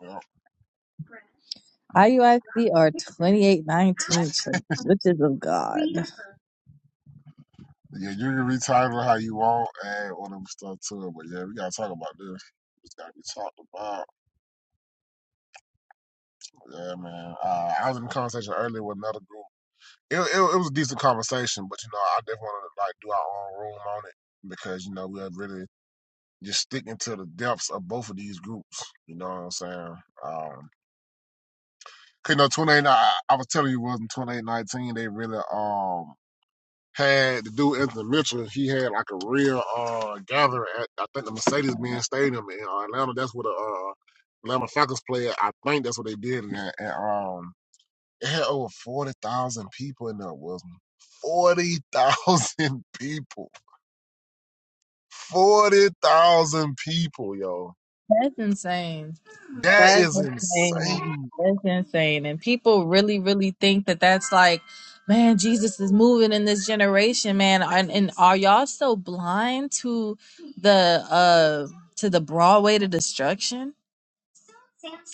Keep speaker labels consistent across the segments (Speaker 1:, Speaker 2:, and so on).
Speaker 1: Yeah,
Speaker 2: IUIC are 2819 church, witches of God.
Speaker 1: Yeah, you can retitle how you want, add all them stuff to it. But yeah, we gotta talk about this. It's gotta be talked about. Yeah, man. Uh, I was in a conversation earlier with another group. It, it, it was a decent conversation, but you know, I definitely want to like do our own room on it because you know we are really just sticking to the depths of both of these groups. You know what I'm saying? Um, 'cause, you know, 28. I, I was telling you, it wasn't 2819? They really um had the dude Anthony Mitchell. He had like a real uh gathering at I think the Mercedes Benz Stadium in uh, Atlanta. That's where the uh, Atlanta Falcons played. I think that's what they did. And, and um, it had over forty thousand people in there. Was forty thousand people. Forty thousand people, yo.
Speaker 2: That's insane.
Speaker 1: That
Speaker 2: That's
Speaker 1: is
Speaker 2: insane.
Speaker 1: insane.
Speaker 2: That's insane. And people really, really think that that's like, man, Jesus is moving in this generation, man. And, and are y'all so blind to the uh to the broad way to destruction?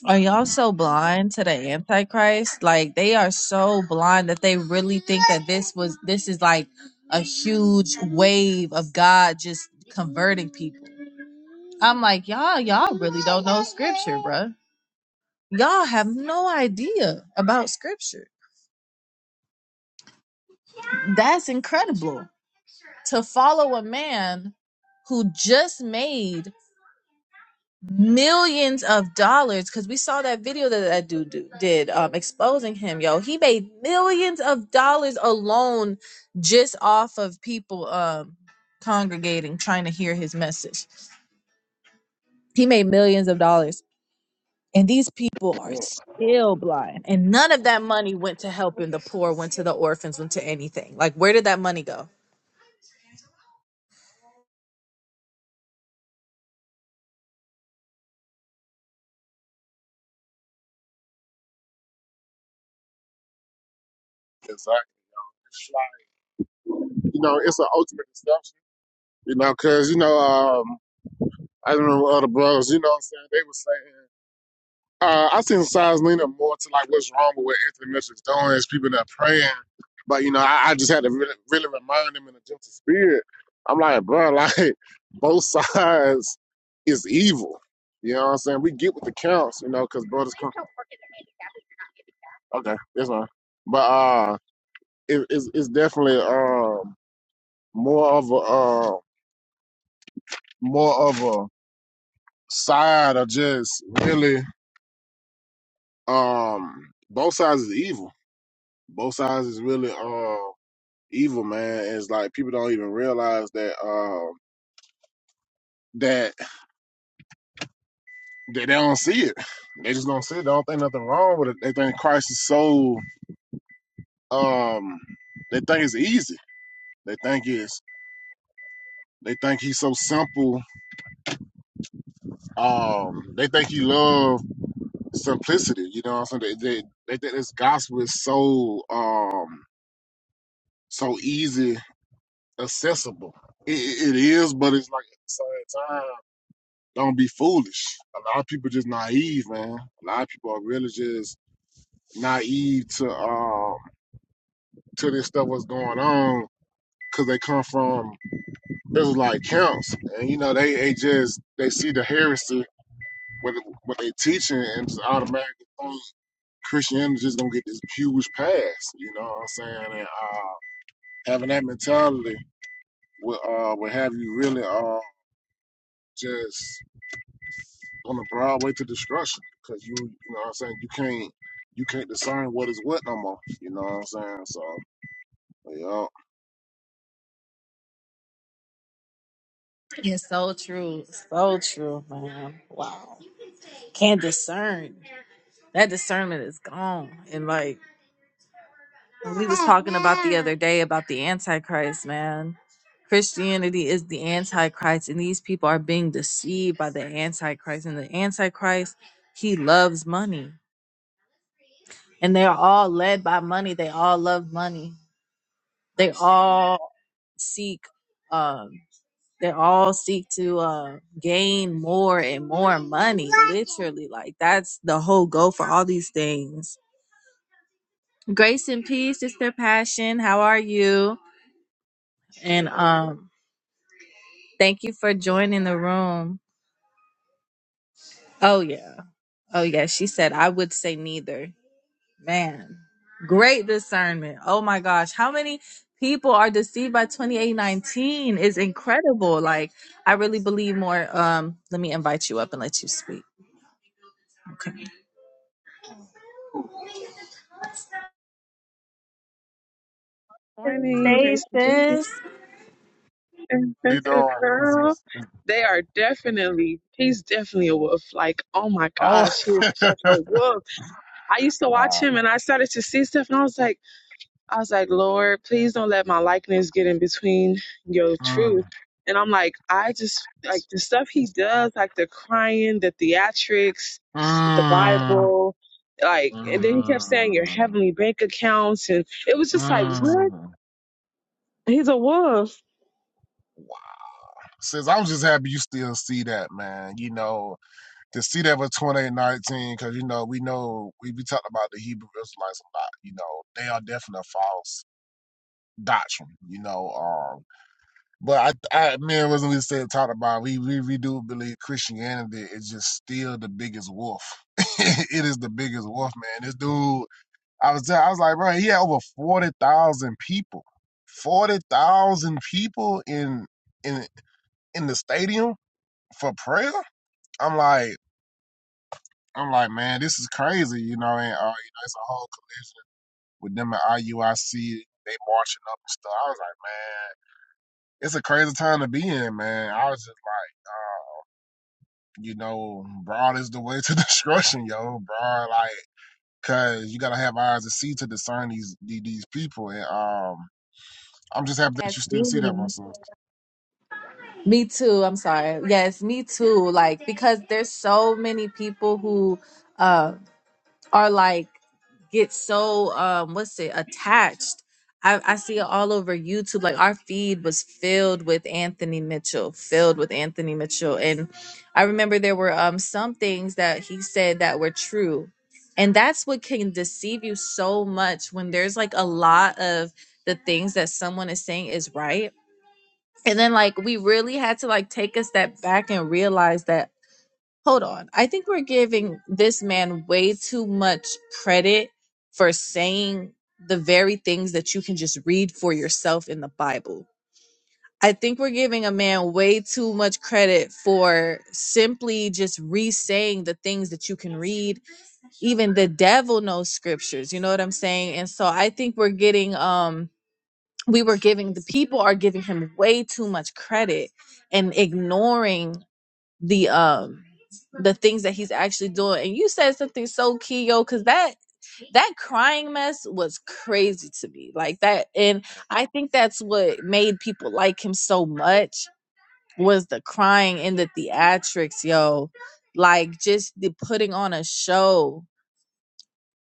Speaker 2: Are y'all so blind to the Antichrist? Like they are so blind that they really think that this was this is like a huge wave of God just converting people. I'm like, y'all, y'all really don't know scripture, bruh. Y'all have no idea about scripture. That's incredible. To follow a man who just made millions of dollars because we saw that video that that dude do- did um exposing him yo he made millions of dollars alone just off of people um congregating trying to hear his message he made millions of dollars and these people are still blind and none of that money went to helping the poor went to the orphans went to anything like where did that money go
Speaker 1: It's like, it's like, you know, it's an ultimate deception. You know, cause you know, um, I don't know other brothers. You know, what I'm saying they were saying. uh, I synthesize Nina more to like what's wrong with what Anthony Mitchell's doing. Is people that praying, but you know, I, I just had to really, really remind him in a gentle spirit. I'm like, bro, like both sides is evil. You know what I'm saying? We get with the counts, you know, because brothers come. Okay, that's fine. But uh, it, it's it's definitely um more of a uh more of a side of just really um both sides is evil. Both sides is really um. evil, man. Is like people don't even realize that um that that they don't see it. They just don't see it. They don't think nothing wrong with it. They think Christ is so um they think it's easy. They think it's they think he's so simple. Um they think he love simplicity, you know what I'm saying? They they, they think this gospel is so um so easy accessible. it it is, but it's like at the same time. don't be foolish. A lot of people just naive, man. A lot of people are really just naive to um to this stuff what's going on because they come from Israelite camps, and you know they, they just they see the heresy what what they teaching and just automatically think Christianity just gonna get this huge pass. You know what I'm saying? And uh, having that mentality will uh will have you really uh just on the broad way to destruction because you you know what I'm saying you can't you can't discern what is what no more. You know what I'm saying? So yeah, How
Speaker 2: it's so true so true man wow can't discern that discernment is gone and like We was talking about the other day about the Antichrist, man. Christianity is the Antichrist, and these people are being deceived by the Antichrist. And the Antichrist, he loves money. And they're all led by money. They all love money. They all seek um they all seek to uh gain more and more money literally like that's the whole goal for all these things grace and peace is their passion how are you and um Thank you for joining the room. Oh, yeah. Oh, yeah. She said, I would say neither. Man, great discernment. Oh, my gosh. How many people are deceived by 2819 is incredible. Like, I really believe more. Um, Let me invite you up and let you speak. Okay. To the
Speaker 3: Morning,
Speaker 2: stage,
Speaker 3: grace and
Speaker 2: sis.
Speaker 3: peace.
Speaker 1: you doing? Is
Speaker 3: Girl,
Speaker 1: this- is-
Speaker 3: they are definitely, he's definitely a wolf. Like, oh my
Speaker 1: Oh
Speaker 3: gosh, he is such a wolf. I used to watch
Speaker 1: wow.
Speaker 3: him and I started to see stuff and I was like, I was like, Lord, please don't let my likeness get in between your
Speaker 1: Mm,
Speaker 3: truth. And I'm like, I just, like, the stuff he does, like the crying, the theatrics with the
Speaker 1: mm,
Speaker 3: Bible, like, and then he kept saying your
Speaker 1: mm,
Speaker 3: heavenly bank accounts. And it was just like, what?
Speaker 1: mm.
Speaker 3: He's a wolf,
Speaker 1: Wow. Since I'm just happy you still see that, man. You know, to see that for 2819, because, you know, we know, we be talking about the Hebrew Israelites a lot. You know, they are definitely a false doctrine, you know. um, But I, I man, wasn't we said talked about we, we we do believe Christianity is just still the biggest wolf. it is the biggest wolf, man. This dude, I was tell- I was like, bro, he had over forty thousand people, forty thousand people in in in the stadium for prayer. I'm like, I'm like, man, this is crazy, you know. And uh, you know, it's a whole collision with them at IUIC. They marching up and stuff. I was like, man, it's a crazy time to be in, man. I was just like. uh, you know, broad is the way to destruction, yo. Broad, like, cause you gotta have eyes to see to discern these these people. And um, I'm just happy that
Speaker 2: Yes,
Speaker 1: you still see that, my
Speaker 2: me.
Speaker 1: son.
Speaker 2: Me too. I'm sorry. Yes, me too. Like, because there's so many people who. uh, are like get so um what's it attached. I, I see it all over YouTube. Like our feed was filled with Anthony Mitchell, filled with Anthony Mitchell. And I remember there were um some things that he said that were true. And that's what can deceive you so much when there's like a lot of the things that someone is saying is right. And then like we really had to like take a step back and realize that hold on. I think we're giving this man way too much credit for saying the very things that you can just read for yourself in the Bible. I think we're giving a man way too much credit for simply just re saying the things that you can read. Even the devil knows scriptures, you know what I'm saying? And so I think we're getting, um, we were giving, the people are giving him way too much credit and ignoring the um the things that he's actually doing. And you said something so key, yo, because that that crying mess was crazy to me. Like that, and I think that's what made people like him so much was the crying and the theatrics, yo. Like just the putting on a show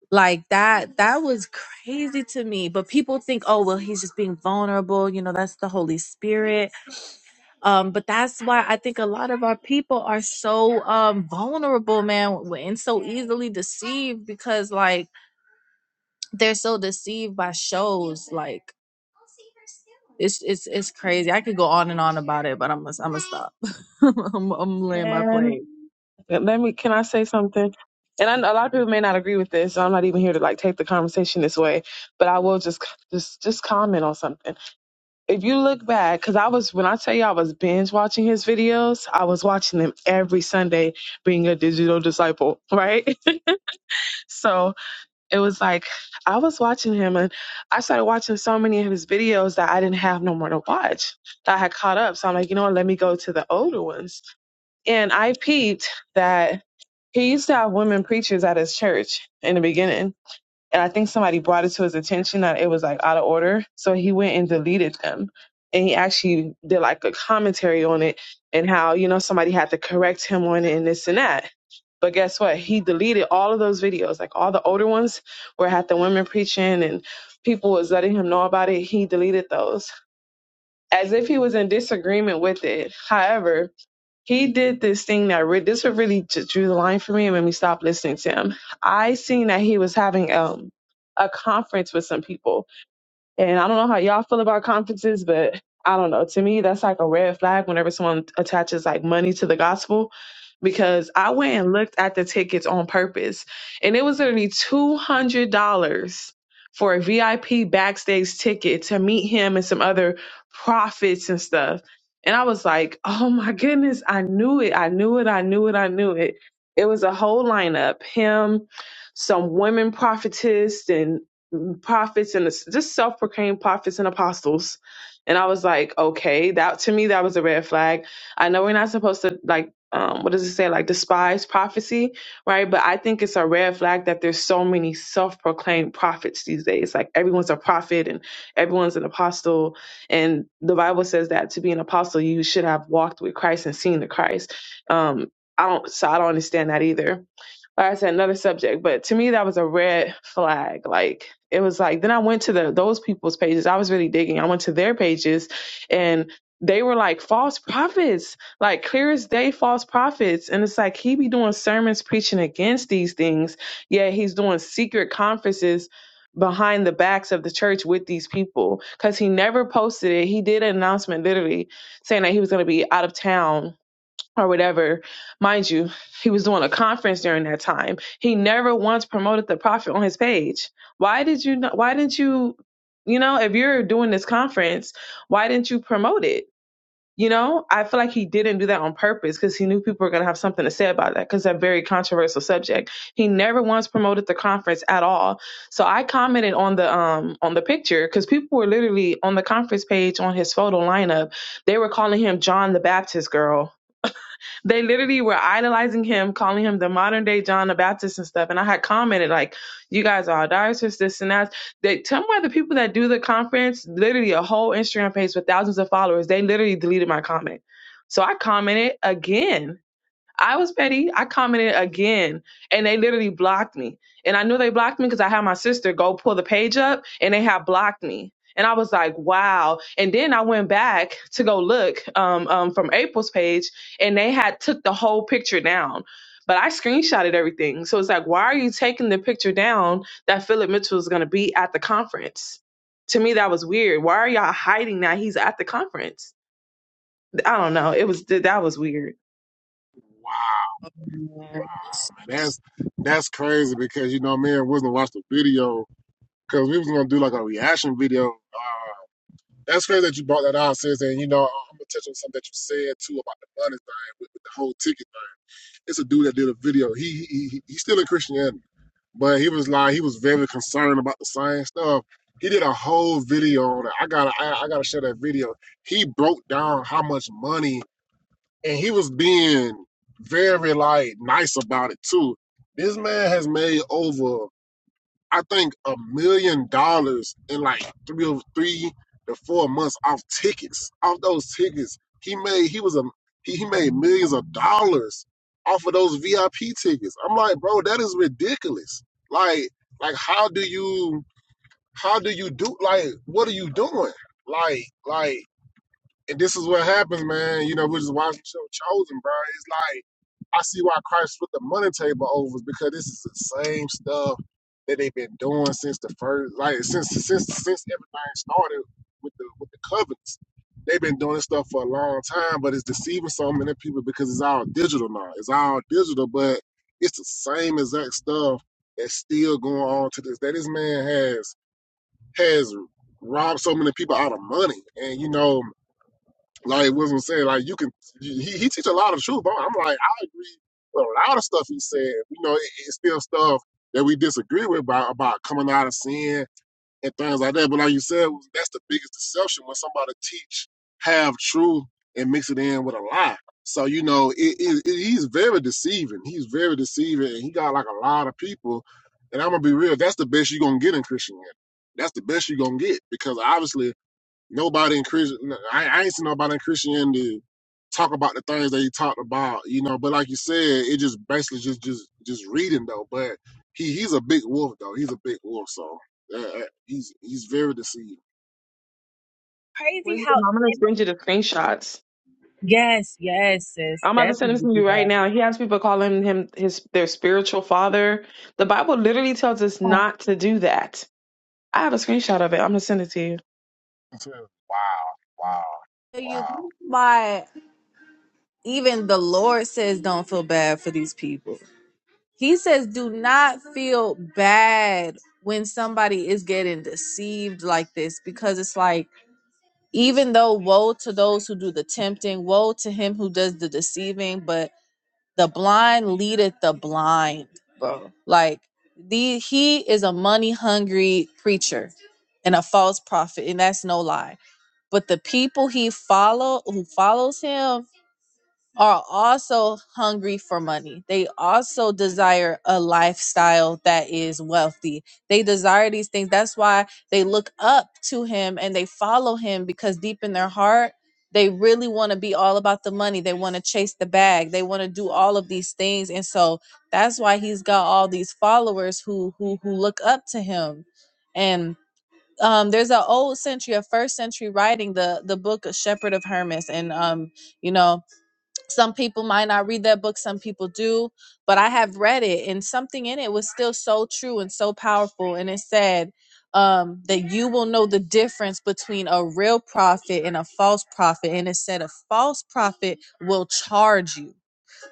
Speaker 2: like that, that was crazy to me. But people think, oh, well, he's just being vulnerable. You know, that's the Holy Spirit. Um, but that's why I think a lot of our people are so um vulnerable, man, and so easily deceived because like they're so deceived by shows. Like it's it's it's crazy. I could go on and on about it, but I'm gonna I'm gonna stop. I'm, I'm laying my
Speaker 3: man.
Speaker 2: plane.
Speaker 3: Let me. Can I say something? And I, know a lot of people may not agree with this. So I'm not even here to like take the conversation this way, but I will just just just comment on something. If you look back, because I was when I tell you I was binge watching his videos, I was watching them every Sunday, being a digital disciple, right? so it was like I was watching him, and I started watching so many of his videos that I didn't have no more to watch. That I had caught up. So I'm like, you know what? Let me go to the older ones, and I peeped that he used to have women preachers at his church in the beginning. And I think somebody brought it to his attention that it was like out of order. So he went and deleted them. And he actually did like a commentary on it and how, you know, somebody had to correct him on it and this and that. But guess what? He deleted all of those videos, like all the older ones where it had the women preaching and people was letting him know about it. He deleted those as if he was in disagreement with it. However, he did this thing that re- this what really j- drew the line for me and made me stop listening to him. I seen that he was having um a conference with some people and I don't know how y'all feel about conferences, but I don't know. To me, that's like a red flag whenever someone attaches like money to the gospel. Because I went and looked at the tickets on purpose, and it was literally two hundred dollars for a VIP backstage ticket to meet him and some other prophets and stuff. And I was like, oh my goodness, I knew it, I knew it, I knew it, I knew it. It was a whole lineup. Him, some women prophetess, and prophets and just self-proclaimed prophets and apostles. And I was like, okay, that to me that was a red flag. I know we're not supposed to like um what does it say like despise prophecy, right? But I think it's a red flag that there's so many self-proclaimed prophets these days. Like everyone's a prophet and everyone's an apostle and the Bible says that to be an apostle you should have walked with Christ and seen the Christ. Um I don't so I don't understand that either like I said, another subject. But to me, that was a red flag. Like it was like then I went to the those people's pages. I was really digging. I went to their pages, and they were like false prophets, like clear as day, false prophets. And it's like he be doing sermons preaching against these things, yet he's doing secret conferences behind the backs of the church with these people because he never posted it he did an announcement literally saying that he was going to be out of town or whatever. Mind you, he was doing a conference during that time. He never once promoted the prophet on his page. Why did you not, why didn't you, you know, if you're doing this conference, why didn't you promote it? You know, I feel like he didn't do that on purpose because he knew people were going to have something to say about that because that very controversial subject. He never once promoted the conference at all. So I commented on the um on the picture because people were literally on the conference page on his photo lineup. They were calling him John the Baptist girl they literally were idolizing him, calling him the modern day John the Baptist and stuff. And I had commented like, "You guys are idolatrous, this and that." They tell me why the people that do the conference, literally a whole Instagram page with thousands of followers, they literally deleted my comment. So I commented again I was petty. I commented again, and they literally blocked me. And I knew they blocked me because I had my sister go pull the page up, and they had blocked me. And I was like, wow. And then I went back to go look um, um, from April's page, and they had took the whole picture down. But I screenshotted everything, so it's like, why are you taking the picture down that Philip Mitchell is going to be at the conference? To me, that was weird. Why are y'all hiding that he's at the conference? I don't know. It was that was weird.
Speaker 1: Wow,
Speaker 2: Yeah.
Speaker 1: wow, man, that's that's crazy because you know, me and Wisdom watched the video because we was gonna do like a reaction video. Uh, that's crazy that you brought that out, sis. And you know, I'm gonna touch on something that you said too about the money thing with, with the whole ticket. It's a dude that did a video. He he he- he's still in Christianity, but he was like he was very concerned about the science stuff. He did a whole video on it. I gotta I, I gotta share that video. He broke down how much money, and he was being very like nice about it too. This man has made over I think a million dollars in like three or three to four months off tickets. Off those tickets, he made he was a he, he made millions of dollars off of those VIP tickets. I'm like, bro, that is ridiculous. Like, like how do you how do you do like what are you doing? Like, like and this is what happens, man. You know, we're just watching the show Chosen, bro. It's like I see why Christ put the money table over is because this is the same stuff that they've been doing since the first, like since since since everything started with the with the covenants. They've been doing this stuff for a long time, but it's deceiving so many people because it's all digital now. It's all digital, but it's the same exact stuff that's still going on to this day. This man has has robbed so many people out of money, and you know like was was saying, like you can he he teach a lot of truth, but I'm like I agree with a lot of stuff he said. You know, it, it's still stuff that we disagree with about about coming out of sin and things like that. But like you said, that's the biggest deception when somebody teach half truth and mix it in with a lie. So you know, it, it, it, he's very deceiving. He's very deceiving, and he got like a lot of people. And I'm gonna be real. That's the best you're gonna get in Christianity. That's the best you're gonna get because obviously Nobody in Christian, I, I ain't seen nobody in Christianity talk about the things that he talked about, you know. But like you said, it just basically just just just reading though. But he he's a big wolf though. He's a big wolf, so uh, uh, he's he's very deceiving.
Speaker 2: Crazy
Speaker 3: Wisdom,
Speaker 2: how
Speaker 3: I'm gonna send you the screenshots.
Speaker 2: yes, yes, sis,
Speaker 3: I'm about to send them
Speaker 2: definitely
Speaker 3: to
Speaker 2: do
Speaker 3: you
Speaker 2: that.
Speaker 3: right now. He has people calling him his their spiritual father. The Bible literally tells us not to do that. I have a screenshot of it. I'm gonna send it to you.
Speaker 1: Wow, wow,
Speaker 2: tell you
Speaker 1: wow.
Speaker 2: why even the Lord says don't feel bad for these people. He says do not feel bad when somebody is getting deceived like this because it's like even though woe to those who do the tempting, woe to him who does the deceiving, but the blind leadeth the blind, bro. Like the he is a money hungry preacher and a false prophet, and that's no lie. But the people he follow who follows him are also hungry for money. They also desire a lifestyle that is wealthy. They desire these things. That's why they look up to him and they follow him because deep in their heart, they really want to be all about the money. They want to chase the bag. They want to do all of these things. And so that's why he's got all these followers who who who look up to him. And um, there's an old century, a first century writing, the the book Shepherd of Hermas, and um, you know, some people might not read that book some people do but i have read it and something in it was still so true and so powerful and it said um, that you will know the difference between a real prophet and a false prophet and it said a false prophet will charge you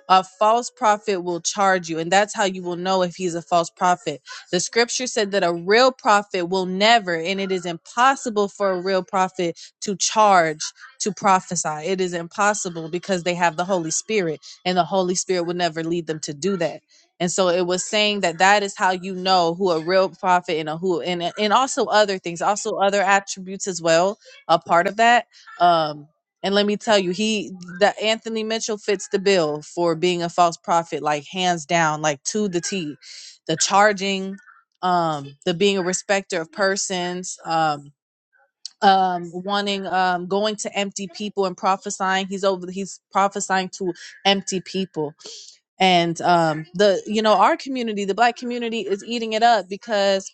Speaker 2: a false prophet will charge you and that's how you will know if he's a false prophet the scripture said that a real prophet will never and it is impossible for a real prophet to charge to prophesy it is impossible because they have the holy spirit and the holy spirit will never lead them to do that and so it was saying that that is how you know who a real prophet and a who and and also other things also other attributes as well a part of that Um. And let me tell you, he the Anthony Mitchell fits the bill for being a false prophet, like hands down, like to the T. The charging, um, the being a respecter of persons, um, um, wanting um going to empty people and prophesying. He's over he's prophesying to empty people. And um the you know, our community, the black community is eating it up because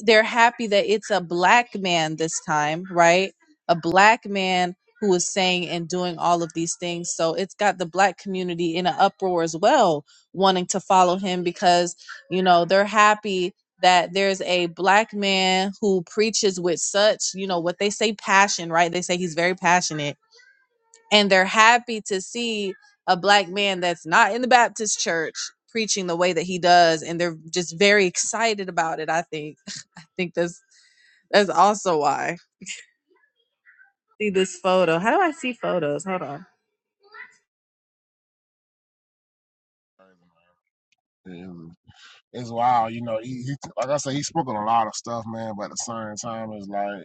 Speaker 2: they're happy that it's a black man this time, right? A black man who is saying and doing all of these things. So it's got the black community in an uproar as well, wanting to follow him because, you know, they're happy that there's a black man who preaches with such, you know, what they say passion, right? They say he's very passionate. And they're happy to see a black man that's not in the Baptist church preaching the way that he does. And they're just very excited about it, I think I think that's that's also why. See this photo. How do I see photos? Hold on.
Speaker 1: It's, it's wild, you know. He, he like I said, he's spoken a lot of stuff, man. But at the same time, it's like.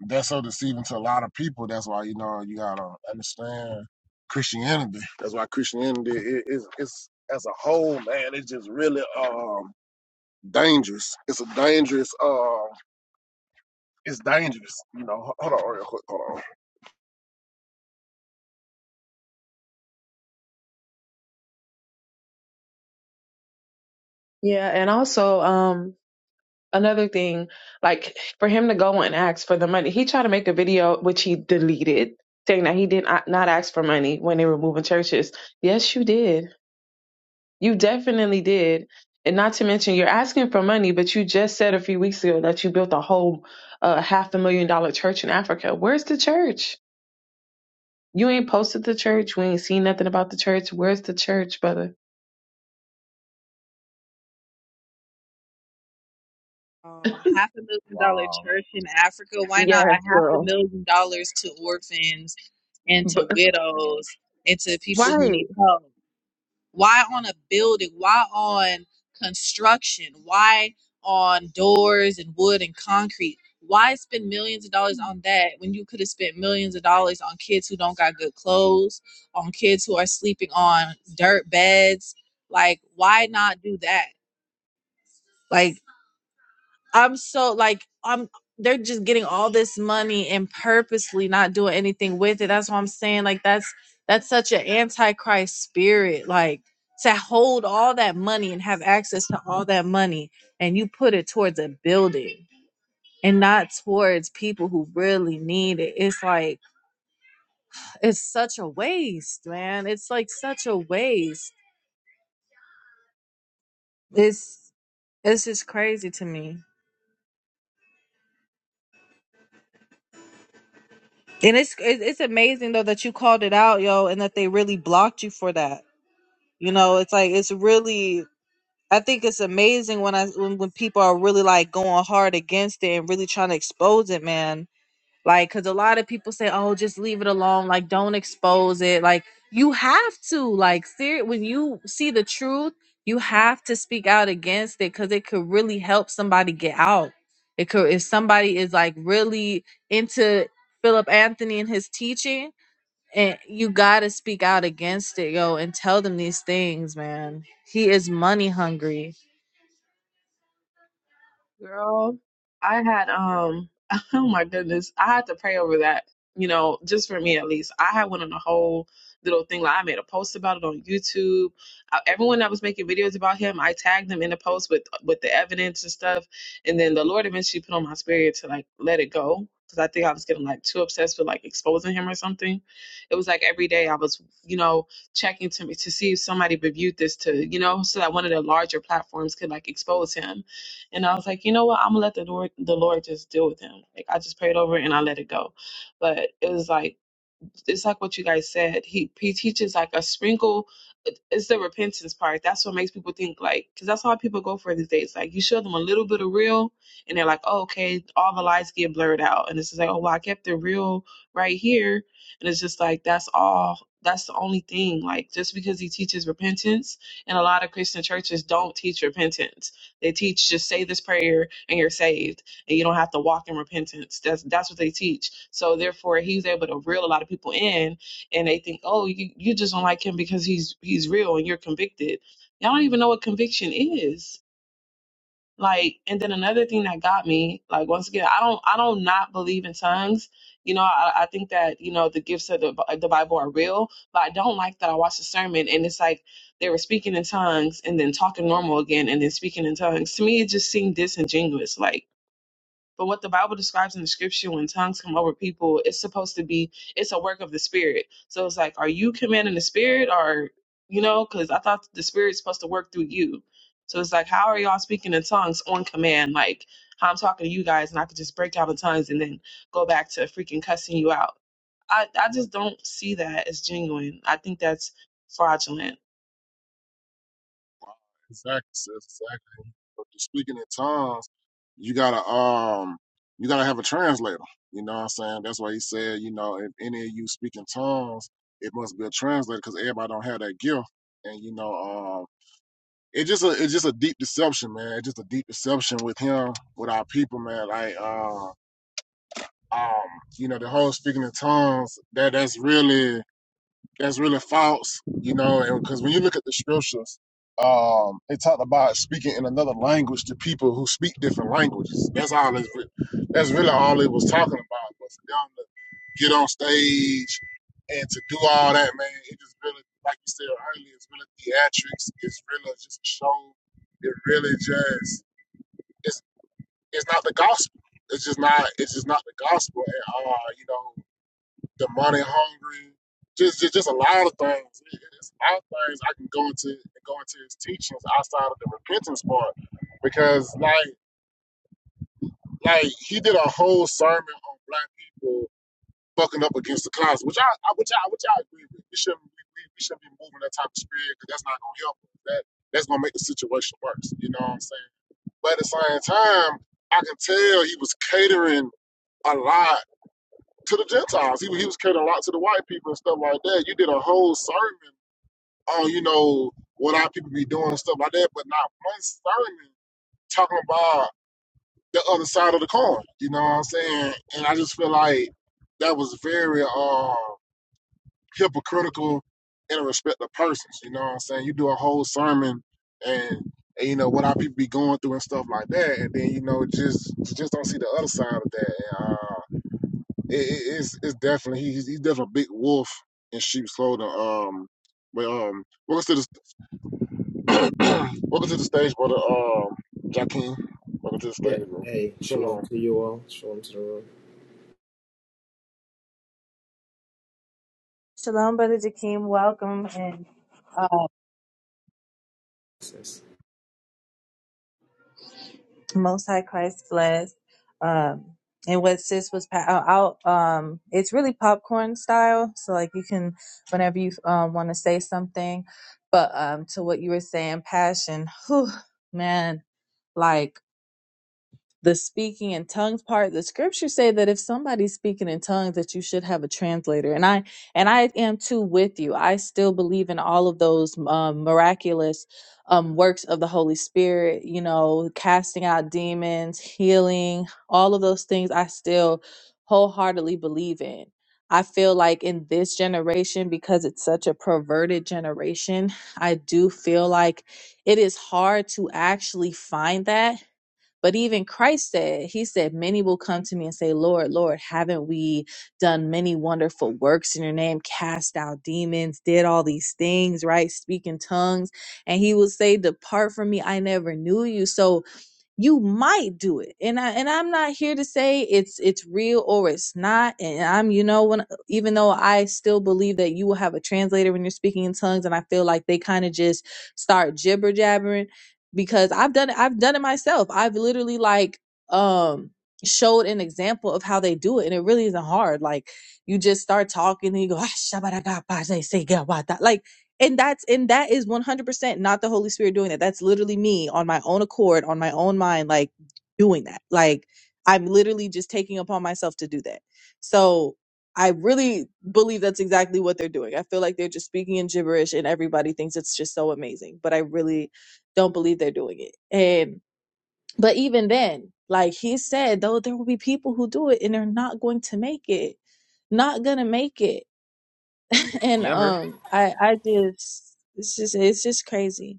Speaker 1: that's so deceiving to a lot of people. That's why you know you gotta understand Christianity. That's why Christianity is, is it's as a whole, man. It's just really um dangerous. It's a dangerous. Um, it's dangerous. You know. Hold on, real quick. Hold on.
Speaker 3: Yeah, and also um another thing, like for him to go and ask for the money, he tried to make a video which he deleted, saying that he did not not ask for money when they were moving churches. Yes, you did. You definitely did. And not to mention, you're asking for money, but you just said a few weeks ago that you built a whole uh, half a million dollar church in Africa. Where's the church? You ain't posted the church. We ain't seen nothing about the church. Where's the church, brother?
Speaker 2: Oh, half a million dollar
Speaker 1: Wow.
Speaker 2: church in Africa. Why not a
Speaker 3: Yes,
Speaker 2: half a
Speaker 3: girl.
Speaker 2: million dollars to orphans and to
Speaker 3: But
Speaker 2: widows and to people who
Speaker 3: why?
Speaker 2: need help? Why on a building? Why on construction? Why on doors and wood and concrete? Why spend millions of dollars on that when you could have spent millions of dollars on kids who don't got good clothes, on kids who are sleeping on dirt beds? Like, why not do that? Like. I'm so like I'm they're just getting all this money and purposely not doing anything with it. That's what I'm saying. Like that's that's such an antichrist spirit. Like to hold all that money and have access to all that money and you put it towards a building and not towards people who really need it. It's like it's such a waste, man. It's like such a waste. It's it's just crazy to me. And it's it- it's amazing though that you called it out, yo, and that they really blocked you for that. You know, it's like it's really. I think it's amazing when I when, when people are really like going hard against it and really trying to expose it, man like because a lot of people say oh just leave it alone like don't expose it like you have to like ser- when you see the truth you have to speak out against it because it could really help somebody get out it could if somebody is like really into philip anthony and his teaching and you gotta speak out against it yo and tell them these things man he is money hungry
Speaker 3: Girl, I had um oh my goodness, I had to pray over that, you know, just for me at least. I had went on a whole little thing like I made a post about it on YouTube. Uh, everyone that was making videos about him, I tagged them in the post with with the evidence and stuff. And then the Lord eventually put on my spirit to like let it go because I think I was getting like too obsessed with like exposing him or something. It was like every day I was, you know, checking to to see if somebody reviewed this to, you know, so that one of the larger platforms could like expose him and I was like, you know what? I'm gonna let the Lord, the Lord just deal with him. Like I just prayed over it and I let it go. But it was like it's like what you guys said. He he teaches like a sprinkle it's the repentance part. That's what makes people think like, because that's how people go for these days. Like you show them a little bit of real, and they're like, oh, okay, all the lies get blurred out, and it's just like, oh, well, I kept the real right here, and it's just like that's all. That's the only thing. Like just because he teaches repentance, and a lot of Christian churches don't teach repentance. They teach just say this prayer and you're saved, and you don't have to walk in repentance. That's that's what they teach. So therefore, he's able to reel a lot of people in and they think, oh, you, you just don't like him because he's he's real and you're convicted. Y'all don't even know what conviction is. Like, and then another thing that got me, like once again, I don't I don't not believe in tongues. You know, I, I think that you know the gifts of the, Bi- the Bible are real, but I don't like that I watched a sermon and it's like they were speaking in tongues and then talking normal again and then speaking in tongues. To me, it just seemed disingenuous. Like but what the Bible describes in the scripture when tongues come over people, it's supposed to be it's a work of the spirit. So it's like, are you commanding the spirit or you know, because I thought the spirit's supposed to work through you. So it's like, how are y'all speaking in tongues on command? Like how I'm talking to you guys and I could just break out in tongues and then go back to freaking cussing you out. I, I just don't see that as genuine. I think that's fraudulent
Speaker 1: Exactly, sis. Exactly. But the speaking in tongues, you gotta um, you gotta have a translator. You know what I'm saying? That's why he said, you know, if any of you speak in tongues, it must be a translator because everybody don't have that gift. And you know, um, it's just a it's just a deep deception, man. It's just a deep deception with him, with our people, man. Like uh, um, you know, the whole speaking in tongues. That that's really that's really false, you know, because when you look at the scriptures, um, it talked about speaking in another language to people who speak different languages. That's all it's re- that's really all it was talking about. But for them to get on stage and to do all that, man, it just really, like you said earlier, it's really theatrics. It's really just a show. It really just it's it's not the gospel. It's just not it's just not the gospel at all, you know the money hungry, just, just just a lot of things. It- It's a lot of things I can go into go into his teachings outside of the repentance part, because like like he did a whole sermon on black people fucking up against the closet, which I, I which I which I agree with. We shouldn't we, we, we shouldn't be moving that type of spirit because that's not gonna help. us. That that's gonna make the situation worse. You know what I'm saying? But at the same time, I can tell he was catering a lot to the Gentiles. He, he was catering a lot to the white people and stuff like that. You did a whole sermon on, you know, what our people be doing and stuff like that, but not one sermon talking about the other side of the coin. You know what I'm saying? And I just feel like that was very uh, hypocritical in respect to persons. You know what I'm saying? You do a whole sermon and, and you know what our people be going through and stuff like that, and then you know just just don't see the other side of that. And, uh, it, it- it's it's definitely he- he's he's definitely a big wolf in sheep's clothing. Um, but um, welcome to the welcome to the stage, brother. Um, Joaquin, welcome to the
Speaker 4: Yeah.
Speaker 1: stage, bro.
Speaker 4: Hey, shalom
Speaker 1: Shalom.
Speaker 4: to you all. Shalom to the room.
Speaker 2: shalom brother Jakeem. welcome and uh,
Speaker 4: Sis.
Speaker 2: Most High Christ bless. Um, and what sis was pa- uh, out, um, it's really popcorn style. So like you can, whenever you um, want to say something, but um, to what you were saying, passion. Whew, man, like the speaking in tongues part the scriptures say that if somebody's speaking in tongues that you should have a translator and i and i am too with you i still believe in all of those um, miraculous um, works of the holy spirit you know casting out demons healing all of those things i still wholeheartedly believe in i feel like in this generation because it's such a perverted generation i do feel like it is hard to actually find that but even Christ said, He said, Many will come to me and say, Lord, Lord, haven't we done many wonderful works in your name, cast out demons, did all these things, right? Speak in tongues. And He will say, Depart from me, I never knew you. So you might do it and I, and I'm not here to say it's it's real or it's not and I'm you know when even though I still believe that you will have a translator when you're speaking in tongues and I feel like they kind of just start jibber jabbering because I've done it I've done it myself I've literally like um showed an example of how they do it and it really isn't hard like you just start talking and you go "Ah, shabba da ga ba zay say ga wa da." like and that's and that is 100% not the holy spirit doing that that's literally me on my own accord on my own mind like doing that like i'm literally just taking upon myself to do that so i really believe that's exactly what they're doing i feel like they're just speaking in gibberish and everybody thinks it's just so amazing but i really don't believe they're doing it and but even then like he said though there will be people who do it and they're not going to make it not gonna make it and
Speaker 5: Yeah, I'm here.
Speaker 2: um i i just it's just it's just crazy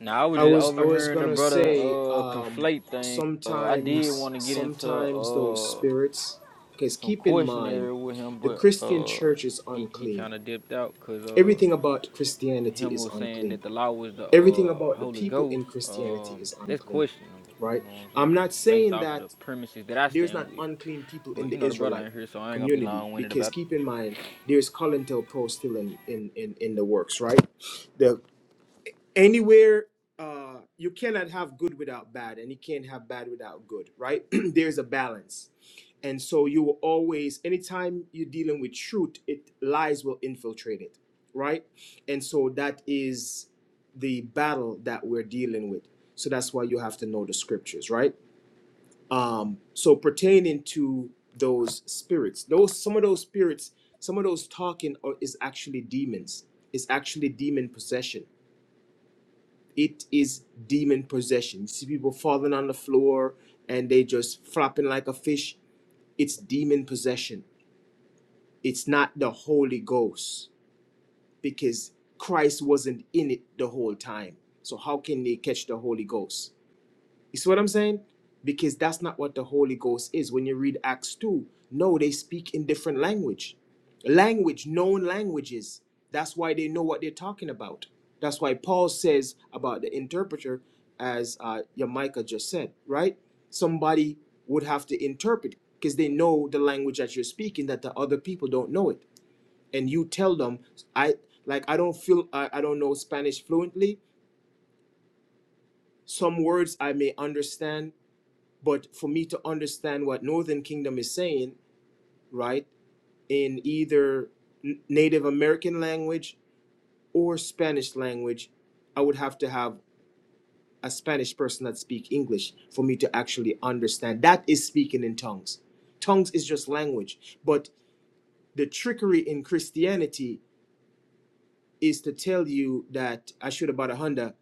Speaker 5: Now I was
Speaker 4: I
Speaker 5: just
Speaker 4: was I was
Speaker 5: overhearing the
Speaker 4: gonna
Speaker 5: brother
Speaker 4: say,
Speaker 5: uh
Speaker 4: um,
Speaker 5: conflate things. Uh, I did
Speaker 4: sometimes
Speaker 5: want to get into
Speaker 4: sometimes those
Speaker 5: uh
Speaker 4: spirits, because
Speaker 5: some
Speaker 4: keep in mind,
Speaker 5: questionnaire with him,
Speaker 4: the
Speaker 5: but
Speaker 4: Christian
Speaker 5: uh
Speaker 4: church is
Speaker 5: he he
Speaker 4: unclean.
Speaker 5: kind of dipped out because uh
Speaker 4: Everything about Christianity
Speaker 5: him
Speaker 4: is
Speaker 5: was saying
Speaker 4: unclean.
Speaker 5: that the law was the
Speaker 4: Everything
Speaker 5: uh
Speaker 4: about the
Speaker 5: Holy
Speaker 4: people
Speaker 5: Ghost.
Speaker 4: in Christianity
Speaker 5: Um,
Speaker 4: is
Speaker 5: that's
Speaker 4: unclean,
Speaker 5: questionable.
Speaker 4: right?
Speaker 5: You know what I'm
Speaker 4: I'm
Speaker 5: saying?
Speaker 4: not
Speaker 5: Based
Speaker 4: saying
Speaker 5: off of the
Speaker 4: that
Speaker 5: premises that I
Speaker 4: there's
Speaker 5: stand
Speaker 4: not
Speaker 5: with.
Speaker 4: unclean people in
Speaker 5: But you
Speaker 4: the
Speaker 5: know the brother
Speaker 4: Israelite
Speaker 5: ain't here, so I ain't gonna be
Speaker 4: community,
Speaker 5: long winded
Speaker 4: because
Speaker 5: about it.
Speaker 4: keep in mind, there's Colin Del Pro still in, in, in, in the works, right? The anywhere uh you cannot have good without bad and you can't have bad without good right there's a balance and so you will always anytime you're dealing with truth it lies will infiltrate it right and so that is the battle that we're dealing with so that's why you have to know the scriptures right um so pertaining to those spirits those some of those spirits some of those talking are, is actually demons it's actually demon possession it is demon possession. You see people falling on the floor and they just flopping like a fish. It's demon possession. It's not the Holy Ghost because Christ wasn't in it the whole time. So how can they catch the Holy Ghost? You see what I'm saying? Because that's not what the Holy Ghost is. When you read Acts 2, no, they speak in different language. Language, known languages. That's why they know what they're talking about. That's why Paul says about the interpreter, as uh, Yamaika just said, right? Somebody would have to interpret because they know the language that you're speaking that the other people don't know it. And you tell them, I like I don't feel I, I don't know Spanish fluently. Some words I may understand, but for me to understand what northern kingdom is saying right in either native american language or spanish language i would have to have a spanish person that speak english for me to actually understand that is speaking in tongues tongues is just language but the trickery in christianity is to tell you that i should about a honda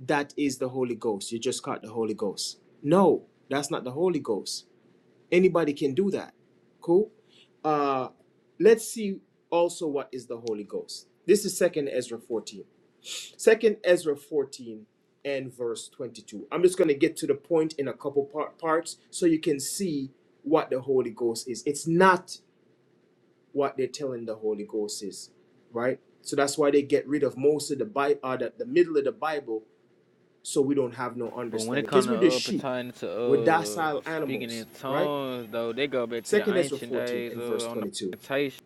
Speaker 4: that is the holy ghost you just caught the holy ghost no that's not the holy ghost Anybody can do that. Cool. Uh, let's see also what is the Holy Ghost. This is Second Ezra 14. Second Ezra 14 and verse 22. I'm just going to get to the point in a couple part, parts so you can see what the Holy Ghost is. It's not what they're telling the Holy Ghost is, right? So that's why they get rid of most of the Bible, uh, the, the middle of the Bible, so we don't have no
Speaker 5: But when it
Speaker 4: understanding. Because
Speaker 5: comes
Speaker 4: we're
Speaker 5: to
Speaker 4: the
Speaker 5: uh
Speaker 4: sheep,
Speaker 5: pertaining to
Speaker 4: we're
Speaker 5: uh
Speaker 4: docile
Speaker 5: speaking in
Speaker 4: animals, right?
Speaker 5: tongues though, they go back to the
Speaker 4: Second Ezra
Speaker 5: ancient
Speaker 4: 14
Speaker 5: days
Speaker 4: and verse
Speaker 5: uh on the
Speaker 4: 22.
Speaker 5: plantation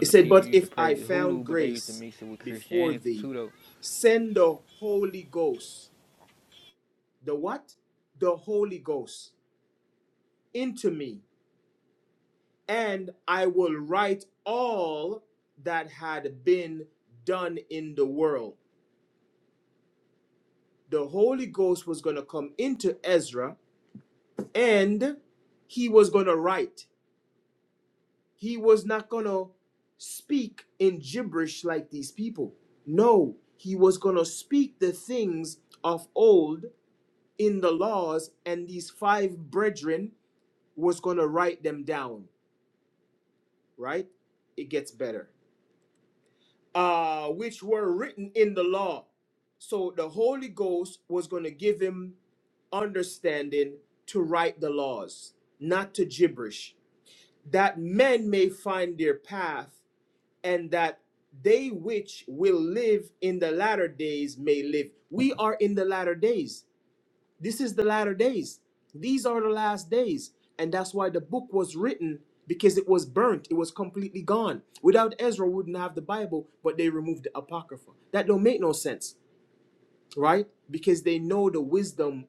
Speaker 4: It
Speaker 5: the
Speaker 4: said,
Speaker 5: people
Speaker 4: But
Speaker 5: used to
Speaker 4: if
Speaker 5: pray
Speaker 4: I
Speaker 5: the hoodoo,
Speaker 4: found
Speaker 5: but they used to
Speaker 4: grace
Speaker 5: mix it with
Speaker 4: before
Speaker 5: Christianity
Speaker 4: thee,
Speaker 5: too though.
Speaker 4: send the Holy Ghost, the what? The Holy Ghost into me, and I will write all that had been done in the world. The Holy Ghost was going to come into Ezra and he was going to write. He was not going to speak in gibberish like these people. No, he was going to speak the things of old in the laws, and these five brethren was going to write them down, right? It gets better. Uh, which were written in the law. So the Holy Ghost was going to give him understanding to write the laws, not to gibberish, that men may find their path and that they which will live in the latter days may live. We are in the latter days. This is the latter days. These are the last days. And that's why the book was written because it was burnt. It was completely gone. Without Ezra, we wouldn't have the Bible, but they removed the Apocrypha. That don't make no sense, right? Because they know the wisdom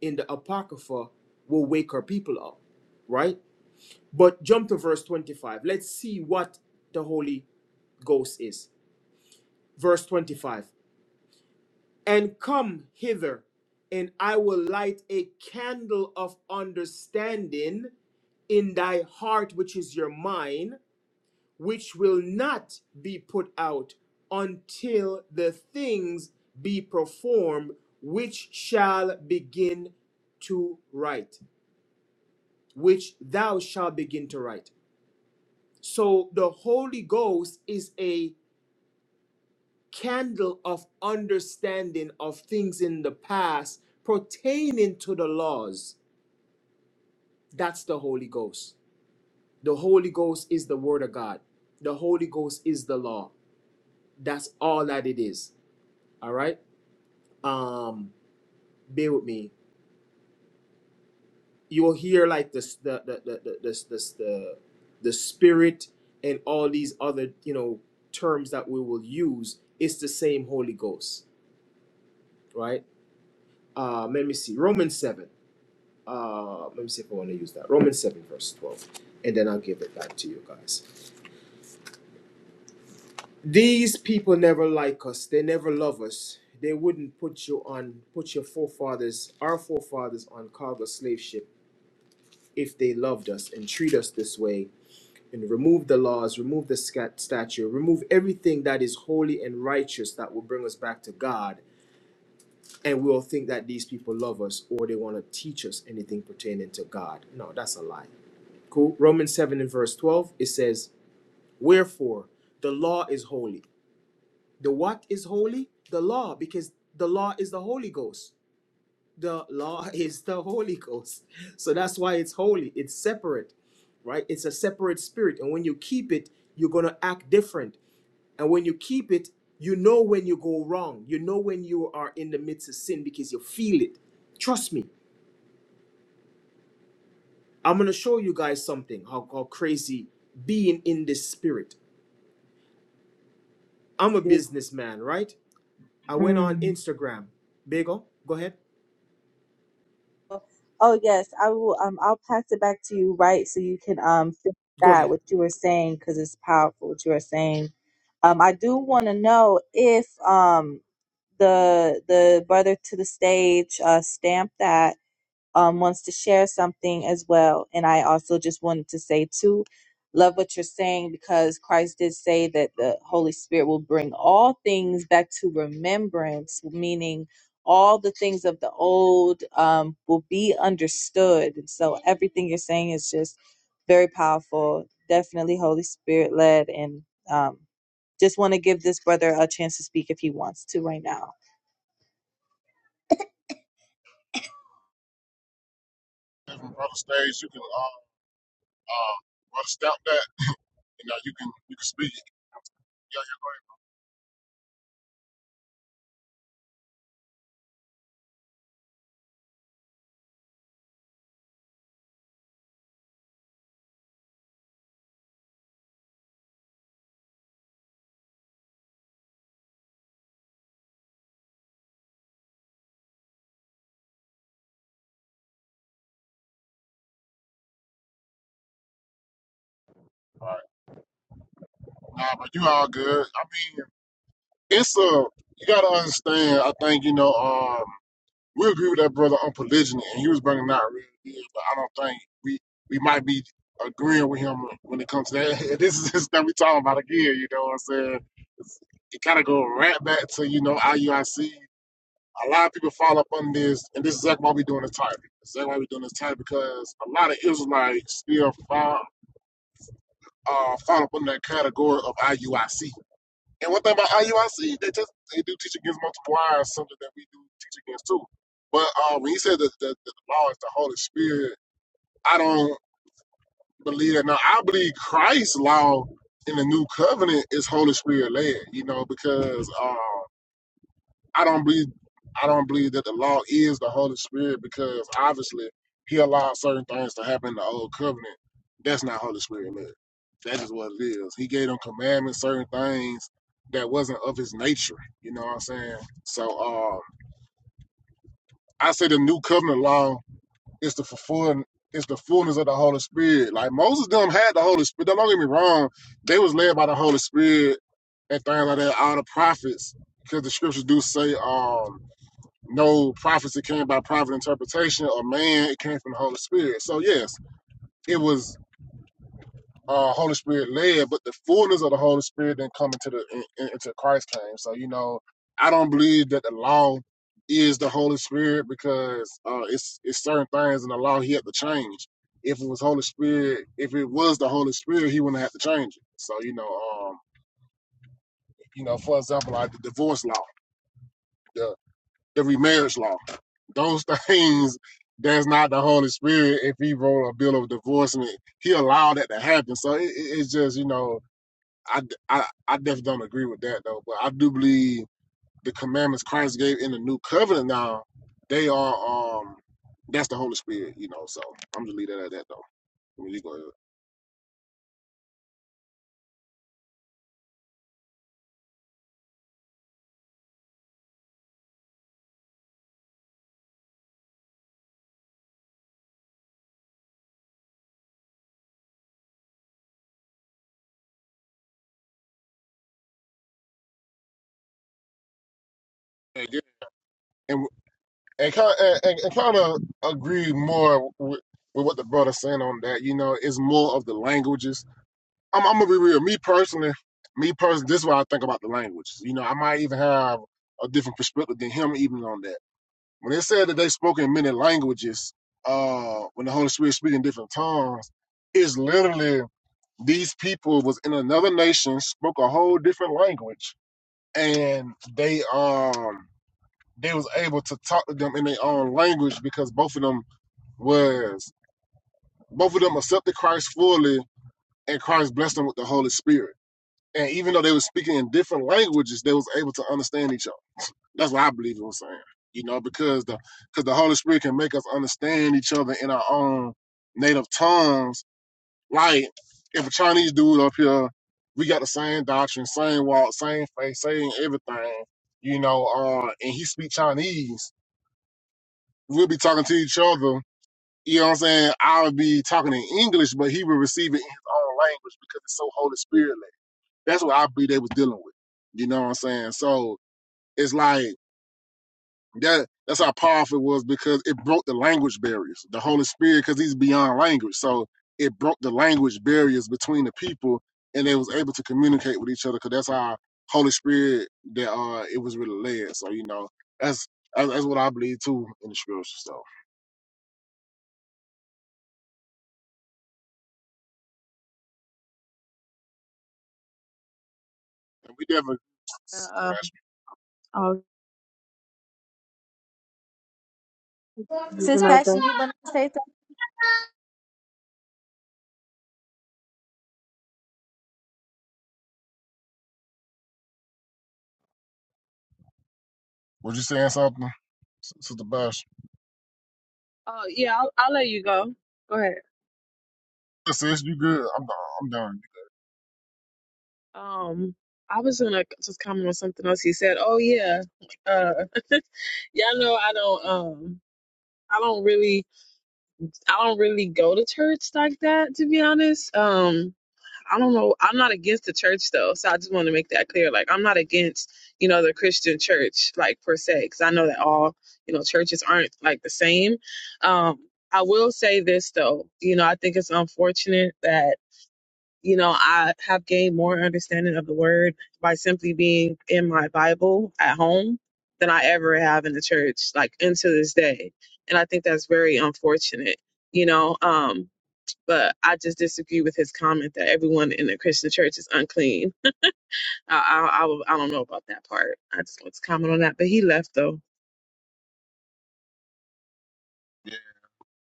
Speaker 4: in the Apocrypha will wake our people up, right? But jump to verse 25. Let's see what the Holy Ghost is. verse 25 and come hither and i will light a candle of understanding in thy heart which is your mind which will not be put out until the things be performed which shall begin to write which thou shalt begin to write so the holy ghost is a. candle of understanding of things in the past pertaining to the laws. That's the Holy Ghost. The Holy Ghost is the Word of God. The Holy Ghost is the law. That's all that it is. All right. Um, bear with me. You will hear like this, the the the the the the, the, the Spirit and all these other you know terms that we will use. It's the same Holy Ghost, right? Um, let me see. Romans seven. uh, let me see if I want to use that. Romans 7, verse 12. And then I'll give it back to you guys. These people never like us. They never love us. They wouldn't put you on, put your forefathers, our forefathers, on cargo slave ship if they loved us and treat us this way and remove the laws, remove the scat- statue, remove everything that is holy and righteous that will bring us back to God. And we'll think that these people love us or they want to teach us anything pertaining to God. No, that's a lie. Cool. Romans 7 and verse 12, it says, Wherefore the law is holy. The what is holy? The law, because the law is the Holy Ghost. The law is the Holy Ghost. So that's why it's holy. It's separate, right? It's a separate spirit. And when you keep it, you're going to act different. And when you keep it, you know when you go wrong. You know when you are in the midst of sin because you feel it. Trust me. I'm going to show you guys something how, how crazy being in this spirit I'm a
Speaker 2: Yes.
Speaker 4: businessman, right? I went on
Speaker 2: mm.
Speaker 4: Instagram. Bagel, go ahead.
Speaker 2: oh yes i will um i'll pass it back to you right so you can um finish
Speaker 4: Go
Speaker 2: that
Speaker 4: ahead.
Speaker 2: what you were saying because it's powerful what you were saying um i do want to know if um the the brother to the stage uh stamped that um, wants to share something as well. And I also just wanted to say, too, love what you're saying because Christ did say that the Holy Spirit will bring all things back to remembrance, meaning all the things of the old um, will be understood. And so everything you're saying is just very powerful, definitely Holy Spirit led. And um, just want to give this brother a chance to speak if he wants to right now.
Speaker 1: Definitely, brother. Stage, you can uh, uh brother, stop that. You know, you can you can speak. Yeah, yeah. All right. Nah, but you all good. I mean, it's a you gotta understand. I think you know. Um, we agree with that brother on polygyny, and he was bringing out real deals, but I don't think we we might be agreeing with him when it comes to that. this is this that we talking about again. You know what I'm saying? It's, it kind of go right back to you know IUIC. A lot of people fall up on this, and this is exactly why we doing this type. Exactly why we doing this type because a lot of Israelites still fall uh, fall up under that category of IUIC. And one thing about IUIC, they just they do teach against multiple wives, something that we do teach against too. But um, when he said that the, that the law is the Holy Spirit, I don't believe that. Now I believe Christ's law in the New Covenant is Holy Spirit led. You know, because um, I don't believe I don't believe that the law is the Holy Spirit because obviously he allowed certain things to happen in the old covenant. That's not Holy Spirit led. That is what it is. He gave them commandments, certain things that wasn't of his nature. You know what I'm saying? So uh, I say the new covenant law is the fulfilling it's the fullness of the Holy Spirit. Like Moses them had the Holy Spirit. Don't get me wrong. They was led by the Holy Spirit and things like that, all the prophets, because the scriptures do say, um, no prophecy came by private interpretation or man, it came from the Holy Spirit. So yes, it was uh, Holy Spirit led, but the fullness of the Holy Spirit didn't come into the in, in- into Christ came. So you know, I don't believe that the law is the Holy Spirit because uh, it's it's certain things in the law he had to change. If it was Holy Spirit, if it was the Holy Spirit, he wouldn't have to change it. So you know, um, you know, for example, like the divorce law. Every marriage law. Those things, that's not the Holy Spirit. If he wrote a bill of divorcement, he allowed that to happen. So it, it- it's just, you know, I—I definitely don't agree with that though. But I do believe the commandments Christ gave in the new covenant now, they are, um, that's the Holy Spirit, you know. So I'm just leave that at that though. I mean, you go ahead. And, and, kind of, and, and kind of agree more with, with what the brother's saying on that. You know, it's more of the languages I'm, I'm gonna be real. Me personally, me personally, this is what I think about the language. You know, I might even have a different perspective than him even on that. When it said that they spoke in many languages, uh, when the Holy Spirit speak in different tongues, it's literally these people was in another nation, spoke a whole different language, and they um they was able to talk to them in their own language because both of them was both of them accepted Christ fully and Christ blessed them with the Holy Spirit And even though they were speaking in different languages, they was able to understand each other. That's what I believe it was saying. You know, because the because the Holy Spirit can make us understand each other in our own native tongues. Like if a Chinese dude up here, we got the same doctrine, same walk, same faith, same everything. You know, uh, and he speak Chinese. We'll be talking to each other. You know what I'm saying? I'll be talking in English, but he will receive it in his own language because it's so Holy Spirit led. That's what I believe they was dealing with. You know what I'm saying? So it's like that. That's how powerful it was because it broke the language barriers. The Holy Spirit, because He's beyond language, so it broke the language barriers between the people, and they was able to communicate with each other. Because that's how Holy Spirit that uh it was really led. So you know that's that's, that's what I believe too in the scripture. So and we definitely. Sister
Speaker 3: uh,
Speaker 1: Bash,
Speaker 3: oh,
Speaker 2: Sis Passion, you want to say something?
Speaker 1: was you saying something, Sister Bash?
Speaker 3: oh yeah I'll, I'll let you go go ahead
Speaker 1: Sis, you good? I'm done. I'm done.
Speaker 3: um i was gonna just comment on something else you said oh yeah uh y'all know i don't um i don't really i don't really go to church like that to be honest um I don't know. I'm not against the church though, so I just want to make that clear. Like, I'm not against you know the Christian church like per se, because I know that all you know churches aren't like the same. Um, I will say this though, you know, I think it's unfortunate that you know I have gained more understanding of the word by simply being in my Bible at home than I ever have in the church, like into this day, and I think that's very unfortunate. You know, um, but I just disagree with his comment that everyone in the Christian church is unclean. I I, I, will- I don't know about that part. I just want to comment on that. But he left though.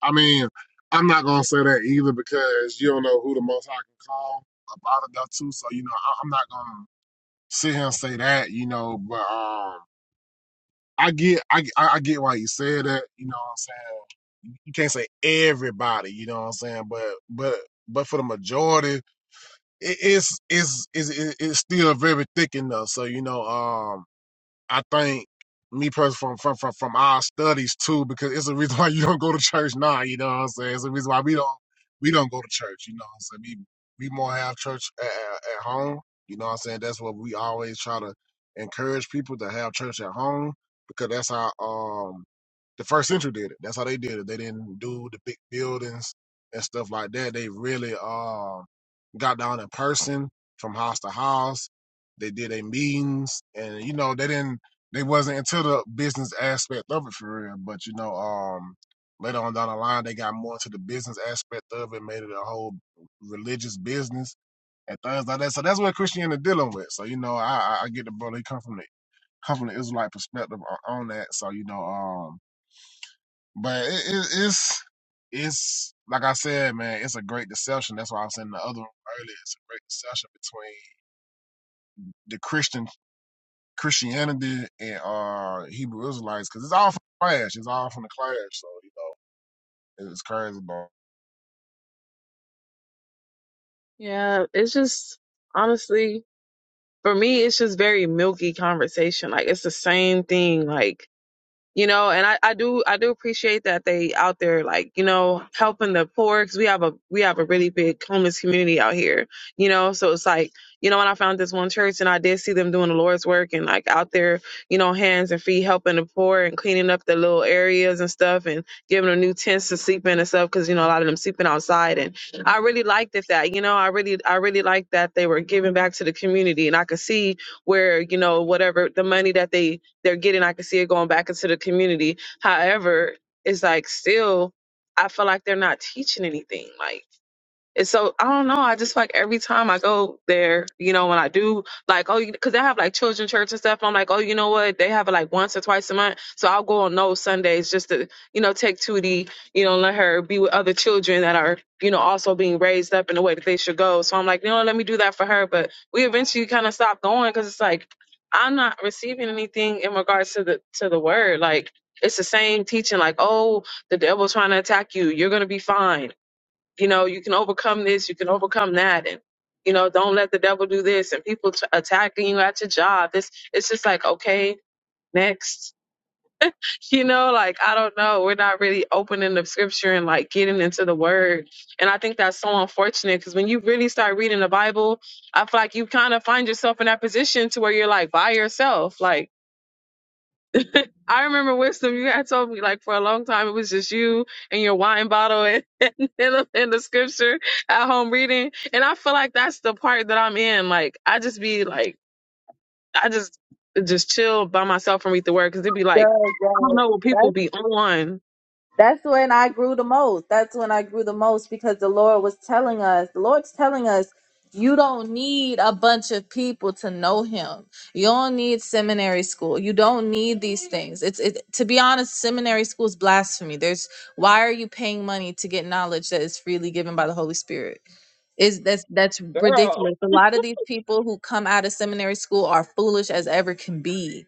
Speaker 1: I mean, I'm not gonna say that either because you don't know who the Most High can call about it though too. So you know, I, I'm not gonna sit here and say that. You know, but um, I get, I, I I get why you said that. You know what I'm saying? You can't say everybody. You know what I'm saying? But but but for the majority, it is is is it's it's- it's- still very thick enough. So you know, um. I think me personally from, from from our studies too, because it's a reason why you don't go to church now. You know what I'm saying? It's a reason why we don't we don't go to church. You know what I'm saying? We we more have church at, at home. You know what I'm saying? That's what we always try to encourage people to have church at home because that's our um the first century did it. That's how they did it. They didn't do the big buildings and stuff like that. They really um got down in person from house to house. They did their meetings and you know, they didn't they wasn't into the business aspect of it for real. But you know, um later on down the line they got more into the business aspect of it, made it a whole religious business and things like that. So that's what Christianity dealing with. So, you know, I I I get the brother he come from the come from the Israelite perspective on on that. So, you know, um but it, it, it's it's like I said, man, it's a great deception. That's why I was in the other room earlier. It's a great deception between the Christian Christianity and uh Hebrew Israelites because it's all from the clash. It's all from the clash. So you know, it's crazy, bro.
Speaker 3: Yeah, it's just honestly for me, it's just very milky conversation. Like it's the same thing. Like you know and I, I do i do appreciate that they out there like you know helping the poor because we have a we have a really big homeless community out here you know so it's like you know when i found this one church and i did see them doing the lord's work and like out there you know hands and feet helping the poor and cleaning up the little areas and stuff and giving them new tents to sleep in and stuff because you know a lot of them sleeping outside and i really liked it that you know i really i really liked that they were giving back to the community and i could see where you know whatever the money that they they're getting. I can see it going back into the community. However, it's like still, I feel like they're not teaching anything. Like and so I don't know. I just feel like every time I go there, you know, when I do, like, oh, because they have like children church and stuff. I'm like, oh, you know what? They have it like once or twice a month. So I'll go on those Sundays just to, you know, take Tootie, you know, let her be with other children that are, you know, also being raised up in the way that they should go. So I'm like, you know, let me do that for her. But we eventually kind of stopped going because it's like I'm not receiving anything in regards to the to the word. Like it's the same teaching. Like, oh, the devil's trying to attack you. You're gonna be fine you know you can overcome this you can overcome that and you know don't let the devil do this and people t- attacking you at your job this it's just like okay next you know like i don't know we're not really opening the scripture and like getting into the word and i think that's so unfortunate because when you really start reading the bible i feel like you kind of find yourself in that position to where you're like by yourself like I remember wisdom. You had told me like for a long time it was just you and your wine bottle and in the, and the scripture at home reading, and I feel like that's the part that I'm in. Like I just be like I just just chill by myself and read the word because it'd be like I don't know
Speaker 2: Good,
Speaker 3: what
Speaker 2: good.
Speaker 3: people be on,
Speaker 2: That's when I grew the most. That's when I grew the most because the Lord was telling us, the Lord's telling us, you don't need a bunch of people to know him. You don't need seminary school. You don't need these things. It's it to be honest, seminary school is blasphemy. There's why are you paying money to get knowledge that is freely given by the Holy Spirit? Is that's that's
Speaker 3: girl.
Speaker 2: ridiculous. A lot of these people who come out of seminary school are foolish as ever can be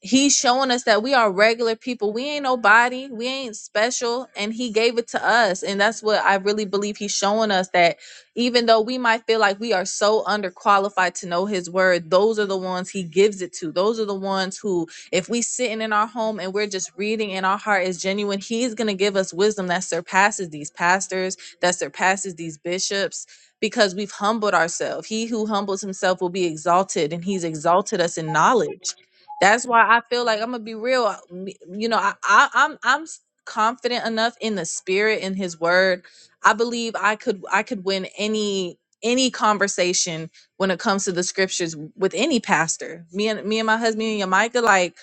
Speaker 2: he's showing us that we are regular people. We ain't nobody. We ain't special. And he gave it to us. And that's what I really believe he's showing us that even though we might feel like we are so underqualified to know his word, those are the ones he gives it to. Those are the ones who, if we sitting in our home and we're just reading and our heart is genuine, he's gonna give us wisdom that surpasses these pastors, that surpasses these bishops. Because we've humbled ourselves. He who humbles himself will be exalted, and he's exalted us in knowledge. That's why I feel like I'm gonna be real. uh, me- You know, I, I I'm I'm s- confident enough in the spirit in His Word. I believe I could I could win any any conversation when it comes to the scriptures with any pastor. Me and me and my husband me and Yamika, like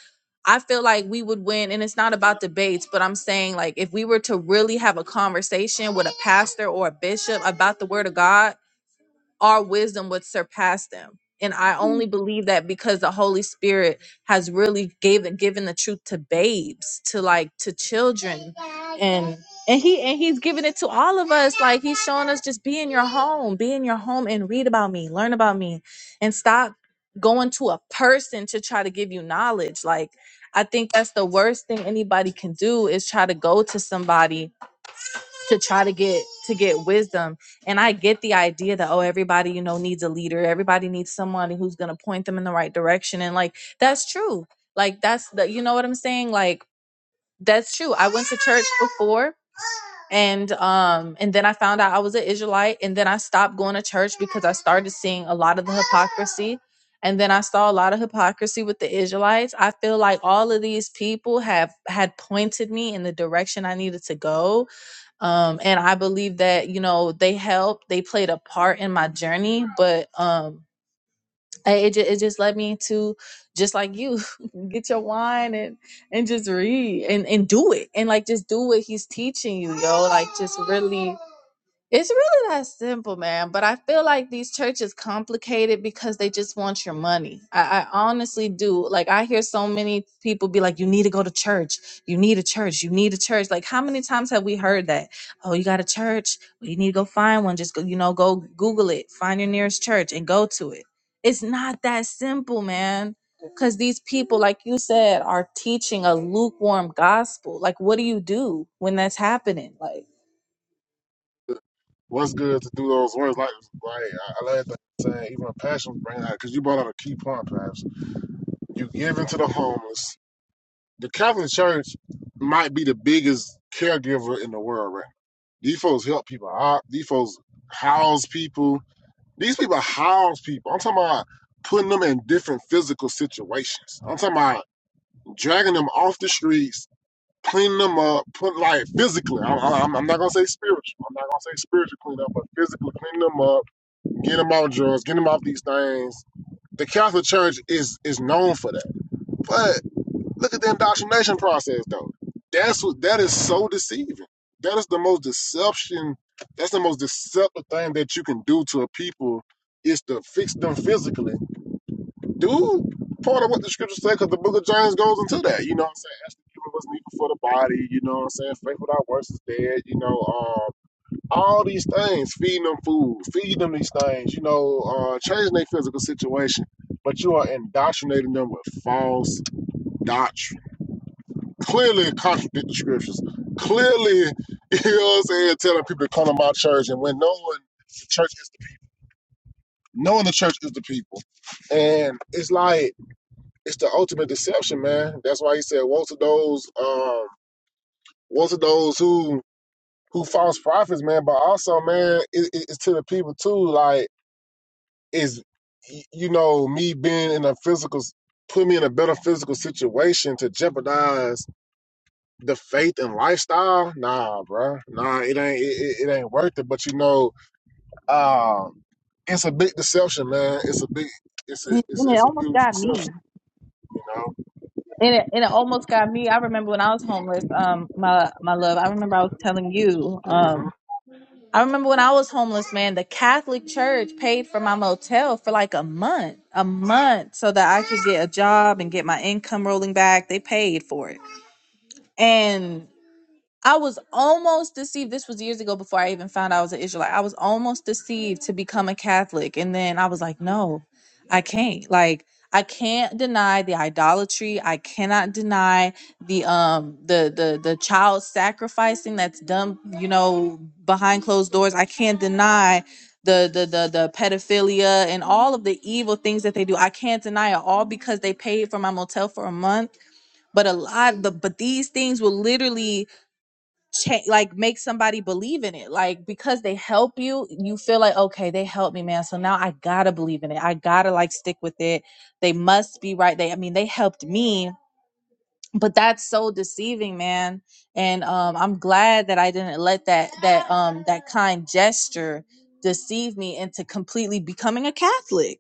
Speaker 2: I feel like we would win. And it's not about debates, but I'm saying like if we were to really have a conversation with a pastor or a bishop about the Word of God our wisdom would surpass them. And I only believe that because the Holy Spirit has really given given the truth to babes, to like to children, and and he and he's giving it to all of us. Like he's showing us just be in your home, be in your home and read about me, learn about me, and stop going to a person to try to give you knowledge. Like I think that's the worst thing anybody can do is try to go to somebody to try to get to get wisdom and i get the idea that oh everybody you know needs a leader everybody needs somebody who's going to point them in the right direction and like that's true like that's the you know what i'm saying like that's true i went to church before and um and then i found out i was an israelite and then i stopped going to church because i started seeing a lot of the hypocrisy and then i saw a lot of hypocrisy with the israelites i feel like all of these people have had pointed me in the direction i needed to go um and i believe that you know they helped they played a part in my journey but um I- it, ju- it just led me to just like you get your wine and and just read and and do it and like just do what he's teaching you yo like just really it's really that simple, man. But I feel like these churches complicate it because they just want your money. I, I honestly do. Like I hear so many people be like, "You need to go to church. You need a church. You need a church." Like how many times have we heard that? Oh, you got a church? Well, you need to go find one. Just go, you know, go Google it, find your nearest church, and go to it. It's not that simple, man. Because these people, like you said, are teaching a lukewarm gospel. Like, what do you do when that's happening? Like.
Speaker 1: What's good to do those words like like I, I love that saying even passion bring out because you brought out a key point, perhaps. You give into the homeless the Catholic Church might be the biggest caregiver in the world right now. These folks help people out. These folks house people. These people house people. I'm talking about putting them in different physical situations. I'm talking about dragging them off the streets, cleaning them up, putting like physically. I'm, I'm, I'm not gonna say spiritual. I'm not gonna say spiritual cleanup, but physically cleaning them up, getting them off drugs, getting them off these things. The Catholic Church is is known for that. but. Look at the indoctrination process though. That's what that is so deceiving. That is the most deception. That's the most deceptive thing that you can do to a people is to fix them physically. Dude, part of what the scriptures say, because the book of James goes into that. You know what I'm saying? As the given was needed for the body. You know what I'm saying? Faith without works is dead. You know, um, all these things, feeding them food, feeding them these things. You know, uh, changing their physical situation. But you are indoctrinating them with false doctrine clearly contradicting the scriptures. Clearly, you know what I'm saying, telling people to come to my church and when knowing the church is the, knowing the church is the people. And it's like it's the ultimate deception, man. That's why he said, Woe to those, um, woe to those who who false prophets, man, but also, man, it, it- it's to the people too, like is you know, me being in a physical put me in a better physical situation to jeopardize the faith and lifestyle, nah, bro, nah, it ain't it, it it ain't worth it. But you know, um, it's a big deception, man. It's a big, it's a
Speaker 2: And
Speaker 1: it's a,
Speaker 2: it
Speaker 1: it's a
Speaker 2: almost
Speaker 1: huge
Speaker 2: got
Speaker 1: deception,
Speaker 2: me.
Speaker 1: you know.
Speaker 2: And it, and it almost got me. I remember when I was homeless, um, my my love. I remember I was telling you,
Speaker 1: hmm
Speaker 2: um, I remember when I was homeless, man. The Catholic Church paid for my motel for like a month, a month, so that I could get a job and get my income rolling back. They paid for it, and I was almost deceived. This was years ago before I even found out I was an Israelite. I was almost deceived to become a Catholic. And then I was like, no, I can't. Like, I can't deny the idolatry. I cannot deny the um the the the child sacrificing that's done, you know, behind closed doors. I can't deny the the the the pedophilia and all of the evil things that they do. I can't deny it all because they paid for my motel for a month. But a lot the but these things will literally cha- like make somebody believe in it like because they help you you feel like okay they helped me man so now i gotta believe in it i gotta like stick with it they must be right they i mean they helped me but that's so deceiving man and um i'm glad that i didn't let that that um that kind gesture deceive me into completely becoming a catholic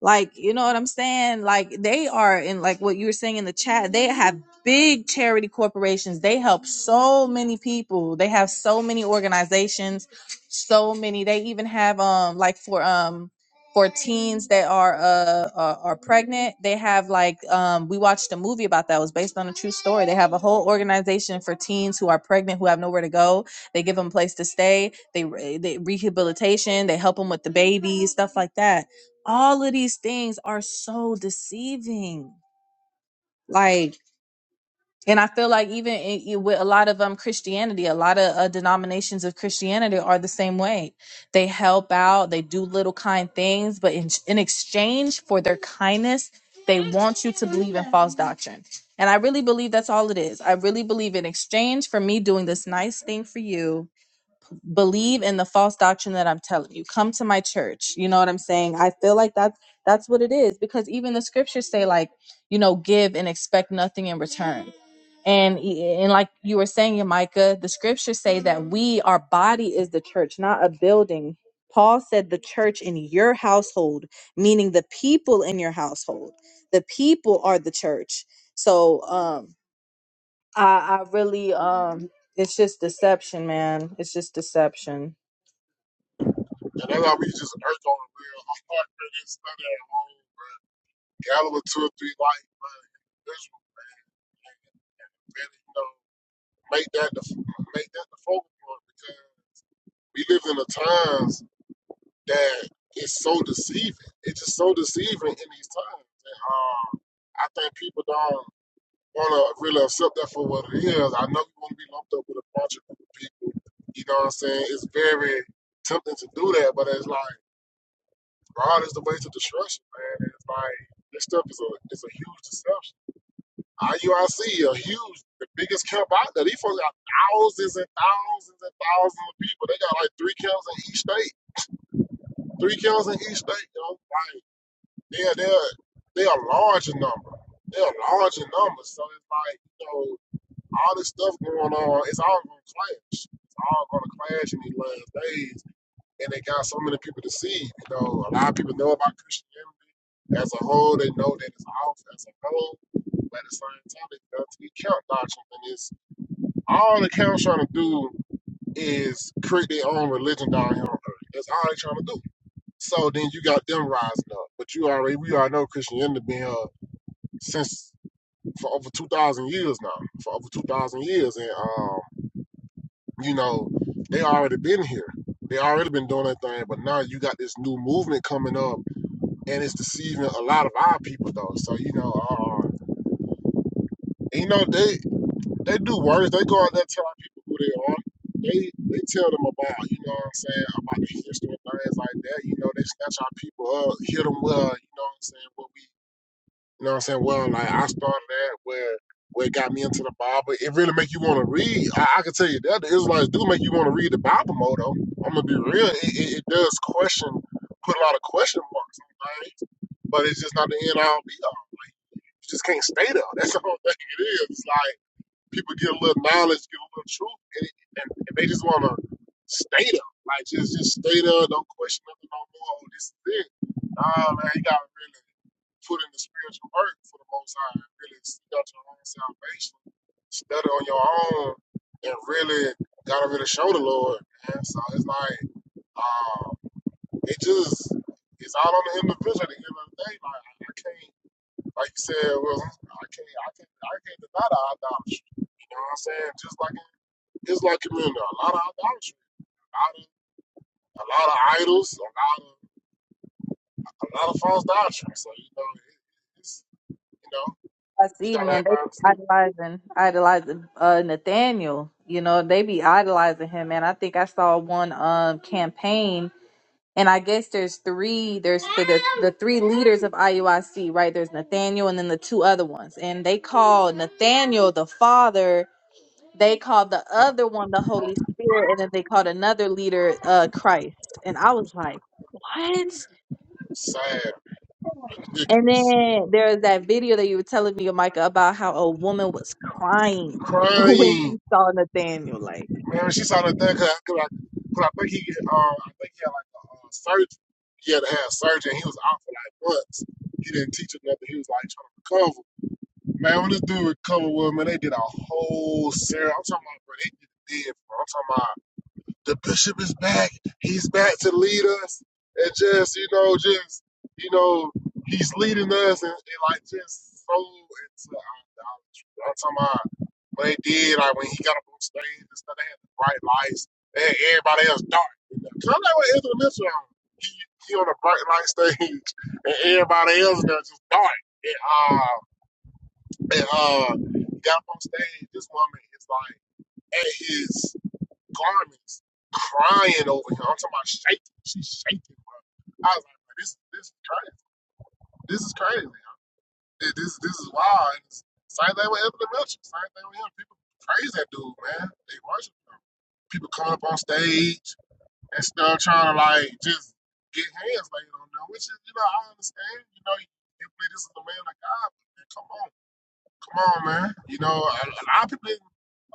Speaker 2: like, you know what I'm saying? Like they are in like what you were saying in the chat, they have big charity corporations. They help so many people. They have so many organizations, so many. They even have um like for um for teens that are uh are, are pregnant, they have like um we watched a movie about that. It was based on a true story. They have a whole organization for teens who are pregnant who have nowhere to go. They give them a place to stay. They, eh, they rehabilitation. They help them with the baby stuff like that all of these things are so deceiving like and i feel like even in, in- with a lot of um christianity a lot of uh, denominations of christianity are the same way they help out they do little kind things but in, in exchange for their kindness they want you to believe in false doctrine and i really believe that's all it is i really believe in exchange for me doing this nice thing for you believe in the false doctrine that I'm telling you. Come to my church. You know what I'm saying? I feel like that's that's what it is because even the scriptures say like, you know, give and expect nothing in return. And e, e, and like you were saying, Micah, the scriptures say that we our body is the church, not a building. Paul said the church in your household, meaning the people in your household. The people are the church. So um I I really um it's just deception, man. It's just deception.
Speaker 1: And that's why we just urge on the real. I'm not really studying on Galilee two or three like, man, this will really, you know, make that the make that the focal point because we live in the times that it's so deceiving. It's just so deceiving in these times. And, um, I think people don't. want to really accept that for what it is. I know you want to be lumped up with a bunch of cool people. You know what I'm saying? It's very tempting to do that, but it's like God is the way to destruction, man. It's like this stuff is a it's a huge deception. IUIC, a huge, the biggest camp out there. These folks got thousands and thousands and thousands of people. They got like three camps in each state, three camps in each state. You know, like they're they're they are large in number. They are large in numbers. So it's like you know all this stuff going on, it's all gonna clash. It's all gonna clash in these last days. And they got so many people to see. You know, a lot of people know about Christianity as a whole. They know that it's off as a whole, but at the same time, it's done to be count doctrine. And it's all the count's trying to do is create their own religion down here on earth. That's all they're trying to do. So then you got them rising up. But you already, we already know Christianity been uh, since for over 2,000 years now, for over 2,000 years. And um, you know, they already been here. They already been doing their thing, but now you got this new movement coming up, and it's deceiving a lot of our people though. So you know, uh, and, you know they they do words. They go out there telling people who they are. They they tell them about you know what I'm saying about the history and things like that. You know they snatch our people up, hit them well. You know what I'm saying? what we. You know what I'm saying? Well, like I started that where where it got me into the Bible. It really make you want to read. I, I can tell you that the Israelites do make you want to read the Bible more though. I'm gonna be real. It, it, it does question, put a lot of question marks on things, but it's just not the end all be all. You just can't stay there. That's the whole thing it is. It's like people get a little knowledge, get a little truth, and, and, and they just wanna stay there. Like just just stay there, don't question nothing no more. Oh, This is it. Nah, man, you gotta really put in the spiritual work for the Most High and really seek out your own salvation, study on your own, and really gotta really show the Lord. Man. So it's like uh, it just it's all on the individual at the end of the day. Like I can't, like you said, well, I can't, I can't, I can't deny the idolatry. You know what I'm saying? Just like in Islam community, a lot of idolatry, a lot of a lot of idols, a lot of a lot of false doctrine. So you know, it, it's you know,
Speaker 2: I
Speaker 1: you
Speaker 2: see,
Speaker 1: gotta
Speaker 2: man.
Speaker 1: have
Speaker 2: They
Speaker 1: mindset.
Speaker 2: idolizing, idolizing uh Nathaniel. You know, they be idolizing him, man. I think I saw one um campaign, and I guess there's three. There's the the, the three leaders of IUIC, right? There's Nathaniel, and then the two other ones, and they call Nathaniel the father. They called the other one the Holy Spirit, and then they called another leader uh Christ. And I was like, what?
Speaker 1: Sad.
Speaker 2: And
Speaker 1: Ridiculous.
Speaker 2: then there's that video that you were telling me, Micah, about how a woman was crying when
Speaker 1: Crying.
Speaker 2: she saw Nathaniel. Like,
Speaker 1: Man, she saw that thing because I, 'cause I think he, um, I think he had like a uh, surgery. He had to have surgery and he was out for like months. He didn't teach her nothing. He was like trying to recover. Man, when this dude recovered, well, man, they did a whole series. I'm talking about, bro, they did it big, bro. I'm talking about the bishop is back. He's back to lead us. And just, you know, just, you know, he's leading us and, and like just so into idolatry. I'm talking about what they did, like when he got up on stage and stuff, they had the bright lights. They had everybody else dark. Kind of like what Ezra Mitchell He, he on a bright light stage and everybody else there just dark. And, uh, and uh, got up on stage. This woman is like at his garments, crying over him. I'm talking about shaking. She's shaking, bro. I was like, this, this is crazy. This is crazy. man. This, this, this is wild. it's- same thing with Anthony Mitchell. Same thing with him. People praise that dude, man. They worship him. People come up on stage and stuff, trying to like just get hands laid on them, which is, you know, I understand. You know, you, you believe this is the man of God, but man, come on. Come on, man. You know, a, a lot of people didn't,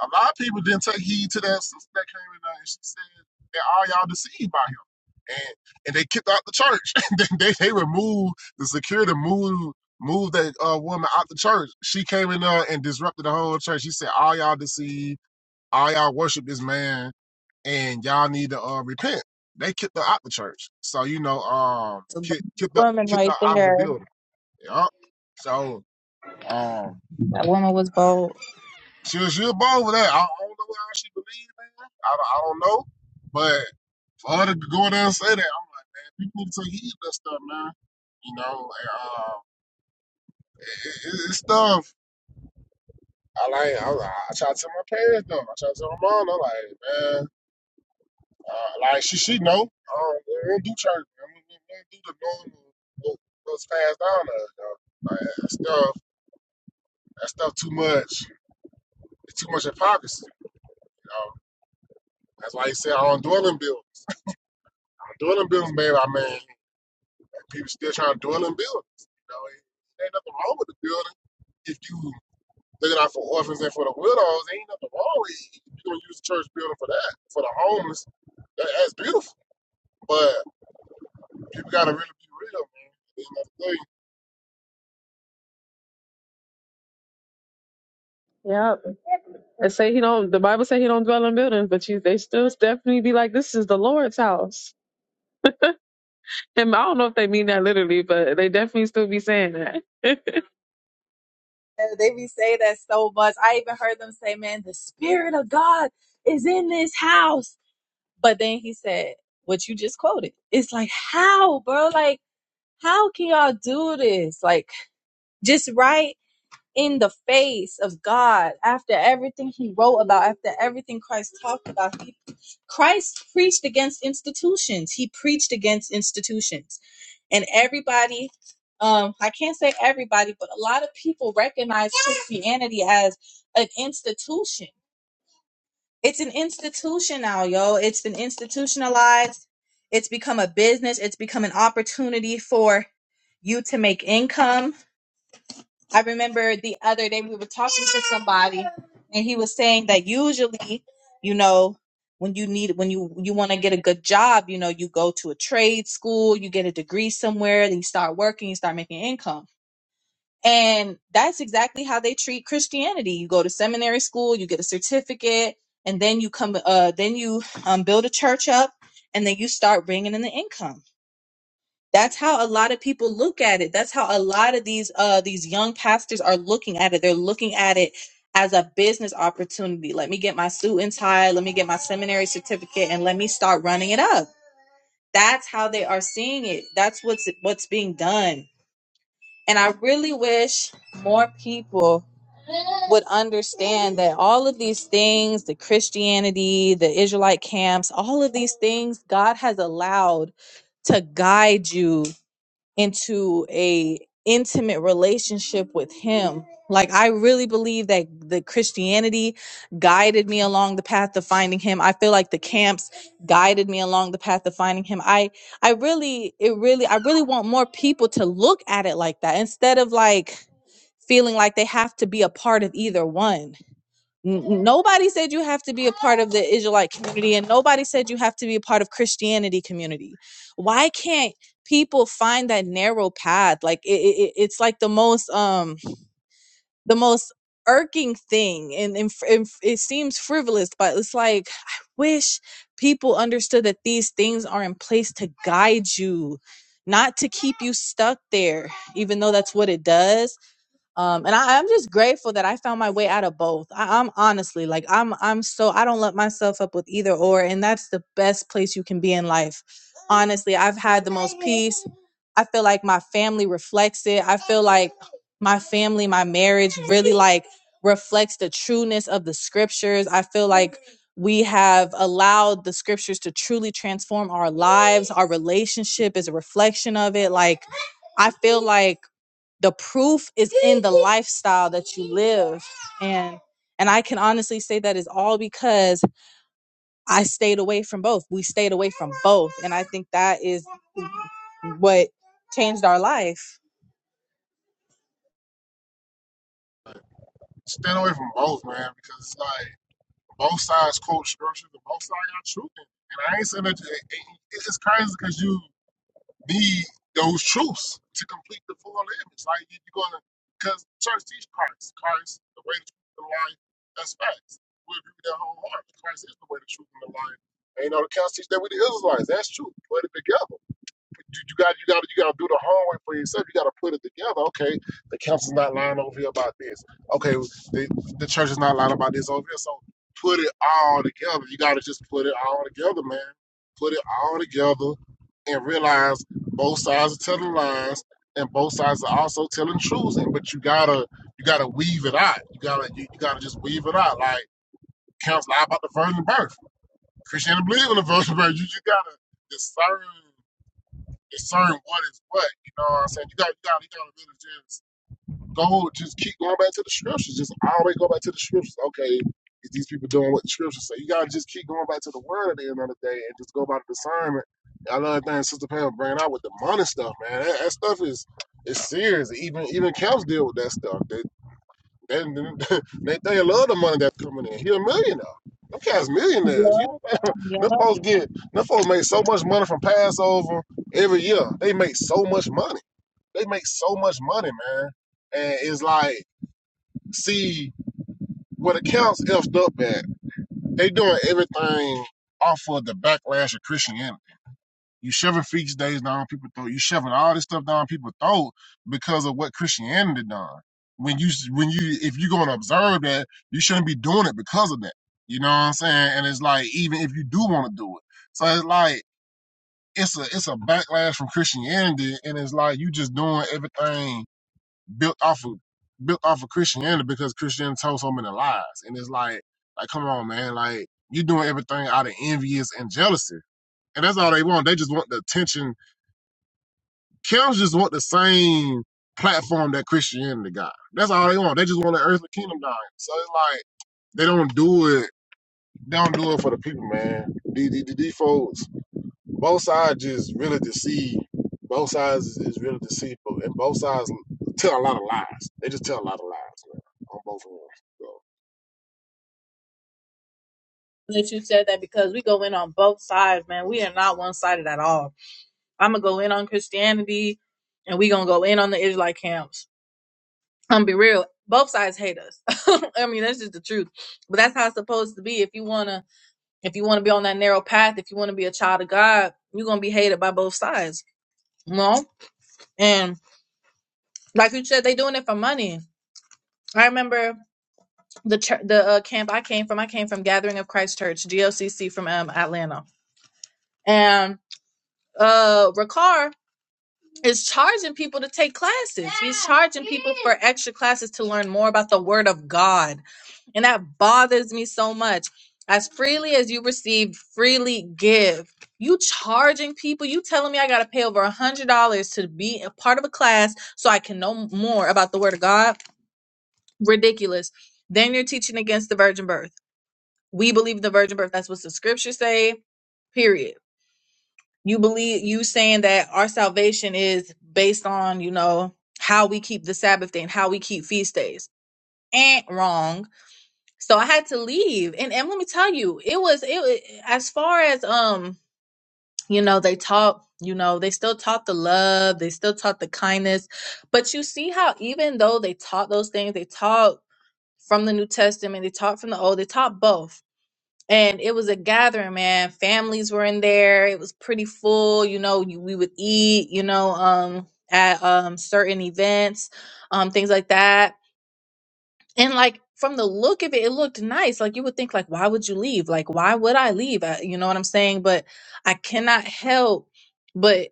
Speaker 1: a lot of people didn't take heed to that sister that came in there and she said that all y'all deceived by him. And and they kicked out the church. they, they they removed the security moved moved that uh, woman out the church. She came in there and disrupted the whole church. She said, All y'all deceived, all y'all worship this man, and y'all need to uh, repent. They kicked her out the church. So, you know, um
Speaker 2: it's a bold
Speaker 1: kick, kicked her
Speaker 2: woman
Speaker 1: kicked her
Speaker 2: right
Speaker 1: out of the
Speaker 2: there.
Speaker 1: building. Yup. So um
Speaker 2: That woman was bold.
Speaker 1: She'll she'll bow over there. I, don't know how she believe, man. I, don't- I don't know. But for her to go there and say that, I'm like, man, people need to take heed to that stuff, man. You know, and, uh, it, it, it's stuff. I like, I, I try to tell my parents though. I try to tell my mom. I'm like, man, uh, like she she know. I don't, we don't do church. Man. We, we, we don't do the normal what- what's passed down to us. Though. Like that stuff, that stuff too much. It's too much hypocrisy. You know, that's why he said I don't dwell in buildings. Dwelling buildings, man, I mean, people still trying to dwell in buildings. You know, it, ain't nothing wrong with the building. If you looking out for orphans and for the widows, ain't nothing wrong with it. You can use the church building for that, for the homeless. That, that's beautiful. But people gotta really be real, man. There's another thing.
Speaker 3: Yeah, and say he don't. The Bible say he don't dwell in buildings, but you they still definitely be like this is the Lord's house. And I don't know if they mean that literally, but they definitely still be saying that.
Speaker 2: They be saying that so much. I even heard them say, man, the spirit of God is in this house. But then he said, what you just quoted. It's like, how, bro? Like, how can y'all do this? Like, just right? in the face of God after everything he wrote about, after everything Christ talked about. He, Christ preached against institutions. He preached against institutions. And everybody, um, I can't say everybody, but a lot of people recognize Christianity as an institution. It's an institution now, yo. It's been institutionalized. It's become a business. It's become an opportunity for you to make income I remember the other day we were talking to somebody and he was saying that usually, you know, when you need when you you want to get a good job, you know, you go to a trade school, you get a degree somewhere, then you start working, you start making income. And that's exactly how they treat Christianity. You go to seminary school, you get a certificate, and then you come uh then you um build a church up and then you start bringing in the income that's how a lot of people look at it that's how a lot of these uh these young pastors are looking at it they're looking at it as a business opportunity let me get my suit and tie let me get my seminary certificate and let me start running it up that's how they are seeing it that's what's what's being done and i really wish more people would understand that all of these things the christianity the israelite camps all of these things god has allowed to guide you into a intimate relationship with him like i really believe that the christianity guided me along the path of finding him i feel like the camps guided me along the path of finding him i i really it really i really want more people to look at it like that instead of like feeling like they have to be a part of either one N- nobody said you have to be a part of the Israelite community, and nobody said you have to be a part of Christianity community. Why can't people find that narrow path? Like it, it, it's like the most um the most irking thing, and, and, fr- and f- it seems frivolous, but it's like I wish people understood that these things are in place to guide you. Not to keep you stuck there, even though that's what it does um and I, i'm just grateful that i found my way out of both I, i'm honestly like i'm i'm so i don't let myself up with either or and that's the best place you can be in life honestly i've had the most peace i feel like my family reflects it i feel like my family my marriage really like reflects the trueness of the scriptures i feel like we have allowed the scriptures to truly transform our lives our relationship is a reflection of it like i feel like the proof is in the lifestyle that you live and and i can honestly say that is all because i stayed away from both we stayed away from both and i think that is what changed our life
Speaker 1: Stay away from both, man, because it's like both sides quote scriptures and both sides got truth in it. And I ain't saying that it, it, it's just crazy because you need those truths to complete the full image. Like you, you're gonna, because church teach Christ, Christ the way, the truth, and the life. That's facts. We agree with that wholeheartedly. Christ is the way, the truth, and the life. And you know the council teach that with the Israelites. That's true. Put it together you, you got you got you got to do the homework for yourself. You got to put it together. Okay, the council's not lying over here about this. Okay, the the church is not lying about this over here. So put it all together. You got to just put it all together, man. Put it all together and realize both sides are telling lies and both sides are also telling truths. And but you gotta you gotta weave it out. You gotta you, you gotta just weave it out. Like council lie about the virgin birth. Christianity believe in the virgin birth. You just gotta discern discern what is what. You know what I'm saying? You got you got you gotta really just go just keep going back to the scriptures. Just always go back to the scriptures. Okay, is these people doing what the scriptures say? You gotta just keep going back to the word at the end of the day and just go by the discernment. I love that thing Sister Pam bringing out with the money stuff, man. That, that stuff is is serious. Even even camps deal with that stuff. They and they, they love the money that's coming in. He a millionaire. Them cats millionaires. You know, them folks get them folks make so much money from Passover every year. They make so much money. They make so much money, man. And it's like, see, what accounts effed up at, they doing everything off of the backlash of Christianity. You shoving feast days down people's throat. You shoving all this stuff down people's throat because of what Christianity done. When you when you if you're gonna observe that, you shouldn't be doing it because of that. You know what I'm saying? And it's like even if you do want to do it, so it's like it's a it's a backlash from Christianity, and it's like you just doing everything built off of built off of Christianity because Christianity told so many lies, and it's like like come on man, like you doing everything out of envious and jealousy, and that's all they want. They just want the attention Camps just want the same platform that Christianity got. That's all they want. They just want the earthly kingdom dying. So it's like they don't do it. They don't do it for the people, man. These the, the the folks, both sides just really deceive. Both sides is, is really deceitful, and both sides tell a lot of lies. They just tell a lot of lies, man, on both of them. So
Speaker 2: that you said that because we go in on both sides man we are not one-sided at all i'm gonna go in on christianity and we gonna go in on the israelite camps i'm be real both sides hate us i mean that's just the truth but that's how it's supposed to be if you want to If you want to be on that narrow path, if you want to be a child of God, you're gonna be hated by both sides. You know, and like you said, they doing it for money. I remember the chur the uh, camp I came from. I came from Gathering of Christ Church, GLCC from um, Atlanta, and uh, Ricard is charging people to take classes. He's charging people for extra classes to learn more about the Word of God And that bothers me so much. As freely as you receive, freely give. You charging people, you telling me I gotta pay over a hundred dollars to be a part of a class so I can know more about the word of God. Ridiculous. Then you're teaching against the virgin birth. We believe in the virgin birth. That's what the scriptures say. Period. You believe you saying that our salvation is based on, you know, how we keep the Sabbath day and how we keep feast days. Ain't wrong so I had to leave. And and let me tell you, it was it wa- as far as um, you know, they taught, you know, they still taught the love, they still taught the kindness. But you see how even though they taught those things, they taught from the New Testament, they taught from the old, they taught both. And it was a gathering, man. Families were in there. It was pretty full, you know, you, we would eat, you know, um at um certain events, um things like that and like from the look of it it looked nice like you would think like why would you leave like why would i leave I, you know what i'm saying but i cannot help but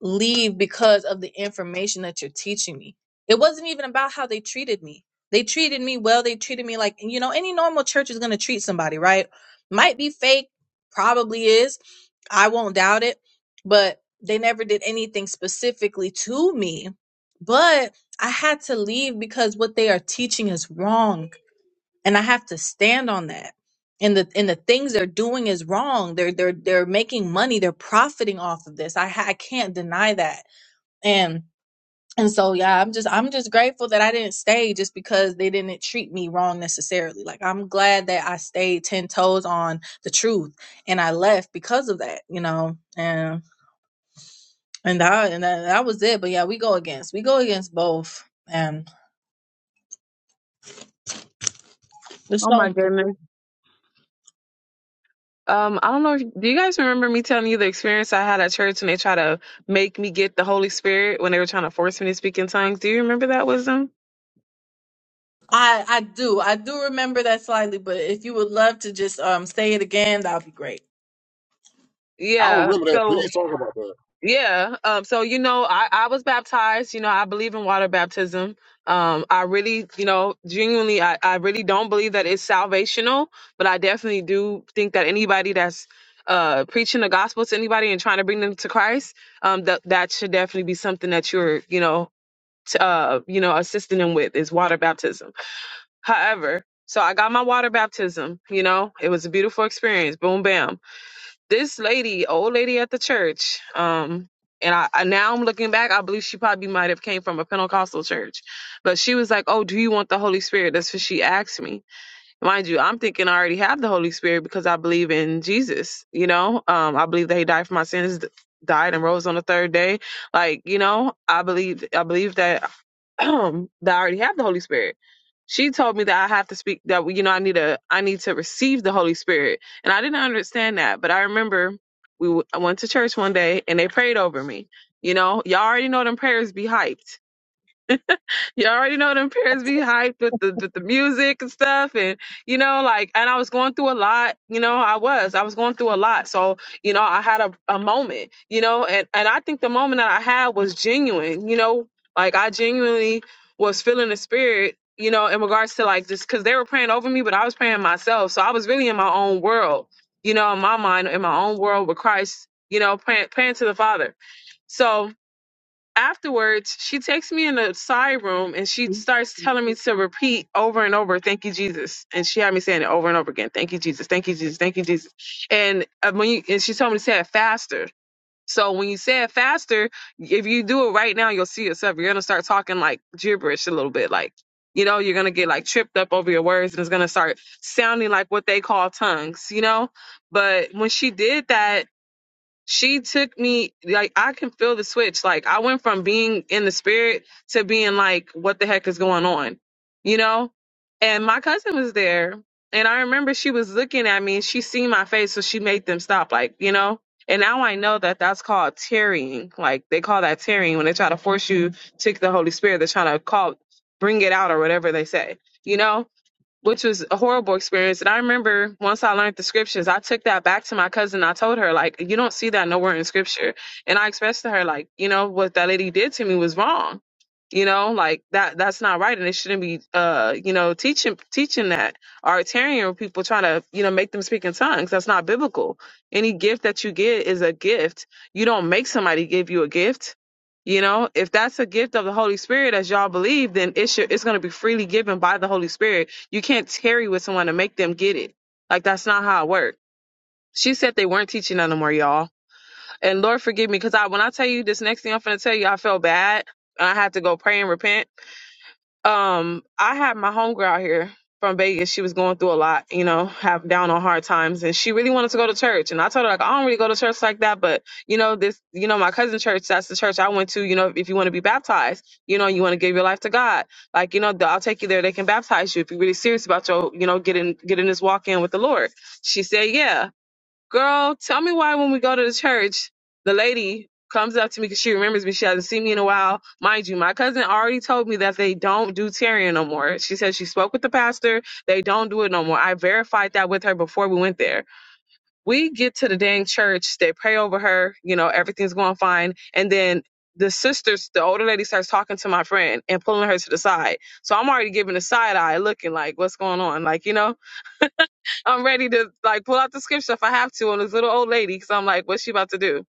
Speaker 2: leave because of the information that you're teaching me it wasn't even about how they treated me they treated me well they treated me like you know any normal church is going to treat somebody right might be fake probably is i won't doubt it but they never did anything specifically to me but I had to leave because what they are teaching is wrong, and I have to stand on that. And the and the things they're doing is wrong. They're they're they're making money. They're profiting off of this. I ha- I can't deny that. And and so yeah, I'm just I'm just grateful that I didn't stay just because they didn't treat me wrong necessarily. Like I'm glad that I stayed ten toes on the truth and I left because of that. You know, and and that and that, that was it. But yeah, we go against we go against both. And it's
Speaker 3: Oh
Speaker 2: so
Speaker 3: my
Speaker 2: important.
Speaker 3: goodness. Um, I don't know. if- Do you guys remember me telling you the experience I had at church when they tried to make me get the Holy Spirit when they were trying to force me to speak in tongues? Do you remember that wisdom?
Speaker 2: I I do. I do remember that slightly, but if you would love to just um say it again, that would be great.
Speaker 1: I don't
Speaker 3: Yeah.
Speaker 1: remember that. Please
Speaker 3: So
Speaker 1: talk about that.
Speaker 3: yeah. Um. So you know, I I was baptized. You know, I believe in water baptism. Um. I really, you know, genuinely, I I really don't believe that it's salvational, but I definitely do think that anybody that's uh preaching the gospel to anybody and trying to bring them to Christ, um, that that should definitely be something that you're, you know, t- uh, you know, assisting him with is water baptism. However, so I got my water baptism, you know, it was a beautiful experience. Boom, bam. This lady, old lady at the church, um, and I, I now I'm looking back, I believe she probably might have came from a Pentecostal church. But she was like, Oh, do you want the Holy Spirit? That's what she asked me. Mind you, I'm thinking I already have the Holy Spirit because I believe in Jesus, you know. Um, I believe that he died for my sins, died and rose on the third day like you know i believe i believe that that I already have the Holy Spirit. She told me that I have to speak that you know I need a I need to receive the Holy Spirit, and I didn't understand that. But I remember we w- I went to church one day and they prayed over me. You know, y'all already know them prayers be hyped. you already know them parents be hyped with the with the music and stuff and you know like and I was going through a lot you know I was I was going through a lot so you know I had a, a moment you know and and I think the moment that I had was genuine you know like I genuinely was feeling the spirit you know in regards to like just because they were praying over me but I was praying myself so I was really in my own world you know in my mind in my own world with Christ you know praying praying to the Father so afterwards, she takes me in a side room and she starts telling me to repeat over and over, "Thank you, Jesus." And she had me saying it over and over again, "Thank you, Jesus. Thank you, Jesus. Thank you, Jesus." And uh, when you and she told me to say it faster. So when you say it faster, if you do it right now, you'll see yourself. You're gonna start talking like gibberish a little bit, like you know, you're gonna get like tripped up over your words, and it's gonna start sounding like what they call tongues, you know. But when she did that, she took me like I can feel the switch. Like I went from being in the spirit to being like, what the heck is going on? You know? And my cousin was there and I remember she was looking at me and she seen my face, so she made them stop, like, you know? And now I know that that's called tearing. Like they call that tearing when they try to force you to take the Holy Spirit. They're trying to call, bring it out or whatever they say, you know? which was a horrible experience. And I remember once I learned the scriptures, I took that back to my cousin. I told her, like, you don't see that nowhere in scripture. And I expressed to her, like, you know, what that lady did to me was wrong. You know, like that that's not right. And it shouldn't be uh, you know, teaching teaching that or tearing people trying to, you know, make them speak in tongues. That's not biblical. Any gift that you get is a gift. You don't make somebody give you a gift. You know, if that's a gift of the Holy Spirit, as y'all believe, then it should, it's going to be freely given by the Holy Spirit you can't tarry with someone and make them get it. Like that's not how it works. She said they weren't teaching that no more, y'all. And Lord forgive me, because I when I tell you this next thing I'm finna tell you, I felt bad and I had to go pray and repent. Um, I had my homegirl out here from Vegas. She was going through a lot, you know, have down on hard times, and she really wanted to go to church. And I told her like, I don't really go to church like that, but you know, this, you know, my cousin church, that's the church I went to. You know, if you want to be baptized, you know, you want to give your life to God, like you know, th- I'll take you there. They can baptize you if you're really serious about your, you know, getting getting this walk in with the Lord. She said, yeah girl, tell me why when we go to the church, the lady comes up to me because she remembers me. She hasn't seen me in a while. Mind you, my cousin already told me that they don't do tearing no more. She said she spoke with the pastor. They don't do it no more. I verified that with her before we went there. We get to the dang church. They pray over her. You know, everything's going fine. And then the sisters, the older lady starts talking to my friend and pulling her to the side. So I'm already giving a side eye looking like, what's going on? Like, you know? I'm ready to like pull out the scripture if I have to on this little old lady because I'm like, what's she about to do?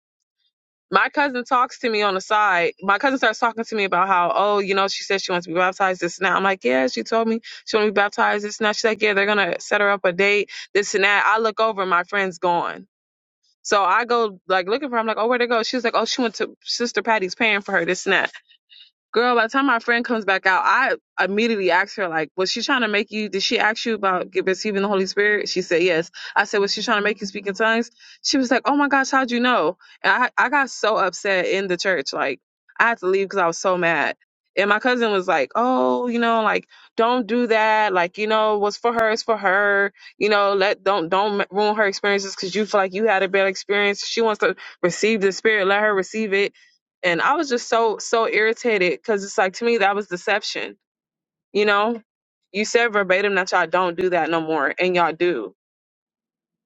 Speaker 3: My cousin talks to me on the side. My cousin starts talking to me about how, oh, you know, she said she wants to be baptized this and that. I'm like, yeah, she told me she want to be baptized this and that. She's like, yeah, they're gonna set her up a date, this and that. I look over, my friend's gone. So I go like looking for her. I'm like, oh, where'd it go? She was like, oh, she went to Sister Patty's paying for her, this and that. Girl, by the time my friend comes back out, I immediately asked her, like, was she trying to make you, did she ask you about get, receiving the Holy Spirit? She said yes. I said, was she trying to make you speak in tongues? She was like, oh my gosh, how'd you know? And I, I got so upset in the church. Like, I had to leave because I was so mad. And my cousin was like, oh, you know, like, don't do that. Like, you know, what's for her is for her. You know, let, don't, don't ruin her experiences because you feel like you had a bad experience. She wants to receive the Spirit. Let her receive it and I was just so so irritated because it's like to me that was deception. You know, you said verbatim that y'all don't do that no more, and y'all do.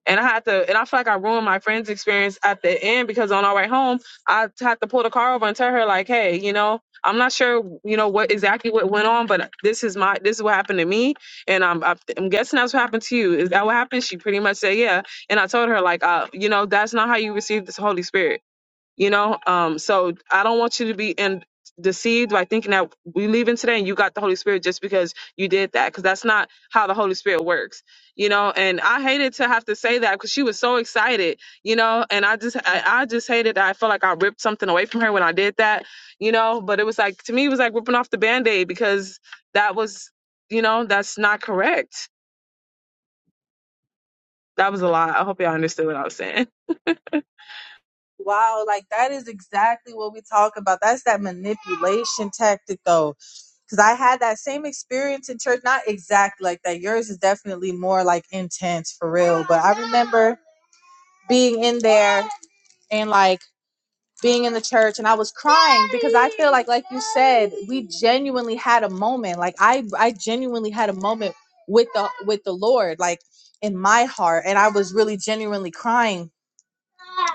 Speaker 3: And I had to, and I feel like I ruined my friend's experience at the end because on our way home, I had to pull the car over and tell her like, hey, you know, I'm not sure, you know, what exactly what went on, but this is my this is what happened to me, and I'm I'm I'm guessing that's what happened to you. Is that what happened? She pretty much said yeah, and I told her like, uh, you know, that's not how you receive this Holy Spirit you know um so i don't want you to be and deceived by thinking that we leave in today and you got the holy spirit just because you did that because that's not how the holy spirit works you know and i hated to have to say that because she was so excited you know and i just I, I just hated that i felt like i ripped something away from her when i did that you know but it was like to me it was like ripping off the band-aid because that was you know that's not correct that was a lie i hope y'all understood what i was saying
Speaker 2: Wow, like that is exactly what we talk about. That's that manipulation tactic though. Cause I had that same experience in church, not exactly like that. Yours is definitely more like intense for real. But I remember being in there and like being in the church and I was crying because I feel like like you said we genuinely had a moment like I I genuinely had a moment with the with the Lord like in my heart and I was really genuinely crying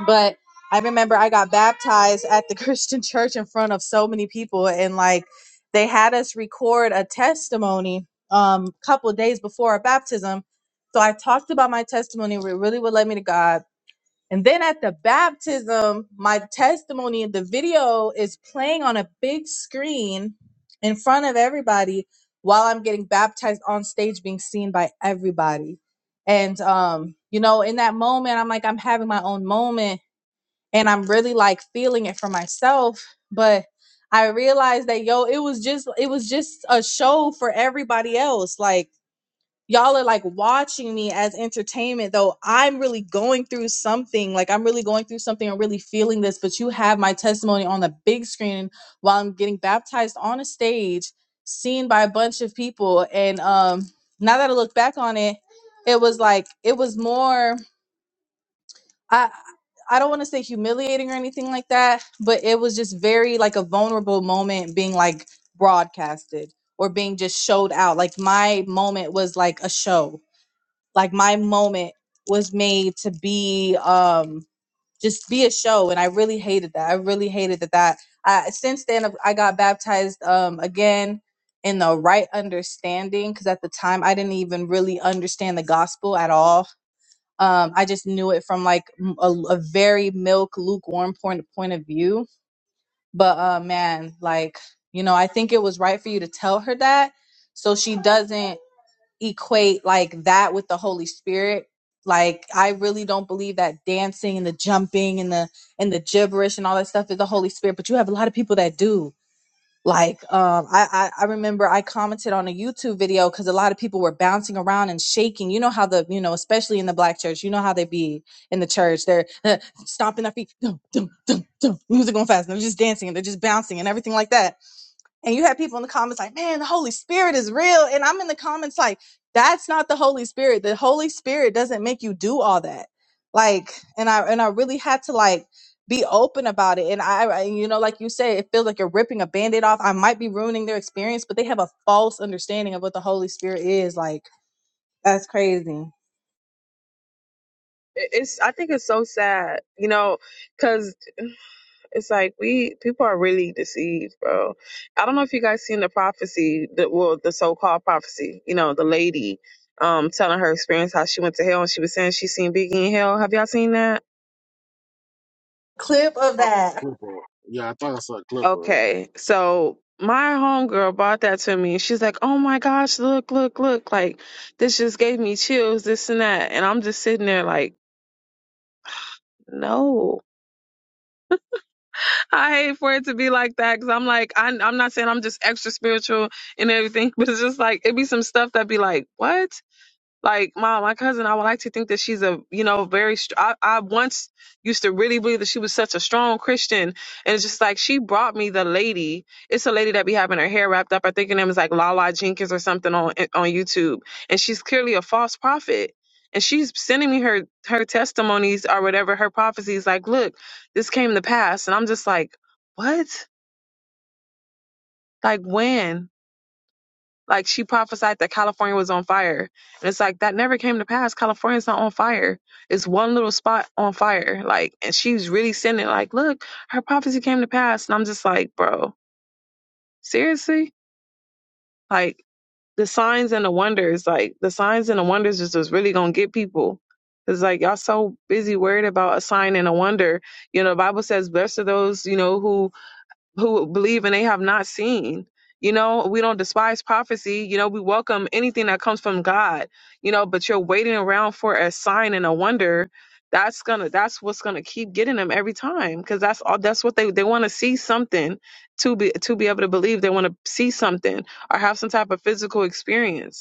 Speaker 2: but I remember I got baptized at the Christian church in front of so many people and like they had us record a testimony um couple of days before our baptism so I talked about my testimony it really what led me to God and then at the baptism, my testimony in the video is playing on a big screen in front of everybody while I'm getting baptized on stage, being seen by everybody. And, um, you know, in that moment, I'm like, I'm having my own moment and I'm really like feeling it for myself. But I realized that, yo, it was just, it was just a show for everybody else. Like, y'all are like watching me as entertainment though i'm really going through something like i'm really going through something i'm really feeling this but you have my testimony on the big screen while i'm getting baptized on a stage seen by a bunch of people and um now that i look back on it it was like it was more i i don't want to say humiliating or anything like that but it was just very like a vulnerable moment being like broadcasted or being just showed out like my moment was like a show like my moment was made to be um just be a show and i really hated that i really hated that that I, since then I've- i got baptized um again in the right understanding because at the time i didn't even really understand the gospel at all um i just knew it from like m- a, a very milk lukewarm point, point of view but uh man like you know i think it was right for you to tell her that so she doesn't equate like that with the Holy Spirit. Like I really don't believe that dancing and the jumping and the and the gibberish and all that stuff is the Holy Spirit, but you have a lot of people that do. Like um I I, I remember I commented on a YouTube video because a lot of people were bouncing around and shaking. You know how the you know, especially in the black church, you know how they be in the church. They're uh, stomping their feet, dum, dum, dum, dum, music going fast, and they're just dancing and they're just bouncing and everything like that and you had people in the comments like, man, the Holy Spirit is real. And I'm in the comments like, that's not the Holy Spirit. The Holy Spirit doesn't make you do all that. Like, and I and I really had to like be open about it. And I, I you know, like you said, it feels like you're ripping a band-aid off. I might be ruining their experience, but they have a false understanding of what the Holy Spirit is. Like, that's crazy.
Speaker 3: It- It's I think it's so sad, you know, because it's like we people are really deceived, bro. I don't know if you guys seen the prophecy, the well, the so-called prophecy, you know, the lady um telling her experience how she went to hell and she was saying she seen Biggie in hell. Have y'all seen that?
Speaker 2: Clip of
Speaker 1: Oh,
Speaker 2: that.
Speaker 1: Clipper. Yeah, I thought I saw a Clipper.
Speaker 3: Okay, so my homegirl brought that to me. She's like, "Oh my gosh, look, look, look! Like this just gave me chills, this and that." And I'm just sitting there like, "No, I hate for it to be like that." Because I'm like, I, I'm not saying I'm just extra spiritual and everything, but it's just like it be some stuff that be like, "What?" Like, my my cousin, I would like to think that she's a, you know, very, str- I, I once used to really believe that she was such a strong Christian. And it's just like, she brought me the lady. It's a lady that be having her hair wrapped up. I think her name is like Lala Jenkins or something on, on YouTube. And she's clearly a false prophet. And she's sending me her, her testimonies or whatever, her prophecies. Like, look, this came to pass. And I'm just like, what? Like when? Like she prophesied that California was on fire. And it's like that never came to pass. California's not on fire. It's one little spot on fire. Like and she's really sending like, look, her prophecy came to pass. And I'm just like, bro, seriously? Like the signs and the wonders, like the signs and the wonders is just really gonna get people. It's like y'all so busy worried about a sign and a wonder. You know, the Bible says, Blessed are those, you know, who who believe and they have not seen. You know, we don't despise prophecy. You know, we welcome anything that comes from God. You know, but you're waiting around for a sign and a wonder. That's gonna. That's what's gonna keep getting them every time, because that's all. That's what they they want to see something to be to be able to believe. They want to see something or have some type of physical experience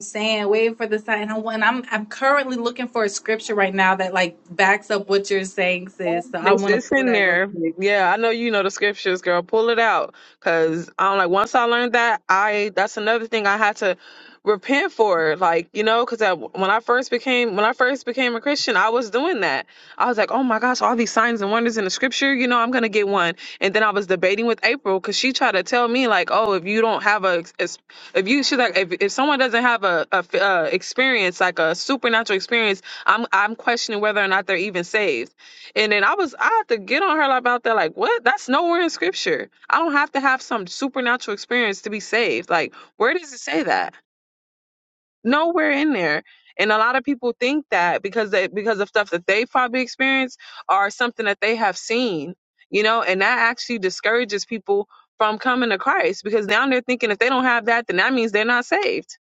Speaker 2: saying wait for the sign I'm, and I'm I'm currently looking for a scripture right now that like backs up what you're saying sis so I
Speaker 3: It's,
Speaker 2: want to
Speaker 3: it's
Speaker 2: pull
Speaker 3: in
Speaker 2: that real
Speaker 3: there.
Speaker 2: quick
Speaker 3: Yeah, I know you know the scriptures, girl. Pull it out, cause I'm like, once I learned that, I that's another thing I had to repent for. Like, you know, cause I, when I first became when I first became a Christian, I was doing that. I was like, oh my gosh, all these signs and wonders in the scripture. You know, I'm gonna get one. And then I was debating with April, cause she tried to tell me like, oh, if you don't have a, ex- if you she's like, if if someone doesn't have a, a f- uh, experience like a supernatural experience, I'm I'm questioning whether or not they're even saved. And then I was, I had to get on her about that. Like, what? That's nowhere in scripture. I don't have to have some supernatural experience to be saved. Like, where does it say that? nowhere in there. And a lot of people think that because they because of stuff that they probably experienced or something that they have seen, you know, and that actually discourages people from coming to Christ because now they're thinking if they don't have that, then that means they're not saved.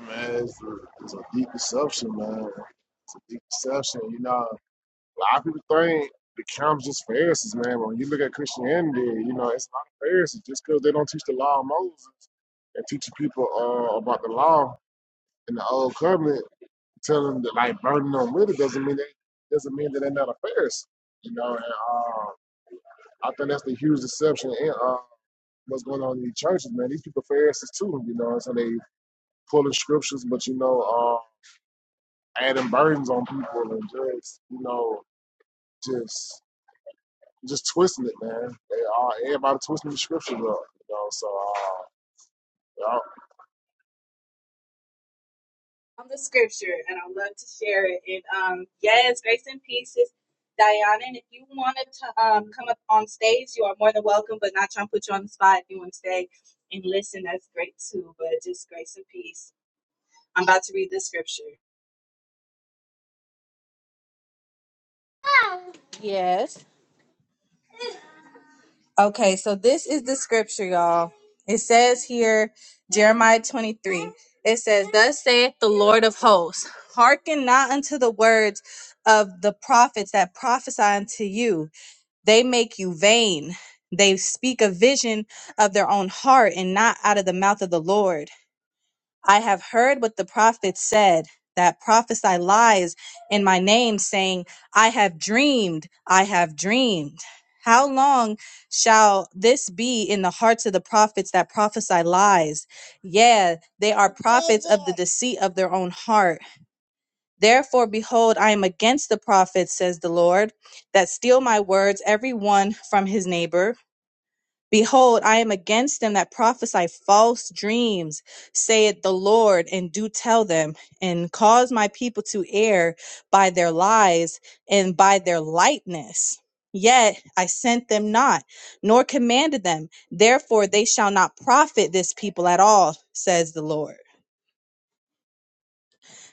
Speaker 1: Man, it's a, it's a deep deception, man. It's a deep deception. You know. lot of people think the Camps just Pharisees, man. But when you look at Christianity, you know, it's not a Pharisees just because they don't teach the law of Moses and teaching people uh, about the law in the old covenant, telling them to like burden them with it doesn't mean they doesn't mean that they're not a Pharisee. You know, and uh, I think that's the huge deception in uh, what's going on in these churches, man. These people Pharisees too, you know, and so they pulling scriptures, but you know, uh, adding burdens on people and just, you know, just just twisting it, man. They are everybody twisting the scriptures up, you know. So, uh, yeah.
Speaker 2: on the scripture, and I'd love to share it. And um, yes, grace and peace is Diana. And if you wanted to um, come up on stage, you are more than welcome, but not trying to put you on the spot. If you want to stay and listen, that's great too. But just grace and peace. I'm about to read the scripture. Yes. Okay, so this is the scripture, y'all. It says here, Jeremiah 23. It says, Thus saith the Lord of hosts, hearken not unto the words of the prophets that prophesy unto you. They make you vain. They speak a vision of their own heart and not out of the mouth of the Lord. I have heard what the prophets said that prophesy lies in my name, saying, I have dreamed, I have dreamed. How long shall this be in the hearts of the prophets that prophesy lies? Yeah, they are prophets of the deceit of their own heart. Therefore, behold, I am against the prophets, says the Lord, that steal my words, every one from his neighbor. Behold, I am against them that prophesy false dreams, saith the Lord, and do tell them, and cause my people to err by their lies and by their lightness. Yet I sent them not, nor commanded them. Therefore, they shall not profit this people at all, says the Lord.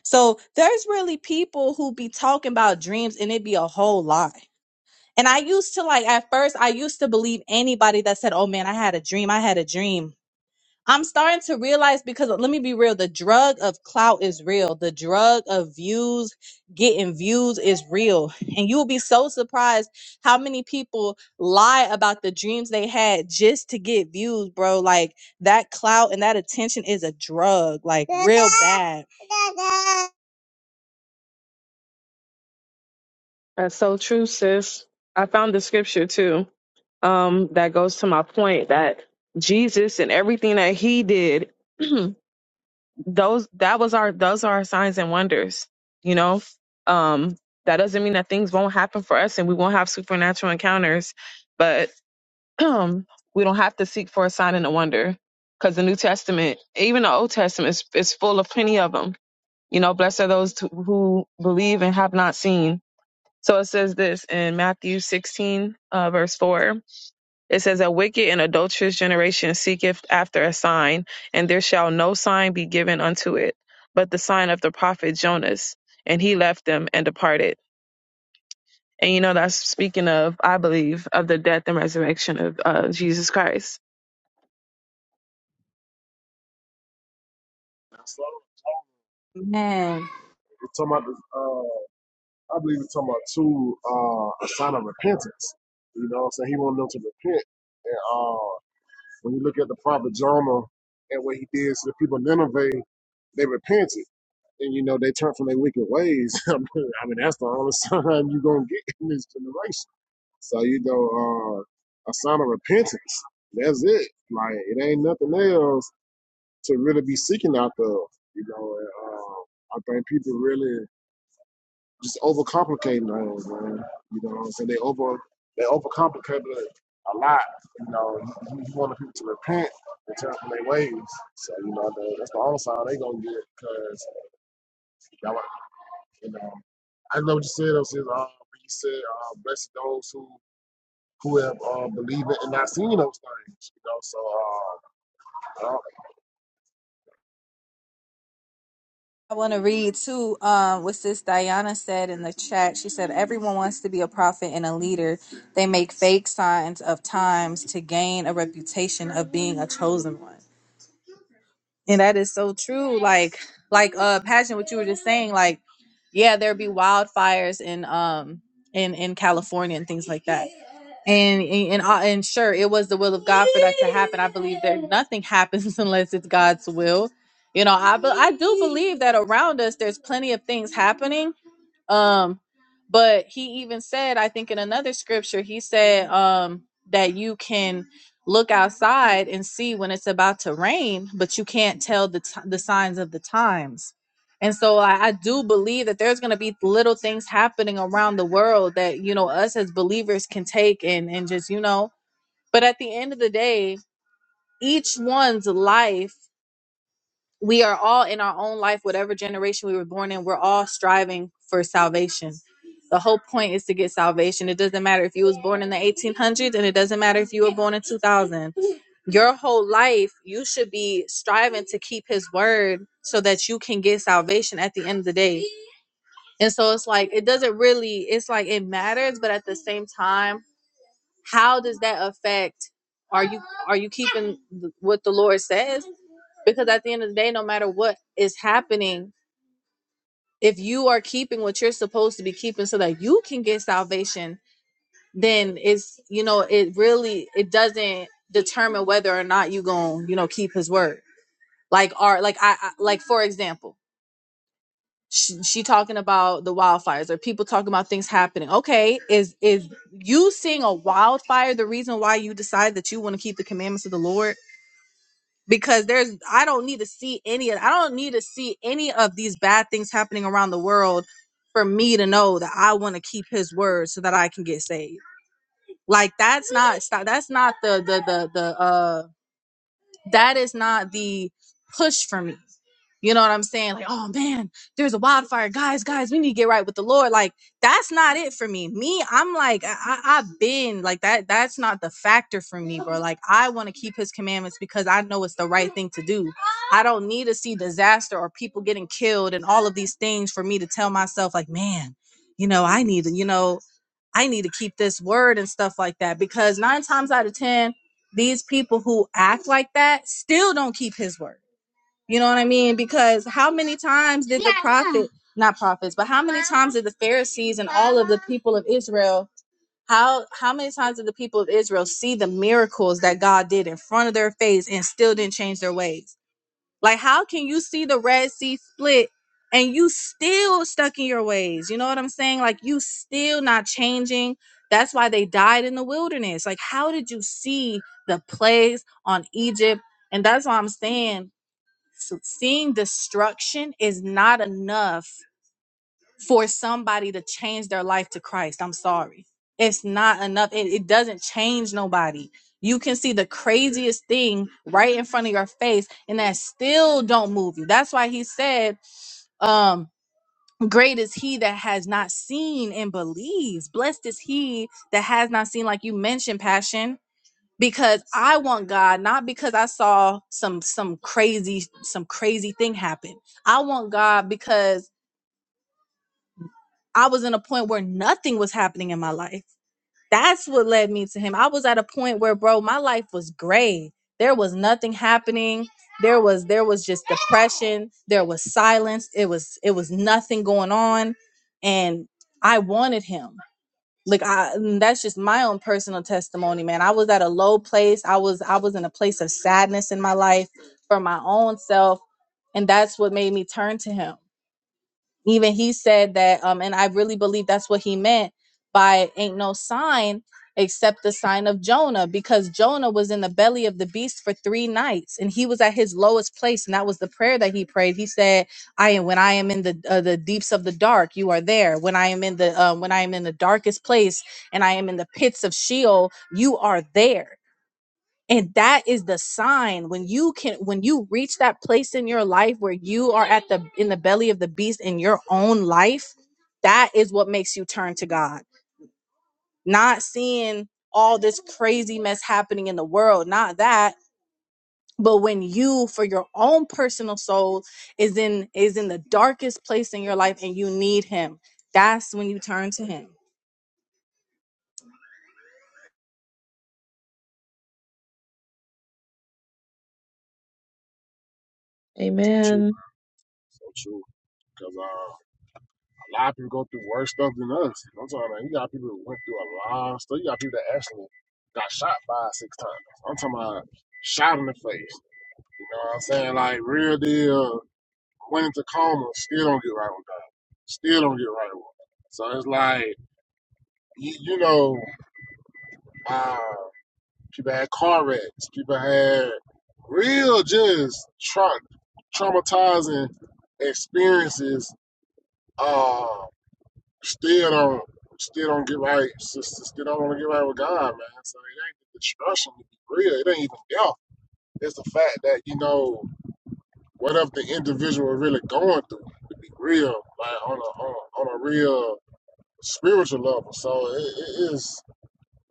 Speaker 2: So there's really people who be talking about dreams and it be a whole lie. And I used to like, at first, I used to believe anybody that said, Oh man, I had a dream. I had a dream I'm starting to realize because let me be real, the drug of clout is real. The drug of views, getting views is real. And you'll be so surprised how many people lie about the dreams they had just to get views, bro. Like that clout and that attention is a drug, like real bad.
Speaker 3: That's so true, sis. I found the scripture too um, that goes to my point that Jesus and everything that he did, those that was our those are our signs and wonders. You know, um, that doesn't mean that things won't happen for us and we won't have supernatural encounters, but we don't have to seek for a sign and a wonder because the New Testament, even the Old Testament, is, is full of plenty of them. You know, blessed are those who who believe and have not seen so it says this in Matthew 16, uh, verse 4. It says, A wicked and adulterous generation seeketh after a sign, and there shall no sign be given unto it, but the sign of the prophet Jonas. And he left them and departed. And you know, that's speaking of, I believe, of the death and resurrection of uh, Jesus Christ.
Speaker 1: So
Speaker 2: Man.
Speaker 1: it's talking about, this, uh, I believe it's talking about two uh, a sign of repentance. You know, so he wanted them to repent. And uh, when you look at the prophet Jonah and what he did to the people of Nineveh, they repented. And you know they turned from their wicked ways. I mean, I mean, that's the only sign you're gonna get in this generation. So you know, uh, a sign of repentance. That's it. Like it ain't nothing else to really be seeking out of. You know, and, um, I think people really just overcomplicate things, man. You know what I'm saying? They over they overcomplicate it a lot. You know, you, you want people to repent and turn from their ways. So you know, the, that's the only sign they gonna get because y'all, are- you know, I know what you said. though, sis, uh, when you said, uh, blessed those who who have uh, believed it and not seen those things. You know, so uh, I don't-
Speaker 2: I want to read too um, what Sis Diana said in the chat. She said, Everyone wants to be a prophet and a leader. They make fake signs of times to gain a reputation of being a chosen one. And that is so true. Like, like uh Passion, what you were just saying, like, yeah, there'd be wildfires in um in, in California and things like that and and and, I- and sure it was the will of god for that to happen i believe that nothing happens unless it's god's will you know i be- i do believe that around us there's plenty of things happening um, but he even said, I think in another scripture, he said um, that you can look outside and see when it's about to rain, but you can't tell the t- the signs of the times. And so I, I do believe that there's going to be little things happening around the world that you know us as believers can take and and just you know. But at the end of the day, each one's life we are all in our own life, whatever generation we were born in, we're all striving for salvation. The whole point is to get salvation. It doesn't matter if you was born in the 1800s and it doesn't matter if you were born in 2000. Your whole life, you should be striving to keep his word so that you can get salvation at the end of the day. And so it's like it doesn't really it's like it matters, but at the same time, how does that affect are you are you keeping th- what the Lord says? Because at the end of the day, no matter what is happening, if you are keeping what you're supposed to be keeping so that you can get salvation, then it's you know, it really it doesn't determine whether or not you going, you know, keep his word. Like are like I, I like for example, she, she talking about the wildfires or people talking about things happening. Okay, is is you seeing a wildfire the reason why you decide that you want to keep the commandments of the Lord? because there's I don't need to see any of I don't need to see any of these bad things happening around the world for me to know that I want to keep his word so that I can get saved. Like that's not that's not the the the the uh that is not the push for me. You know what I'm saying? Like, oh man, there's a wildfire. Guys, guys, we need to get right with the Lord. Like, that's not it for me. Me, I'm like, I, I- I've been like that. That's not the factor for me, bro. Like, I want to keep his commandments because I know it's the right thing to do. I don't need to see disaster or people getting killed and all of these things for me to tell myself, like, man, you know, I need to, you know, I need to keep this word and stuff like that. Because nine times out of 10, these people who act like that still don't keep his word. You know what I mean? Because how many times did the prophet, not prophets, but how many times did the Pharisees and all of the people of Israel, how how many times did the people of Israel see the miracles that God did in front of their face and still didn't change their ways? Like, how can you see the Red Sea split and you still stuck in your ways? You know what I'm saying? Like, you still not changing. That's why they died in the wilderness. Like, how did you see the plagues on Egypt? And that's why I'm saying so seeing destruction is not enough for somebody to change their life to Christ. I'm sorry. It's not enough. It, it doesn't change nobody. You can see the craziest thing right in front of your face, and that still don't move you. That's why he said, um, great is he that has not seen and believes. Blessed is he that has not seen, like you mentioned, passion. Because I want God, not because I saw some some crazy some crazy thing happen. I want God because I was in a point where nothing was happening in my life. That's what led me to him. I was at a point where, bro, my life was gray. There was nothing happening. There was there was just depression. There was silence. It was it was nothing going on, and I wanted him. Like I, that's just my own personal testimony, man. I was at a low place. I was I was in a place of sadness in my life for my own self, and that's what made me turn to him even he said that um and i really believe that's what he meant by ain't no sign except the sign of jonah because jonah was in the belly of the beast for three nights and he was at his lowest place and that was the prayer that he prayed he said i am when i am in the uh, the deeps of the dark you are there when i am in the uh, when i am in the darkest place and i am in the pits of sheol you are there and that is the sign when you can when you reach that place in your life where you are at the in the belly of the beast in your own life that is what makes you turn to god not seeing all this crazy mess happening in the world not that but when you for your own personal soul is in is in the darkest place in your life and you need him that's when you turn to him
Speaker 1: so true,
Speaker 3: Amen.
Speaker 1: so true. a lot of people go through worse stuff than us. I'm talking about you got people who went through a lot of stuff. You got people that actually got shot five, six times. I'm talking about shot in the face. You know what I'm saying? Like real deal went into coma, still don't get right with God. Still don't get right with him. So it's like you, you know, uh, people had car wrecks, people had real just tra- traumatizing experiences Uh. Still don't still don't get right. Sister still don't want to get right with God, man. So it ain't the destruction to be real. It ain't even death. It's the fact that, you know, what if the individual really going through to be real, like on a on a, on a real spiritual level. So it, it is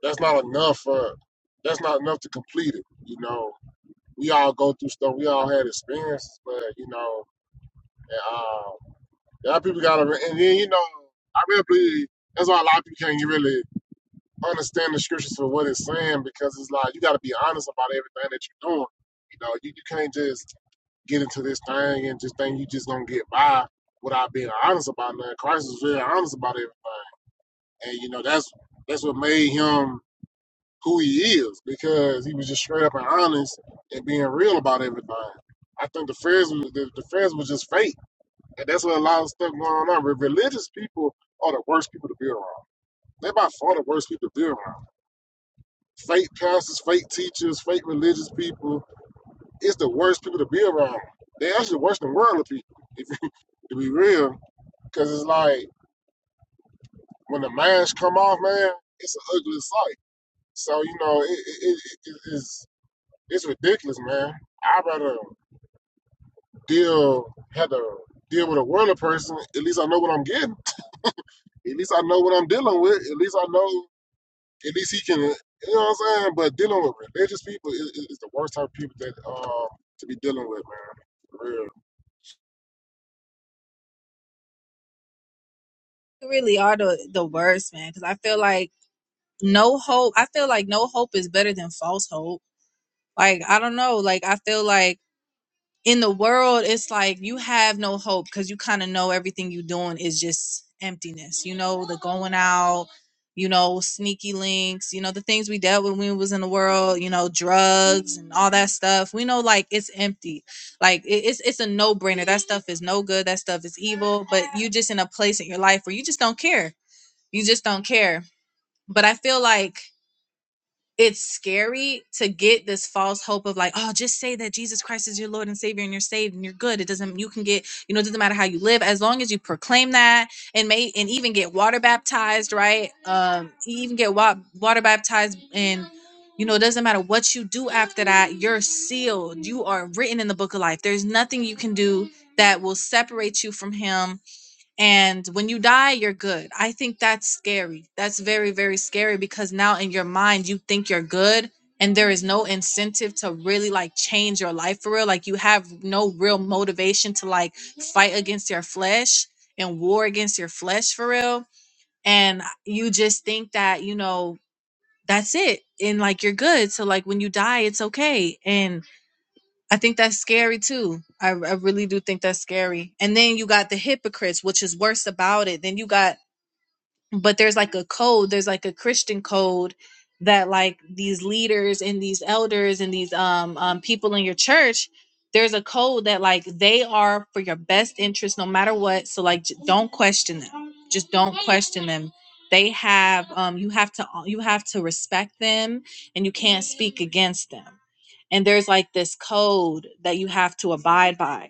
Speaker 1: that's not enough for that's not enough to complete it, you know. We all go through stuff, we all had experiences, but you know, and, uh, a lot of people gotta, and then you know, I really believe that's why a lot of people can't really understand the scriptures for what it's saying because it's like you got to be honest about everything that you're doing. You know, you, you can't just get into this thing and just think you just gonna get by without being honest about nothing. Christ is very honest about everything, and you know that's that's what made him who he is because he was just straight up and honest and being real about everything. I think the Pharisees, the, the Pharisees was just fake, and that's what a lot of stuff going on. Re- Religious people are the worst people to be around. They're by far the worst people to be around fake pastors, fake teachers, fake religious people. It's the worst people to be around. They actually worse than worldly people, if to be real. Because it's like when the masks come off, man, it's an ugly sight. So you know, it, it, it it's it's ridiculous, man. I'd rather deal have to deal with a worldly person. At least I know what I'm getting. At least I know what I'm dealing with. At least I know. At least he can, you know what I'm saying? But dealing with religious people is, is is the worst type of people that um to be dealing with, man. For real.
Speaker 2: You really are the, the worst, man. Because I feel like no hope. I feel like no hope is better than false hope. Like I don't know. Like I feel like in the world it's like you have no hope because you kind of know everything you're doing is just emptiness you know the going out you know sneaky links you know the things we dealt with when we was in the world you know drugs and all that stuff we know like it's empty like it- it's it's a no-brainer that stuff is no good that stuff is evil but you just in a place in your life where you just don't care you just don't care but i feel like it's scary to get this false hope of like, oh, just say that Jesus Christ is your Lord and Savior and you're saved and you're good. It doesn't you can get, you know, it doesn't matter how you live, as long as you proclaim that and may and even get water baptized, right? Um, even get wa- water baptized and you know, it doesn't matter what you do after that, you're sealed. You are written in the book of life. There's nothing you can do that will separate you from him and when you die you're good i think that's scary that's very very scary because now in your mind you think you're good and there is no incentive to really like change your life for real like you have no real motivation to like fight against your flesh and war against your flesh for real and you just think that you know that's it and like you're good so like when you die it's okay and I think that's scary too. I, I really do think that's scary. And then you got the hypocrites, which is worse about it. Then you got but there's like a code there's like a christian code that like these leaders and these elders and these um, um people in your church there's a code that like they are for your best interest no matter what so like j- don't question them just don't question them they have um you have to uh, you have to respect them and you can't speak against them and there's like this code that you have to abide by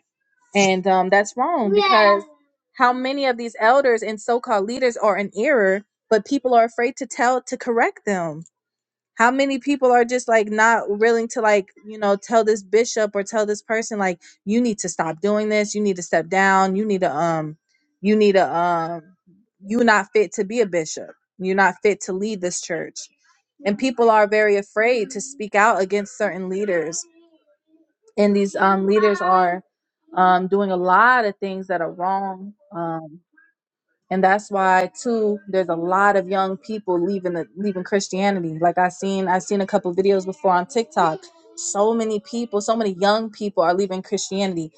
Speaker 2: and um, that's wrong because how many of these elders and so called leaders are in error, but people are afraid to tell, to correct them? How many people are just like not willing to, like, you know, tell this bishop or tell this person, like, you need to stop doing this, you need to step down, you need to, um, you need to, um, you're not fit to be a bishop, you're not fit to lead this church. And people are very afraid to speak out against certain leaders and these um, leaders are um, doing a lot of things that are wrong. Um, and that's why too there's a lot of young people leaving the leaving christianity like i seen i seen a couple videos before on tiktok so many people so many young people are leaving christianity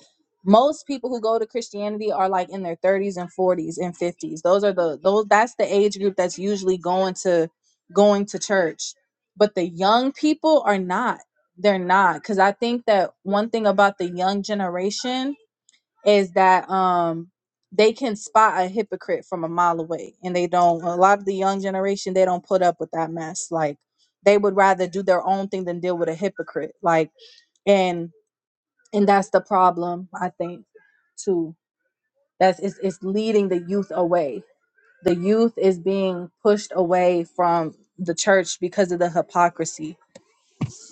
Speaker 2: most people who go to christianity are like in their 30s and 40s and 50s those are the those that's the age group that's usually going to going to church but the young people are not they're not because i think that one thing about the young generation is that um they can spot a hypocrite from a mile away and they don't a lot of the young generation they don't put up with that mess like they would rather do their own thing than deal with a hypocrite like and and that's the problem i think too that's it's, it's leading the youth away the youth is being pushed away from the church because of the hypocrisy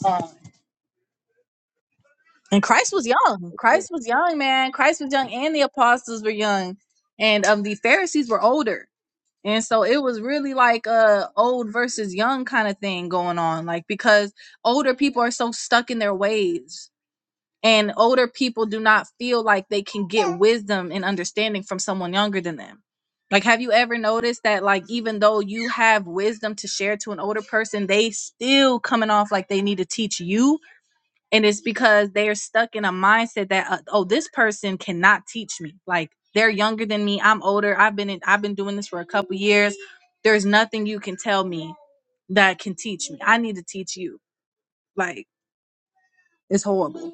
Speaker 2: um, and christ was young
Speaker 1: Yeah.
Speaker 2: christ was young man christ was young and the apostles were young and um the pharisees were older And so it was really like a old versus young kind of thing going on, like because older people are so stuck in their ways. And older people do not feel like they can get wisdom and understanding from someone younger than them. Like, have you ever noticed that, like, even though you have wisdom to share to an older person, they still coming off like they need to teach you and it's because they're stuck in a mindset that uh, oh this person cannot teach me like they're younger than me i'm older i've been in, i've been doing this for a couple years there's nothing you can tell me that can teach me i need to teach you like it's horrible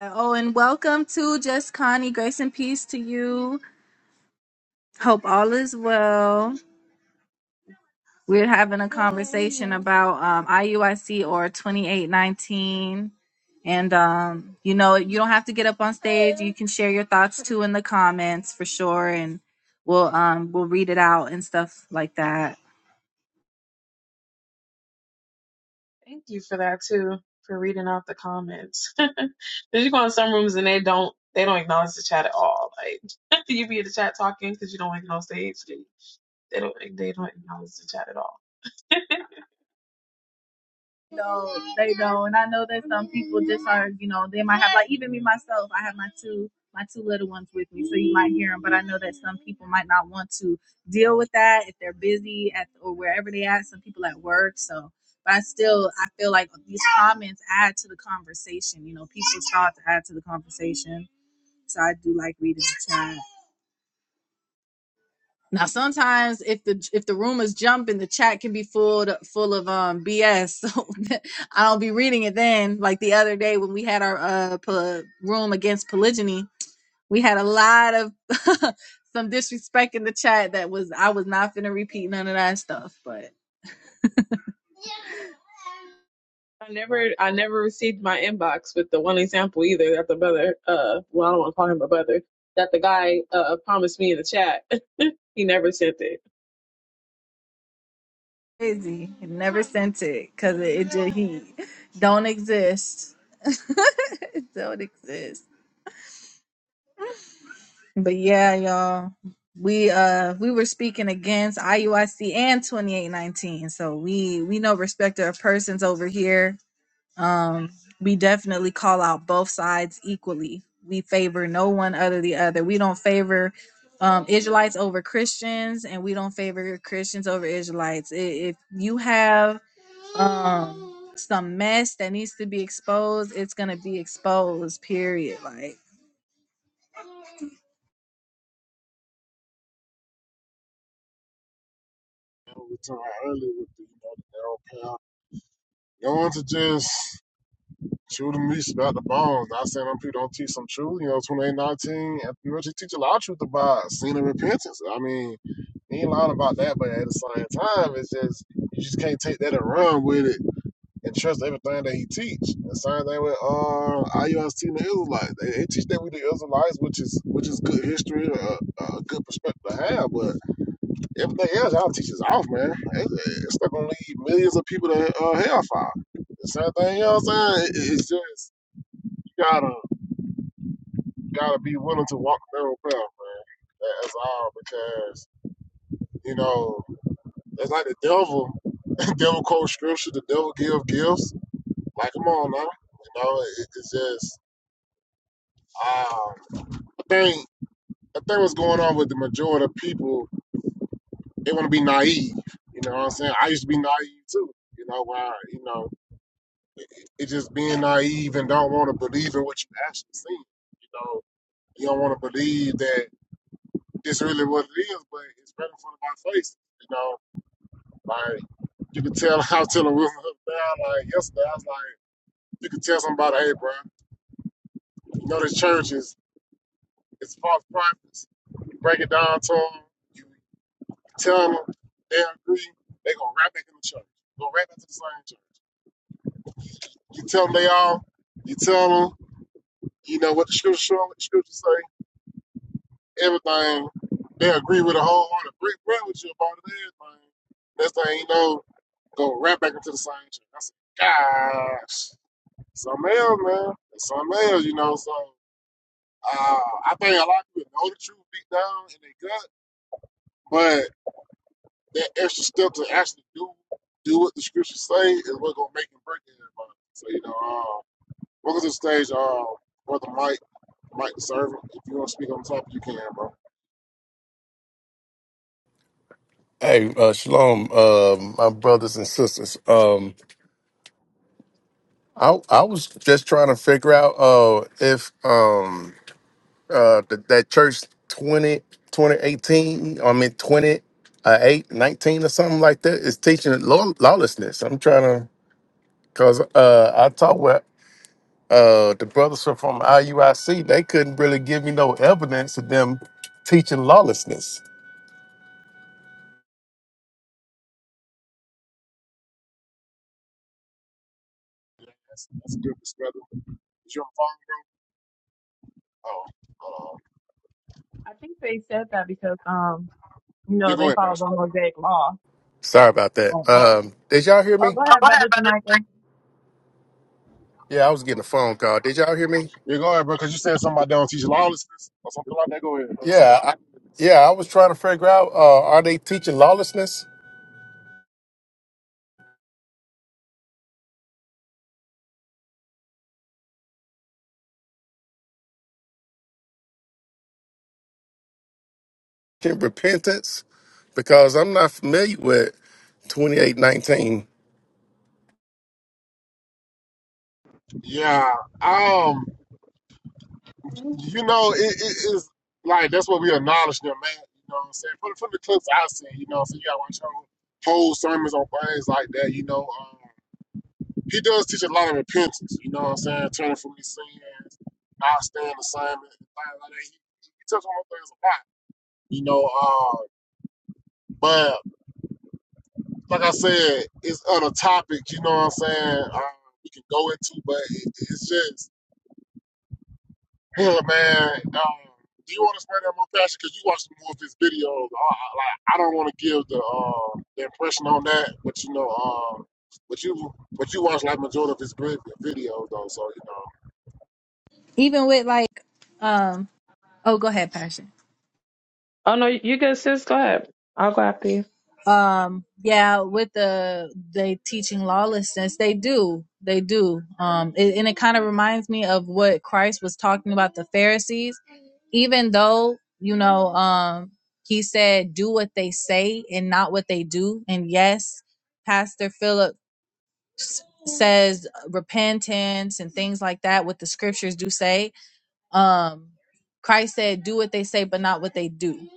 Speaker 2: oh and welcome to just connie grace and peace to you hope all is well We're having a conversation about um, IUIC or 2819. And, um, you know, you don't have to get up on stage. You can share your thoughts too in the comments for sure. And we'll, um, we'll read it out and stuff like that.
Speaker 3: Thank you for that too, for reading out the comments. 'Cause you go in some rooms and they don't they don't acknowledge the chat at all. Like you be in the chat talking because you don't want to get stage. and They don't they don't acknowledge the chat at all.
Speaker 2: don't they don't and i know that some people just are you know they might have like even me myself i have my two my two little ones with me so you might hear them but i know that some people might not want to deal with that if they're busy at or wherever they at some people at work so but i still i feel like these comments add to the conversation you know people's thoughts add to the conversation so i do like reading the chat now sometimes if the if the room is jumping, the chat can be full to, full of um BS. So i don't be reading it then. Like the other day when we had our uh po- room against polygyny, we had a lot of some disrespect in the chat that was I was not finna repeat none of that stuff, but
Speaker 3: I never I never received my inbox with the one example either that the brother uh well I don't want to call him a brother that the guy uh promised me in the chat. he never sent it.
Speaker 2: crazy. Never sent it because it, it just he don't exist. don't exist. But yeah, y'all, we uh we were speaking against IUIC and 2819. So we we know respecter of persons over here. Um we definitely call out both sides equally. We favor no one other the other. We don't favor um Israelites over Christians and we don't favor Christians over Israelites. I- If you have um some mess that needs to be exposed, it's going to be exposed, period. Like
Speaker 1: You know, we talking about earlier with the, you know, the narrow path. Going to just shoot them meat about the bones. Not saying them people don't teach some truth. You know, 2819, and, you know, she teach a lot of truth about sin and repentance. I mean, ain't lying about that, but at the same time, it's just, you just can't take that and run with it and trust everything that he teach. The same thing with uh, IUIC and the Israelites. They, they teach that we the Israelites, which is which is good history, a uh, uh, good perspective to have. But everything else y'all teach is off, man. It, it's not gonna lead millions of people to uh, hellfire. The same thing, you know what I'm saying? It, it's just you gotta gotta be willing to walk the narrow path, man. That- That's all because you know it's like the devil. The devil quotes scripture. The devil give gifts. Like, come on now. You know, it, it's just Um, I think I think what's going on with the majority of people, they want to be naive. You know what I'm saying? I used to be naive too. You know why? You know, it, it's just being naive and don't want to believe in what you actually see. You know, you don't want to believe that this really what it is, but it's right in front of my face. You know, like you can tell. I was telling Wilson the other like yesterday, I was like, you can tell somebody, hey, bro, you know this church is it's false prophets You break it down to them. You Tell them they agree, they gonna right back in the church. Go right back to the same church. You tell them they all, you tell them, you know what the scripture show, what the scripture say, everything. They agree with a whole heart, agree, agree with you about it, everything. Next thing you know, go right back into the same church. I said, gosh, something else, man. It's something else, you know. So uh, I think a lot of people know the truth deep down in their gut, but that extra step to actually do do what the scriptures say is what gonna make and break everybody. So you know, um, welcome to the stage, uh, brother Mike, Mike the servant. If you want to speak on top, you can, bro.
Speaker 6: Hey, uh, shalom, uh, my brothers and sisters. Um, I I was just trying to figure out uh, if um, uh, that that church 20 2018 I mean 20, uh, 8, nineteen or something like that is teaching law, lawlessness. I'm trying to, because uh, I talked with uh, the brothers from from IUIC, they couldn't really give me no evidence of them teaching lawlessness.
Speaker 1: Yeah, that's, that's a good perspective. Is your phone? Oh, uh,
Speaker 3: I think they said that because um, you
Speaker 1: yeah,
Speaker 3: know,
Speaker 1: go
Speaker 3: they
Speaker 1: ahead,
Speaker 3: follow the
Speaker 1: Pastor.
Speaker 3: Mosaic law.
Speaker 6: Sorry about that.
Speaker 3: Um,
Speaker 6: Um, did y'all hear me? Yeah, I was getting a phone call. Did y'all hear me?
Speaker 1: Yeah, go ahead, bro. Cause you said something about don't teach lawlessness or something like that. Go ahead. Bro.
Speaker 6: Yeah, I, yeah. I was trying to figure out: uh, are they teaching lawlessness and repentance? Because I'm not familiar with 2819.
Speaker 1: Yeah. Um. you know, it, it is like that's what we acknowledge them, man. You know what I'm saying? From, from the clips I see, you know, so you got to watch whole whole sermons on things like that. You know, um, he does teach a lot of repentance. You know what I'm saying? Turning from his sins, not staying the same, and things like that. He, he touches on those things a lot. You know, uh, but like I said, it's other topics. You know what I'm saying? Um, we can go into, but it, it's just Hell, man. Um, do you want to explain that more, Pastor? Because you watched more of his videos. I, I, like, I don't want to give the uh, the impression on that, but you know, uh, but you but you watch like majority of his vi- videos though, so you know,
Speaker 2: even with like um Oh, go ahead, Passion.
Speaker 3: Oh no, you good sis, go ahead. I'll go after you.
Speaker 2: Um, yeah, with the they teaching lawlessness, they do, they do. Um, it, and it kind of reminds me of what Christ was talking about the Pharisees. Even though you know, um, he said, "Do what they say and not what they do." And yes, Pastor Philip s- says repentance and things like that. What the scriptures do say, Um, Christ said, "Do what they say, but not what they do."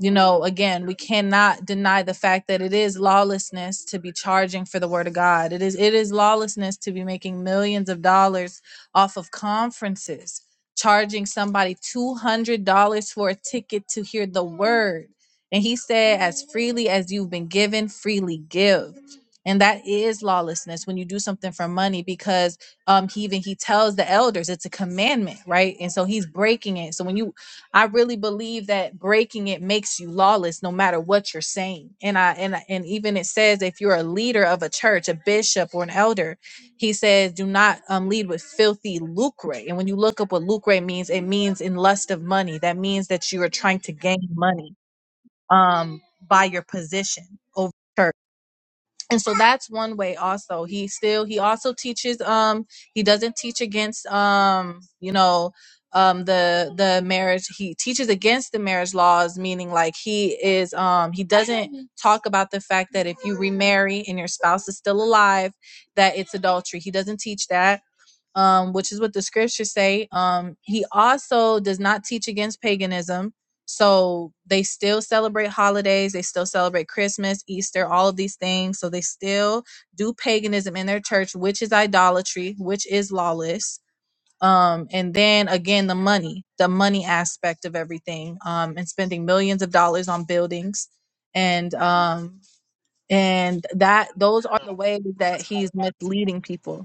Speaker 2: You know, again, we cannot deny the fact that it is lawlessness to be charging for the word of God. It is it is lawlessness to be making millions of dollars off of conferences, charging somebody two hundred dollars for a ticket to hear the word. And he said, "As freely as you've been given, freely give." And that is lawlessness when you do something for money because um he even he tells the elders it's a commandment right and so he's breaking it so when you i really believe that breaking it makes you lawless no matter what you're saying and i and I- and even it says if you're a leader of a church a bishop or an elder he says do not um lead with filthy lucre and when you look up what lucre means it means in lust of money that means that you are trying to gain money um by your position over church and so that's one way also he still he also teaches um he doesn't teach against um you know um the the marriage he teaches against the marriage laws meaning like he is um he doesn't talk about the fact that if you remarry and your spouse is still alive that it's adultery he doesn't teach that um, which is what the scriptures say. Um, he also does not teach against paganism. So they still celebrate holidays, they still celebrate Christmas, Easter, all of these things. So they still do paganism in their church, which is idolatry, which is lawless. Um, and then again, the money, the money aspect of everything, um, and spending millions of dollars on buildings and um and that those are
Speaker 1: yeah,
Speaker 2: the ways that
Speaker 1: that's,
Speaker 2: he's misleading people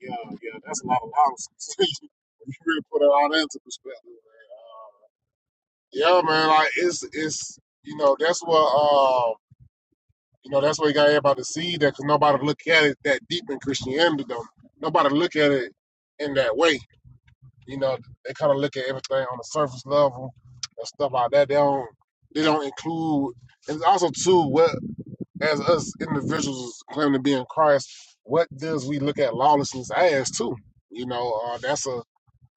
Speaker 1: yeah, yeah, that's a lot of nonsense. if you really put it all into perspective, man. Uh, yeah, man. Like it's it's you know that's what uh, you know that's what you got everybody to see that because nobody look at it that deep in Christianity though. Nobody look at it in that way. You know, they kind of look at everything on the surface level and stuff like that. They don't they don't include and also too what as us individuals claiming to be in Christ, what does we look at lawlessness as too? You know, uh, that's a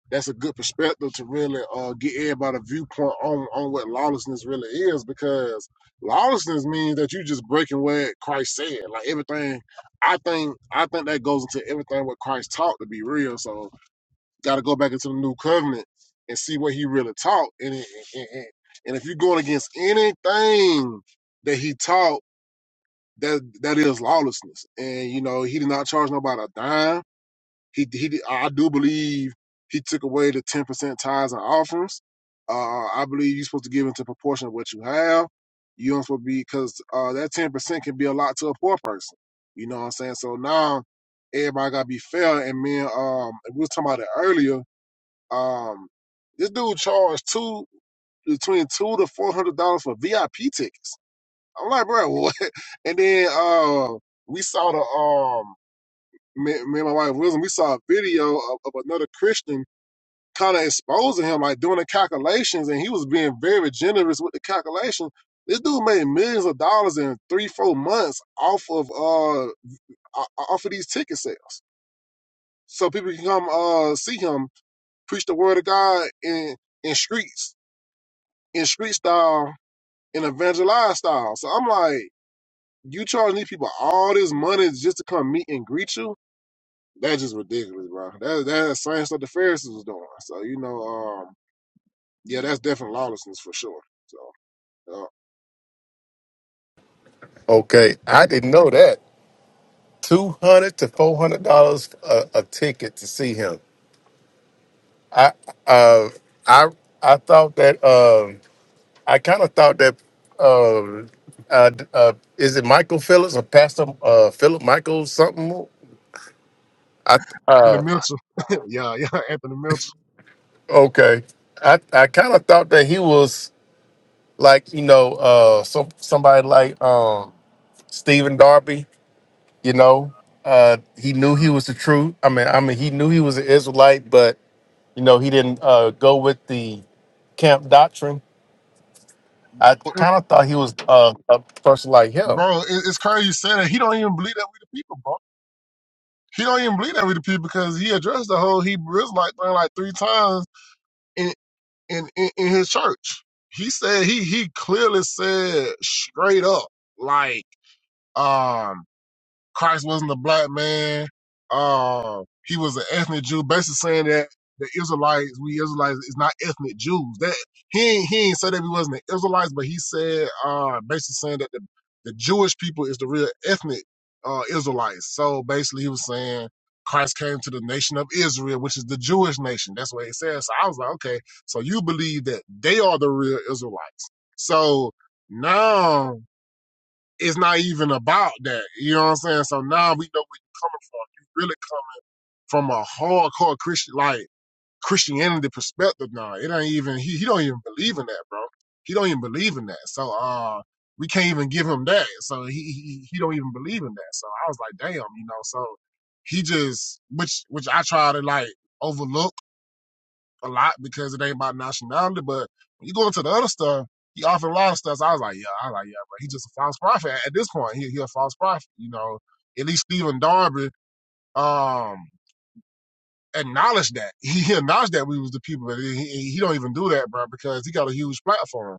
Speaker 1: that's a good perspective to really uh, get everybody a viewpoint on on what lawlessness really is because lawlessness means that you just breaking what Christ said. Like everything, I think I think that goes into everything what Christ taught to be real. So got to go back into the new covenant and see what he really taught. And, it- and, and and if you're going against anything that he taught, that that is lawlessness. And you know, he did not charge nobody a dime. He he did, I do believe he took away the ten percent tithes and offerings. Uh, I believe you're supposed to give into proportion of what you have. You don't supposed to be because uh, that ten percent can be a lot to a poor person. You know what I'm saying? So now everybody gotta be fair. And man, um, we was talking about it earlier um, this dude charged two between two to four hundred dollars for VIP tickets. I'm like, bro, what? And then uh, we saw the um, me, me and my wife Wisdom, we saw a video of, of another Christian kind of exposing him, like doing the calculations, and he was being very generous with the calculation. This dude made millions of dollars in three, four months off of uh, o- off of these ticket sales, so people can come uh see him preach the word of God in in streets in street style and evangelized style. So I'm like, you charging these people all this money just to come meet and greet you? That's just ridiculous, bro. That that's the same stuff the Pharisees was doing. So you know, um, yeah, that's definitely lawlessness for sure. So uh,
Speaker 6: Okay, I didn't know that. Two hundred to four hundred dollars a, a ticket to see him. I uh, I I thought that um, I kind of thought that um, uh, uh, is it Michael Phillips or Pastor uh, Philip Michael something? I uh,
Speaker 1: Anthony Mitchell, yeah, yeah, Anthony Mitchell,
Speaker 6: Okay. I, I kind of thought that he was like, you know, uh some somebody like um Stephen Darby, you know. Uh he knew he was the truth. I mean, I mean he knew he was an Israelite, but you know, he didn't uh go with the camp doctrine. I kind of thought he was uh, a person like him.
Speaker 1: bro, it, it's crazy you said that. He don't even believe that we the people, bro. He don't even believe that we the people because he addressed the whole Hebrew Israelite thing like three times and. in, in in his church. He said he he clearly said straight up like um Christ wasn't a black man. Uh, he was an ethnic Jew, basically saying that the Israelites, we Israelites, is not ethnic Jews. That he ain't, he ain't said that we wasn't the Israelites, but he said uh, basically saying that the, the Jewish people is the real ethnic uh, Israelites. So basically, he was saying Christ came to the nation of Israel, which is the Jewish nation. That's what he said. So I was like, okay, so you believe that they are the real Israelites. So now it's not even about that. You know what I'm saying? So now we know we coming from, really come from a hardcore Christian like Christianity perspective now. It ain't even he he don't even believe in that, bro. He don't even believe in that. So uh we can't even give him that. So he he, he don't even believe in that. So I was like, damn, you know, so he just which which I try to like overlook a lot because it ain't about nationality. But when you go into the other stuff, he offered a lot of stuff. So I was like, yeah, I was like, yeah, but he's just a false prophet at this point. He, he a false prophet, you know. At least Stephen Darby um acknowledged that. He acknowledged that we was the people, but he, he don't even do that, bro, because he got a huge platform.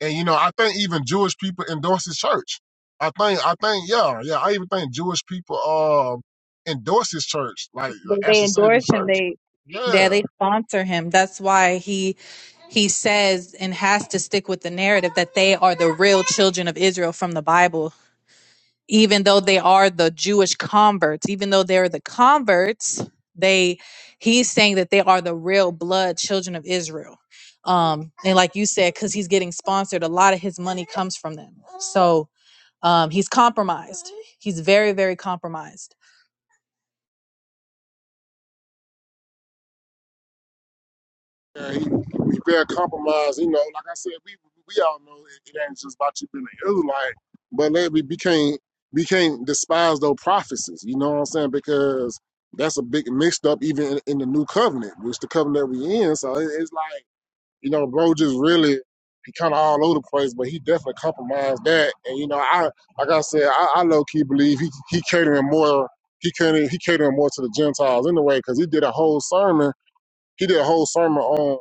Speaker 1: And you know, I think even Jewish people endorse his church. I think, I think, yeah, yeah. I even think Jewish people um endorse his church, like the
Speaker 2: But they
Speaker 1: Ashley Savior
Speaker 2: endorse him.
Speaker 1: Church.
Speaker 2: They yeah,
Speaker 1: Yeah,
Speaker 2: they sponsor him. That's why he he says and has to stick with the narrative that they are the real children of Israel from the Bible. Even though they are the Jewish converts, even though they're the converts, they he's saying that they are the real blood children of Israel. Um, and like you said, because he's getting sponsored, a lot of his money comes from them. So um, he's compromised. He's very, very compromised
Speaker 1: Yeah, he, he very compromised. You know, like I said, we we all know it, it ain't just about you being an Israelite, but let we, we can't we can't despise those prophecies. You know what I'm saying? Because that's a big mixed up even in, in the new covenant, which the covenant we in. So it, it's like you know, bro, just really he kind of all over the place, but he definitely compromised that. And you know, I like I said, I, I low key believe he he catering more he catering he catering more to the Gentiles anyway, because he did a whole sermon he did a whole sermon on,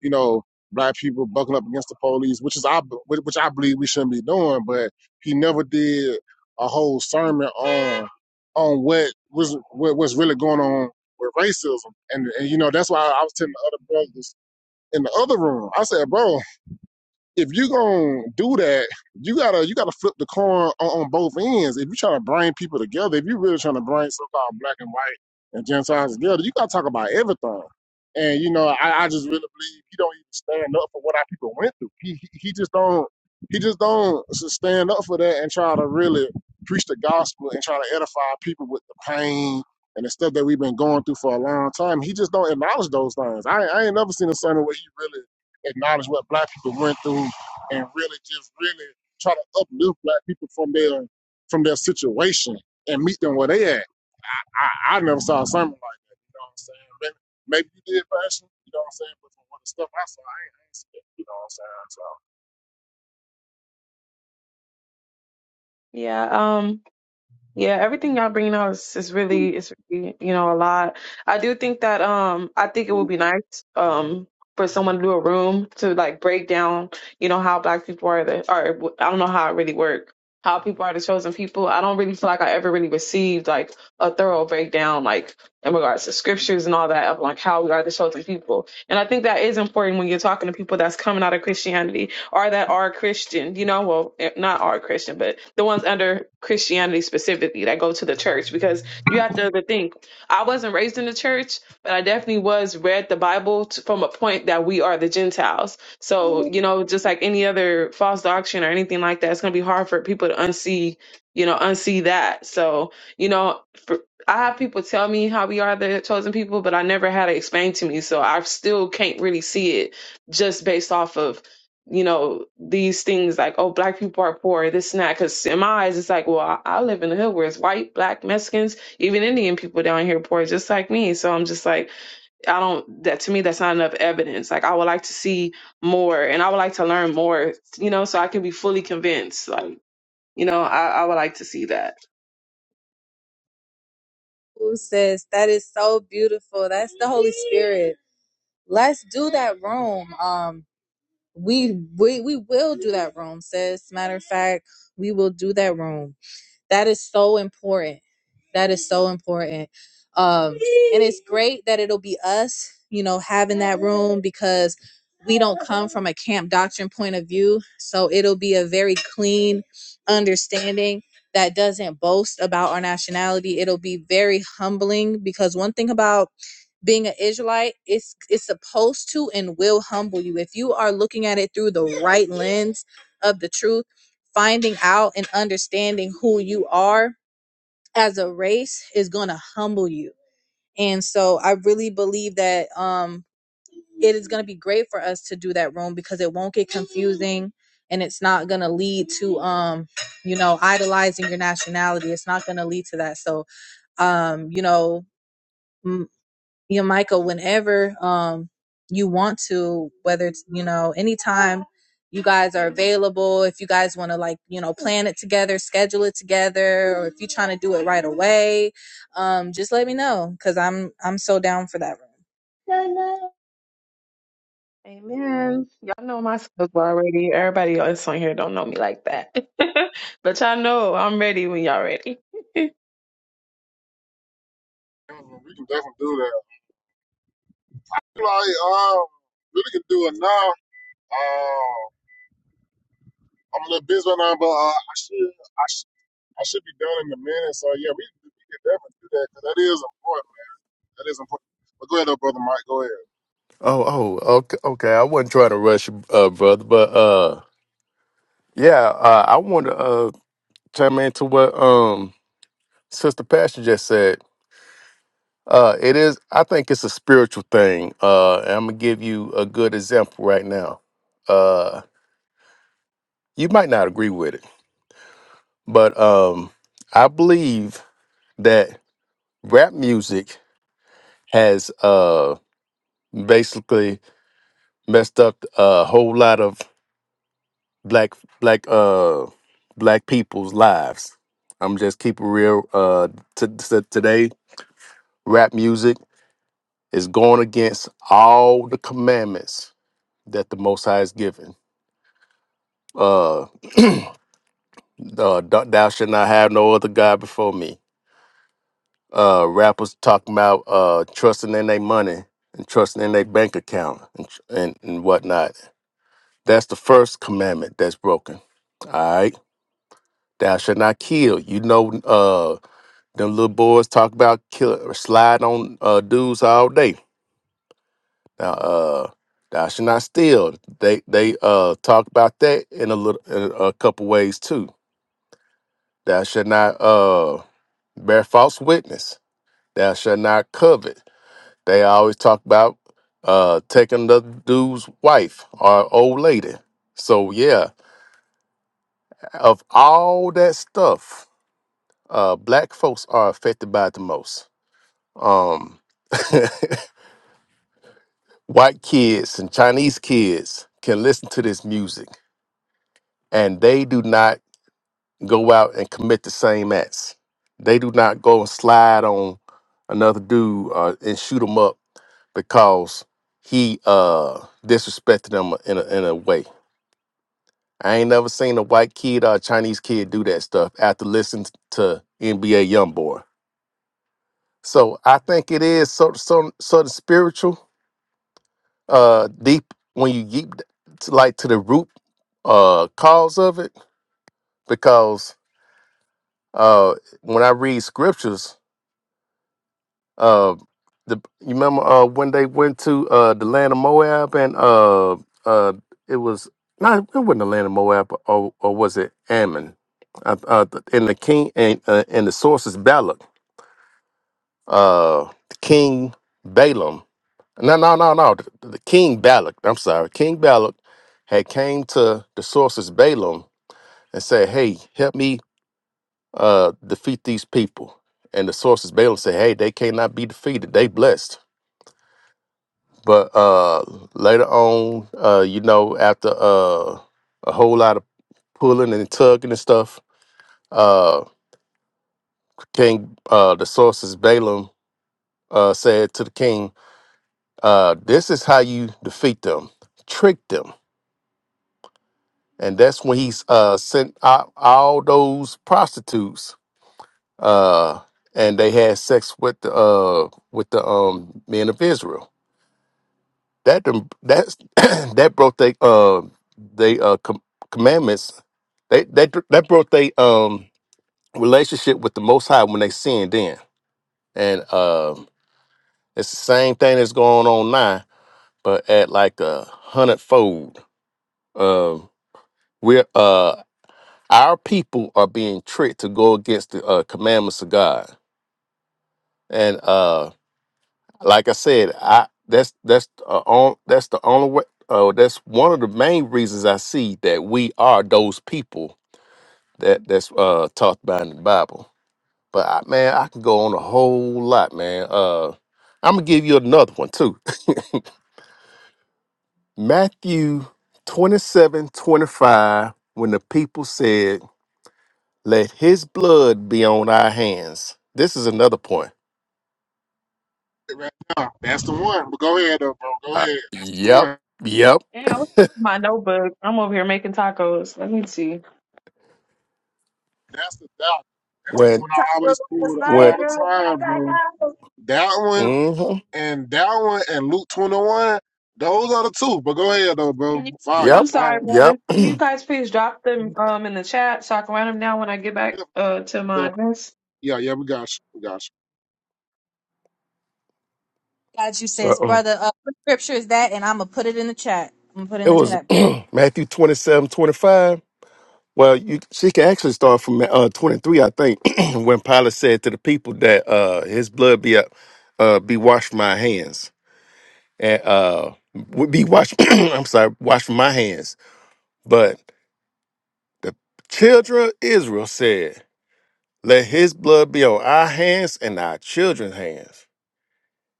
Speaker 1: you know, black people buckling up against the police, which is I which I believe we shouldn't be doing. But he never did a whole sermon on on what was what, what's really going on with racism. And, and you know that's why I was telling the other brothers in the other room. I said, bro, if you gonna do that, you gotta you gotta flip the coin on, on both ends. If you trying to bring people together, if you really trying to bring so-called black and white and Gentiles together, you gotta talk about everything. And you know, I, I just really believe he don't even stand up for what our people went through. He he, he just don't he just don't stand up for that and try to really preach the gospel and try to edify people with the pain and the stuff that we've been going through for a long time. He just don't acknowledge those things. I I ain't never seen a sermon where he really acknowledge what black people went through and really just really try to uplift black people from their from their situation and meet them where they at. I, I never saw something like that. You know what I'm saying? Maybe, maybe you did fashion, you know what I'm saying? But from what the stuff I saw, I ain't, I ain't seen it. You know what I'm saying? So
Speaker 3: Yeah, um, yeah, everything y'all bringing out is, is really is really, you know a lot. I do think that um I think it would be nice um for someone to do a room to like break down you know how black people are the or I don't know how it really work how people are the chosen people. I don't really feel like I ever really received like a thorough breakdown like in regards to scriptures and all that of like how we are the chosen people. And I think that is important when you're talking to people that's coming out of Christianity or that are Christian, you know, well, eh, not are Christian, but the ones under Christianity specifically that go to the church. Because you have to think, I wasn't raised in the church, but I definitely was read the Bible t from a point that we are the Gentiles. So, you know, just like any other false doctrine or anything like that, it's going to be hard for people to unsee, you know, unsee that. So, you know, for, I have people tell me how we are the chosen people, but I never had it explained to me. So I still can't really see it just based off of you know, these things like, oh, black people are poor, this and that. Because in my eyes, it's like, well, I, I live in the hood where it's white, black, Mexicans, even Indian people down here poor, just like me. So I'm just like, I don't, that to me, that's not enough evidence. Like, I would like to see more and I would like to learn more, you know, so I can be fully convinced. Like, you know, I, I would like to see that.
Speaker 2: Ooh, sis, that is so beautiful. That's the Holy Spirit. Let's do that room. Um, we we we will do that room, sis. Matter of fact, we will do that room. That is so important. That is so important. Um, and it's great that it'll be us, you know, having that room because we don't come from a camp doctrine point of view. So it'll be a very clean understanding that doesn't boast about our nationality. It'll be very humbling because one thing about being an Israelite, it's it's supposed to and will humble you. If you are looking at it through the right lens of the truth, finding out and understanding who you are as a race is going to humble you. And so I really believe that um it is going to be great for us to do that room because it won't get confusing and it's not going to lead to um you know idolizing your nationality. It's not going to lead to that. So um you know you know, Michael, whenever um you want to, whether it's you know, anytime you guys are available, if you guys want to like, you know, plan it together, schedule it together, or if you're trying to do it right away, um, just let me know because I'm I'm so down for that room. Girl,
Speaker 3: Amen. Y'all know my skills already. Everybody else on here don't know me like that. but y'all know I'm ready when y'all ready.
Speaker 1: mm, we can definitely do that. Like, um, really can do it now. Um, I'm a little busy right now, but uh, I should I, should, I should be done in a minute. So yeah, we, we can definitely do that because that is important. That is important. But go ahead, though, brother Mike. Go ahead.
Speaker 6: Oh, oh, okay, okay. I wasn't trying to rush you, uh, brother, but uh yeah, uh, I want to uh chime into what um Sister Pastor just said Uh, it is. I think it's a spiritual thing. Uh, and I'm gonna give you a good example right now. Uh, you might not agree with it, but um, I believe that rap music has uh basically messed up a whole lot of black black uh black people's lives. I'm just keeping real. Uh, t- t- today rap music is going against all the commandments that the Most High has given Uh, uh "Thou thou not have no other God before me." Uh, rappers talking about uh trusting in their money and trusting in their bank account and, tr- and and whatnot. That's the first commandment that's broken. All right, thou shalt not kill. You know, uh, them little boys talk about kill or slide on uh dudes all day. Now, uh, thou shalt not steal. They they uh talk about that in a little in a couple ways too. Thou shalt not uh, bear false witness. Thou shalt not covet. They always talk about uh, taking the dude's wife or old lady. So yeah, of all that stuff, uh, black folks are affected by it the most. Um, white kids and Chinese kids can listen to this music, and they do not go out and commit the same acts. They do not go and slide on another dude uh, and shoot him up because he uh, disrespected them in a, in a way. I ain't never seen a white kid or a Chinese kid do that stuff after listening to NBA YoungBoy. So I think it is sort of, sort of, spiritual, uh, deep when you get to, like to the root uh, cause of it. Because uh, when I read scriptures, Uh, the you remember uh when they went to uh the land of Moab and uh uh it was not it wasn't the land of Moab or, or was it Ammon? Uh, uh, and the king and uh, and the source is Balak. Uh, King Balaam. No, no, no, no. The, the King Balak. I'm sorry, King Balak had came to the sources Balaam and said, "Hey, help me uh defeat these people." And the sources Balaam said, "Hey, they cannot be defeated. They blessed." But uh, later on, uh, you know, after uh, a whole lot of pulling and tugging and stuff, uh, King, uh, the sources Balaam uh, said to the king, uh, "This is how you defeat them, trick them." And that's when he's uh, sent out all those prostitutes, uh, and they had sex with the uh, with the um, men of Israel That done- that's that broke they uh they uh com- commandments. They that that broke they um relationship with the Most High when they sinned then, and um it's the same thing that's going on now, but at like a hundredfold. Um, we're uh our people are being tricked to go against the uh, commandments of God, and uh, like I said, I that's that's uh, on that's the only way. Uh, that's one of the main reasons I see that we are those people that that's uh talked about in the Bible. But I, man, I can go on a whole lot, man. Uh, I'm gonna give you another one too. Matthew 27 25. when the people said, "Let His blood be on our hands." This is another point.
Speaker 1: Right now, that's the one. But go ahead, though, bro. Go
Speaker 6: Uh,
Speaker 1: ahead. That's the
Speaker 6: yep,
Speaker 1: one.
Speaker 6: yep.
Speaker 3: Damn, what's in my notebook. I'm over here making tacos. Let me see.
Speaker 1: That's the doubt. That's the
Speaker 6: When
Speaker 1: one I always
Speaker 2: Last
Speaker 1: pull all
Speaker 6: when,
Speaker 2: night,
Speaker 1: the
Speaker 2: girl, you know
Speaker 1: time,
Speaker 2: that
Speaker 1: bro.
Speaker 2: guy.
Speaker 1: That one
Speaker 6: mm-hmm,
Speaker 1: and that one and Luke twenty one. Those are the two. But go ahead, though, bro.
Speaker 3: Can you,
Speaker 1: Fire,
Speaker 3: I'm
Speaker 6: yep.
Speaker 3: sorry,
Speaker 1: fire.
Speaker 6: Yep
Speaker 3: brother. Can you guys please drop them um in the chat so I can write them down when I get back uh to my
Speaker 1: Yeah,
Speaker 3: desk.
Speaker 1: yeah, yeah, we got you. We got you.
Speaker 2: got you, sis,
Speaker 6: Uh-uh.
Speaker 2: brother. Uh, what scripture is that? And I'm gonna put it in the chat. I'm gonna put it
Speaker 6: It
Speaker 2: in the
Speaker 6: was
Speaker 2: chat.
Speaker 6: Matthew 27 25. Well, you she can actually start from uh, 23, I think, when Pilate said to the people that uh, his blood be up, uh, be washed from my hands. And uh, would be washed, I'm sorry, washed from my hands. But the children of Israel said, let his blood be on our hands and our children's hands.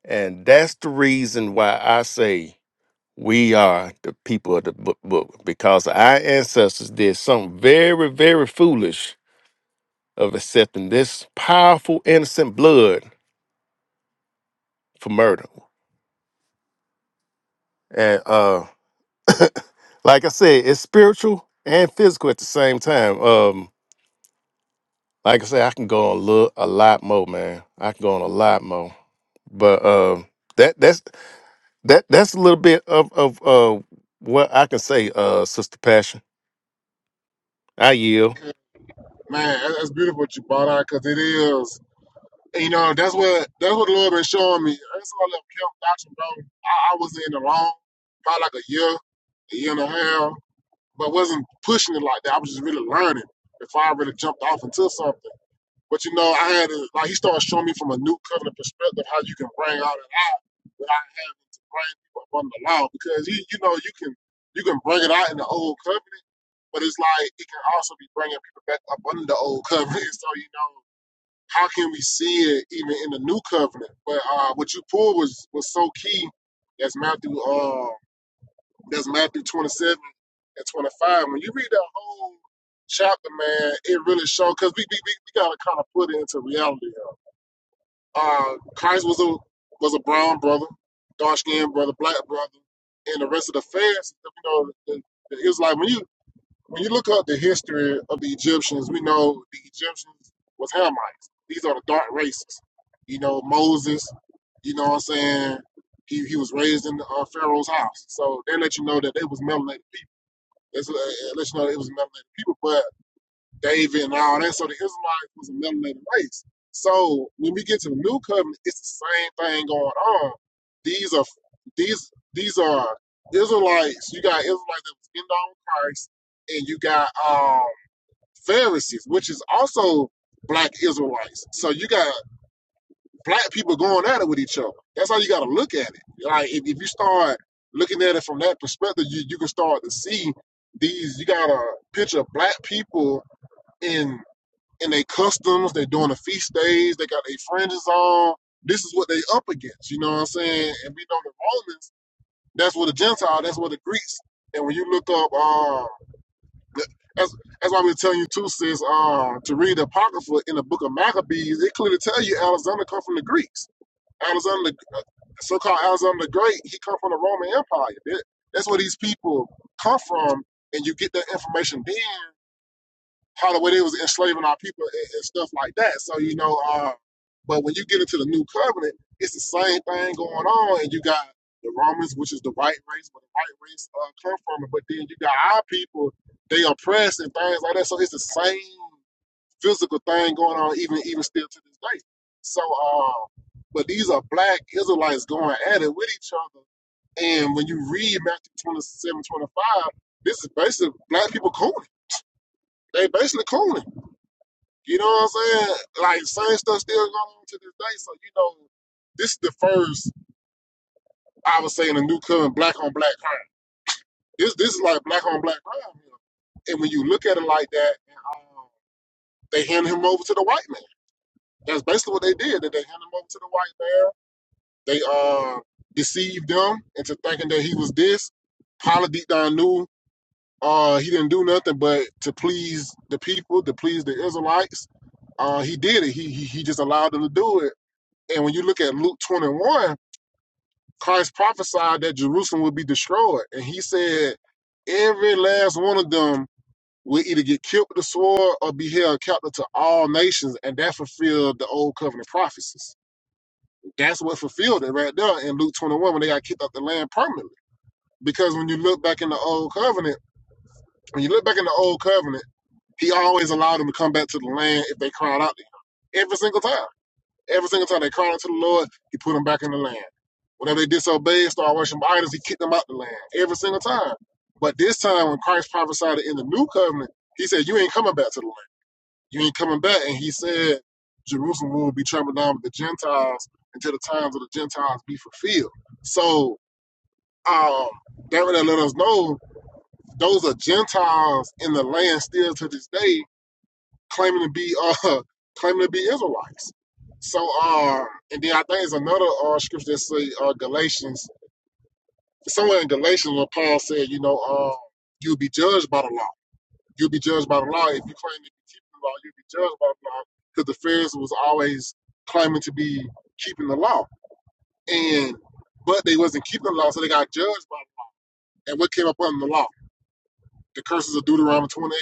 Speaker 6: And that's the reason why I say We are the people of the book, book because our ancestors did something very, very foolish of accepting this powerful, innocent blood for murder. And uh, like I said, it's spiritual and physical at the same time. Um, like I said, I can go on a, little, a lot more, man. I can go on a lot more. But um, that that's that that's a little bit of of uh, what I can say, uh, Sister Passion. I yield.
Speaker 1: Man, that- that's beautiful what you brought out because it is. and, You know, that's what that's what the Lord been showing me. That's all that camp doctrine, bro. I, I was in the wrong. probably like a year, a year and a half. but wasn't pushing it like that. I was just really learning before I really jumped off into something. But you know, I had to, like he started showing me from a new covenant perspective how you can bring all that out without having to bring people up under the law because you you know you can you can bring it out in the old covenant, but it's like it can also be bringing people back up under the old covenant. So you know. How can we see it even in the new covenant? But uh, what you pulled was was so key. That's Matthew. Uh, that's Matthew 27 and 25. When you read that whole chapter, man, it really shows because we, we, we, got to kind of put it into reality. Uh, Christ was a was a brown brother, dark skinned brother, black brother, and the rest of the Pharisees. You know, the, the Israelite. When you when you look up the history of the Egyptians, we know the Egyptians was Hamites. These are the dark races. You know, Moses. You know what I'm saying? He, he was raised in the, uh, Pharaoh's house, so they let you know that they was melanated it's, uh, it you know it was melanated people, but David and all that. So the Israelites was a melanated race. So when we get to the new covenant, it's the same thing going on. These are these these are Israelites. You got Israelites that was in on Christ, and you got um, Pharisees, which is also black Israelites. So you got black people going at it with each other. That's how you got to look at it. Like if, if you start looking at it from that perspective, you, you can start to see these. You got to picture black people in in their customs. They're doing the feast days. They got their fringes on. This is what they up against. You know what I'm saying? And we know the Romans. That's what the Gentile. That's what the Greeks. And when you look up, um, that's that's why we're telling you too, sis, um, to read the Apocrypha in the Book of Maccabees. It clearly tell you Alexander come from the Greeks. Alexander, the- uh, so-called Alexander the Great, he come from the Roman Empire. That- that's where these people come from, and you get that information then how the way they was enslaving our people and, and stuff like that. So you know, uh, but when you get into the New Covenant, it's the same thing going on, and you got the Romans, which is the white race, where the white race uh, come from, but then you got our people, they oppressed and things like that. So it's the same physical thing going on even even still to this day. So uh, but these are black Israelites going at it with each other. And when you read Matthew 27 25, this is basically black people cooning. They basically cooning. You know what I'm saying? Like same stuff still going on to this day. So you know, this is the first I would say in the new covenant black on black crime. This this is like black on black crime. You know? And when you look at it like that, um, they hand him over to the white man. That's basically what they did. That they handed him over to the white man. They uh deceived them into thinking that he was this. Pilate deep knew uh he didn't do nothing but to please the people, to please the Israelites. Uh he did it. He he, he just allowed them to do it. And when you look at Luke 21, Christ prophesied that Jerusalem would be destroyed. And he said every last one of them will either get killed with the sword or be held captive to all nations. And that fulfilled the old covenant prophecies. That's what fulfilled it right there in Luke 21 when they got kicked off the land permanently. Because when you look back in the old covenant, when you look back in the old covenant, he always allowed them to come back to the land if they cried out to him. Every single time. Every single time they cried out to the Lord, he put them back in the land. Whenever they disobeyed, started worshiping idols, he kicked them out the land every single time. But this time, when Christ prophesied in the new covenant, he said, You ain't coming back to the land. You ain't coming back. And he said, Jerusalem will be trampled down with the Gentiles until the times of the Gentiles be fulfilled. So um, that would let us know those are Gentiles in the land still to this day, claiming to be uh claiming to be Israelites. So um, and then I think there's another uh, scripture that say uh, Galatians somewhere in Galatians where Paul said, you know, uh, you'll be judged by the law. You'll be judged by the law. If you claim to be keeping the law, you'll be judged by the law because the Pharisees was always claiming to be keeping the law. And but they wasn't keeping the law, so they got judged by it. And what came up under the law? The curses of Deuteronomy 28.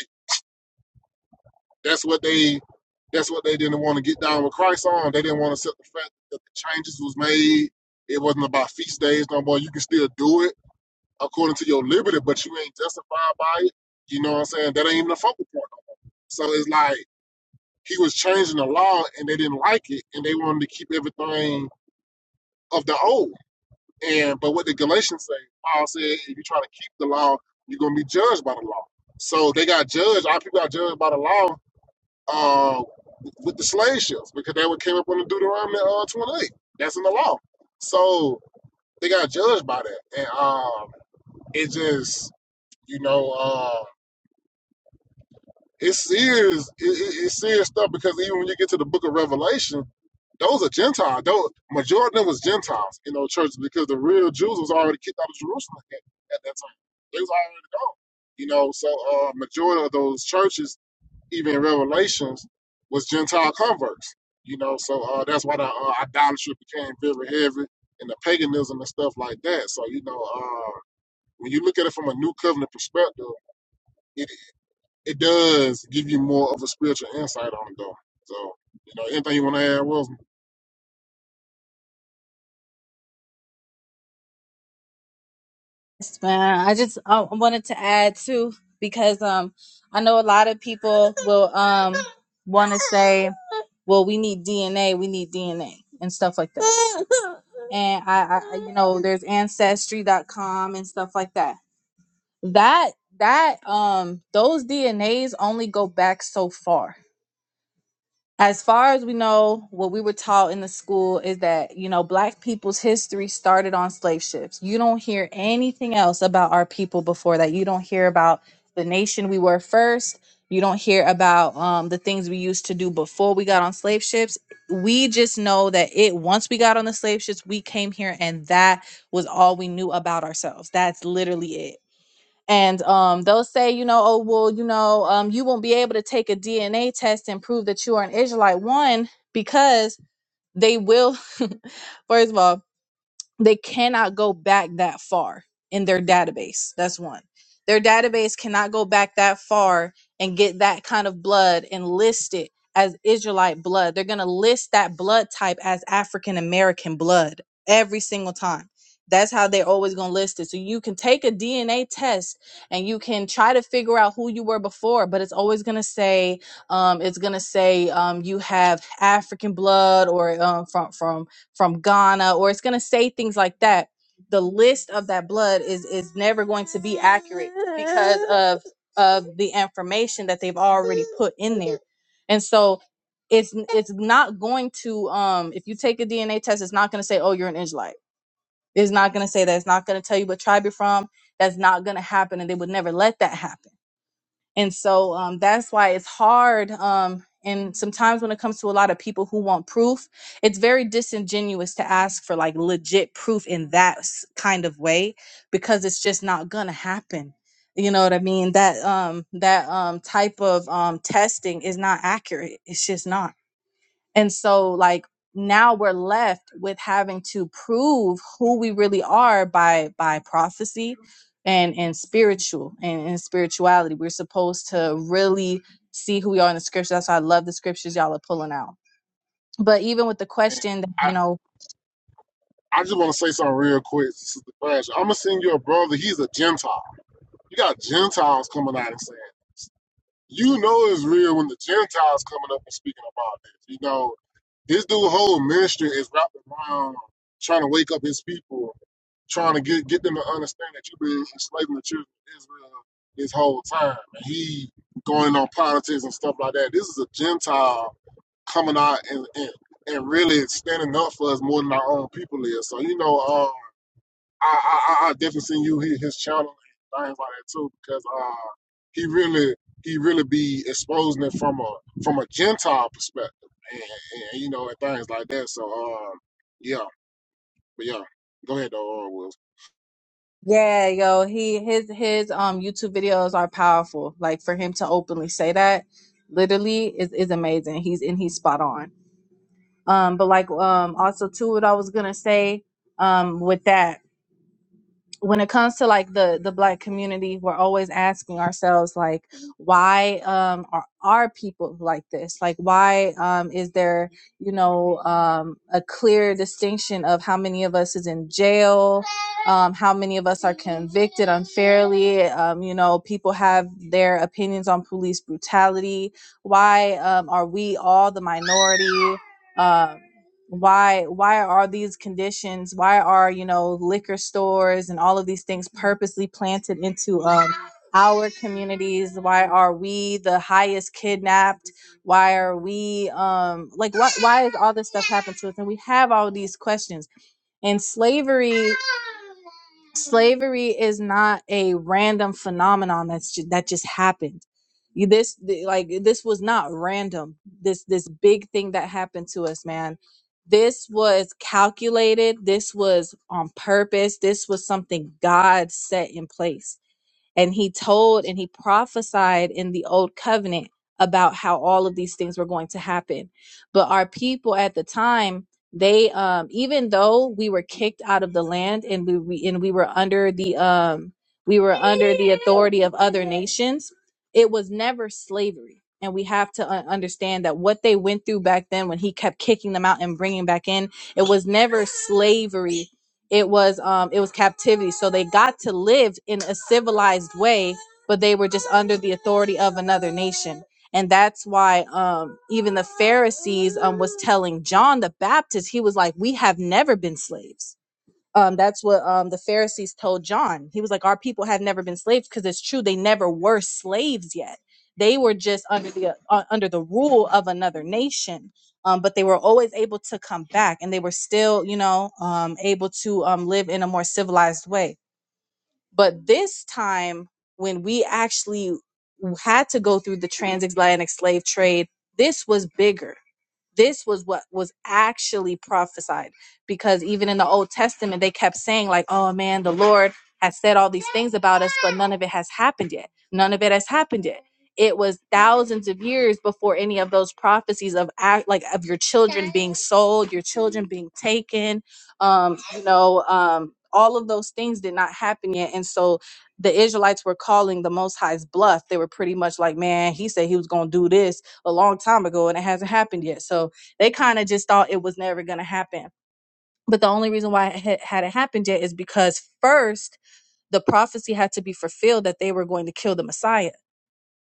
Speaker 1: That's what they that's what they didn't want to get down with Christ on. They didn't want to accept the fact that the changes was made. It wasn't about feast days no more. You can still do it according to your liberty, but you ain't justified by it. You know what I'm saying? That ain't even a focal point. So it's like He was changing the law and they didn't like it and they wanted to keep everything of the old. And but what did Galatians say? Paul said, if you try to keep the law, you're gonna be judged by the law. So they got judged, our people got judged by the law uh, with the slave ships because they what came up on the Deuteronomy uh, 28. That's in the law. So they got judged by that. And um, it just, you know, Uh, It's serious. It, it, it's serious stuff because even when you get to the Book of Revelation, those are Gentiles. Those majority of them was Gentiles in those churches because the real Jews was already kicked out of Jerusalem at, at that time. They was already gone. You know, so uh majority of those churches, even in Revelations, was Gentile converts. You know, so uh that's why the uh, idolatry became very heavy and the paganism and stuff like that. So, you know, uh when you look at it from a new covenant perspective, it it does give you more of a spiritual insight on it though. So, you know, anything you want to add, Wilson?
Speaker 2: Yes, man. I just uh, wanted to add too because um I know a lot of people will um want to say, well, we need DNA, we need DNA and stuff like that. And I, I I- you know, there's ancestry.com and stuff like that. That that um those DNAs only go back so far as far as we know, what we were taught in the school is that, you know, black people's history started on slave ships. You don't hear anything else about our people before that. You don't hear about the nation we were first. You don't hear about um, the things we used to do before we got on slave ships. We just know that it, once we got on the slave ships, we came here and that was all we knew about ourselves. That's literally it and um, they'll say, you know, oh well, you know, um, you won't be able to take a DNA test and prove that you are an Israelite. One, because they will. first of all, they cannot go back that far in their database. That's one. Their database cannot go back that far and get that kind of blood and list it as Israelite blood. They're going to list that blood type as African American blood every single time. That's how they're always going to list it. So you can take a DNA test and you can try to figure out who you were before, but it's always going to say um, it's going to say um, you have African blood or um, from from from Ghana or it's going to say things like that. The list of that blood is is never going to be accurate because of of the information that they've already put in there. And so it's it's not going to um if you take a DNA test it's not going to say oh you're an Israelite. It's not going to say that. It's not going to tell you what tribe you're from. That's not going to happen and they would never let that happen and so um, that's why it's hard um, and sometimes when it comes to a lot of people who want proof it's very disingenuous to ask for like legit proof in that s- kind of way because it's just not gonna happen you know what i mean that um that um type of um testing is not accurate it's just not and so, like, now we're left with having to prove who we really are by by prophecy and and spiritual and, and spirituality. We're supposed to really see who we are in the scriptures. That's why I love the scriptures y'all are pulling out. But even with the
Speaker 1: And
Speaker 2: question that,
Speaker 1: I,
Speaker 2: you know,
Speaker 1: I just want to say something real quick. This is the flash. I'm gonna send you a brother. He's a Gentile. You got Gentiles coming out and saying this. You know it's real when the Gentiles coming up and speaking about this. You know, this dude whole ministry is wrapped around trying to wake up his people trying to get get them to understand that you've been enslaving the children of Israel this whole time. And he going on politics and stuff like that. This is a Gentile coming out and and, and really standing up for us more than our own people is. So you know, um, I I, I definitely seen you hit his channel and things like that too because uh, he really he really be exposing it from a from a Gentile perspective and, and, and, you know and things like that. So um, yeah, but yeah, go ahead though, uh, Will.
Speaker 2: yeah, yo, he his his um YouTube videos are powerful. Like for him to openly say that literally is is amazing. He's and he's spot on. Um but like um also too what I was gonna say um with that. when it comes to like the the black community we're always asking ourselves like why um are, are people like this like why um is there you know um a clear distinction of how many of us is in jail um how many of us are convicted unfairly um you know people have their opinions on police brutality why um are we all the minority um why why are these conditions why are you know liquor stores and all of these things purposely planted into um our communities why are we the highest kidnapped why are we um like why why is all this stuff happened to us and we have all these questions and slavery slavery is not a random phenomenon that's ju- that just happened. You this th- like this was not random. This this big thing that happened to us, man. This was calculated. This was on purpose. This was something God set in place and he told and he prophesied in the old covenant about how all of these things were going to happen. But our people at the time, they um even though we were kicked out of the land and we, we and we were under the um we were under the authority of other nations, it was never slavery. And we have to uh, understand that what they went through back then when he kept kicking them out and bringing back in, it was never slavery it was um it was captivity so they got to live in a civilized way but they were just under the authority of another nation and that's why um even the pharisees um was telling john the baptist he was like we have never been slaves um, that's what um, the Pharisees told John. He was like, Our people have never been slaves because it's true. They never were slaves yet. They were just under the uh, uh, under the rule of another nation. Um, but they were always able to come back and they were still, you know, um, able to um, live in a more civilized way. But this time, when we actually had to go through the transatlantic slave trade, this was bigger this was what was actually prophesied because even in the old testament they kept saying like oh man the lord has said all these things about us but none of it has happened yet none of it has happened yet it was thousands of years before any of those prophecies of act like of your children being sold your children being taken um you know um all of those things did not happen yet and so the israelites were calling the most high's bluff they were pretty much like man he said he was going to do this a long time ago and it hasn't happened yet. So they kind of just thought it was never going to happen. But the only reason why it had hadn't happened yet is because first the prophecy had to be fulfilled that they were going to kill the Messiah.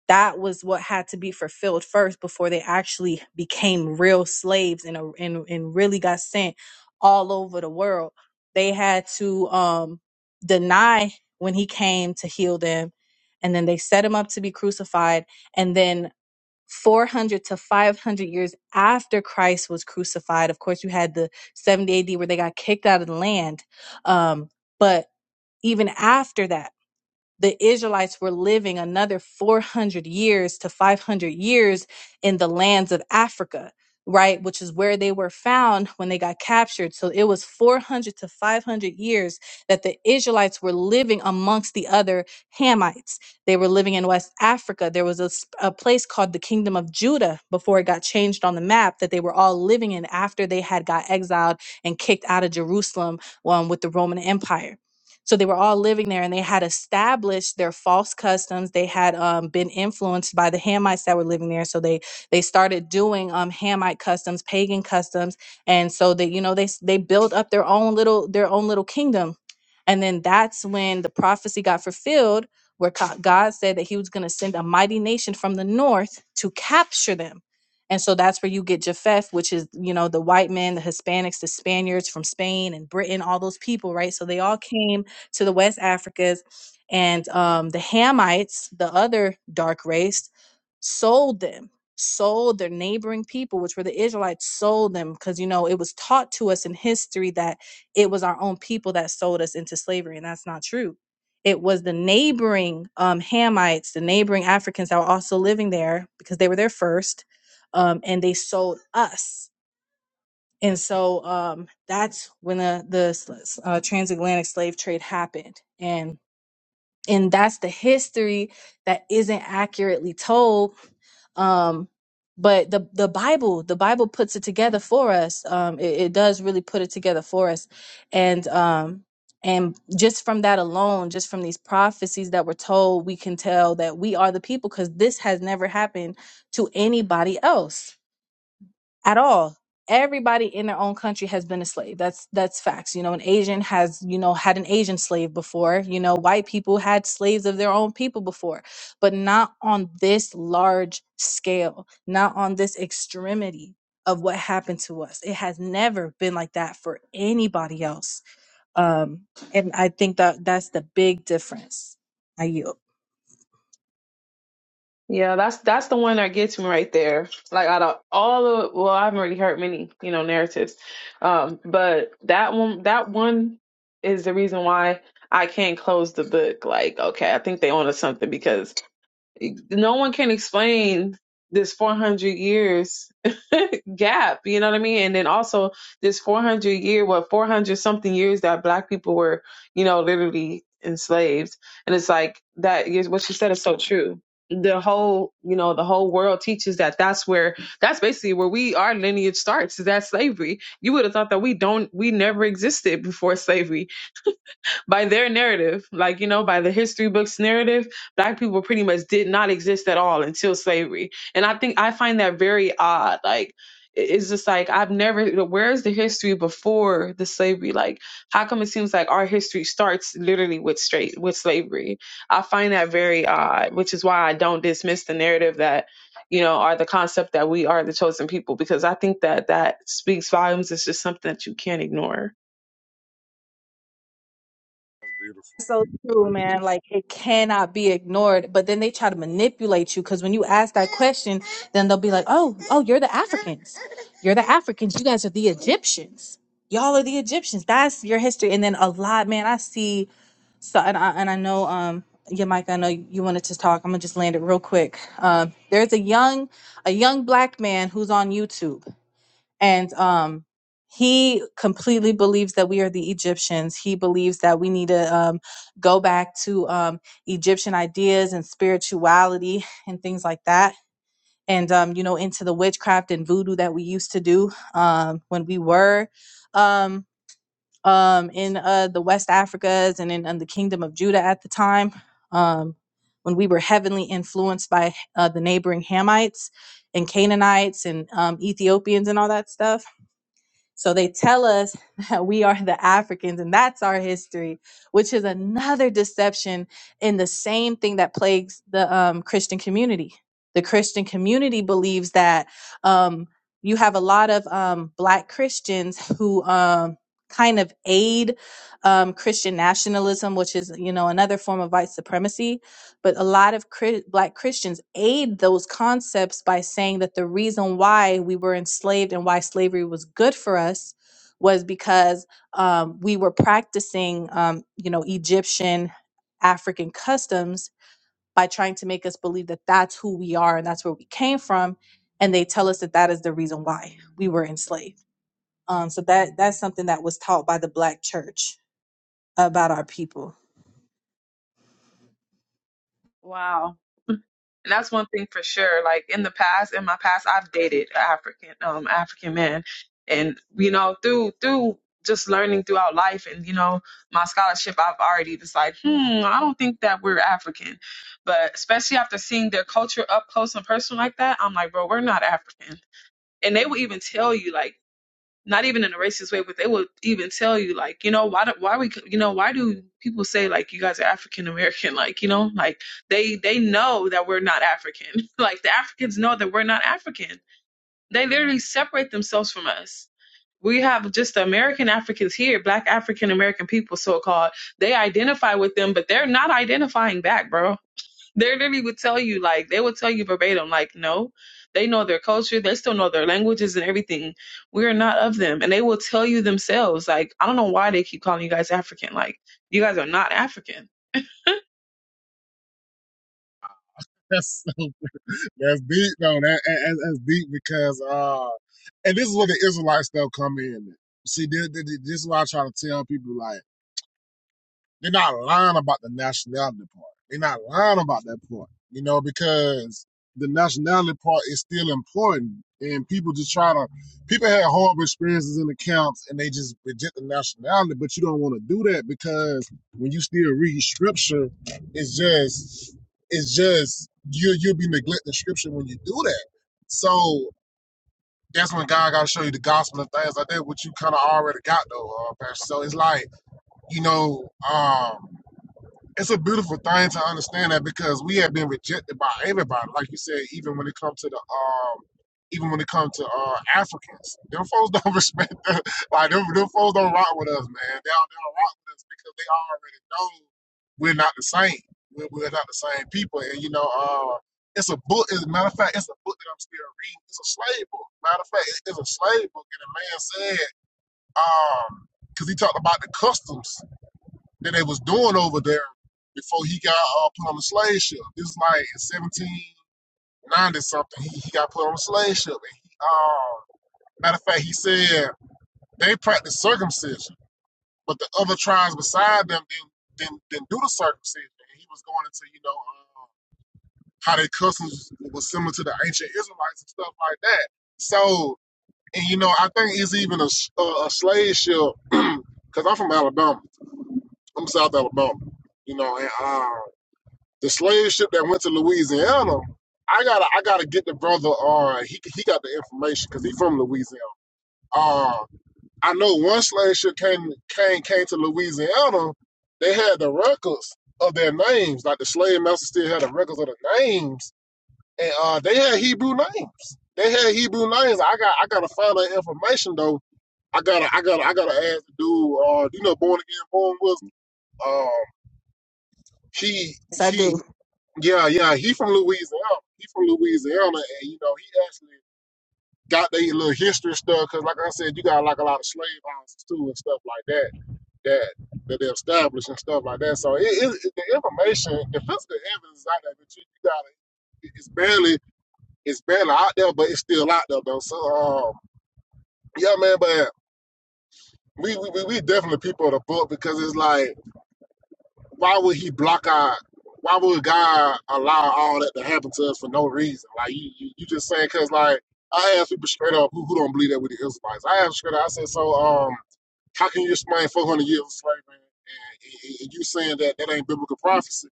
Speaker 2: That was what had to be fulfilled first before they actually became real slaves and a, and and really got sent all over the world. They had to um deny when he came to heal them and then they set him up to be crucified and then 400 to 500 years after Christ was crucified. Of course, you had the 70 AD where they got kicked out of the land. Um, but even after that the Israelites were living another 400 years to 500 years in the lands of Africa, right? Which is where they were found when they got captured. So it was 400 to 500 years that the Israelites were living amongst the other Hamites. They were living in West Africa. There was a, s- a place called the Kingdom of Judah before it got changed on the map that they were all living in after they had got exiled and kicked out of Jerusalem um, with the Roman Empire so they were all living there and they had established their false customs. They had um, been influenced by the Hamites that were living there. So they they started doing um, Hamite customs, pagan customs. And so they, you know, they s- they built up their own little their own little kingdom. And then that's when the prophecy got fulfilled where co- God said that he was going to send a mighty nation from the north to capture them. And so that's where you get Japheth, which is, you know, the white men, the Hispanics, the Spaniards from Spain and Britain, all those people, right? So they all came to the West Africans and um, the Hamites, the other dark race, sold them, sold their neighboring people, which were the Israelites, sold them because you know it was taught to us in history that it was our own people that sold us into slavery, and that's not true. It was the neighboring um, Hamites, the neighboring Africans that were also living there because they were there first, um, and they sold us and so um, that's when the the uh, transatlantic slave trade happened and and that's the history that isn't accurately told um but the the bible the bible puts it together for us um it, it does really put it together for us and um and just from that alone just from these prophecies that were told we can tell that we are the people because this has never happened to anybody else at all. Everybody in their own country has been a slave. That's that's facts. You know, an Asian has, you know, had an Asian slave before. You know, white people had slaves of their own people before, but not on this large scale, not on this extremity of what happened to us. It has never been like that for anybody else. Um, and I think that that's the big difference. I yield.
Speaker 3: Yeah, that's that's the one that gets me right there. Like out of all the well, I haven't really heard many you know narratives, um, but that one that one is the reason why I can't close the book. Like, okay, I think they own us something because no one can explain this 400 years gap you know what i mean and then also this 400 year what 400 something years that black people were you know literally enslaved and it's like that is what she said is so true the whole you know the whole world teaches that that's where that's basically where we our lineage starts is that slavery you would have thought that we don't we never existed before slavery by their narrative, like, you know, by the history books narrative, black people pretty much did not exist at all until slavery. And I think I find that very odd. Like, i- it's just like, I've never, where's the history before the slavery? Like, how come it seems like our history starts literally with straight, with slavery? I find that very odd, which is why I don't dismiss the narrative that, you know, are the concept that we are the chosen people, because I think that that speaks volumes. It's just something that you can't ignore.
Speaker 2: so true, man. Like it cannot be ignored. But then they try to manipulate you because when you ask that question, then they'll be like, "Oh, oh, you're the Africans. You're the Africans. You guys are the Egyptians. Y'all are the Egyptians. That's your history." And then a lot, man. I see. So and I and I know, um, yeah, Mike. I know you wanted to talk. I'm gonna just land it real quick. Um, there's a young, a young black man who's on YouTube and um he completely believes that we are the Egyptians. He believes that we need to um, go back to um, Egyptian ideas and spirituality and things like that. And, um, you know, into the witchcraft and voodoo that we used to do um, when we were um, um, in uh, the West Africas and in, in the Kingdom of Judah at the time, um, when we were heavily influenced by uh, the neighboring Hamites and Canaanites and um, Ethiopians and all that stuff so they tell us that we are the Africans and that's our history, which is another deception in the same thing that plagues the um, Christian community. The Christian community believes that um, you have a lot of um, Black Christians who um, kind of aid um, Christian nationalism, which is you know another form of white supremacy but a lot of cri- black christians aid those concepts by saying that the reason why we were enslaved and why slavery was good for us was because um, we were practicing um, you know egyptian african customs by trying to make us believe that that's who we are and that's where we came from and they tell us that that is the reason why we were enslaved um, so that that's something that was taught by the black church about our people
Speaker 3: Wow. And that's one thing for sure. Like in the past, in my past, I've dated African um African men, and you know through through just learning throughout life and you know my scholarship, I've already just like, hmm, I don't think that we're African, but especially after seeing their culture up close and personal like that, I'm like, bro, we're not African. And they will even tell you like not even in a racist way, but they would even tell you like, you know, why do why we you know why do people say like you guys are African American? Like you know, like they they know that we're not African. like the Africans know that we're not African. They literally separate themselves from us. We have just the American Africans here, Black African American people, so called. They identify with them, but they're not identifying back, bro they literally would tell you, like, they would tell you verbatim, like, no, they know their culture, they still know their languages and everything. We're not of them. And they will tell you themselves, like, I don't know why they keep calling you guys African. Like, you guys are not African.
Speaker 1: That's so, that's deep though. That, that- that's that's deep because uh, and this is where the Israelite stuff come in. See, this, this is why I try to tell people like. They're not lying about the nationality part. They're not lying about that part, you know, because the nationality part is still important. And people just try to, people had horrible experiences in accounts, and they just reject the nationality, but you don't want to do that because when you still read scripture, it's just, it's just, you, you'll be neglecting scripture when you do that. So that's when God got to show you the gospel and things like that, which you kind of already got though, uh, Pastor. So it's like, you know, um, it's a beautiful thing to understand that because we have been rejected by everybody. Like you said, even when it comes to the um, even when it comes to uh Africans, them folks don't respect the, like them, them folks don't rock with us, man. They don't, they don't rock with us because they already know we're not the same. We're, we're not the same people, and you know, uh, it's a book. As a matter of fact, it's a book that I'm still reading. It's a slave book. Matter of fact, it- it's a slave book, and a man said, um, because he talked about the customs that they was doing over there before he got uh, put on the slave ship. This is like in 1790 something. He, he got put on the slave ship. And he, uh, matter of fact, he said they practiced circumcision, but the other tribes beside them didn't, didn't, didn't do the circumcision. And he was going into, you know, um, how their customs was similar to the ancient Israelites and stuff like that. So, and you know, I think it's even a, s- a, a slave ship, because I'm from Alabama. I'm South Alabama, you know, and uh, The slave ship that went to Louisiana, I gotta I gotta get the brother. Uh, he he got the information because he from Louisiana. Uh, I know one slave ship came came came to Louisiana. They had the records of their names, like the slave master still had the records of the names, and uh, they had Hebrew names. They had Hebrew names. I got I gotta find that information though. I gotta I gotta I gotta ask the dude. Uh, you know, born again, born with. Um, he
Speaker 2: yes i
Speaker 1: he
Speaker 2: do
Speaker 1: Yeah, yeah, he from Louisiana. He from Louisiana, and you know he actually got their little history stuff because, like I said, you got like a lot of slave houses too and stuff like that that that they established and stuff like that. So it, it, it- the information, the physical evidence is out there, but you, you got it. It's barely it's barely out there, but it's still out there though. So um, yeah, man, but we we we we definitely people of the book because it's like. why would he block our why would God allow all that to happen to us for no reason? Like you, you, you just saying because like I asked people straight up who, who don't believe that with the Israelites. I asked straight up. I said, so um, how can you explain 400 years of slavery and, and, and you saying that that ain't biblical prophecy?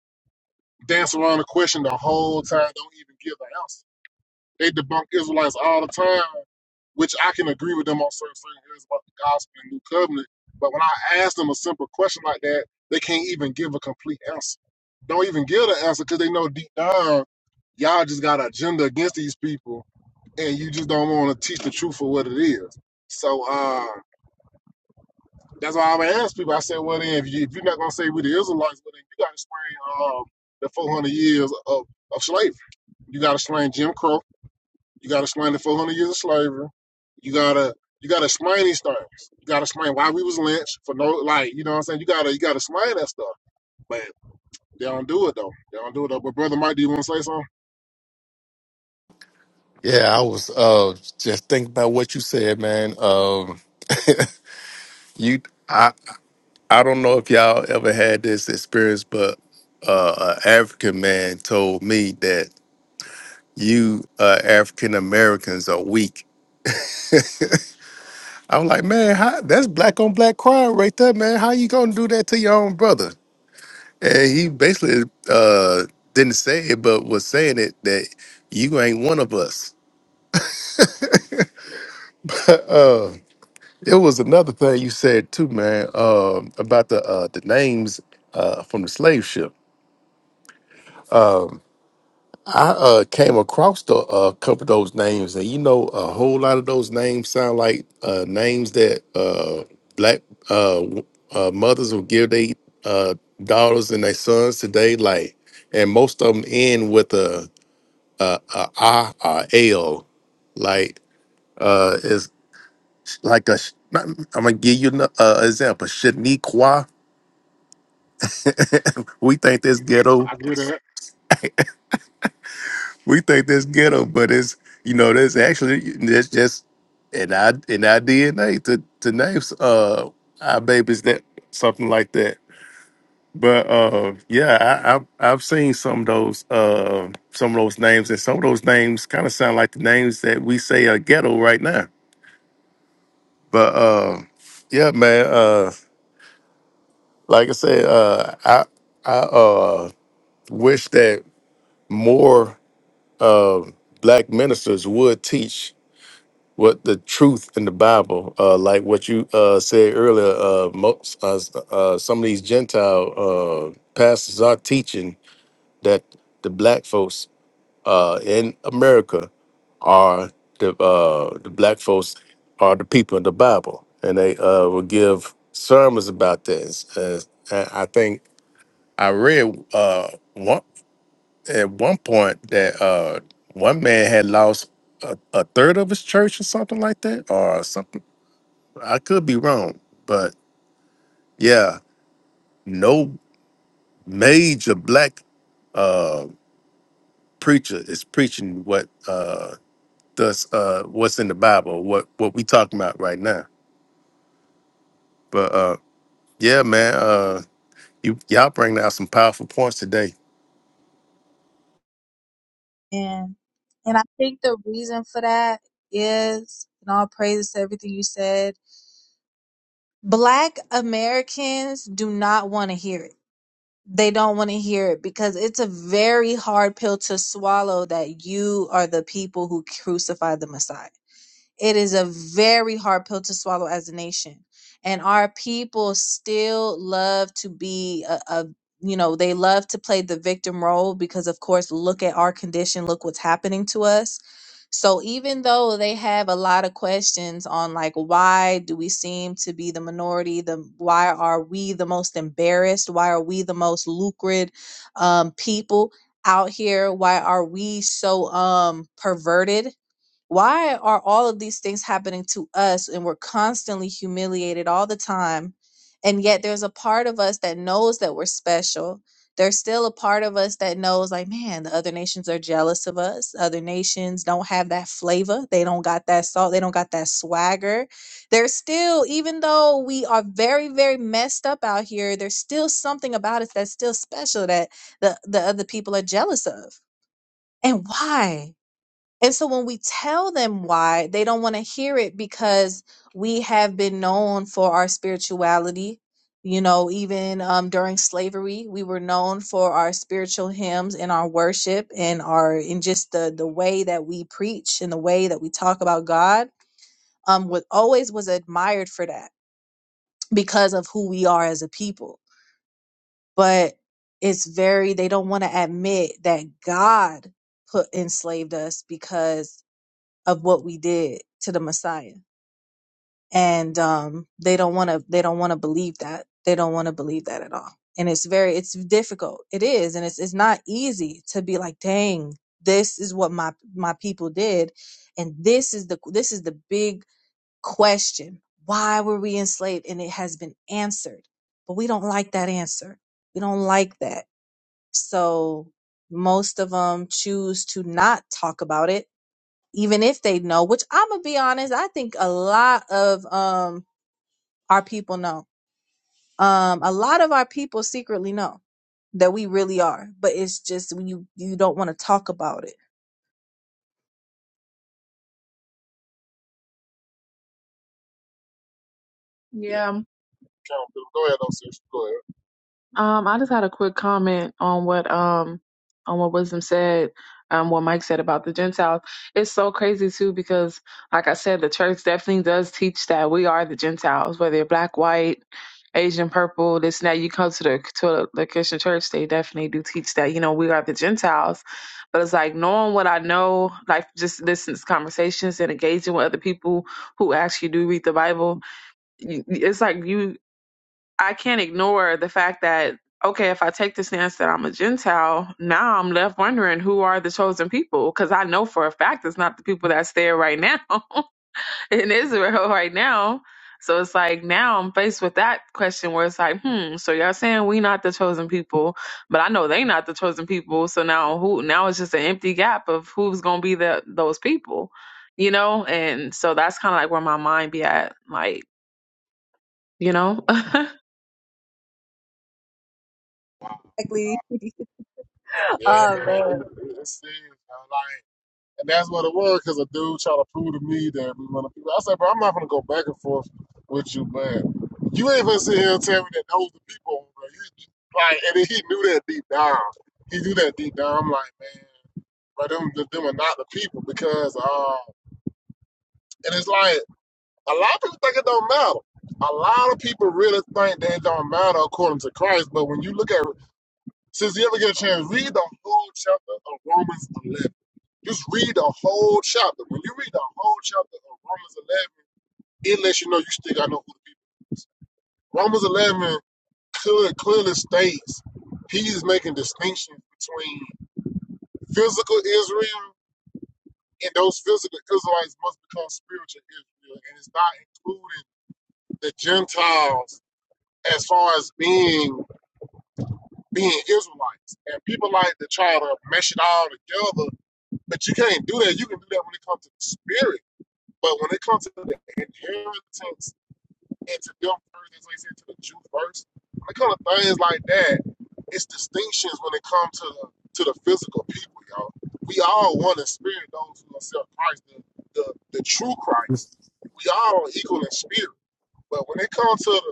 Speaker 1: Dance around the question the whole time, don't even give the answer. They debunk Israelites all the time, which I can agree with them on certain things about the gospel and new covenant. But when I ask them a simple question like that, they can't even give a complete answer. Don't even give an answer because they know deep down y'all just got an agenda against these people and you just don't want to teach the truth for what it is. So uh, that's why I would ask people. I said, well, then, if, you, if you're not going to say we the Israelites, well, then you got to explain um, the 400 years of, of slavery. You got to explain Jim Crow you got to explain the 400 years of slavery. You gotta you gotta explain these things. You gotta explain why we was lynched for no like you know what I'm saying. You gotta you gotta explain that stuff. But they don't do it though. They don't do it though. But brother Mike, do you want to say something?
Speaker 6: Yeah, I was uh just thinking about what you said, man. Um you I I don't know if y'all ever had this experience, but uh an African man told me that you uh African Americans are weak. I was like, man, how, that's black on black crime right there, man. How you gonna do that to your own brother? And he basically uh didn't say it, but was saying it that you ain't one of us. It was another thing you said too, man, um, about the uh, the names uh, from the slave ship. I uh, came across the, uh, couple of those names, and you know, a whole lot of those names sound like uh, names that uh, black uh, w- uh, mothers will give their uh, daughters and their sons today. Like, and most of them end with a a, a I or L. Like, uh, it's like a. sh- I'm gonna give you an uh, example. Shaniqua we think this ghetto.
Speaker 1: I can hear that.
Speaker 6: We think this ghetto, but it's you know that's actually that's just and I and I DNA to to names uh our babies that something like that. But uh yeah, I, I've I've seen some of those uh some of those names and some of those names kind of sound like the names that we say are ghetto right now. But uh yeah, man, uh like I said, uh I I uh wish that more. uh, black ministers would teach what the truth in the Bible, uh, like what you uh, said earlier. Uh, most uh, uh, some of these Gentile uh, pastors are teaching that the black folks uh, in America are the uh, the black folks are the people in the Bible, and they uh, will give sermons about this. Uh, and I think I read uh, one at one point that uh one man had lost a, a third of his church or something like that or something i could be wrong but yeah no major black preacher is preaching what uh does uh what's in the bible what what we talking about right now but uh yeah man uh you y'all bring out some powerful points today
Speaker 2: And and I think the reason for that is, and all praises to everything you said, Black Americans do not want to hear it. They don't want to hear it because it's a very hard pill to swallow that you are the people who crucified the Messiah. It is a very hard pill to swallow as a nation. And our people still love to be a, a you know, they love to play the victim role because of course look at our condition, look what's happening to us. So even though they have a lot of questions on like why do we seem to be the minority, the why are we the most embarrassed? Why are we the most lucrative um people out here? Why are we so um perverted? why are all of these things happening to us and we're constantly humiliated all the time and yet there's a part of us that knows that we're special there's still a part of us that knows like man the other nations are jealous of us other nations don't have that flavor they don't got that salt they don't got that swagger there's still even though we are very very messed up out here there's still something about us that's still special that the, the other people are jealous of and why and so when we tell them why, they don't want to hear it because we have been known for our spirituality. You know, even um, during slavery, we were known for our spiritual hymns and our worship and our and just the the way that we preach and the way that we talk about God. Um, was always was admired for that because of who we are as a people. But it's very they don't want to admit that God put enslaved us because of what we did to the Messiah. And um, they don't want to. They don't want to believe that. They don't want to believe that at all. And it's very. It's difficult. It is, and it's it's not easy to be like, dang, this is what my my people did, and this is the this is the big question. Why were we enslaved? And it has been answered, but we don't like that answer. We don't like that. So most of them choose to not talk about it even if they know, which I'm gonna be honest, I think a lot of um our people know. Um a lot of our people secretly know that we really are, but it's just when you you don't want to talk about it.
Speaker 1: Yeah,
Speaker 3: Yeah.
Speaker 1: count them. Go ahead though, sis. Go ahead.
Speaker 3: Um, I just had a quick comment on what um on what Wisdom said, um, what Mike said about the Gentiles. It's so crazy too because, like I said, the church definitely does teach that we are the Gentiles, whether you're black, white, Asian, purple, this and that. You come to the to the Christian church, they definitely do teach that. You know, we are the Gentiles, but it's like knowing what I know, like just listening to conversations and engaging with other people who actually do read the Bible. you- It's like you I can't ignore the fact that, okay, if I take the stance that I'm a Gentile, now I'm left wondering who are the chosen people? Because I know for a fact it's not the people that's there right now in Israel right now. So it's like now I'm faced with that question where it's like, hmm, so y'all saying we not the chosen people, but I know they not the chosen people. So now who now it's just an empty gap of who's gonna be the those people, you know? And so that's kinda like where my mind be at, like, you know?
Speaker 2: Exactly.
Speaker 1: Yeah,
Speaker 2: oh
Speaker 1: man.
Speaker 2: man.
Speaker 1: It, it, it's serious, man. And that's what it was, because a dude tried to prove to me that we want to. I said, bro, I'm not going to go back and forth with you, man. You ain't going to sit here and tell me that those the people, bro. you- like, and then he knew that deep down. He knew that deep down. I'm like, man, but them, them are not the people because, uh, and it's like, a lot of people think it don't matter. A lot of people really think that it don't matter according to Christ, but when you look at, since you ever get a chance, read the whole chapter of Romans 11 just read the whole chapter. When you read the whole chapter of Romans 11, it lets you know you still got to know who the people is. Romans 11 clearly, clearly states he is making distinctions between physical Israel and those physical Israelites must become spiritual Israel. And it's not including the Gentiles as far as being being Israelites. And people like to try to mesh it all together, but you can't do that. You can do that when it comes to the spirit But when it comes to the inheritance and to them things, like I said, to the Jew first, when it comes to things like that, it's distinctions when it comes to the to the physical people, y'all. We all one in spirit, those who accept Christ, the, the, the true Christ. We all equal in spirit. But when it comes to the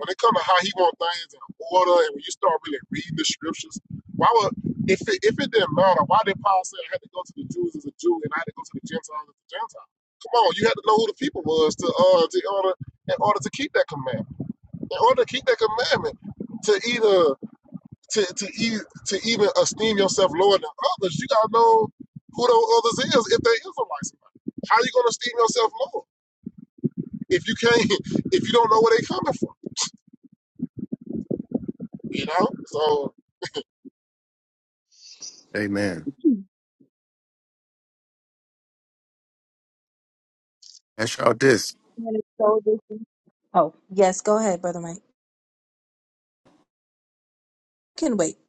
Speaker 1: when it comes to how he wants things in order, and when you start really reading the scriptures, why would if it, if it didn't matter, why did Paul say I had to go to the Jews as a Jew and I had to go to the Gentiles as a Gentile? Come on, you had to know who the people was to uh to order in order to keep that commandment. In order to keep that commandment, to either to to e- to even esteem yourself lower than others, you gotta know who those others is if they Israelites. or not. How you gonna esteem yourself lower if you can't if you don't know where they coming from? You know, so
Speaker 6: amen that's y'all this.
Speaker 2: Man, it's so dis- Oh, yes, go ahead, brother Mike. Can wait.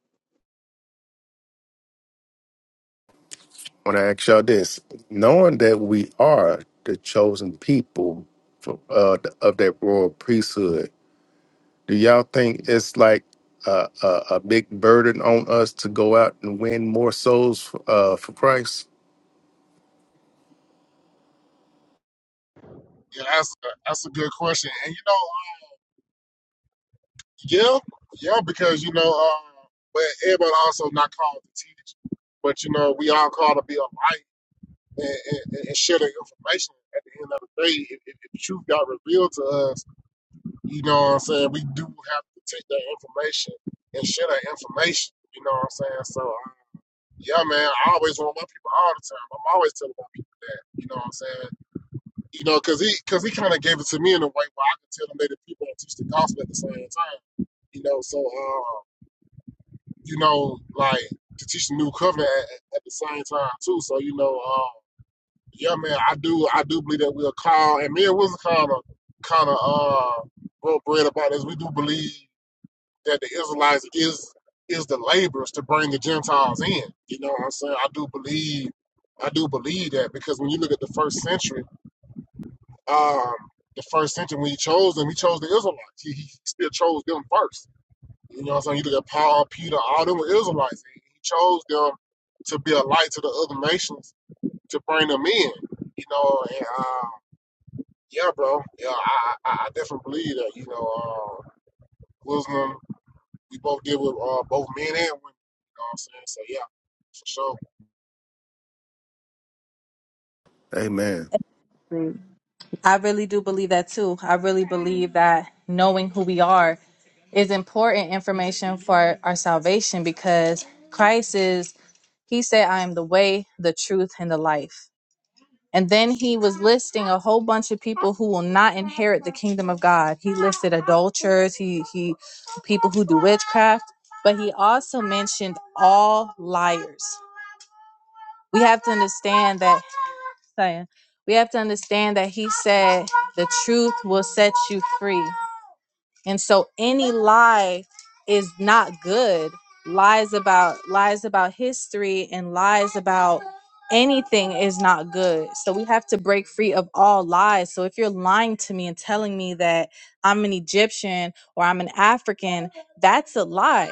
Speaker 6: want to ask y'all this: knowing that we are the chosen people for, uh, of that royal priesthood, do y'all think it's like a, a, a big burden on us to go out and win more souls uh, for Christ?
Speaker 1: yeah, that's a, that's a good question. And you know, um, yeah, yeah, because you know, uh, but everybody also not called to teach, but you know, we all called to be a light and, and, and share the information. At the end of the day, if, if the truth got revealed to us, you know what I'm saying. We do have to take that information and share that information. You know what I'm saying. So. uh, yeah, man, I always want my people all the time. I'm always telling my people that. You know what I'm saying? You know, because he because he kind of gave it to me in a way where I could tell them that people don't teach the gospel at the same time. You know, so uh, you know, like to teach the new covenant at, at the same time too. So you know, uh, yeah, man, I do I do believe that we're called, and me and Wilson kind of kind of uh broke bread about this. We do believe that the Israelites is is the laborers to bring the Gentiles in. You know what I'm saying? I do believe I do believe that because when you look at the first century um, the first century when he chose them, he chose the Israelites. He, he still chose them first. You know what I'm saying? You look at Paul, Peter, all them were Israelites. He, he chose them to be a light to the other nations to bring them in. You know, and uh, yeah, bro, yeah, I, I, I definitely believe that. You know, uh, Muslim, we both deal with uh, both men and women. You know what I'm saying? So yeah, for sure.
Speaker 6: Amen.
Speaker 2: I really do believe that too. I really believe that knowing who we are is important information for our salvation because Christ is, He said, I am the way, the truth, and the life. And then He was listing a whole bunch of people who will not inherit the kingdom of God. He listed adulterers, He, He, people who do witchcraft, but He also mentioned all liars. We have to understand that saying we have to understand that he said the truth will set you free and so any lie is not good lies about lies about history and lies about anything is not good so we have to break free of all lies so if you're lying to me and telling me that i'm an egyptian or i'm an african that's a lie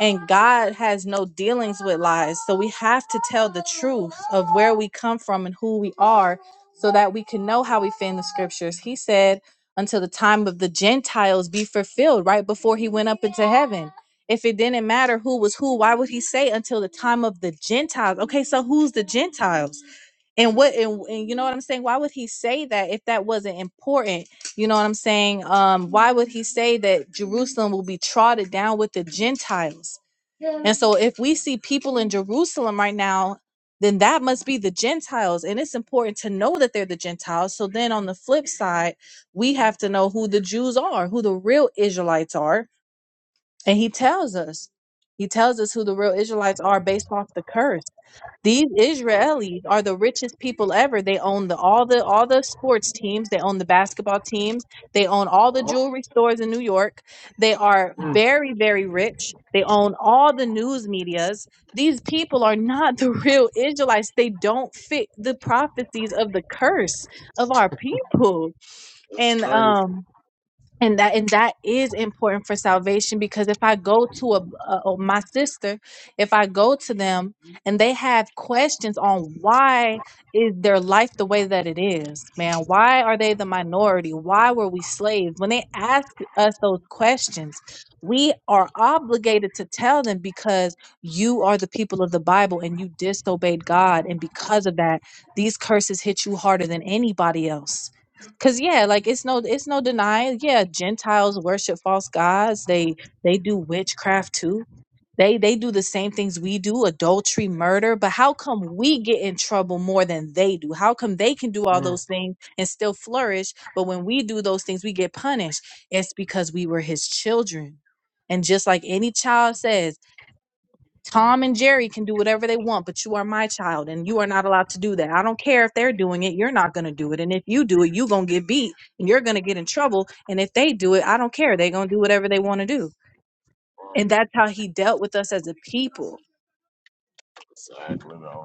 Speaker 2: and God has no dealings with lies. So we have to tell the truth of where we come from and who we are so that we can know how we fit in the scriptures. He said, until the time of the Gentiles be fulfilled, right before he went up into heaven. If it didn't matter who was who, why would he say until the time of the Gentiles? Okay, so who's the Gentiles? and what and, and you know what i'm saying why would he say that if that wasn't important you know what i'm saying um why would he say that jerusalem will be trodden down with the gentiles and so if we see people in jerusalem right now then that must be the gentiles and it's important to know that they're the gentiles so then on the flip side we have to know who the jews are who the real israelites are and he tells us he tells us who the real israelites are based off the curse these
Speaker 1: Oh,
Speaker 2: Israelis are the richest people ever. They own the all the all the sports teams, they own the basketball teams, they own all the
Speaker 1: oh,
Speaker 2: jewelry stores in New York. They are
Speaker 1: mm,
Speaker 2: very very rich. They own all the news medias. These people are not the real Israelites. They don't fit the prophecies of the curse of our people.
Speaker 1: it's
Speaker 2: And
Speaker 1: crazy.
Speaker 2: um and that and that is important for salvation because if i go to a, a a- my sister if i go to them and they have questions on why is their life the way that it is man why are they the minority why were we slaves when they ask us those questions we are obligated to tell them because you are the people of the bible and you disobeyed god and because of that these curses hit you harder than anybody else Cause yeah, like it's no it's no denying. Yeah, Gentiles worship false gods. They they do witchcraft too. They they do the same things we do, adultery, murder. But how come we get in trouble more than they do? How come they can do all
Speaker 1: Mm,
Speaker 2: those things and still flourish, but when we do those things, we get punished? It's because we were his children. And just like any child says, Tom and Jerry can do whatever they want, but you are my child and you are not allowed to do that. I don't care if they're doing it, you're not going to do it. And if you do it, you're going to get beat and you're going to get in trouble. And if they do it, I don't care. They're going to do whatever they want to do.
Speaker 1: mm,
Speaker 2: And that's how he dealt with us as a people.
Speaker 1: exactly, though.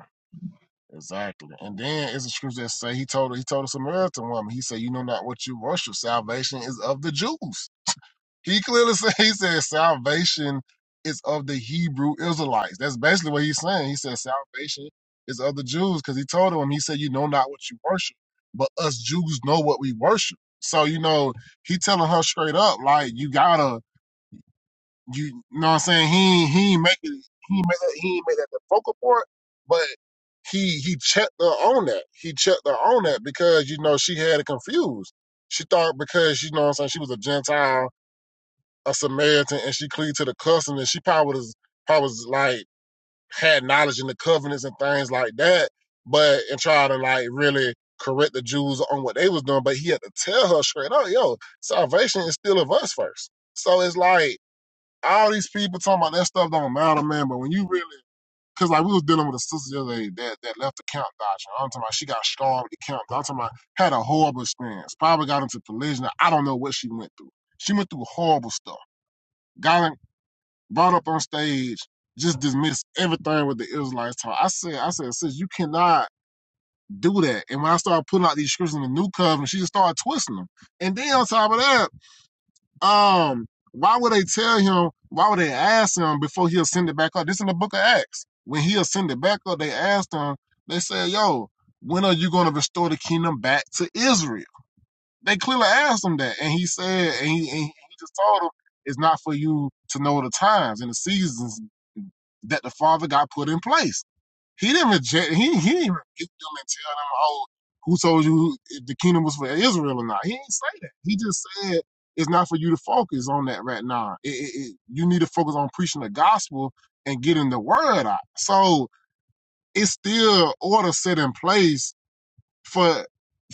Speaker 1: Exactly. And then it's a scripture that say he told he told a Samaritan woman, he said, You know not what you worship. Salvation is of the Jews. He clearly said he said salvation is of the Hebrew Israelites. That's basically what he's saying. He said salvation is of the Jews because he told him, he said, You know not what you worship, but us Jews know what we worship. So, you know, he telling her straight up, like, you gotta you you know what I'm saying? He ain't- he ain't make it he ain't make that he ain't make that the focal point, but he he checked her on that. He checked her on that because you know she had it confused. She thought because you know what I'm saying she was a Gentile, a Samaritan, and she cleaved to the customs and she probably was probably was like had knowledge in the covenants and things like that, but and try to like really correct the Jews on what they was doing. But he had to tell her straight up, yo, salvation is still of us first. So it's like all these people talking about that stuff don't matter, man. But when you really, cause like we was dealing with a sister the other day that, that left the camp doctrine. I'm talking about she got scarred with the camp. I'm talking about had a horrible experience. Probably got into collision. I don't know what she went through. She went through horrible stuff. Got in, brought up on stage, just dismissed everything with the Israelites talk. I said, I said, sis, you cannot do that. And when I started putting out these scriptures in the new covenant, she just started twisting them. And then on top of that. Um, why would they tell him? Why would they ask him before he'll send it back up? This in the book of Acts. When he'll send it back up, they asked him, they said, Yo, when are you going to restore the kingdom back to Israel? They clearly asked him that. And he said, and he, and he just told them, It's not for you to know the times and the seasons that the Father got put in place. He didn't reject. He he didn't rebuke them and tell them, "Oh, who told you if the kingdom was for Israel or not?" He didn't say that. He just said it's not for you to focus on that right now. It, it, it, you need to focus on preaching the gospel and getting the word out. So it's still order set in place for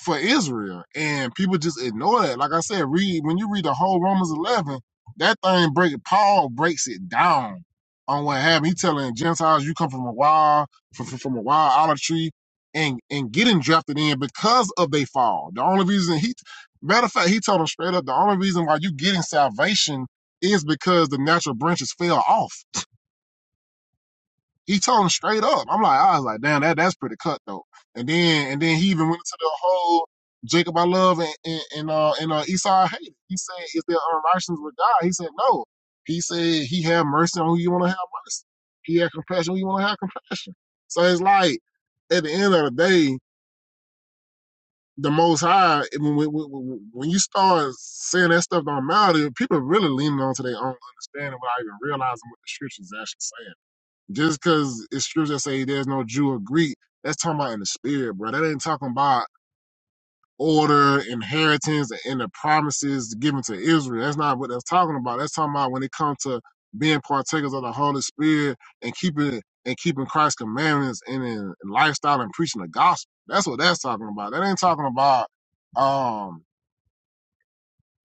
Speaker 1: for Israel, and people just ignore that. Like I said, read when you read the whole Romans eleven, that thing break Paul breaks it down on what happened. He telling Gentiles, you come from a wild from, from from a wild olive tree, and and getting drafted in because of they fall. The only reason he, matter of fact, he told them straight up, the only reason why you getting salvation is because the natural branches fell off. He told him straight up. I'm like, I was like, damn, that that's pretty cutthroat. And then and then he even went into the whole Jacob I love and and, and uh and uh Esau I hated. He said, Is there unrighteousness with God? He said, No. He said he had mercy on who you want to have mercy. He had compassion on who you want to have compassion. So it's like at the end of the day, the most high when, when, when you start saying that stuff don't matter, people are really leaning onto their own understanding without even realizing what the scriptures actually saying. Just because it's scripture that say there's no Jew or Greek, that's talking about in the spirit, bro. That ain't talking about order, inheritance, and the promises given to Israel. That's not what that's talking about. That's talking about when it comes to being partakers of the Holy Spirit and keeping and keeping Christ's commandments and in lifestyle and preaching the gospel. That's what that's talking about. That ain't talking about. um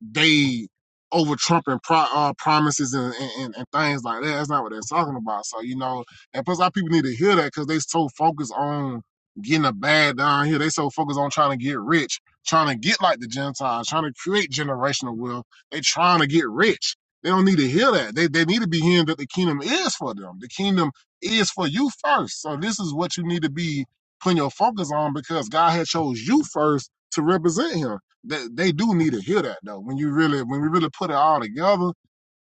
Speaker 1: they over trumping pro- uh, promises and, and, and things like that. That's not what they're talking about. So you know, and plus, our people need to hear that because they so focused on getting a bag down here. They so focused on trying to get rich, trying to get like the Gentiles, trying to create generational wealth. They trying to get rich. They don't need to hear that. They they need to be hearing that the kingdom is for them. The kingdom is for you first. So this is what you need to be putting your focus on because God had chose you first to represent Him. They, they do need to hear that though. When you really, when we really put it all together,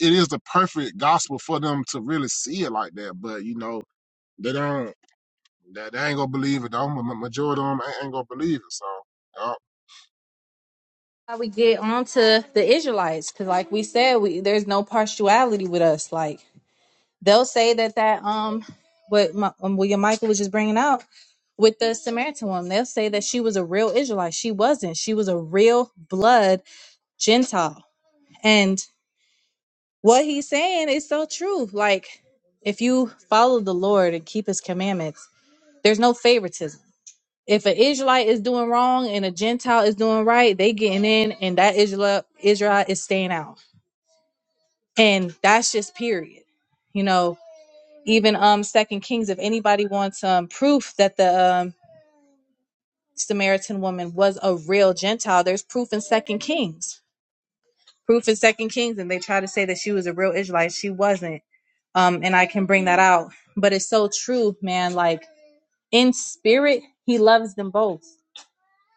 Speaker 1: it is the perfect gospel for them to really see it like that. But you know, they don't. They, they ain't gonna believe it. Though. The majority of them ain't, ain't gonna believe it. So uh,
Speaker 2: How we get on to the Israelites cuz like we said, we there's no partiality with us. Like they'll say that that um what my, um, William Michael was just bringing out with the Samaritan woman. They'll say that she was a real Israelite. She wasn't. She was a real blood Gentile. And what he's saying is so true. Like, if you follow the Lord and keep his commandments, there's no favoritism. If an Israelite is doing wrong and a Gentile is doing right, they getting in and that Israel Israel is staying out. And that's just period. You know, even um Second Kings, if anybody wants um proof that the um Samaritan woman was a real Gentile, there's proof in Second Kings proof in Second Kings, and they try to say that she was a real Israelite. She wasn't. Um, and I can bring that out. But it's so true, man. Like in spirit, he loves them both.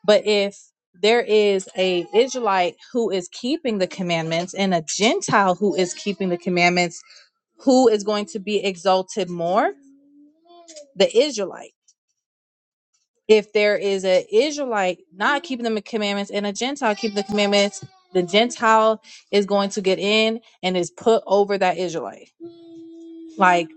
Speaker 2: But if there is a Israelite who is keeping the commandments and a Gentile who is keeping the commandments, who is going to be exalted more? The Israelite. If there is an Israelite not keeping the commandments and a Gentile keeping the commandments, the Gentile is going to get in and is put over that Israelite. like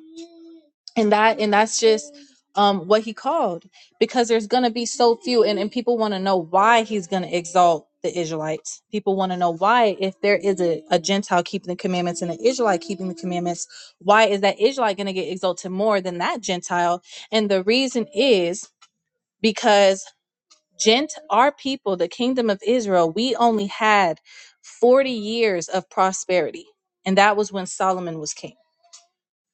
Speaker 2: and that and that's just um what he called because there's gonna be so few and, and people want to know why he's gonna exalt the israelites people want to know why if there is a, a gentile keeping the commandments and an israelite keeping the commandments why is that israelite gonna get exalted more than that gentile and the reason is because gent our people the kingdom of israel we only had 40 years of prosperity and that was when solomon was king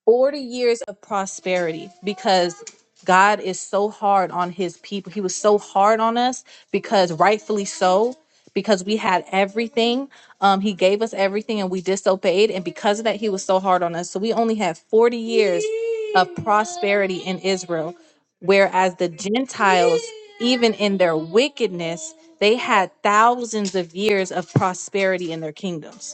Speaker 2: 40 years of prosperity because God is so hard on his people. He was so hard on us because rightfully so, because we had everything. Um, he gave us everything and we disobeyed. And because of that, he was so hard on us. So we only had 40 years of prosperity in Israel. Whereas the Gentiles, even in their wickedness, they had thousands of years of prosperity in their kingdoms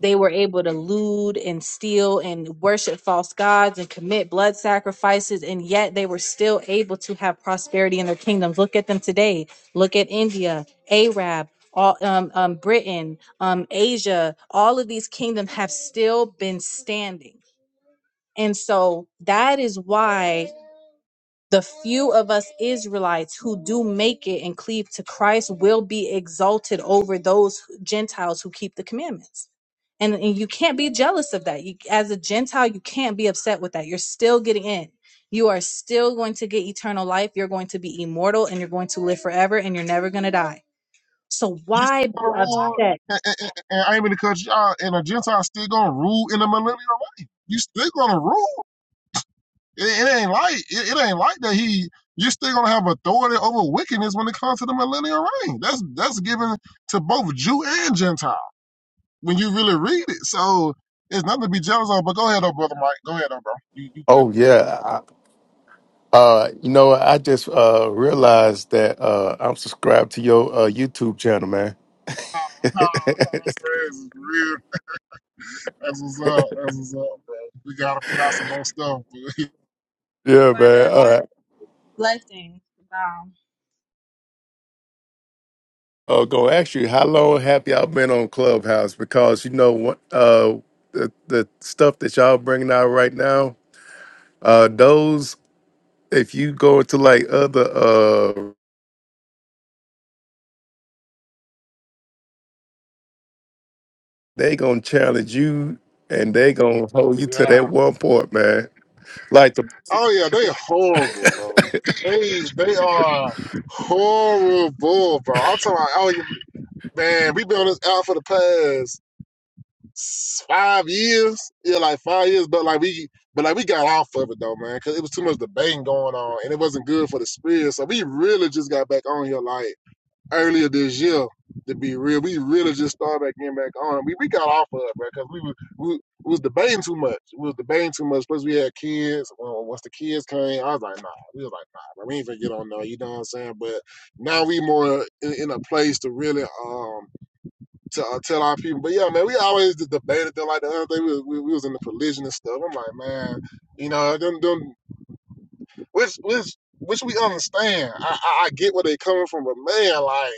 Speaker 2: they were able to lewd and steal and worship false gods and commit blood sacrifices, and yet they were still able to have prosperity in their kingdoms. Look at them today. Look at India, Arab, all, um, um, Britain, um, Asia. All of these kingdoms have still been standing, and so that is why. The few of us Israelites who do make it and cleave to Christ will be exalted over those Gentiles who keep the commandments. And, and you can't be jealous of that. You, as a Gentile, you can't be upset with that. You're still getting in. You are still going to get eternal life. You're going to be immortal and you're going to live forever and you're never going to die. So
Speaker 1: you still
Speaker 2: why be
Speaker 1: gonna rule,
Speaker 2: upset?
Speaker 1: and, and, and, and I ain't mean to cut you out. And a Gentile still gonna rule in the millennial reign. You still gonna rule. It, it ain't like it, it ain't like that. He you're still gonna have authority over wickedness when it comes to the millennial reign. That's that's given to both Jew and Gentile. when you really read it. So it's nothing to be jealous of. But go ahead, oh brother Mike. Go ahead, oh bro. You, you good?
Speaker 6: Oh yeah. I, uh, you know, I just uh, realized that uh, I'm subscribed to your uh, YouTube channel, man.
Speaker 1: Oh, oh, oh, praise is real. That's what's up. That's what's up, bro. We gotta put out some more stuff. But
Speaker 6: yeah,
Speaker 2: Brother, all
Speaker 6: man.
Speaker 2: blessings. Wow.
Speaker 6: Oh, go to ask you how long have y'all been on Clubhouse? Because you know what, uh, the the stuff that y'all bringing out right now, uh, those if you go to like other, uh, they gonna challenge you and they gonna hold you to
Speaker 1: yeah.
Speaker 6: that one point, man. Like the
Speaker 1: Oh yeah, they horrible, bro. They they are horrible, bro. I'm talking about, oh man, we been on this out for the past. s- five years. Yeah, like five years. But like we, but like we got off of it though, man, because it was too much debating going on, and it wasn't good for the spirit. So we really just got back on here like earlier this year. To be real, we really just started back getting back on. We we got off of it, man, because we was we, we was debating too much. We was debating too much. Plus, we had kids. Well, once the kids came, I was like, nah. We was like, nah, bro, we ain't gonna get on there. You know what I'm saying? But now we more in, in a place to really um to uh, tell our people. But yeah, man, we always just debated them like the other day. We, was- we, we was in the religion and stuff. I'm like, man, you know, them, them, which, which, which we understand. I, I, I get where they coming from, but man, like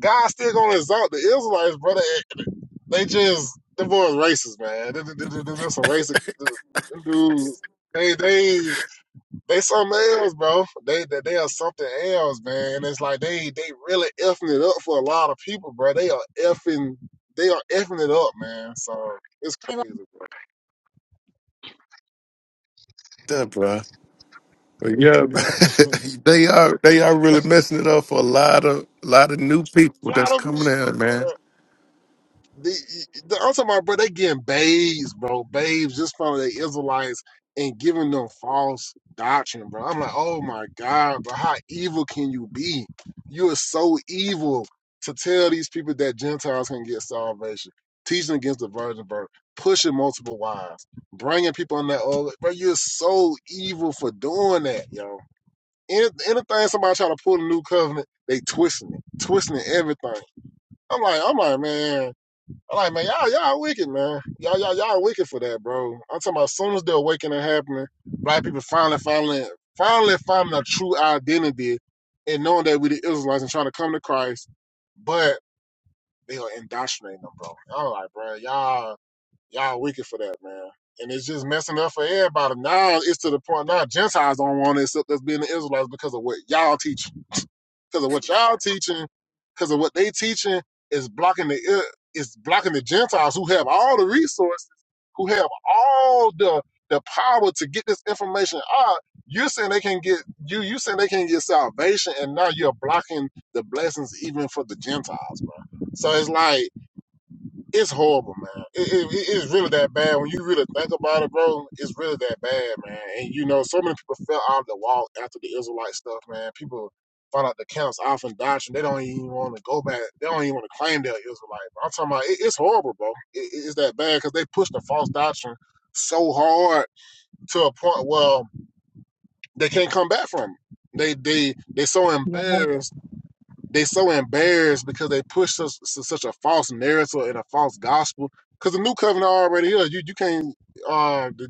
Speaker 1: God still gonna exalt the Israelites, brother. They just them boys racist, man. They, they, they, they, they're some racist dudes. They, they they something else, bro. They, they they are something else, man. And it's like they they really effing it up for a lot of people, bro. They are effing they are effing it up, man. So it's crazy,
Speaker 6: Duh, bro. But yeah,
Speaker 1: bro.
Speaker 6: they are they are really messing it up for a lot of lot of new
Speaker 1: A
Speaker 6: people
Speaker 1: lot
Speaker 6: that's
Speaker 1: of
Speaker 6: coming out,
Speaker 1: people, bro.
Speaker 6: man.
Speaker 1: the, the I'm talking about, bro, they getting babes, bro, babes just from the Israelites and giving them false doctrine, bro. I'm like, oh my God, bro, how evil can you be? You are so evil to tell these people that Gentiles can get salvation, teaching against the virgin birth, pushing multiple wives, bringing people in that old, bro, you're so evil for doing that, yo. Any- Anything somebody try to pull a new covenant, they twisting it, twisting everything. I'm like, I'm like, man. I'm like, man, y'all, y'all wicked, man. Y'all, y'all, y'all wicked for that, bro. I'm talking about as soon as the awakening happening, black people finally, finally, finally finding a true identity and knowing that we the Israelites and trying to come to Christ, but they are indoctrinating them, bro. I'm like, bro, y'all, y'all wicked for that, man. And it's just messing up for everybody. Now it's to the point now Gentiles don't want to accept us being the Israelites because of what y'all teach. Because of what y'all teaching, because of what they teaching is blocking the uh, is blocking the Gentiles who have all the resources, who have all the the power to get this information out. You're saying they can get you. You saying they can get salvation, and now you're blocking the blessings even for the Gentiles, bro. So it's like it's horrible, man. It, it, it- it's really that bad. When you really think about it, bro, it's really that bad, man. And you know, so many people fell out of the wall after the Israelite stuff, man. People found out the counts off and doctrine. They don't even want to go back. They don't even want to claim they're Israelite. I'm talking about it, it's horrible, bro. It, it- it's that bad because they pushed the false doctrine so hard to a point where they can't come back from. it. They they they so embarrassed they so embarrassed because they push such such a false narrative and a false gospel. Because the new covenant already here. You you can't. Uh, the,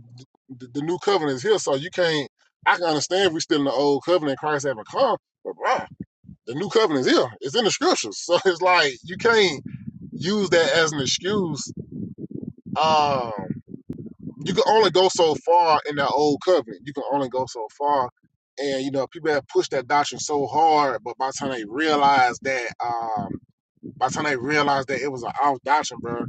Speaker 1: the the new covenant is here, so you can't. I can understand if we're still in the old covenant. Christ haven't come, but bruh, the new covenant is here. It's in the scriptures, so it's like you can't use that as an excuse. Um, you can only go so far in that old covenant. You can only go so far. And you know, people have pushed that doctrine so hard, but by the time they realize that um by the time they realized that it was an off doctrine, bro,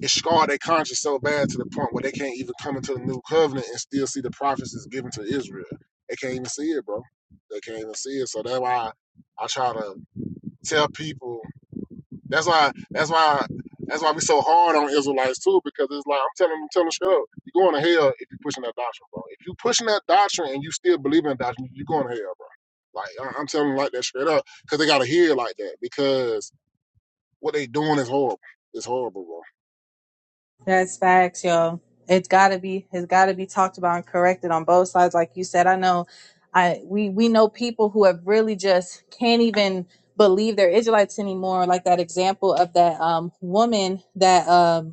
Speaker 1: it scarred their conscience so bad to the point where they can't even come into the new covenant and still see the prophecies given to Israel. They can't even see it, bro. They can't even see it. So that's why I try to tell people. That's why. That's why. That's why we so hard on Israelites too, because it's like I'm telling them, tell them straight up, you're going to hell if you're pushing that doctrine, bro. If you are pushing that doctrine and you still believe in that doctrine, you're going to hell, bro. Like I- I'm telling them like that straight up, because they gotta hear it like that, because what they doing is horrible. It's horrible,
Speaker 2: That's facts, yo. It's gotta be it's gotta be talked about and corrected on both sides. Like you said, I know I we we know people who have really just can't even believe they're Israelites anymore. Like that example of that um woman that um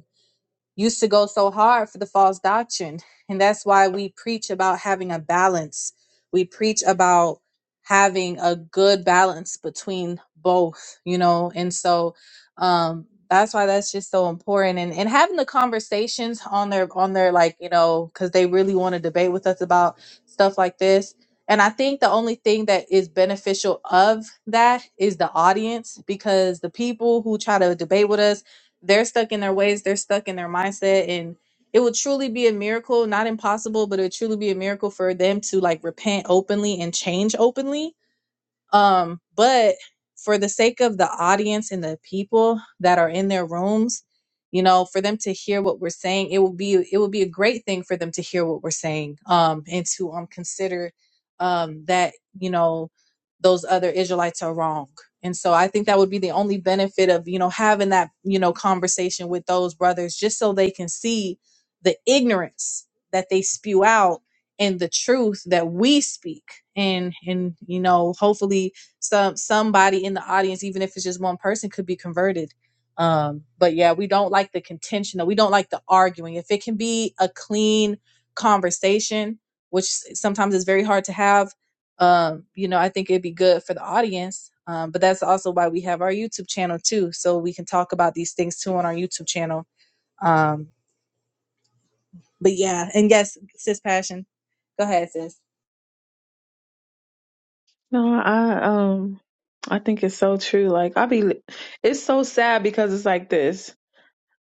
Speaker 2: used to go so hard for the false doctrine. And that's why we preach about having a balance. We preach about having a good balance between both, you know? And so um that's why that's just so important and and having the conversations on their on their like, you know, cuz they really want to debate with us about stuff like this. And I think the only thing that is beneficial of that is the audience because the people who try to debate with us they're stuck in their ways, they're stuck in their mindset and it would truly be a miracle, not impossible, but it would truly be a miracle for them to like repent openly and change openly um, but for the sake of the audience and the people that are in their rooms, you know, for them to hear what we're saying, it will be it will be a great thing for them to hear what we're saying, um, and to um consider um that you know those other Israelites are wrong. And so I think that would be the only benefit of you know having that you know conversation with those brothers, just so they can see the ignorance that they spew out and the truth that we speak and and you know hopefully some somebody in the audience even if it's just one person could be converted um but yeah we don't like the contention though. we don't like the arguing if it can be a clean conversation which sometimes is very hard to have um you know i think it'd be good for the audience um but that's also why we have our youtube channel too so we can talk about these things too on our youtube channel um but yeah and yes sis passion go ahead sis
Speaker 3: No, I um I think it's so true. Like I be li- it's so sad because it's like this.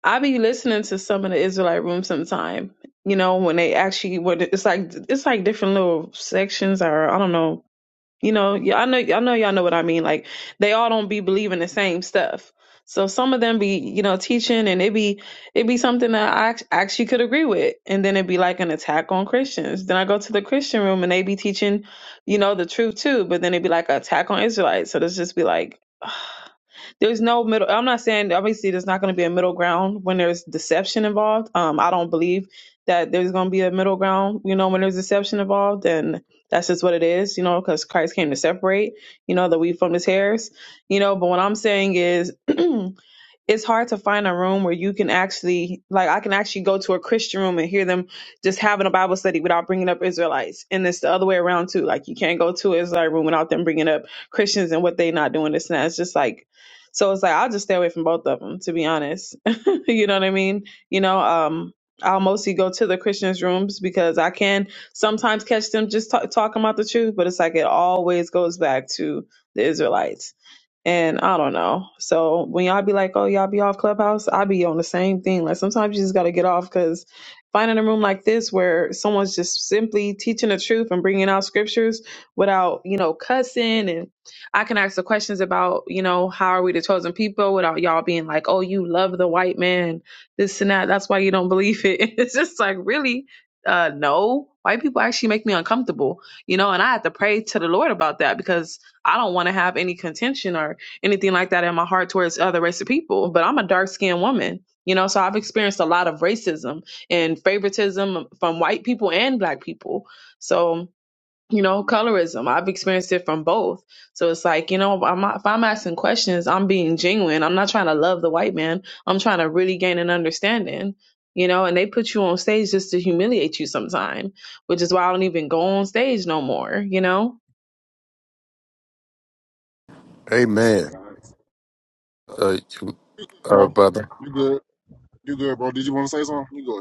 Speaker 3: I be listening to some of the Israelite room sometime, you know, when they actually what it's like it's like different little sections or I don't know you know, yeah, I know, I know, y'all know what I mean. Like, they all don't be believing the same stuff. So some of them be, you know, teaching, and it be, it be something that I act- actually could agree with, and then it be like an attack on Christians. Then I go to the Christian room, and they be teaching, you know, the truth too, but then it be like an attack on Israelites. So this just be like. There's no middle. I'm not saying obviously there's not going to be a middle ground when there's deception involved. Um, I don't believe that there's going to be a middle ground. You know, when there's deception involved, and that's just what it is. You know, because Christ came to separate. You know, the wheat from his hairs. You know, but what I'm saying is. it's hard to find a room where you can actually like I can actually go to a Christian room and hear them just having a Bible study without bringing up Israelites, and it's the other way around too. Like you can't go to an Israelite room without them bringing up Christians and what they not doing this and that. It's just like so it's like I'll just stay away from both of them to be honest. you know what I mean? You know, um. I'll mostly go to the Christians' rooms because I can sometimes catch them just ta- talking about the truth, but it's like it always goes back to the Israelites and I don't know. So when y'all be like, oh, y'all be off Clubhouse, I be on the same thing. Like sometimes you just got to get off because finding a room like this where someone's just simply teaching the truth and bringing out scriptures without, you know, cussing. And I can ask the questions about, you know, how are we the chosen people without y'all being like, oh, you love the white man, this and that. That's why you don't believe it. It's just like, really? Uh, no, white people actually make me uncomfortable, you know, and I have to pray to the Lord about that because I don't want to have any contention or anything like that in my heart towards other race of people, but I'm a dark skinned woman, you know, so I've experienced a lot of racism and favoritism from white people and black people. So, you know, colorism, I've experienced it from both. So it's like, you know, I'm not, if I'm asking questions, I'm being genuine. I'm not trying to love the white man. I'm trying to really gain an understanding, you know, and they put you on stage just to humiliate you sometime, which is why I don't even go on stage no more, you know?
Speaker 6: Amen.
Speaker 1: bro. All right.
Speaker 6: Uh, you- uh,
Speaker 1: Bro,
Speaker 6: brother.
Speaker 1: you good? You good, bro? Did you want to say something? You go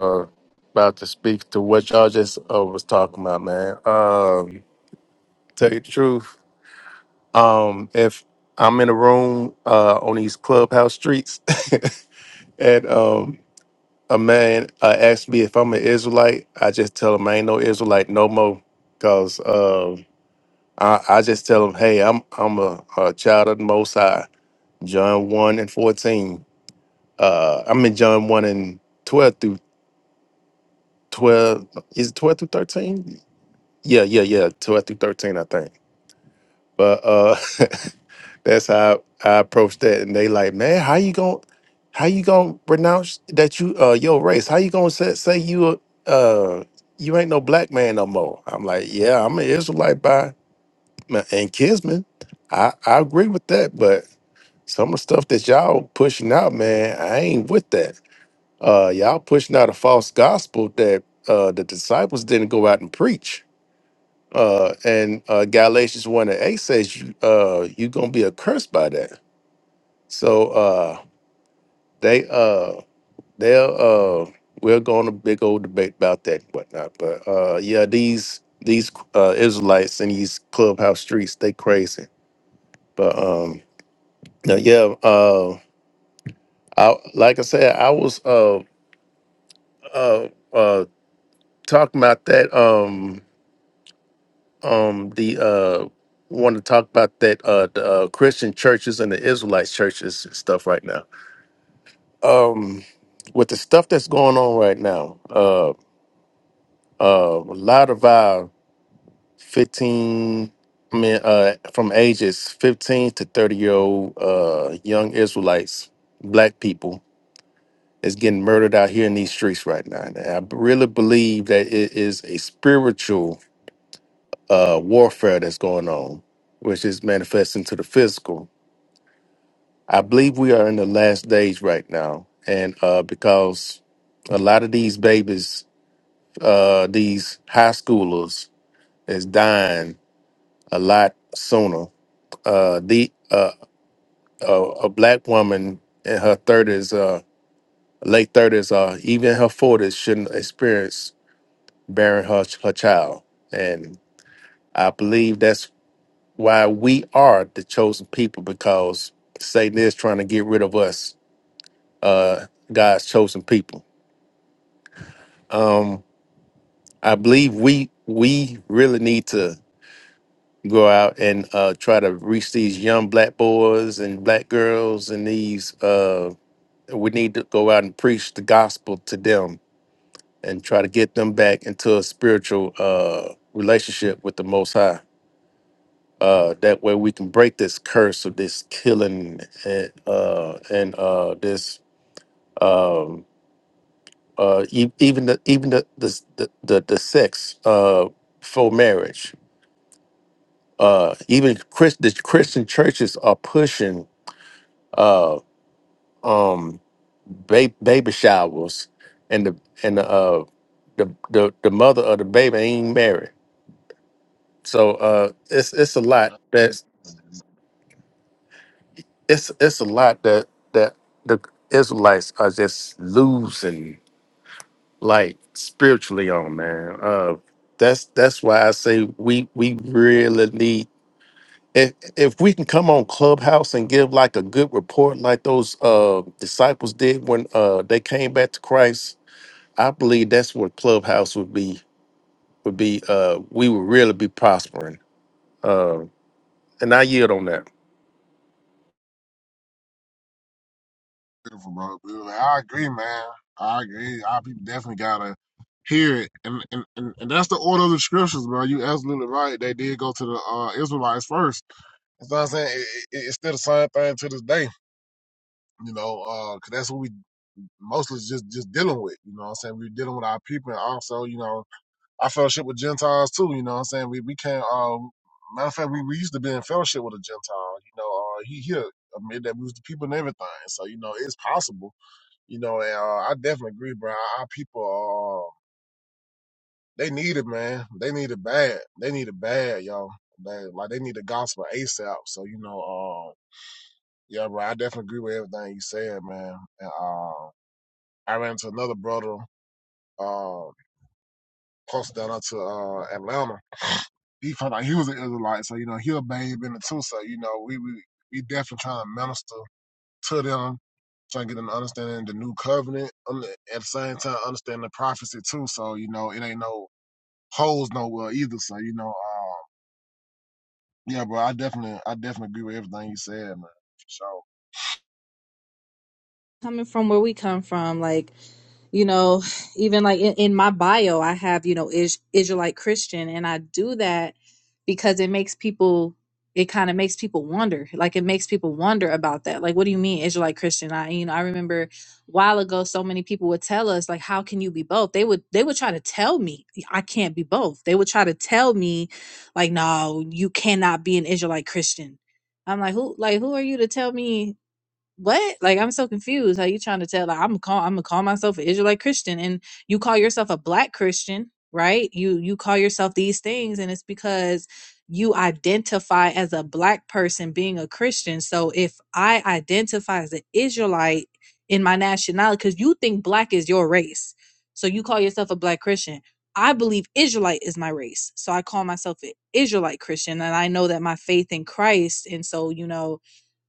Speaker 6: uh, about to speak to what y'all just uh, was talking about, man. Um, tell you the truth, um, if I'm in a room uh, on these clubhouse streets, and um, a man uh, asks me if I'm an Israelite, I just tell him I ain't no Israelite no more, cause um I, I just tell him, hey, I'm I'm a, a child of the Most High. John one and fourteen. Uh, I'm in John one and twelve through twelve. Is it twelve through thirteen? Yeah, yeah, yeah. Twelve through thirteen, I think. But uh that's how I, I approached that. And they like, man, how you going how you gonna renounce that you uh your race? How you gonna say say you a- uh you ain't no black man no more? I'm like, yeah, I'm an Israelite by my- and kinsman. I, I agree with that, but some of the stuff that y'all pushing out, man, I ain't with that. Uh y'all pushing out a false gospel that uh the disciples didn't go out and preach Uh, and uh, Galatians one and eight says you uh, you're gonna be accursed by that. So uh, they uh, they'll uh, we're going to big old debate about that and whatnot. But uh, yeah, these these uh, Israelites in these clubhouse streets, they crazy. But um, yeah, yeah, uh, I like I said, I was uh, uh, uh, talking about that. Um, um the uh want to talk about that uh the uh, Christian churches and the Israelite churches and stuff right now. Um with the stuff that's going on right now, uh uh a lot of our 15 I mean uh from ages 15 to 30 year old uh young Israelites, black people is getting murdered out here in these streets right now. And I really believe that it is a spiritual uh warfare that's going on, which is manifesting to the physical I believe we are in the last days right now, and uh, because a lot of these babies, uh, these high schoolers, is dying a lot sooner. Uh, the uh, a, a black woman in her thirties, uh, late thirties, uh, even her forties, shouldn't experience bearing her her child, and I believe that's why we are the chosen people because Satan is trying to get rid of us, uh, God's chosen people um, I believe we we really need to go out and uh, try to reach these young black boys and black girls and these. Uh, we need to go out and preach the gospel to them and try to get them back into a spiritual uh, relationship with the Most High. Uh, that way we can break this curse of this killing and uh, and uh, this um, uh, e- even the even the the the, the, the sex uh, for marriage uh even Chris the Christian churches are pushing uh um ba- baby showers and the and the uh the, the the mother of the baby ain't married. So uh it's it's a lot
Speaker 1: ahead.
Speaker 6: that's it's it's a lot that that the Israelites are just losing like spiritually on man. Uh that's that's why I say we we really need if if we can come on clubhouse and give like a good report like those uh disciples did when uh they came back to christ i believe that's what clubhouse would be would be uh we would really be prospering uh and i yield on that
Speaker 1: Beautiful, bro. Beautiful. I agree, man. I agree. Our people definitely gotta hear it, and and, and and that's the order of the scriptures, bro. You absolutely right. They did go to the uh, Israelites first. That's what I'm saying. It, it, it's still the same thing to this day, you know, because uh, that's what we mostly just just dealing with. You know, what I'm saying we're dealing with our people, and also, you know. I fellowship with Gentiles too. You know what I'm saying? We we can't. Um, matter of fact, we, we used to be in fellowship with a Gentile. You know, uh, he here admit that we was the people and everything. So you know, it's possible. You know, and uh, I definitely agree, bro. Our people, uh, they need it, man. They need it bad. They need it bad, y'all. They, like they need the gospel ASAP. So you know, uh, yeah, bro. I definitely agree with everything you said, man. And uh, I ran into another brother uh, close down to uh, Atlanta he felt like he was an Israelite, so you know he a babe in it too. So you know we we we definitely trying to minister to them, trying to get them to understanding the new covenant, um, at the same time understanding the prophecy too. So you know it ain't no holes nowhere either. So you know, um, yeah, bro, I definitely I definitely agree with everything you said, man, for sure.
Speaker 2: coming from where we come from like you know even like in, in my bio i have you know is israelite christian and i do that because it makes people it kind of makes people wonder like it makes people wonder about that like what do you mean israelite christian i you know i remember a while ago so many people would tell us like how can you be both they would they would try to tell me i can't be both they would try to tell me like no you cannot be an israelite christian i'm like who like who are you to tell me what? Like I'm so confused. How you trying to tell? Like, I'm call I'm gonna call myself an Israelite Christian, and you call yourself a Black Christian, right? You you call yourself these things, and it's because you identify as a Black person being a Christian. So if I identify as an Israelite in my nationality, because you think Black is your race, so you call yourself a Black Christian. I believe Israelite is my race. So I call myself an Israelite Christian and I know that my faith in Christ and so you know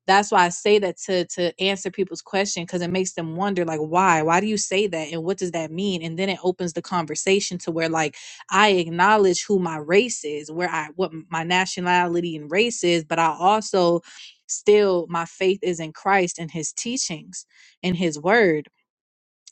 Speaker 2: that's why I say that to to answer people's question because it makes them wonder like why why do you say that and what does that mean and then it opens the conversation to where like I acknowledge who my race is where I what my nationality and race is but I also still my faith is in Christ and his teachings and his word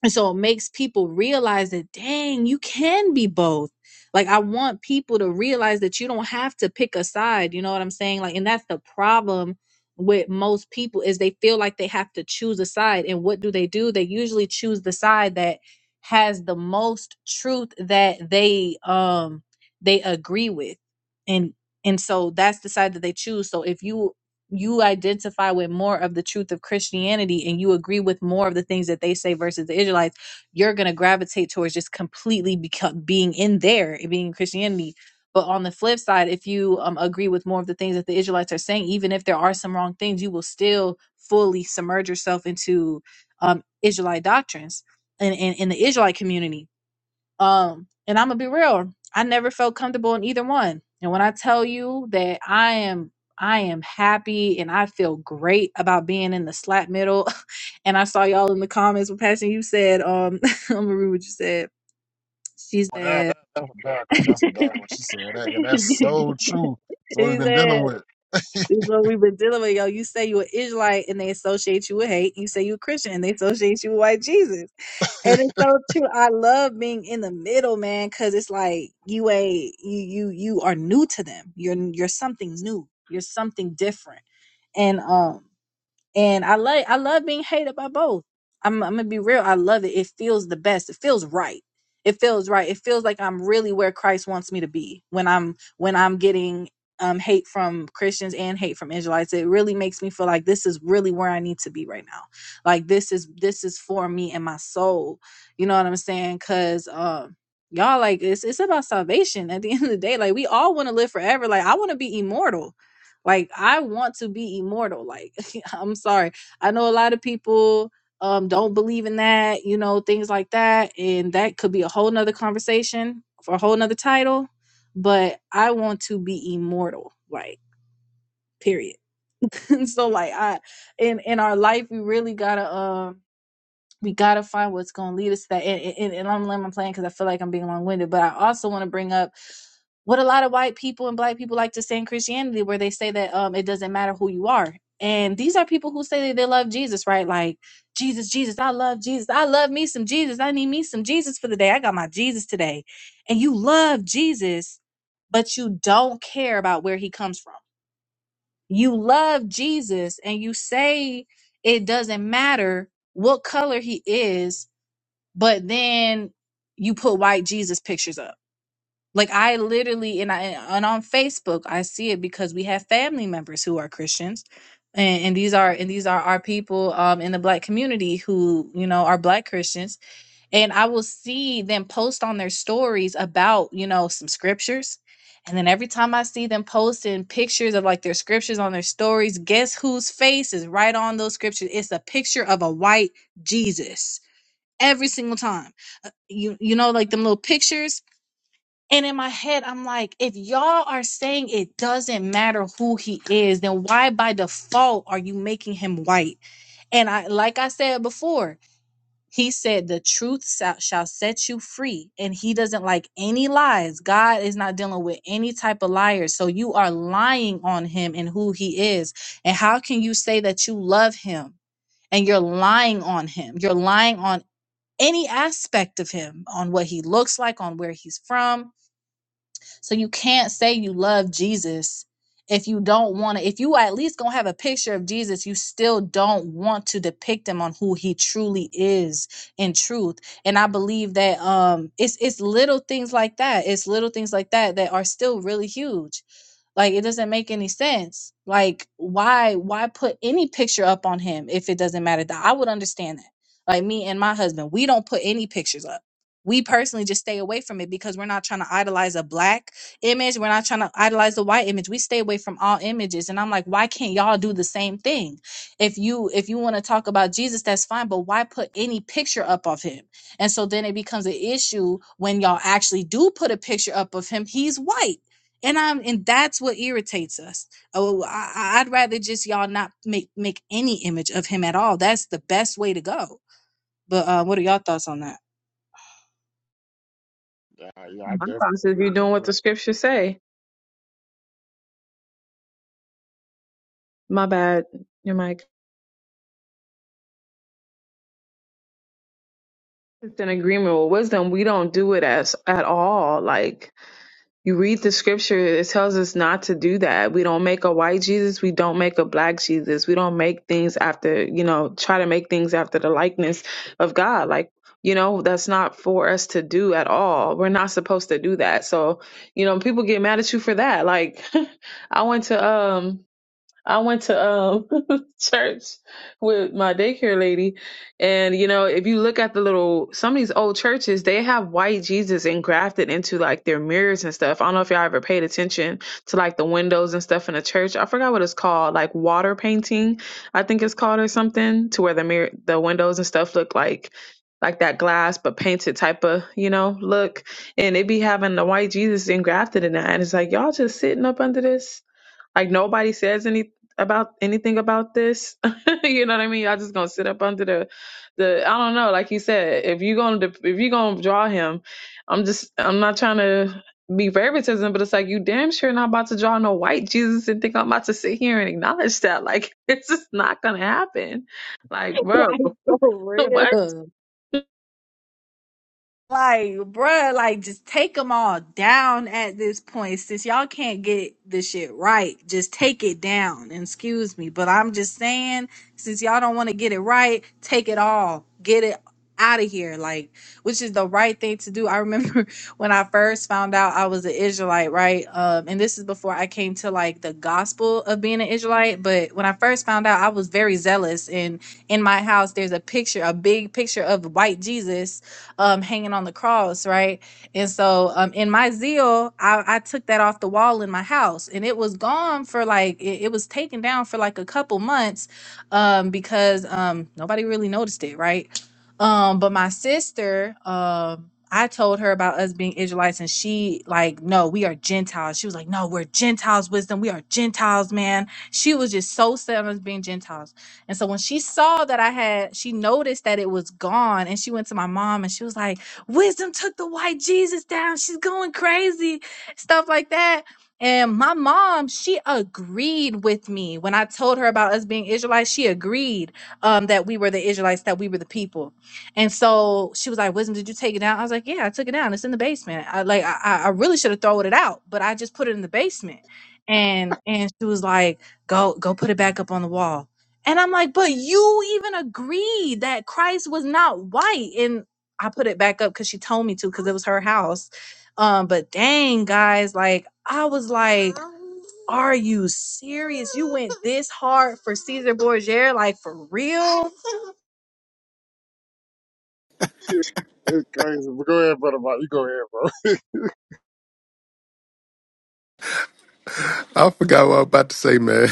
Speaker 2: and so it makes people realize that, dang, you can be both. Like, I want people to realize that you don't have to pick a side. You know what I'm saying? Like, and that's the problem with most people is they feel like they have to choose a side. And what do they do? They usually choose the side that has the most truth that they um they agree with. And and so that's the side that they choose. So if you you identify with more of the truth of Christianity and you agree with more of the things that they say versus the Israelites, you're going to gravitate towards just completely become, being in there and being in Christianity. But on the flip side, if you um, agree with more of the things that the Israelites are saying, even if there are some wrong things, you will still fully submerge yourself into um, Israelite doctrines and in the Israelite community um, and I'm gonna be real. I never felt comfortable in either one. And when I tell you that I am I am happy and I feel great about being in the slap middle. and I saw y'all in the comments with passion. You said, um, I'm gonna read what you said. She
Speaker 1: But that, that
Speaker 2: said,
Speaker 1: that's a bad girl. That's a bad one. She said that. Yeah, that's so true. That's what we've
Speaker 2: he
Speaker 1: been dealing
Speaker 2: said
Speaker 1: with.
Speaker 2: this is what we've been dealing with, yo. You say you an Israelite and they associate you with hate. You say you a Christian and they associate you with white Jesus. And it's so true. I love being in the middle, man, because it's like you a you you you are new to them. You're you're something new. You're something different. and um and I like I love being hated by both. I'm I'm gonna be real. I love it. It feels the best. It feels right. It feels right. It feels like I'm really where Christ wants me to be when I'm when I'm getting um hate from Christians and hate from Israelites. It really makes me feel like this is really where I need to be right now. Like this is this is for me and my soul. You know what I'm saying? Cause um y'all like it's it's about salvation at the end of the day. Like we all want to live forever. Like I want to be immortal. Like I want to be immortal. Like I'm sorry. I know a lot of people um don't believe in that, you know, things like that. And that could be a whole nother conversation for a whole nother title. But I want to be immortal, like period. so like I in in our life we really gotta um we gotta find what's gonna lead us to that. And, and, and I'm laying my plan because I feel like I'm being long winded, but I also want to bring up what a lot of white people and black people like to say in Christianity, where they say that um it doesn't matter who you are. And these are people who say that they love Jesus, right? Like Jesus, Jesus, I love Jesus. I love me some Jesus. I need me some Jesus for the day. I got my Jesus today. And you love Jesus, but you don't care about where he comes from. You love Jesus and you say it doesn't matter what color he is but then you put white Jesus pictures up. Like I literally and I and on Facebook I see it because we have family members who are Christians. And, and these are and these are our people um, in the black community who you know are black Christians, and I will see them post on their stories about you know some scriptures, and then every time I see them posting pictures of like their scriptures on their stories, guess whose face is right on those scriptures? It's a picture of a white Jesus every single time. Uh, You you know like them little pictures and in my head I'm like if y'all are saying it doesn't matter who he is then why by default are you making him white? And I like I said before he said the truth shall, shall set you free and he doesn't like any lies. God is not dealing with any type of liars. So you are lying on him and who he is. And how can you say that you love him? and you're lying on him. You're lying on any aspect of him on what he looks like, on where he's from. So you can't say you love Jesus if you don't want to. If you at least gonna have a picture of Jesus, you still don't want to depict him on who he truly is in truth. And I believe that um, it's it's little things like that. It's little things like that that are still really huge like it doesn't make any sense. Like why why put any picture up on him if it doesn't matter? That I would understand that. Like me and my husband, we don't put any pictures up. We personally just stay away from it because we're not trying to idolize a black image. We're not trying to idolize the white image. We stay away from all images. And I'm like, why can't y'all do the same thing? If you if you want to talk about Jesus, that's fine, but why put any picture up of him? And so then it becomes an issue when y'all actually do put a picture up of him. He's white and I'm and that's what irritates us. Oh, I, I- would rather just y'all not make make any image of him at all. That's the best way to go. But uh, what are y'all thoughts on that?
Speaker 1: Yeah, yeah, I
Speaker 3: My
Speaker 1: definitely
Speaker 3: thoughts is you are
Speaker 1: agree
Speaker 3: doing
Speaker 1: with
Speaker 3: what the scriptures say. My bad, your mic. It's In agreement with wisdom. We don't do it as at all. Like you read the scripture, it tells us not to do that. We don't make a white Jesus. We don't make a black Jesus. We don't make things after you know try to make things after the likeness of God. Like you know that's not for us to do at all. We're not supposed to do that. So you know people get mad at you for that. Like I went to um I went to um church with my daycare lady, and you know, if you look at the little some of these old churches, they have white Jesus engrafted into like their mirrors and stuff. I don't know if y'all ever paid attention to like the windows and stuff in a church. I forgot what it's called, like water painting, I think it's called or something, to where the mirror, the windows and stuff look like like that glass but painted type of you know look and they be having the white jesus engrafted in that and it's like y'all just sitting up under this like nobody says any about anything about this. you know what I mean? Y'all just gonna sit up under the the I don't know. Like you said, if you gonna dep- if you gonna draw him, I'm just I'm not trying to be favoritism, but it's like you damn sure not about to draw no white Jesus and think I'm about to sit here and acknowledge that. Like it's just not gonna happen. Like bro, what?
Speaker 2: Like, bruh, like just take them all down at this point. Since y'all can't get this shit right, just take it down. And Excuse me, but I'm just saying, since y'all don't want to get it right, take it all. Get it out of here. Like, which is the right thing to do. I remember when I first found out I was an Israelite, right? Um, and this is before I came to like the gospel of being an Israelite. But when I first found out, I was very zealous. And in my house, there's a picture, a big picture of white Jesus um, hanging on the cross, right? And so, um, in my zeal, I, I took that off the wall in my house, and it was gone for like it, it was taken down for like a couple months, um, because um, nobody really noticed it, right? Um, but my sister, um, I told her about us being Israelites, and she like, no, we are Gentiles. She was like, no, we're Gentiles, wisdom. We are Gentiles, man. She was just so set on us being Gentiles. And so when she saw that I had, she noticed that it was gone and she went to my mom and she was like, Wisdom took the white Jesus down. She's going crazy, stuff like that. And my mom, she agreed with me when I told her about us being Israelites. She agreed um, that we were the Israelites, that we were the people. And so she was like, "Wisdom, did you take it down?" I was like, "Yeah, I took it down. It's in the basement. I like, I, I I really should have thrown it out, but I just put it in the basement." And and she was like, "Go, go, put it back up on the wall." And I'm like, but you even agreed that Christ was not white. And I put it back up because she told me to because it was her house. Um, but dang, guys, like I was like, are you serious? You went this hard for Caesar Borgia, like for real?
Speaker 1: her. it's crazy. But go ahead, brother. Mike. You go ahead, bro.
Speaker 6: I forgot what I was about to say, man.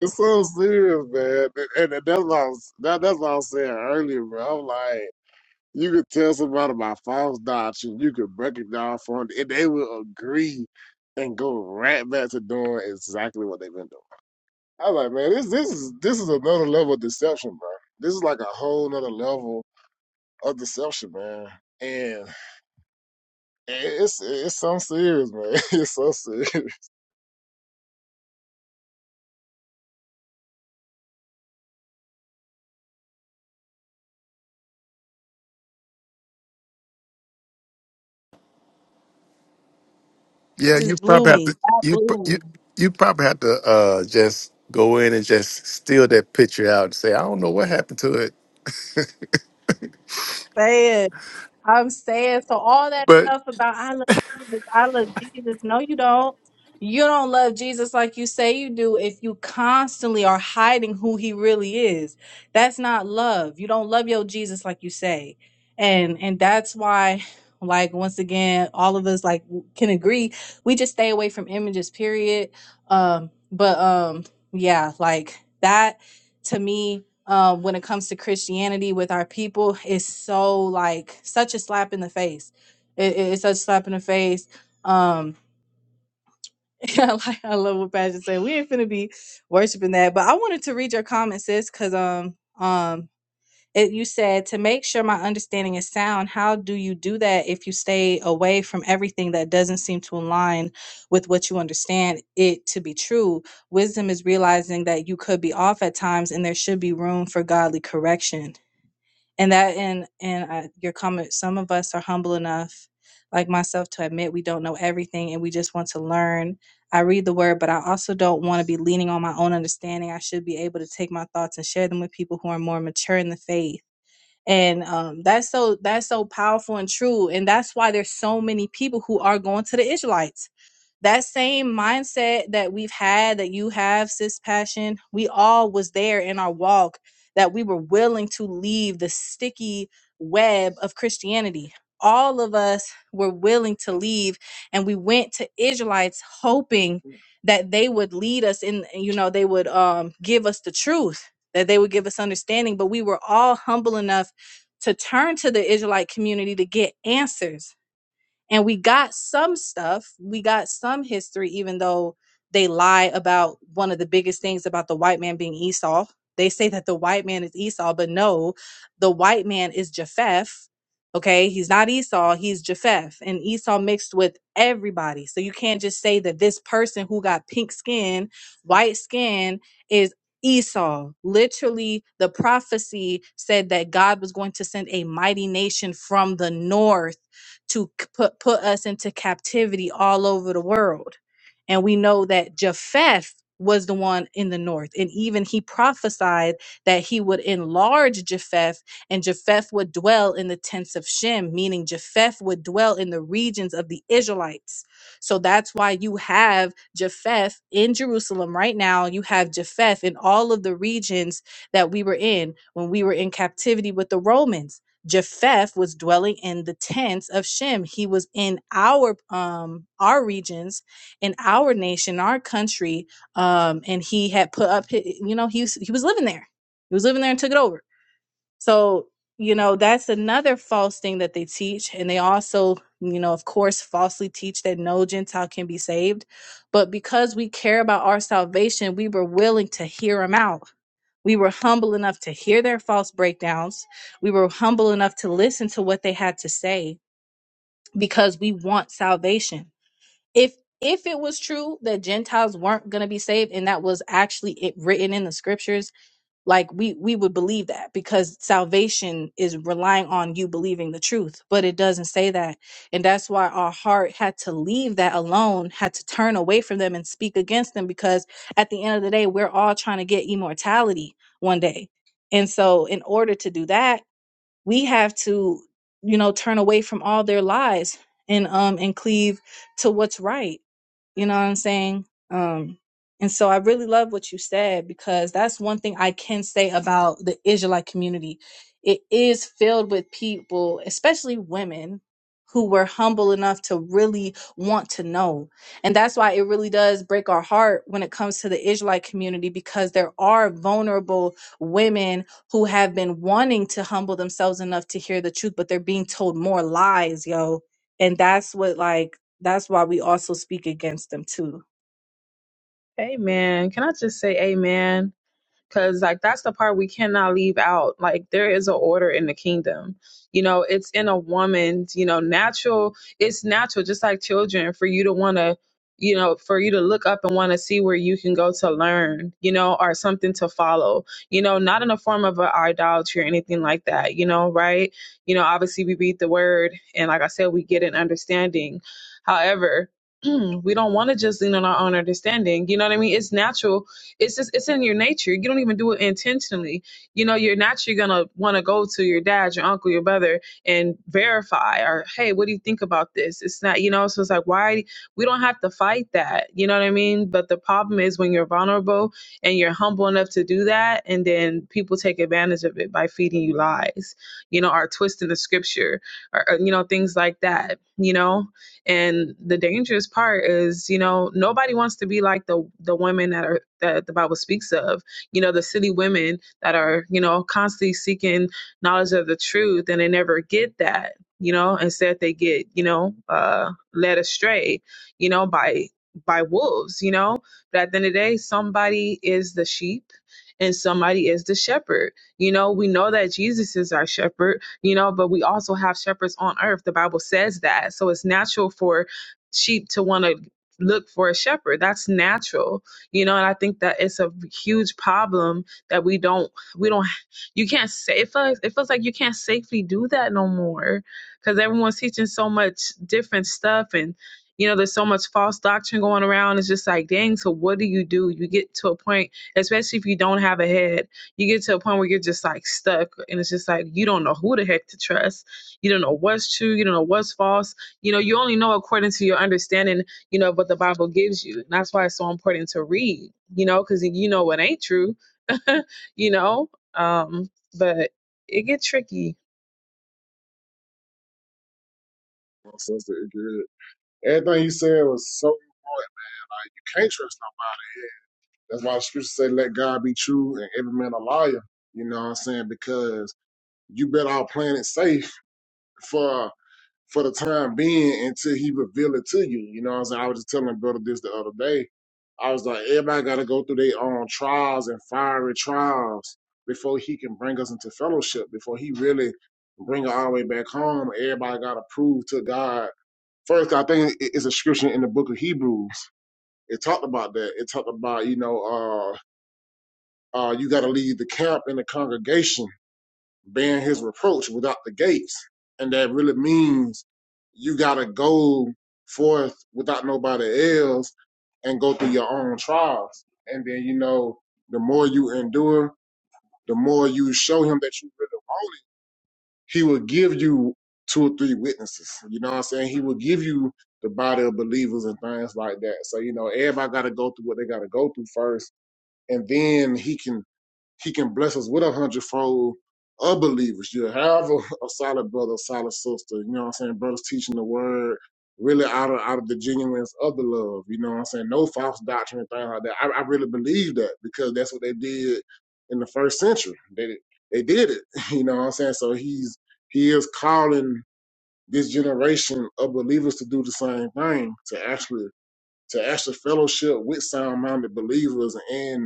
Speaker 1: It's so serious, man. And, and that's what I was that, that's what I was saying earlier, bro. I'm like, you could tell somebody about false doctrine, you could break it down for them, and they will agree and go right back to doing exactly what they've been doing. I was like, man, this this is this is another level of deception, bro. This is like a whole nother level of deception, man. And it's it's so serious, man. It's so serious.
Speaker 2: That
Speaker 6: yeah, you
Speaker 2: just blew
Speaker 6: probably have
Speaker 2: me.
Speaker 6: to.
Speaker 2: That
Speaker 6: You pr- you
Speaker 2: blew
Speaker 6: you probably have to uh, just go in and just steal that picture out and say, I don't know what happened to
Speaker 2: me. I'm saying so all that
Speaker 6: it.
Speaker 2: stuff about I love Jesus, I love Jesus. No, you don't. You don't love Jesus like you say you do if you constantly are hiding who he really is. That's not love. You don't love your Jesus like you say. And and that's why like once again all of us like can agree we just stay away from images period. Um but um yeah, like that to me uh, when it comes to Christianity with our people is so like such a slap in the face. It, it- it's such a slap in the face. Um, I like I love what Pastor said. We ain't finna be worshiping that, but I wanted to read your comment, sis, because um um it, you said to make sure my understanding is sound. How do you do that if you stay away from everything that doesn't seem to align with what you understand it to be true? Wisdom is realizing that you could be off at times, and there should be room for godly correction and that and and uh, your comment some of us are humble enough like myself to admit we don't know everything and we just want to learn i read the word but i also don't want to be leaning on my own understanding i should be able to take my thoughts and share them with people who are more mature in the faith and um, that's so that's so powerful and true and that's why there's so many people who are going to the israelites that same mindset that we've had that you have sis passion we all was there in our walk that we were willing to leave the sticky web of christianity all of us were willing to leave and we went to israelites hoping that they would lead us in you know they would um give us the truth that they would give us understanding but we were all humble enough to turn to the israelite community to get answers and we got some stuff we got some history even though they lie about one of the biggest things about the white man being esau they say that the white man is esau but no the white man is japheth okay he's not esau he's japheth and esau mixed with everybody so you can't just say that this person who got pink skin white skin is Esau, literally, the prophecy said that God was going to send a mighty nation from the north to c- put put us into captivity all over the world. And we know that Japheth was the one in the north. And even he prophesied that he would enlarge Japheth and Japheth would dwell in the tents of Shem, meaning Japheth would dwell in the regions of the Israelites. So that's why you have Japheth in Jerusalem right now. You have Japheth in all of the regions that we were in when we were in captivity with the Romans. Japheth was dwelling in the tents of Shem. He was in our um our regions, in our nation, our country, um, and he had put up. hi- You know, he was, he was living there. He was living there and took it over. So, you know, that's another false thing that they teach. And they also, you know, of course, falsely teach that no Gentile can be saved. But because we care about our salvation, we were willing to hear them out. We were humble enough to hear their false breakdowns. We were humble enough to listen to what they had to say because we want salvation. If if it was true that Gentiles weren't going to be saved and that was actually it written in the scriptures, like we we would believe that because salvation is relying on you believing the truth but it doesn't say that and that's why our heart had to leave that alone had to turn away from them and speak against them because at the end of the day we're all trying to get immortality one day and so in order to do that we have to you know turn away from all their lies and um and cleave to what's right you know what I'm saying? Um, and so I really love what you said because that's one thing I can say about the Israelite community. It is filled with people, especially women, who were humble enough to really want to know. And that's why it really does break our heart when it comes to the Israelite community because there are vulnerable women who have been wanting to humble themselves enough to hear the truth, but they're being told more lies, yo. And that's what, like, that's why we also speak against them too.
Speaker 3: Amen. Can I just say amen? Cause like that's the part we cannot leave out. Like there is an order in the kingdom. You know, it's in a woman's, you know, natural it's natural, just like children, for you to wanna, you know, for you to look up and wanna see where you can go to learn, you know, or something to follow. You know, not in a form of an idolatry or anything like that, you know, right? You know, obviously we read the word and like I said, we get an understanding. However, we don't want to just lean on our own understanding. You know what I mean? It's natural it's just it's in your nature. You don't even do it intentionally. You know, you're naturally gonna want to go to your dad, your uncle, your brother, and verify or hey, what do you think about this? It's not you know. So it's like why we don't have to fight that. You know what I mean? But the problem is when you're vulnerable and you're humble enough to do that, and then people take advantage of it by feeding you lies. You know, or twisting the scripture, or or, you know things like that. You know. And the dangerous part is, you know, nobody wants to be like the the women that are that the Bible speaks of. You know, the city women that are, you know, constantly seeking knowledge of the truth and they never get that, you know, instead they get, you know, uh led astray, you know, by by wolves, you know. But at the end of the day, somebody is the sheep and somebody is the shepherd. You know, we know that Jesus is our shepherd, you know, but we also have shepherds on earth. The Bible says that. So it's natural for sheep to want to look for a shepherd. That's natural. You know, and I think that it's a huge problem that we don't we don't you can't say it feels, it feels like you can't safely do that no more because everyone's teaching so much different stuff and you know there's so much false doctrine going around it's just like dang so what do you do you get to a point especially if you don't have a head you get to a point where you're just like stuck and it's just like you don't know who the heck to trust you don't know what's true you don't know what's false you know you only know according to your understanding you know what the bible gives you and that's why it's so important to read you know because you know what ain't true you know um but it get tricky
Speaker 1: It's so serious. Everything you said was so can't trust That's why the scriptures say, let God be true and every man a liar. You know what I'm saying? Because you bet our planet safe for for the time being until he reveal it to you. You know what I'm saying? I was just telling my brother this the other day. I was like, everybody got to go through their own trials and fiery trials before he can bring us into fellowship, before he really bring us all the way back home. Everybody got to prove to God. First, I think it- it's a scripture in the book of Hebrews. It talked about that. It talked about, you know, uh, uh, you got to leave the camp and the congregation bearing his reproach without the gates. And that really means you got to go forth without nobody else and go through your own trials. And then, you know, the more you endure, the more you show him that you really want it, he will give you two or three witnesses. You know what I'm saying? He will give you the body of believers and things like that. So, you know, everybody got to go through what they got to go through first. And then he can he can bless us with a hundredfold of believers. You have a, a solid brother, a solid sister. You know what I'm saying? Brothers teaching the word really out of out of the genuineness of the love. You know what I'm saying? No false doctrine and things like that. I, I really believe that because that's what they did in the first century. They they did it. You know what I'm saying? So he's he is calling this generation of believers to do the same thing, to actually to actually fellowship with sound minded believers and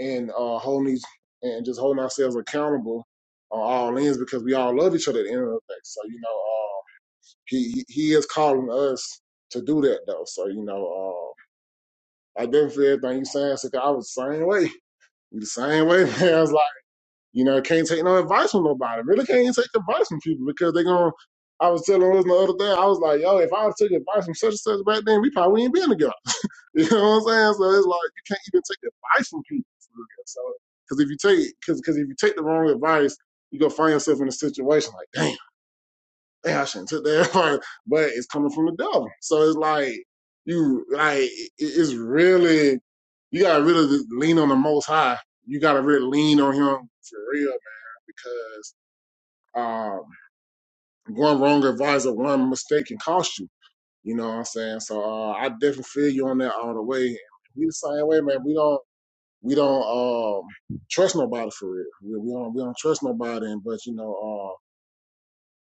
Speaker 1: and uh, holding these and just holding ourselves accountable on all ends because we all love each other at the end of the day. So you know, uh, he he is calling us to do that though. So you know, uh, I definitely feel everything you saying. So I was the same way. We the same way, man. I was like, you know, can't take no advice from nobody. Really can't take advice from people because they going to I was telling us the other day, I was like, yo, if I took advice from such and such back then, we probably ain't been together. You know what I'm saying? So it's like you can't even take advice from people. for real. So because if you take because because if you take the wrong advice, you go find yourself in a situation like, damn, damn, I shouldn't took that advice. But it's coming from the devil. So it's like you like it- it's really you gotta really lean on the Most High. You gotta really lean on Him for real, man, because um, going wrong advice or one mistake can cost you. You know what I'm saying? So uh, I definitely feel you on that all the way. We the same way, man. We don't we don't um trust nobody for real. We, we don't we don't trust nobody. And but you know, uh,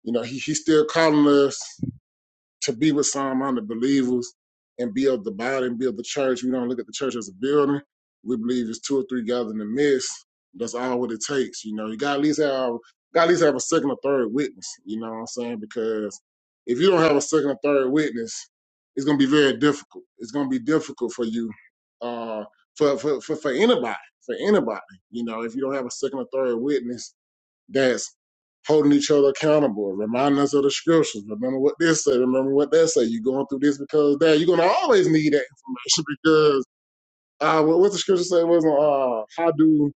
Speaker 1: you know, he he's still calling us to be with sound-minded believers and build the body and build the church. We don't look at the church as a building. We believe it's two or three gathered in the midst. That's all what it takes. You know, you got to at least have got at least have a second or third witness. You know what I'm saying? Because if you don't have a second or third witness, it's gonna be very difficult. It's gonna be difficult for you, uh, for for for, for anybody, for anybody. You know, if you don't have a second or third witness that's holding each other accountable, reminding us of the scriptures. Remember what this say, remember what that say. You're going through this because that. You're gonna always need that information because uh what, what the scripture say was uh how do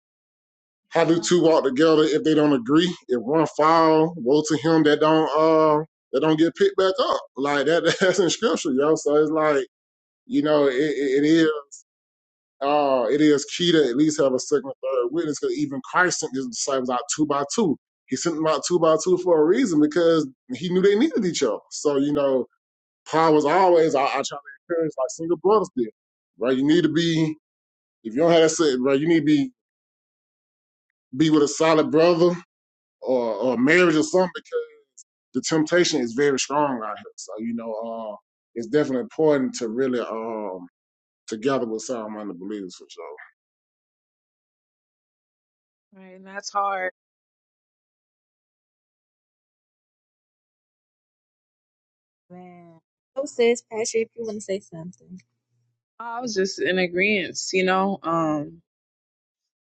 Speaker 1: how do two walk together if they don't agree? If one fall, woe to him that don't uh that don't get picked back up. Like that that's in scripture, yo. So it's like, you know, it, it it is uh, it is key to at least have a second or third witness because even Christ sent his disciples out two by two. He sent them out two by two for a reason because he knew they needed each other. So, you know, Paul was always, I, I try to encourage like single brothers did, right? You need to be, if you don't have that, set, right, you need to be, be with a solid brother or, or marriage or something because the temptation is very strong out here. So, you know, uh, it's definitely important to really, um, together with sound minded believers for sure.
Speaker 3: right and that's hard
Speaker 2: Man. Oh, sis, Pastor, if you want to say something.
Speaker 3: i was just in agreement you know um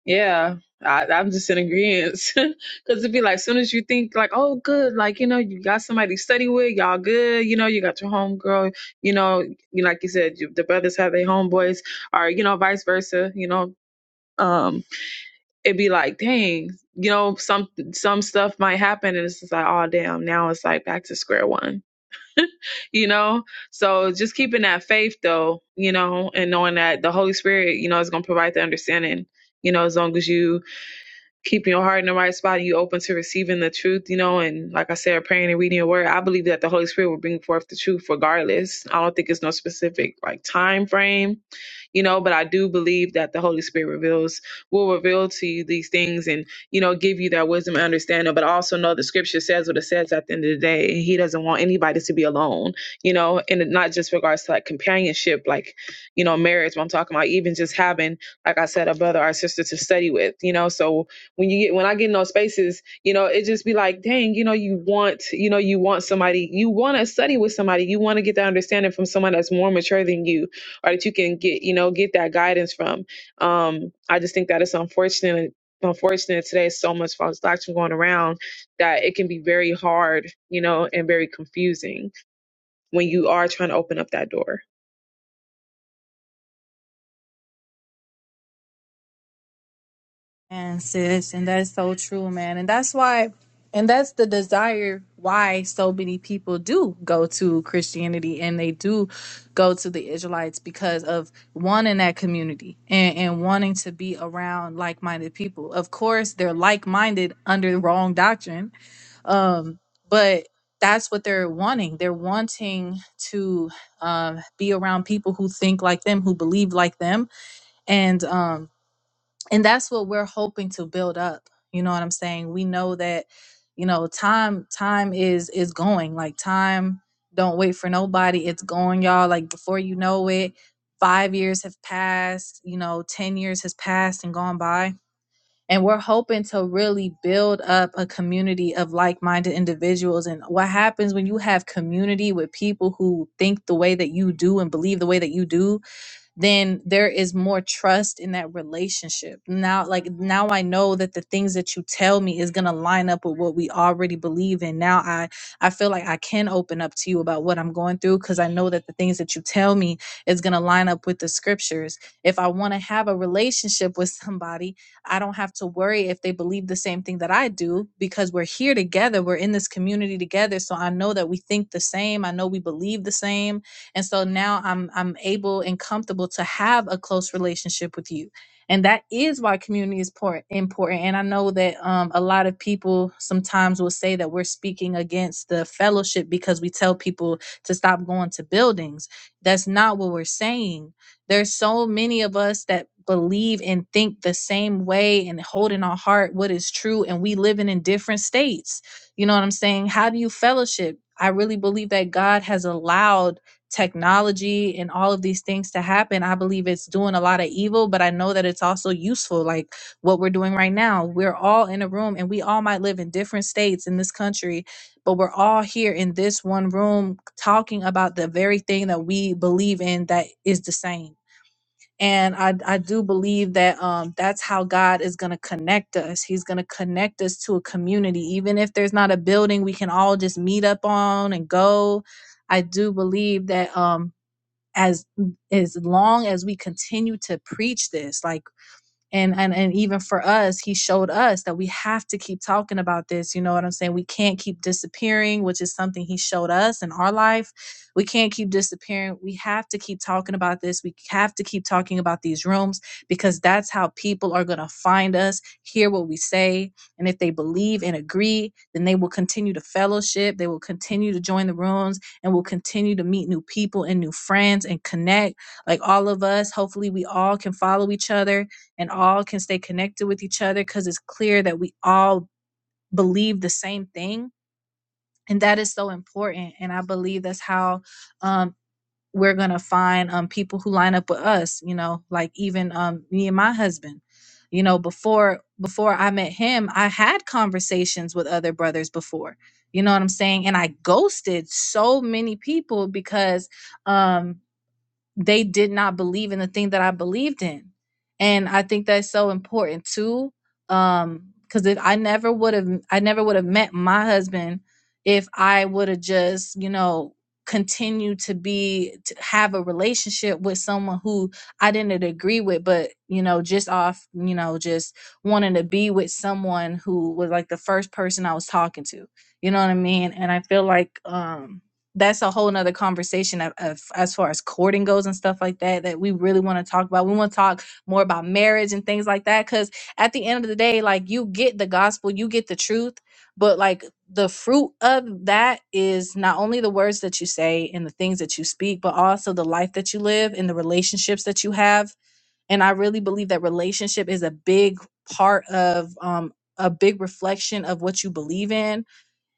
Speaker 3: Yeah, I, I'm just in agreement. Because it'd be like, soon as you think, like, oh, good, like, you know, you got somebody to study with, y'all good, you know, you got your homegirl, you know, you like you said, you, the brothers have their homeboys, or, you know, vice versa, you know, um, it'd be like, dang, you know, some some stuff might happen, and it's just like, oh, damn, now it's like back to square one, you know? So just keeping that faith, though, you know, and knowing that the Holy Spirit, you know, is going to provide the understanding. You know, as long as you keeping your heart in the right spot and you open to receiving the truth, you know, and like I said, praying and reading your word, I believe that the Holy Spirit will bring forth the truth regardless. I don't think it's no specific like time frame, you know, but I do believe that the Holy Spirit reveals will reveal to you these things and, you know, give you that wisdom and understanding. But I also know the scripture says what it says at the end of the day. And he doesn't want anybody to be alone, you know, and it- not just regards to like companionship, like, you know, marriage, what I'm talking about, even just having, like I said, a brother or sister to study with, you know. So when you get when I get in those spaces, you know, it just be like, dang, you know, you want, you know, you want somebody, you want to study with somebody, you want to get that understanding from someone that's more mature than you, or that you can get, you know, get that guidance from. Um, I just think that it's unfortunate. Unfortunate today, is so much false doctrine going around that it can be very hard, you know, and very confusing when you are trying to open up that door.
Speaker 2: And sis, and that's so true, man. And that's why, and that's the desire why so many people do go to Christianity and they do go to the Israelites because of wanting that community and, and wanting to be around like minded people. Of course, they're like minded under the wrong doctrine um, but that's what they're wanting. They're wanting to um, be around people who think like them, who believe like them, and um, and that's what we're hoping to build up. You know what I'm saying? We know that you know time time is is going like time don't wait for nobody it's going y'all like before you know it five years have passed you know ten years has passed and gone by and we're hoping to really build up a community of like minded individuals. And what happens when you have community with people who think the way that you do and believe the way that you do? then there is more trust in that relationship. Now, like now I know that the things that you tell me is gonna line up with what we already believe in. Now I I feel like I can open up to you about what I'm going through because I know that the things that you tell me is gonna line up with the scriptures. If I want to have a relationship with somebody, I don't have to worry if they believe the same thing that I do because we're here together, we're in this community together. So I know that we think the same, I know we believe the same and so now I'm I'm able and comfortable to have a close relationship with you. And that is why community is important. And I know that um, a lot of people sometimes will say that we're speaking against the fellowship because we tell people to stop going to buildings. That's not what we're saying there's so many of us that believe and think the same way and hold in our heart what is true and we living in different states you know what i'm saying how do you fellowship i really believe that god has allowed technology and all of these things to happen i believe it's doing a lot of evil but i know that it's also useful like what we're doing right now we're all in a room and we all might live in different states in this country but we're all here in this one room talking about the very thing that we believe in that is the same and I, I do believe that um, that's how God is going to connect us. He's going to connect us to a community. Even if there's not a building we can all just meet up on and go, I do believe that um, as as long as we continue to preach this like and and and even for us he showed us that we have to keep talking about this you know what i'm saying we can't keep disappearing which is something he showed us in our life we can't keep disappearing we have to keep talking about this we have to keep talking about these rooms because that's how people are going to find us hear what we say and if they believe and agree then they will continue to fellowship they will continue to join the rooms and will continue to meet new people and new friends and connect like all of us hopefully we all can follow each other and all can stay connected with each other because it's clear that we all believe the same thing. And that is so important. And I believe that's how um, we're going to find um, people who line up with us, you know, like even um, me and my husband. You know, before before I met him, I had conversations with other brothers before. You know what I'm saying? And I ghosted so many people because um they did not believe in the thing that I believed in. And I think that's so important too. Um, because if I never would have I never would have met my husband if I would have just, you know, continued to be to have a relationship with someone who I didn't agree with, but you know, just off, you know, just wanting to be with someone who was like the first person I was talking to. You know what I mean? And I feel like um that's a whole nother conversation of, of as far as courting goes and stuff like that that we really want to talk about we want to talk more about marriage and things like that because at the end of the day like you get the gospel you get the truth but like the fruit of that is not only the words that you say and the things that you speak but also the life that you live and the relationships that you have and i really believe that relationship is a big part of um a big reflection of what you believe in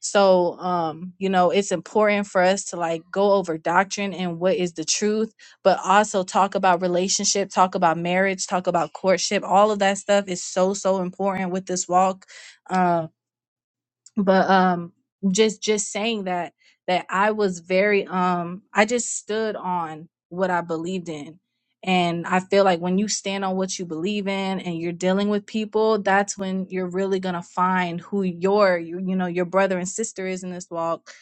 Speaker 2: so, um, you know, it's important for us to like go over doctrine and what is the truth, but also talk about relationship, talk about marriage, talk about courtship. All of that stuff is so, so important with this walk. Um, but um just just saying that that i was very um i just stood on what i believed in and i feel like when you stand on what you believe in and you're dealing with people that's when you're really gonna find who your you, you know your brother and sister is in this walk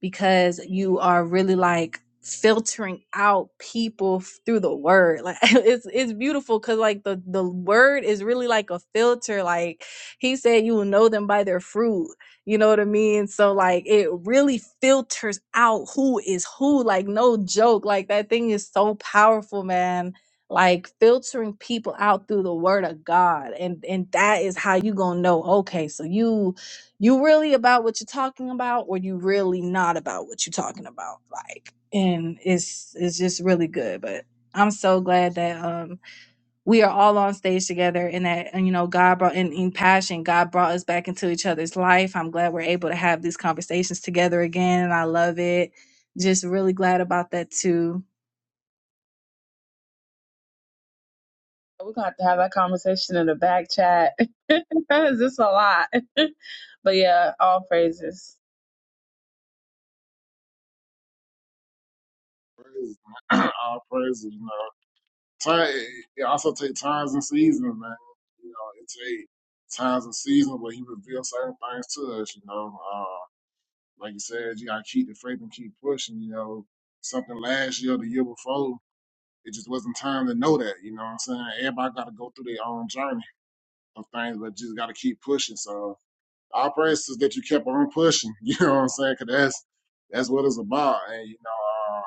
Speaker 2: because you are really like filtering out people f- through the word like it's it's beautiful because like the the word is really like a filter like he said you will know them by their fruit you know what I mean? So like it really filters out who is who. Like no joke. Like that thing is so powerful, man. Like filtering people out through the word of God. And and that is how you gonna know, okay, so you you really about what you're talking about or you really not about what you're talking about. Like and it's it's just really good. But I'm so glad that um we are all on stage together and that and, you know god brought in, in passion god brought us back into each other's life i'm glad we're able to have these conversations together again and i love it just really glad about that too
Speaker 3: We're gonna have to have that conversation in the back chat. That is just a lot. but yeah, all praises.
Speaker 1: Praise, all praises, you know. time, it also takes times and seasons, man. You know, it takes times and seasons where he reveals certain things to us. You know, uh, like you said, you gotta keep the faith and keep pushing. You know, something last year, the year before, it just wasn't time to know that. You know what I'm saying? Everybody gotta go through their own journey of things, but just gotta keep pushing. So our prayers is that you kept on pushing. You know what I'm saying? 'Cause that's that's what it's about. And you know, uh,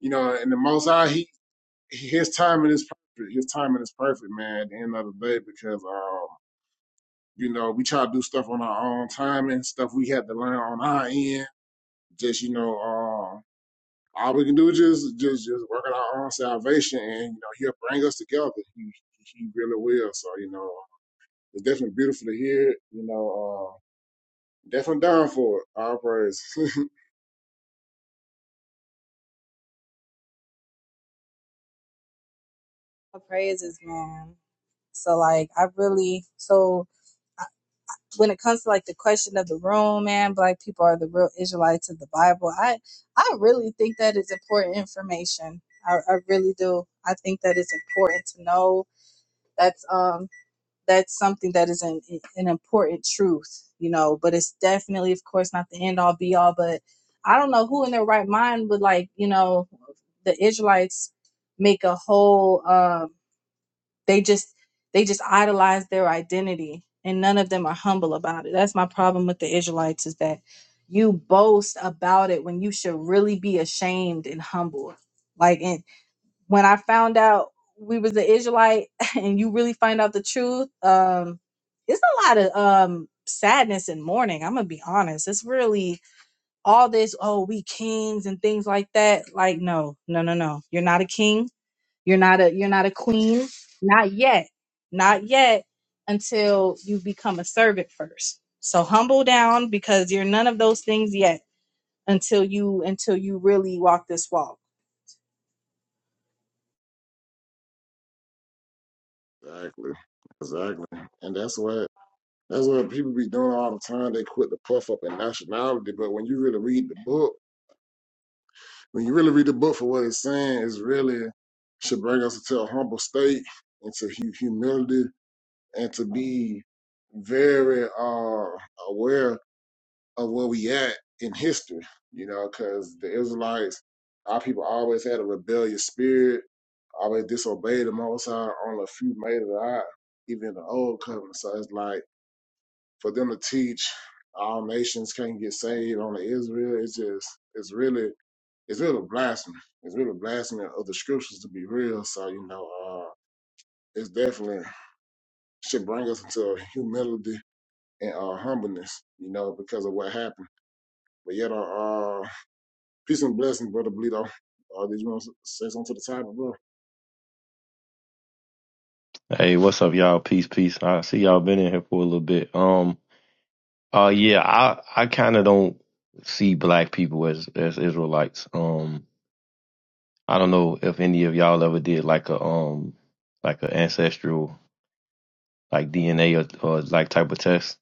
Speaker 1: you know, and the Most High, he his timing is perfect. His timing is perfect, man. At the end of the day, because um, you know, we try to do stuff on our own timing, stuff we had to learn on our end. Just you know, um, all we can do is just just just work on our own salvation, and you know, he'll bring us together. He he really will. So you know, it's definitely beautiful to hear. You know, uh, definitely down for it. All praise.
Speaker 2: praises man so like i really so I- when it comes to like the question of the room man black people are the real israelites of the bible i i really think that is important information i, I really do i think that it's important to know that's um that's something that is an, an important truth, you know, but it's definitely, of course, not the end all be all. But I don't know who in their right mind would like, you know, the Israelites make a whole, um, they just, they just idolize their identity and none of them are humble about it. That's my problem with the Israelites is that you boast about it when you should really be ashamed and humble. Like, and when I found out we was the Israelite and you really find out the truth, um, it's a lot of um sadness and mourning. I'm gonna be honest. It's really all this, oh, we kings and things like that. Like, no, no, no, no. You're not a king. You're not a you're not a queen. Not yet. Not yet until you become a servant first. So humble down because you're none of those things yet until you until you really walk this walk
Speaker 1: exactly, exactly, and that's what. That's what people be doing all the time. They quit the puff up in nationality. But when you really read the book, when you really read the book for what it's saying, it's really should bring us into a humble state, into hu- humility, and to be very uh, aware of where we at in history. You know, because the Israelites, our people always had a rebellious spirit, always disobeyed the Most High. Only a few made it out, even in the Old Covenant. So it's like for them to teach all nations can't get saved only Israel, it's just it's really it's really blasphemy. It's really blasphemy of the scriptures to be real. So, you know, uh it's definitely should bring us into humility and uh humbleness, you know, because of what happened. But yet uh, uh peace and blessings, brother Bleedo. Uh did you want to say something to the topic, bro?
Speaker 7: Hey, what's up, y'all? Peace, peace. I see y'all been in here for a little bit. Um, uh, yeah, I I kind of don't see black people as as Israelites. Um, I don't know if any of y'all ever did like a um like an ancestral like DNA or, or like type of test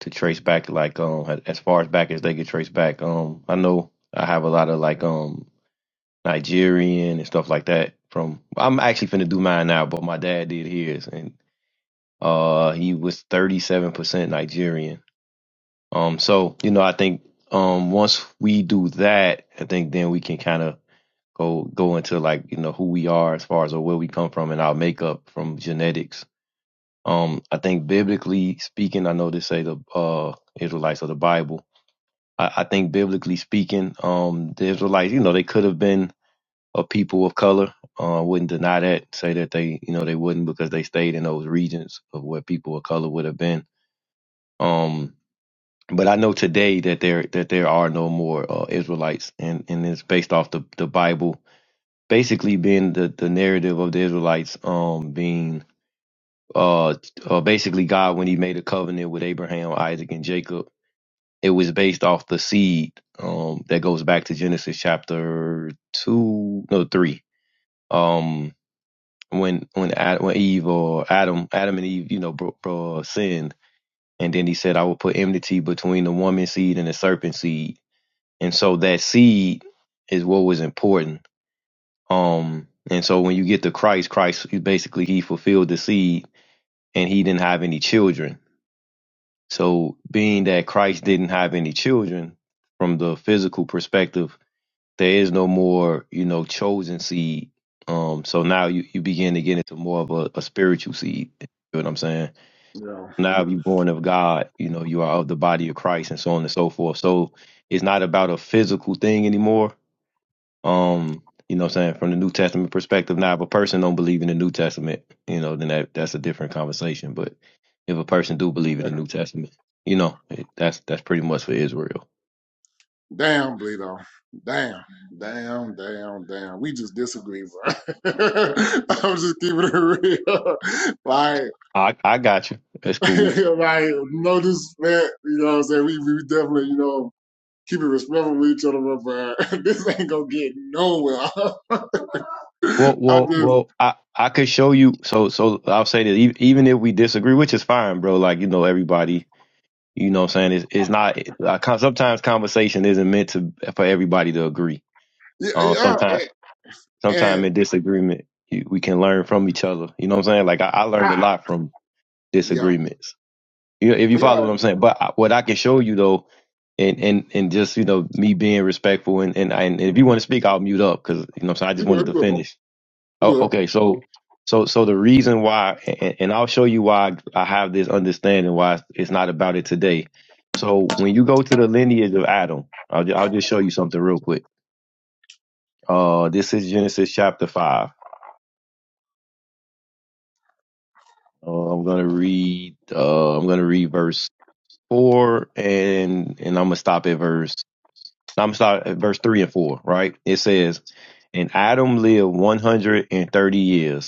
Speaker 7: to trace back like um as far as back as they could trace back. Um, I know I have a lot of like um Nigerian and stuff like that. From I'm actually finna do mine now, but my dad did his, and Uh, he was 37% Nigerian. Um, so, you know, I think um, once we do that, I think then we can kind of go go into like, you know, who we are as far as or where we come from and our makeup from genetics. Um, I think biblically speaking, I know they say the uh, Israelites of the Bible. I, I think biblically speaking, um, the Israelites, you know, they could have been a people of color. I Uh, wouldn't deny that, say that they, you know, they wouldn't because they stayed in those regions of where people of color would have been Um, but I know today that there that there are no more uh, Israelites, and and it's based off the the Bible basically being the the narrative of the Israelites um being uh, uh basically God when He made a covenant with Abraham, Isaac, and Jacob. It was based off the seed um that goes back to Genesis chapter two no three um when when Ad, when Eve or Adam Adam and Eve you know bro, bro, sinned And then he said, I will put enmity between the woman seed and the serpent seed. And so that seed is what was important. Um, and so when you get to Christ, Christ basically he fulfilled the seed and he didn't have any children. So being that Christ didn't have any children from the physical perspective, there is no more, you know, chosen seed. Um, so now you, you begin to get into more of a, a spiritual seed. You know what I'm saying?
Speaker 1: Yeah.
Speaker 7: now if you're born of God, you know, you are of the body of Christ and so on and so forth. So it's not about a physical thing anymore. Um, you know what I'm saying? From the New Testament perspective, now if a person don't believe in the New Testament, you know, then that, that's a different conversation. But if a person do believe in the New Testament, you know, it, that's that's pretty much for Israel.
Speaker 1: Damn, Bleedo. Damn, damn, damn, damn. We just disagree, bro. I'm just keeping it real. like,
Speaker 7: I I got you. That's cool.
Speaker 1: like, no disrespect. You know what I'm saying? We, we definitely, you know, keep it respectful with each other, but bro, this ain't gonna get nowhere.
Speaker 7: Well,
Speaker 1: I
Speaker 7: well,
Speaker 1: just,
Speaker 7: well. I I could show you. So so I'll say that e- even if we disagree, which is fine, bro. Like you know, everybody You know what I'm saying? It's, it's not, uh, sometimes conversation isn't meant to, for everybody to agree.
Speaker 1: yeah,
Speaker 7: Um,
Speaker 1: yeah
Speaker 7: sometimes,
Speaker 1: and,
Speaker 7: sometimes
Speaker 1: and
Speaker 7: in disagreement, you, we can learn from each other. You know what I'm saying? Like I, I learned a
Speaker 1: I,
Speaker 7: lot from
Speaker 1: yeah,
Speaker 7: disagreements. You know, if you follow what
Speaker 1: yeah.
Speaker 7: I'm saying, but I, what I can show you though, and, and, and just, you know, me being respectful and, and, I, and if you want
Speaker 1: mhm.
Speaker 7: to speak, I'll mute up because, you know what I'm saying? I
Speaker 1: You
Speaker 7: just
Speaker 1: good,
Speaker 7: wanted
Speaker 1: you
Speaker 7: to
Speaker 1: good, bro.
Speaker 7: finish.
Speaker 1: You
Speaker 7: Oh,
Speaker 1: good.
Speaker 7: okay. So, so, so the reason why, and, and I'll show you why I have this understanding why it's not about it today. So when you go to the lineage of Adam, I'll, ju- I'll just show you something real quick. Uh, this is Genesis chapter five. Uh, I'm gonna read. Uh, I'm gonna read verse four, and and I'm gonna stop at verse. I'm gonna start at verse three and four. Right? It says, "And Adam lived 130 years."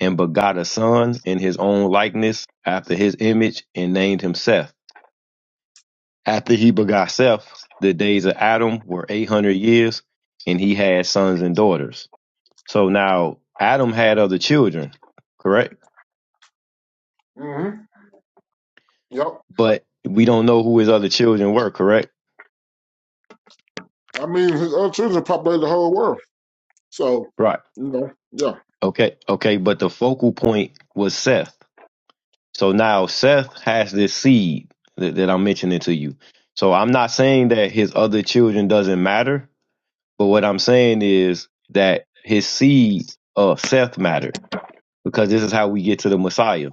Speaker 7: and begot a son in his own likeness after his image and named him Seth. After he begot Seth, the days of Adam were 800 years and he had sons and daughters. So now Adam had other children, correct?
Speaker 1: Mm-hmm. Yep.
Speaker 7: But we don't know who his other children were, correct?
Speaker 1: I mean, his other children populate the whole world. So,
Speaker 7: Right.
Speaker 1: you know, yeah,
Speaker 7: Okay. Okay. But the focal point was Seth. So now Seth has this seed that, that I'm mentioning to you. So I'm not saying that his other children doesn't matter But what I'm saying is that his seed, of Seth mattered because this is how we get to the Messiah.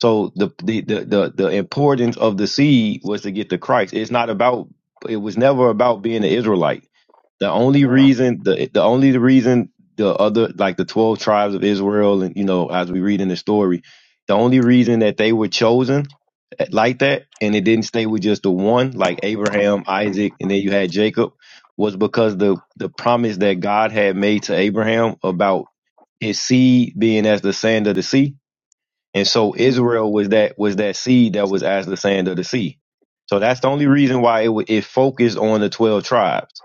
Speaker 7: So the the the the, the importance of the seed was to get to Christ. It's not about it was never about being an Israelite. The only
Speaker 1: right,
Speaker 7: reason the the only reason the other like the twelve tribes of Israel and you know as we read in the story, the only reason that they were chosen like that and it didn't stay with just the one like Abraham, Isaac, and then you had Jacob was because the the promise that God had made to Abraham about his seed being as the sand of the sea and so
Speaker 1: mhm,
Speaker 7: Israel was that was that seed that was as the sand of the sea. So that's the only reason why it wa- it focused on the twelve tribes.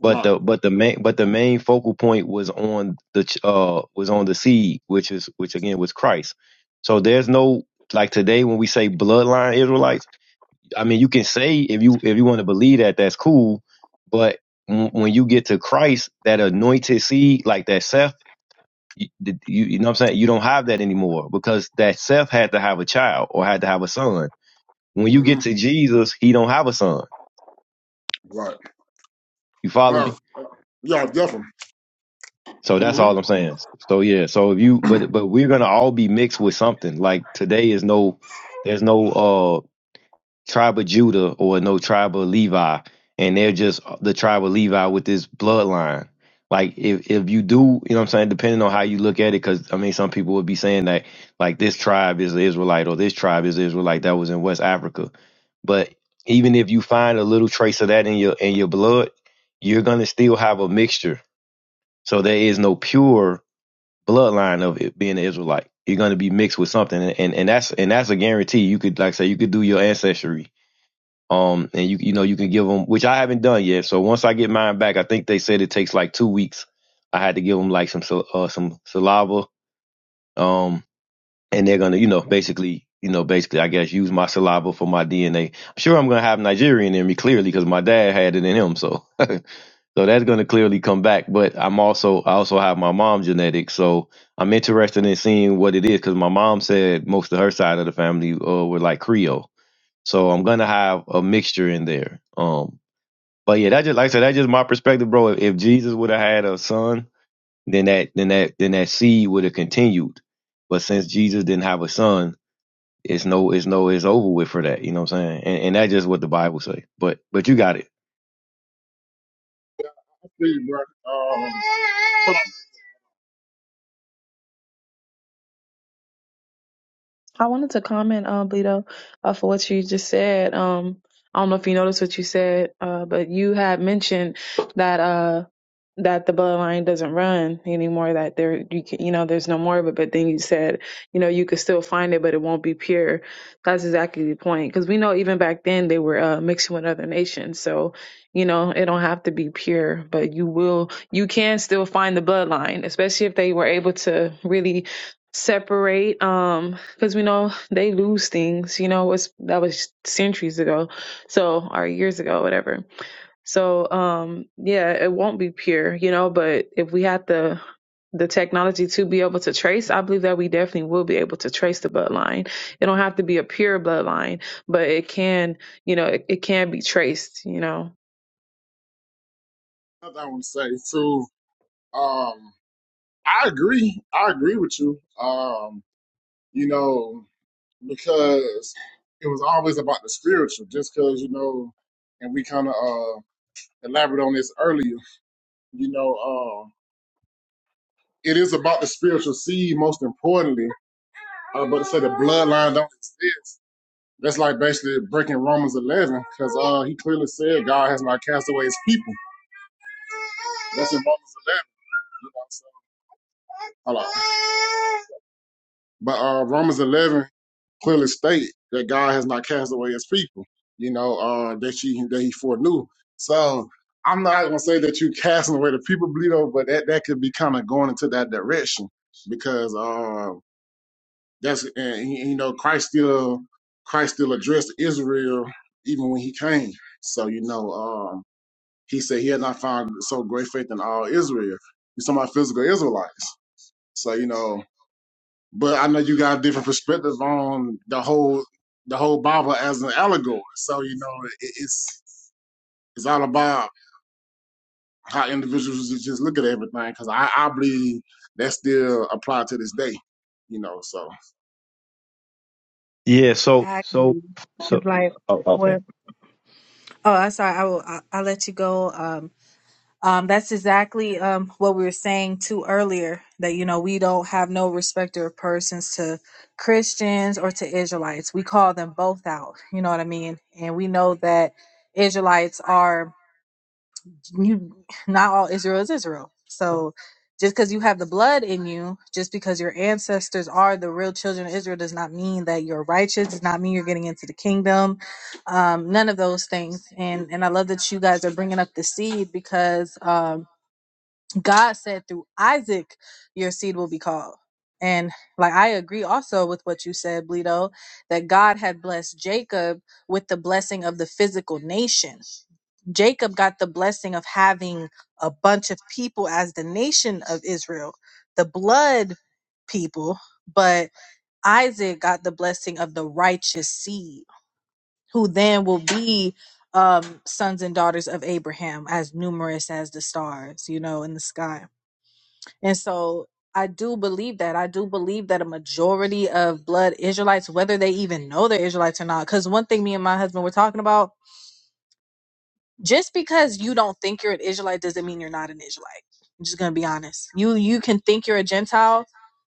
Speaker 7: But
Speaker 1: right,
Speaker 7: the but the main but the main focal point was on the ch- uh was on the seed, which is which again was Christ. So there's no like today when we say bloodline Israelites. I mean, you can say if you if you want to believe that, that's cool. But w- when you get to Christ, that anointed seed, like that Seth. You, the- you, you know what I'm saying? You don't have that anymore because that Seth had to have a child or had to have a son. When you
Speaker 1: hmm
Speaker 7: get to Jesus, he don't have a son.
Speaker 1: right,
Speaker 7: You follow
Speaker 1: right.
Speaker 7: me?
Speaker 1: Yeah, definitely.
Speaker 7: So that's
Speaker 1: hmm
Speaker 7: all I'm saying. So yeah, so if you but but we're gonna all be mixed with something. Like today is no there's no uh, tribe of Judah or no tribe of Levi, and they're just the tribe of Levi with this bloodline. Like if if you do, you know what I'm saying, depending on how you look at it, because I mean some people would be saying that like this tribe is Israelite or this tribe is Israelite that was in West Africa. But even if you find a little trace of that in your in your blood, you're gonna still have a mixture. So there is no pure bloodline of it being an Israelite. You're gonna be mixed with something and, and, and that's and that's a guarantee. You could like say you could do your ancestry um, and you you know you can give them, which I haven't done yet. So once I get mine back, I think they said it takes like two weeks. I had to give them like some sal- uh, some saliva. Um, and they're gonna you know basically you know basically I guess use my saliva for my DNA. I'm sure I'm gonna have Nigerian in me clearly because my dad had it in him. So so that's gonna clearly come back. But I'm also I also have my mom's genetics. So I'm interested in seeing what it is because my mom said most of her side of the family uh, were like Creole. So I'm gonna have a mixture in there. Um but yeah, that just like I said, that's just my perspective, bro. If, if Jesus would have had a son, then that then that then that seed would have continued. But since Jesus didn't have a son, it's no it's no it's over with for that. You know what I'm saying? And, and that's just what the Bible say. But but you got it.
Speaker 1: See, but um, but
Speaker 3: I wanted to comment, uh, Bleedo, uh, for what you just said. Um, I don't know if you noticed what you said, uh, but you had mentioned that. Uh, that the bloodline doesn't run anymore that there you can, you know there's no more of it but then you said you know you could still find it but it won't be pure that's exactly the point because we know even back then they were uh, mixing with other nations so you know it don't have to be pure but you will you can still find the bloodline especially if they were able to really separate um because we know they lose things you know it's that was centuries ago so or years ago whatever so um yeah, it won't be pure, you know, but if we had the the technology to be able to trace, I believe that we definitely will be able to trace the bloodline. It don't have to be a pure bloodline, but it can, you know, it, it can be traced, you know.
Speaker 1: another thing I want to say too. Um, I agree. I agree with you. Um, you know, because it was always about the spiritual. Just because you know, and we kind of uh elaborate on this earlier. You know, uh, it is about the spiritual seed most importantly. Uh, but to say the bloodline don't exist. That's like basically breaking Romans 11 because uh, he clearly said God has not cast away his people. That's in Romans 11. You know, so, hold on. But uh, Romans 11 clearly state that God has not cast away his people, you know, uh, that, she, that he foreknew. So I'm not going to say that you casting away the people, Bleedo, but that, that could be kind of going into that direction because uh. That's and you know Christ still Christ still addressed Israel even when he came. So you know um, he said he had not found so great faith in all Israel. He's talking about physical Israelites. So you know, but I know you got different perspectives on the whole the whole Bible as an allegory. So you know it, it's it's all about how individuals just look at everything because I, I believe that still apply to this day. You know, so
Speaker 7: Yeah. So so
Speaker 2: Exactly.
Speaker 7: so.
Speaker 2: It's like,
Speaker 7: Oh, okay.
Speaker 2: well, oh, I'm sorry. I will. I, I'll let you go, uh, Um, that's exactly um, what we were saying too earlier that, you know, we don't have no respecter of persons to Christians or to Israelites. We call them both out. You know what I mean? And we know that Israelites are, you, not all Israel is Israel. So just because you have the blood in you, just because your ancestors are the real children of Israel, does not mean that you're righteous, does not mean you're getting into the kingdom. Um, none of those things. And, and I love that you guys are bringing up the seed because. um, God said through Isaac, your seed will be called. And like I agree also with what you said, Bleedo, that God had blessed Jacob with the blessing of the physical nation. Jacob got the blessing of having a bunch of people as the nation of Israel, the blood people, but Isaac got the blessing of the righteous seed, who then will be um, sons and daughters of Abraham, as numerous as the stars, you know, in the sky and so I do believe that. I do believe that a majority of blood Israelites, whether they even know they're Israelites or not, because one thing me and my husband were talking about, just because you don't think you're an Israelite doesn't mean you're not an Israelite. I'm just gonna be honest. You you can think you're a Gentile,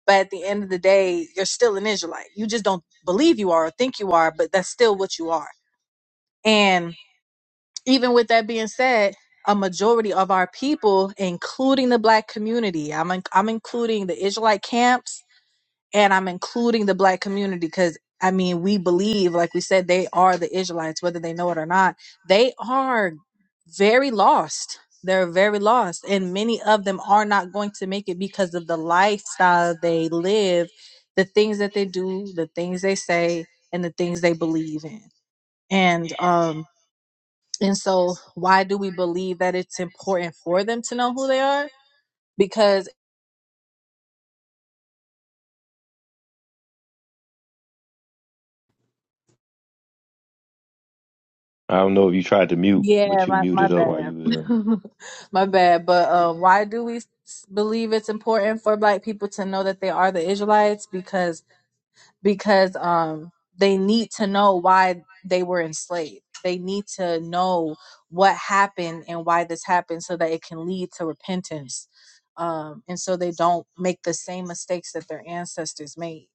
Speaker 2: but at the end of the day, you're still an Israelite. You just don't believe you are or think you are, but that's still what you are. And even with that being said, a majority of our people, including the black community, I'm I'm including the Israelite camps and I'm including the black community because I mean, we believe, like we said, they are the Israelites, whether they know it or not. They are very lost. They're very lost. And many of them are not going to make it because of the lifestyle they live, the things that they do, the things they say, and the things they believe in. And, um, and so why do we believe that it's important for them to know who they are? Because
Speaker 7: I don't know if you tried to mute,
Speaker 2: Yeah,
Speaker 7: but you
Speaker 2: my my
Speaker 7: muted up while
Speaker 2: bad.
Speaker 7: you was in.
Speaker 2: My bad. But uh, why do we s- believe it's important for black people to know that they are the Israelites? Because because um they need to know why they were enslaved. They need to know what happened and why this happened so that it can lead to repentance. Um, and so they don't make the same mistakes that their ancestors made.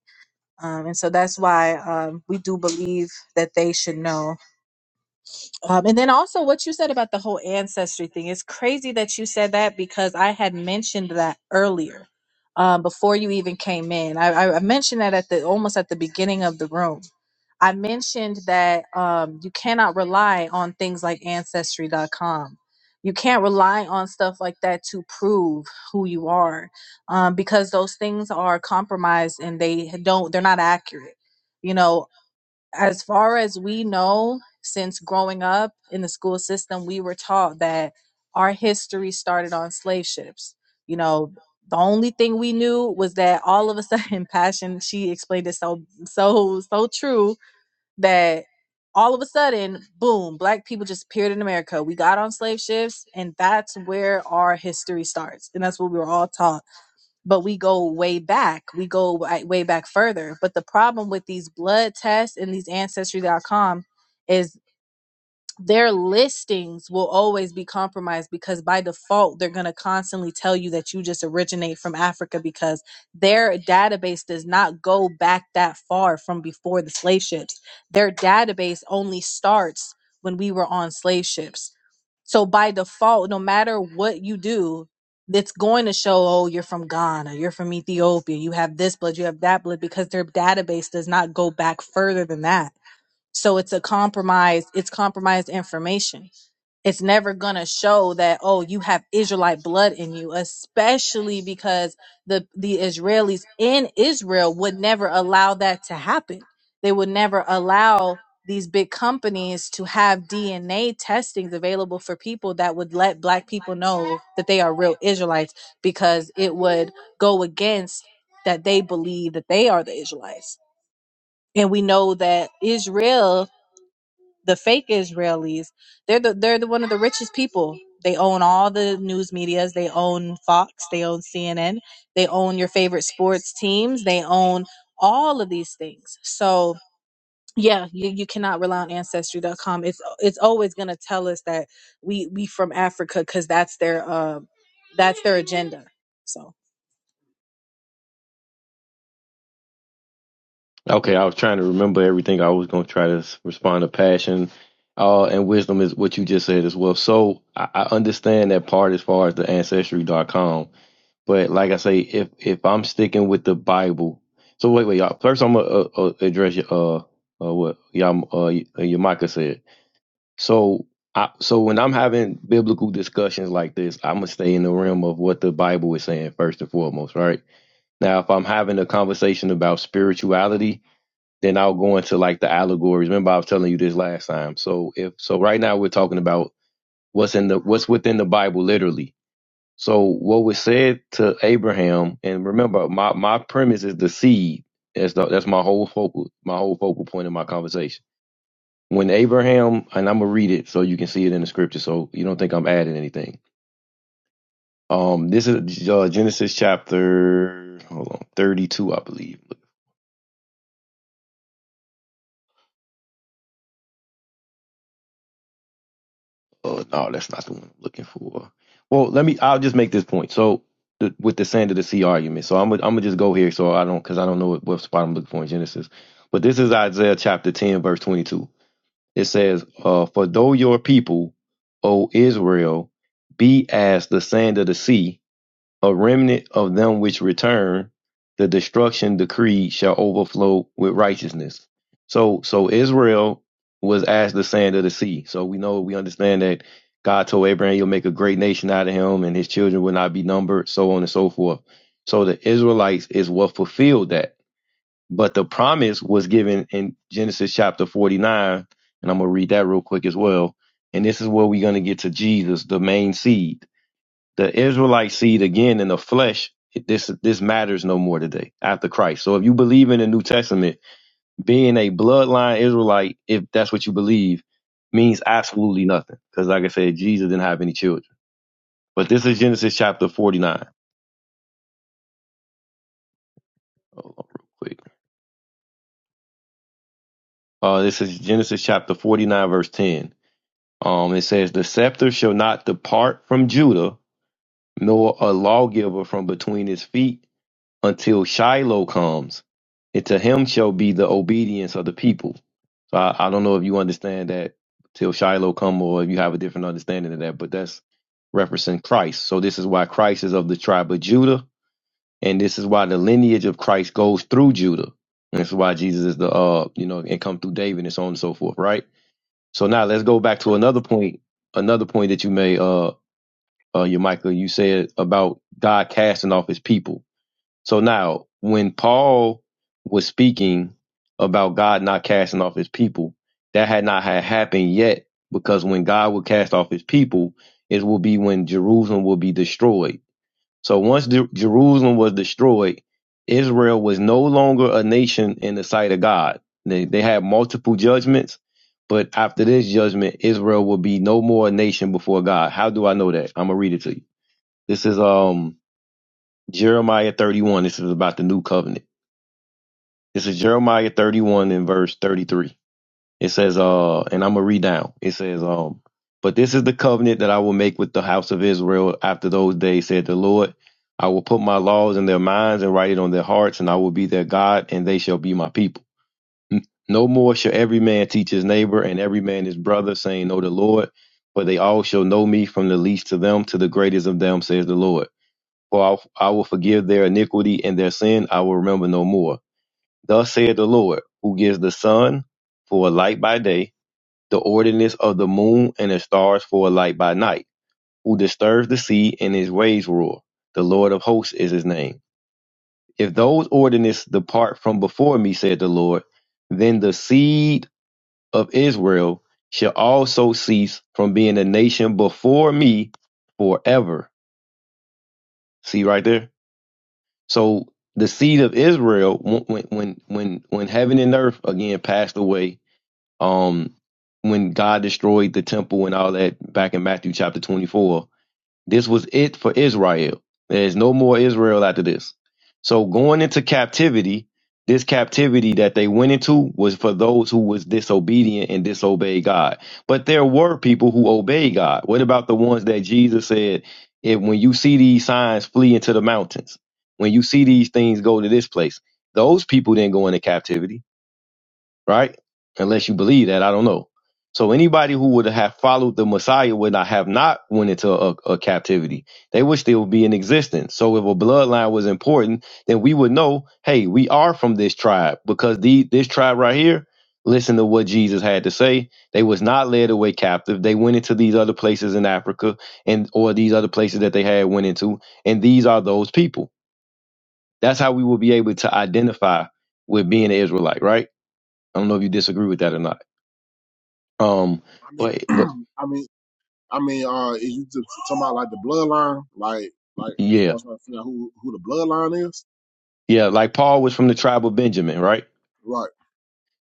Speaker 2: Um, and so that's why um, we do believe that they should know um, and then also what you said about the whole ancestry thing. It's crazy that you said that because I had mentioned that earlier, um, before you even came in. I, I I mentioned that at the almost at the beginning of the room. I mentioned that um, you cannot rely on things like ancestry.com. You can't rely on stuff like that to prove who you are um, because those things are compromised and they don't, they're not accurate. You know, as far as we know, since growing up in the school system, we were taught that our history started on slave ships. You know, the only thing we knew was that all of a sudden, Passion, she explained it so, so, so true that all of a sudden, boom, black people just appeared in America. We got on slave ships, and that's where our history starts. And that's what we were all taught but we go way back. We go wi- way back further. But the problem with these blood tests and these ancestry.com is their listings will always be compromised because by default they're going to constantly tell you that you just originate from Africa because their database does not go back that far from before the slave ships. Their database only starts when we were on slave ships. So by default, no matter what you do, it's going to show, oh, you're from Ghana, you're from Ethiopia, you have this blood, you have that blood, because their database does not go back further than that. So it's a compromise, it's compromised information it's never going to show that oh you have israelite blood in you especially because the the israelis in israel would never allow that to happen they would never allow these big companies to have dna testings available for people that would let black people know that they are real israelites because it would go against that they believe that they are the israelites and we know that israel the fake Israelis, they're the they're the one of the richest people. They own all the news medias. They own Fox. They own CNN. They own your favorite sports teams. They own all of these things. So yeah, you, you cannot rely on ancestry.com. It's it's always gonna tell us that we we from Africa because that's their uh, that's their agenda. So.
Speaker 7: Okay, I was trying to remember everything. I was gonna try to s- respond to passion, uh, and wisdom is what you just said as well. So I, I understand that part as far as the ancestry dot com. But like I say, if if I'm sticking with the Bible, so wait, wait, y'all. First, I'm gonna uh, uh, address your uh, uh what y'all uh y- uh, your Micah said. So I so when I'm having biblical discussions like this, I'm gonna stay in the realm of what the Bible is saying first and foremost, right? Now, if I'm having a conversation about spirituality, then I'll go into like the allegories. Remember, I was telling you this last time. So if so, right now we're talking about what's in the what's within the Bible, literally so what was said to Abraham, and remember, my, my premise is the seed. That's the, that's my whole focal my whole focal point in my conversation. When Abraham, and I'm gonna read it so you can see it in the scripture, so you don't think I'm adding anything. Um, this is uh, Genesis chapter hold on 32, I believe. uh no that's not the one i'm looking for well let me i'll just make this point so the, with the sand of the sea argument so i'm gonna I'm gonna just go here so i don't because i don't know what, what spot i'm looking for in genesis but this is isaiah chapter 10 verse 22 it says uh for though your people o israel be as the sand of the sea a remnant of them which return, the destruction decreed shall overflow with righteousness. So, so Israel was as the sand of the sea. So we know, we understand that God told Abraham you will make a great nation out of him and his children will not be numbered, so on and so forth. So the Israelites is what fulfilled that. But the promise was given in Genesis chapter 49, and I'm going to read that real quick as well. And this is where we're going to get to Jesus, the main seed the Israelite seed again in the flesh, it- this this matters no more today after Christ. So if you believe in the New Testament, being a bloodline Israelite, if that's what you believe, means absolutely nothing. Because like I said, Jesus didn't have any children. But this is Genesis chapter forty nine. Hold on real quick. Uh, this is Genesis chapter forty nine verse ten. Um, it says, "The scepter shall not depart from Judah, nor a lawgiver from between his feet." until Shiloh comes, and to him shall be the obedience of the people. So I, I don't know if you understand that till Shiloh come, or if you have a different understanding of that, but that's referencing Christ. So this is why Christ is of the tribe of Judah, and this is why the lineage of Christ goes through Judah, and this is why Jesus is the uh you know and come through David and so on and so forth, right? So now let's go back to
Speaker 1: but,
Speaker 7: another point, another point that you made, uh, uh, your Michael. You said about God casting off His people. So now, when Paul was speaking about God not casting off his people, that had not had happened yet because when God will cast off his people, it will be when Jerusalem will be destroyed. So once Jer- Jerusalem was destroyed, Israel was no longer a nation in the sight of God. They, they had multiple judgments, but after this judgment, Israel will be no more a nation before God. How do I know that? I'm going to read it to you. This is um Jeremiah 31. This is about the new covenant. This is Jeremiah 31 and verse 33. It says, uh, and I'm gonna read down. It says, um, but this is the covenant that I will make with the house of Israel after those days, said the Lord. I will put my laws in their minds and write it on their hearts, and I will be their God, and they shall be my people. No more shall every man teach his neighbor and every man his brother, saying, Know the Lord, for they all shall know me from the least to them to the greatest of them, says the Lord. For I I will forgive their iniquity and their sin I will remember no more. Thus saith the Lord, who gives the sun for a light by day, the ordinance of the moon and the stars for a light by night, who disturbs the sea and his waves roar. The Lord of hosts is his name. If those ordinances depart from before me, said the Lord, then the seed of Israel shall also cease from being a nation before me forever. See right there? So the seed of Israel, when when when when heaven and earth again passed away um when God destroyed the temple and all that back in Matthew chapter 24. This was it for Israel. There's no more Israel after this. So going into captivity, this captivity that they went into was for those who was disobedient and disobeyed God. But there were people who obeyed God. What about the ones that Jesus said, if when you see these signs flee into the mountains, when you see these things go to this place, those people didn't go into captivity right? Unless you believe that, I don't know. So anybody who would have followed the Messiah would not have not went into a, a captivity. They would still be in existence. So if a bloodline was important, then we would know, hey, we are from this tribe because the this tribe right here, listen to what Jesus had to say. They was not led away captive. They went into these other places in Africa and or these other places that they had went into, and these are those people. That's how we will be able to identify with being an Israelite, right? I don't know if you disagree with that or not. Um,
Speaker 1: I mean.
Speaker 7: but but
Speaker 1: I mean, I mean, uh, is you t- talking about like the bloodline, like like as far
Speaker 7: yeah,
Speaker 1: as trying to figure out who who the bloodline is,
Speaker 7: yeah, like Paul was from the tribe of Benjamin, right?
Speaker 1: right?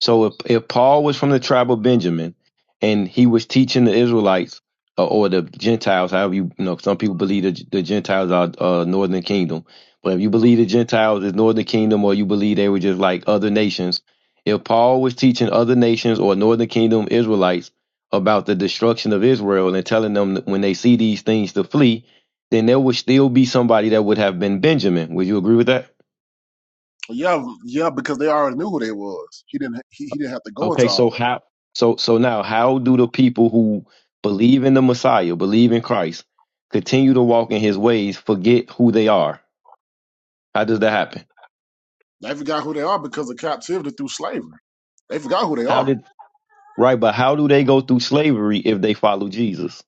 Speaker 7: So if, if Paul was from the tribe of Benjamin and he was teaching the Israelites uh, or the Gentiles, however you, you know, some people believe the, the Gentiles are uh, northern kingdom. But if you believe the
Speaker 1: hmm
Speaker 7: Gentiles is northern kingdom or you believe they were just like other nations, if Paul was teaching other nations or northern kingdom Israelites about the destruction of Israel and telling them that when they see these things to flee, then there would still be somebody that would have been Benjamin. Would you agree with that?
Speaker 1: Yeah, yeah, because they already knew who they was. He didn't he, he didn't have to go
Speaker 7: Okay,
Speaker 1: into
Speaker 7: so
Speaker 1: all that.
Speaker 7: how so so now how do the people who believe in the Messiah, believe in Christ, continue to walk in his ways, forget who they are? How does that happen?
Speaker 1: They forgot who they are because of captivity through slavery. They forgot who they
Speaker 7: How
Speaker 1: are.
Speaker 7: did right, but how do they go through slavery if they follow Jesus?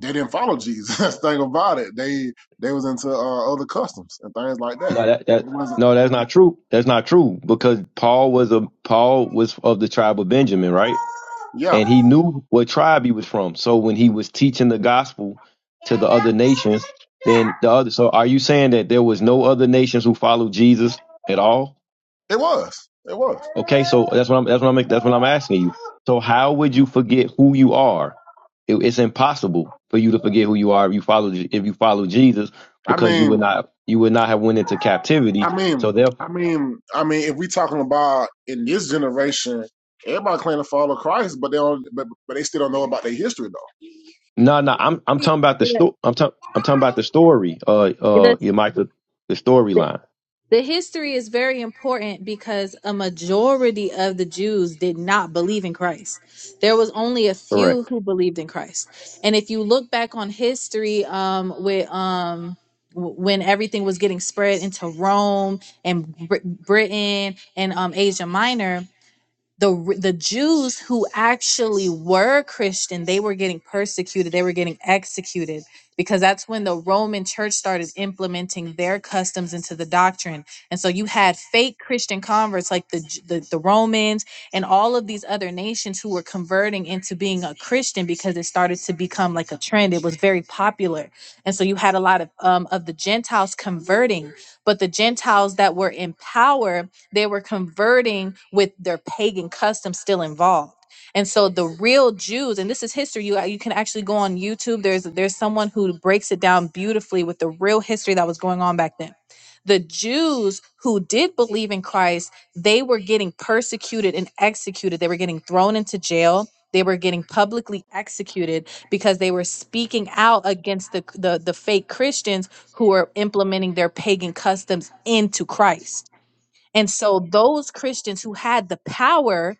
Speaker 1: They didn't follow Jesus. That's the thing about it. They they was into uh, other customs and things like that.
Speaker 7: No, that that
Speaker 1: They wasn't.
Speaker 7: no, that's not true. That's not true because Paul was a Paul was of the tribe of Benjamin, right?
Speaker 1: Yeah,
Speaker 7: and he knew what tribe he was from. So when he was teaching the gospel to the other nations, then the other. So are you saying that there was no other nations who followed Jesus at all?
Speaker 1: it was. It
Speaker 7: Okay,
Speaker 1: was.
Speaker 7: so that's what I'm that's what I'm that's what I'm asking you. So how would you forget who you are? It- it's impossible for you to forget who you are if you follow if you follow Jesus
Speaker 1: I
Speaker 7: because you would
Speaker 1: mean,
Speaker 7: not you would not have went into captivity.
Speaker 1: I
Speaker 7: So
Speaker 1: mean, I
Speaker 7: therefore,
Speaker 1: mean, I mean, if we talking about in this generation, everybody claim to follow Christ, but they don't, but, but they still don't know about their history
Speaker 7: no, no,
Speaker 1: though.
Speaker 7: I'm I'm talking about the
Speaker 2: Yeah,
Speaker 7: sto- I'm talking I'm talking about the story. Uh,
Speaker 2: it
Speaker 7: uh,
Speaker 2: does.
Speaker 7: yeah, Michael, the storyline.
Speaker 2: The history is very important because a majority of the Jews did not believe in Christ. There was only a few
Speaker 7: Correct.
Speaker 2: who believed in Christ. And if you look back on history, um, with um, w- when everything was getting spread into Rome and Br- Britain and um, Asia Minor, the the Jews who actually were Christian, they were getting persecuted, they were getting executed because that's when the Roman church started implementing their customs into the doctrine. And so you had fake Christian converts like the J- the, the Romans and all of these other nations who were converting into being a Christian because it started to become like a trend. It was very popular. And so you had a lot of um of the Gentiles converting, but the Gentiles that were in power they were converting with their pagan customs still involved. And so the real Jews, and this is history. You uh, you can actually go on YouTube. There's there's someone who breaks it down beautifully with the real history that was going on back then. The Jews who did believe in Christ, they were getting persecuted and executed. They were getting thrown into jail. They were getting publicly executed because they were speaking out against the the, the fake Christians who were implementing their pagan customs into Christ. And so those Christians who had the power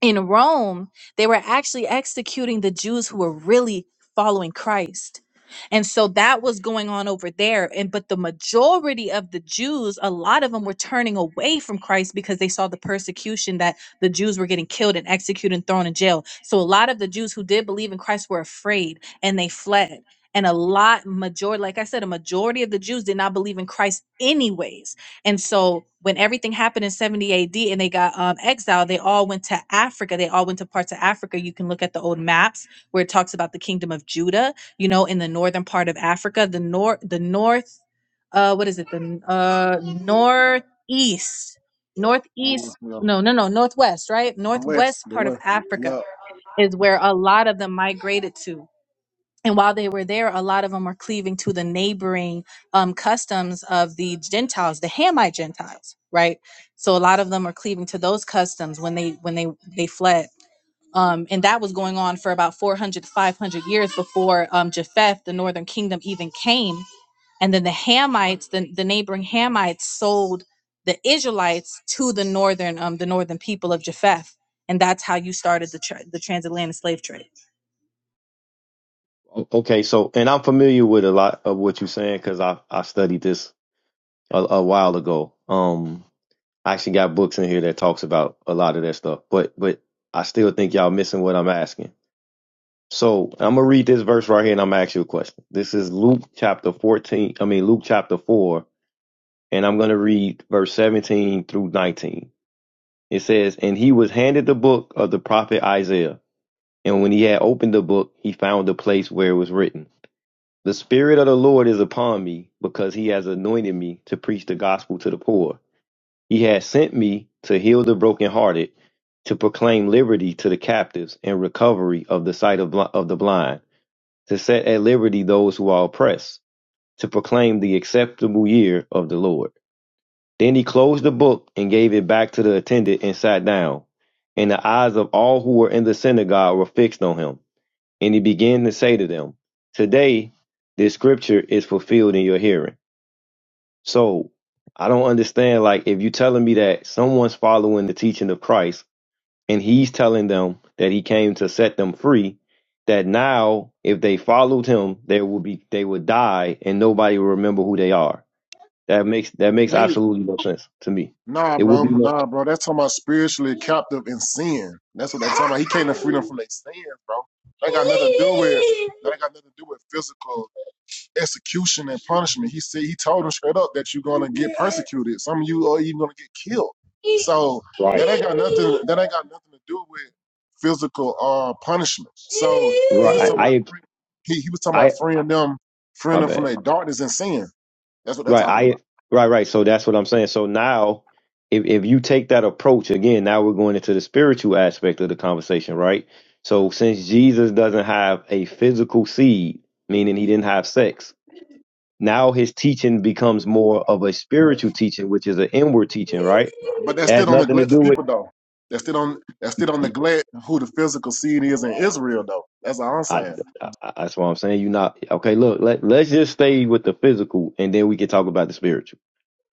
Speaker 2: in Rome, they were actually executing the Jews who were really following Christ. And so that was going on over there and but the majority of the Jews, a lot of them were turning away from Christ because they saw the persecution that the Jews were getting killed and executed and thrown in jail. So a lot of the Jews who did believe in Christ were afraid and they fled. And a lot majority like I said a majority of the Jews did not believe in Christ anyways and so when everything happened in 70 AD and they got um, exiled, they all went to Africa. They all went to parts of Africa. You can look at the old maps where it talks about the kingdom of Judah, you know, in the northern part of Africa, the north, the north, uh, what is it? The n- uh, northeast, northeast,
Speaker 1: Mm, Yeah,
Speaker 2: no, no, no, northwest, right?
Speaker 1: the West,
Speaker 2: Northwest
Speaker 1: the
Speaker 2: part of
Speaker 1: West,
Speaker 2: Africa
Speaker 1: yeah,
Speaker 2: is where a lot of them migrated to and while they were there, a lot of them were cleaving to the neighboring um, customs of the Gentiles, the Hamite Gentiles, right? So a lot of them were cleaving to those customs when they when they they fled, um, and that was going on for about 400 to 500 years before um, Japheth, the Northern Kingdom, even came. And then the Hamites, the, the neighboring Hamites sold the Israelites to the northern um the northern people of Japheth. And that's how you started the tr the transatlantic slave trade.
Speaker 7: O- Okay, so and I'm familiar with a lot of what you're saying because I I studied this a, a while ago. Um, I actually got books in here that talks about a lot of that stuff, but but I still think y'all missing what I'm asking. So I'm gonna read this verse right here, and I'm gonna ask you a question. This is Luke chapter 14. I mean Luke chapter four, and I'm gonna read verse 17 through 19. It says, "And he was handed the book of the prophet Isaiah, and when he had opened the book, he found the place where it was written." The Spirit of the Lord is upon me, because he has anointed me to preach the gospel to the poor. He has sent me to heal the brokenhearted, to proclaim liberty to the captives and recovery of the sight of, bl- of the blind, to set at liberty those who are oppressed, to proclaim the acceptable year of the Lord. Then he closed the book and gave it back to the attendant and sat down. And the eyes of all who were in the synagogue were fixed on him. And he began to say to them, Today this scripture is fulfilled in your hearing. So I don't understand, like, if you're telling me that someone's following the teaching of Christ and he's telling them that he came to set them free, that now if they followed him, they will be they would die and nobody will remember who they are. That makes that makes
Speaker 1: they
Speaker 7: absolutely no sense to me.
Speaker 1: nah,
Speaker 7: It would
Speaker 1: bro,
Speaker 7: be no
Speaker 1: nah, bro. That's talking about spiritually captive in sin. That's what they talking about. He came to freedom from their sin, bro. That ain't got nothing to do with. That ain't got nothing to do with physical. execution and punishment. He said he told him straight up that you're gonna get persecuted. Some of you are even gonna get killed. So
Speaker 7: right.
Speaker 1: that ain't got nothing. That ain't got nothing to do with physical uh punishment. So he was
Speaker 7: Right.
Speaker 1: talking about
Speaker 7: I
Speaker 1: he, he was talking
Speaker 7: I,
Speaker 1: about
Speaker 7: I
Speaker 1: freeing them, freeing
Speaker 7: my
Speaker 1: them from
Speaker 7: bad.
Speaker 1: their darkness and sin. That's what they're
Speaker 7: Right.
Speaker 1: talking
Speaker 7: I
Speaker 1: about.
Speaker 7: right, right. So that's what I'm saying. So now if if you take that approach again, now we're going into the spiritual aspect of the conversation, right? So since Jesus doesn't have a physical seed, meaning he didn't have sex, now his teaching becomes more of a spiritual teaching, which is an inward teaching, right?
Speaker 1: But that
Speaker 7: It
Speaker 1: still
Speaker 7: has
Speaker 1: don't
Speaker 7: nothing to
Speaker 1: neglect the
Speaker 7: do with
Speaker 1: people though. That still don't that still don't neglect who the physical seed is in Israel though. That's all I'm
Speaker 7: I,
Speaker 1: saying.
Speaker 7: I, I- that's what I'm saying. You're not okay. Look, let let's just stay with the physical, and then we can talk about the spiritual.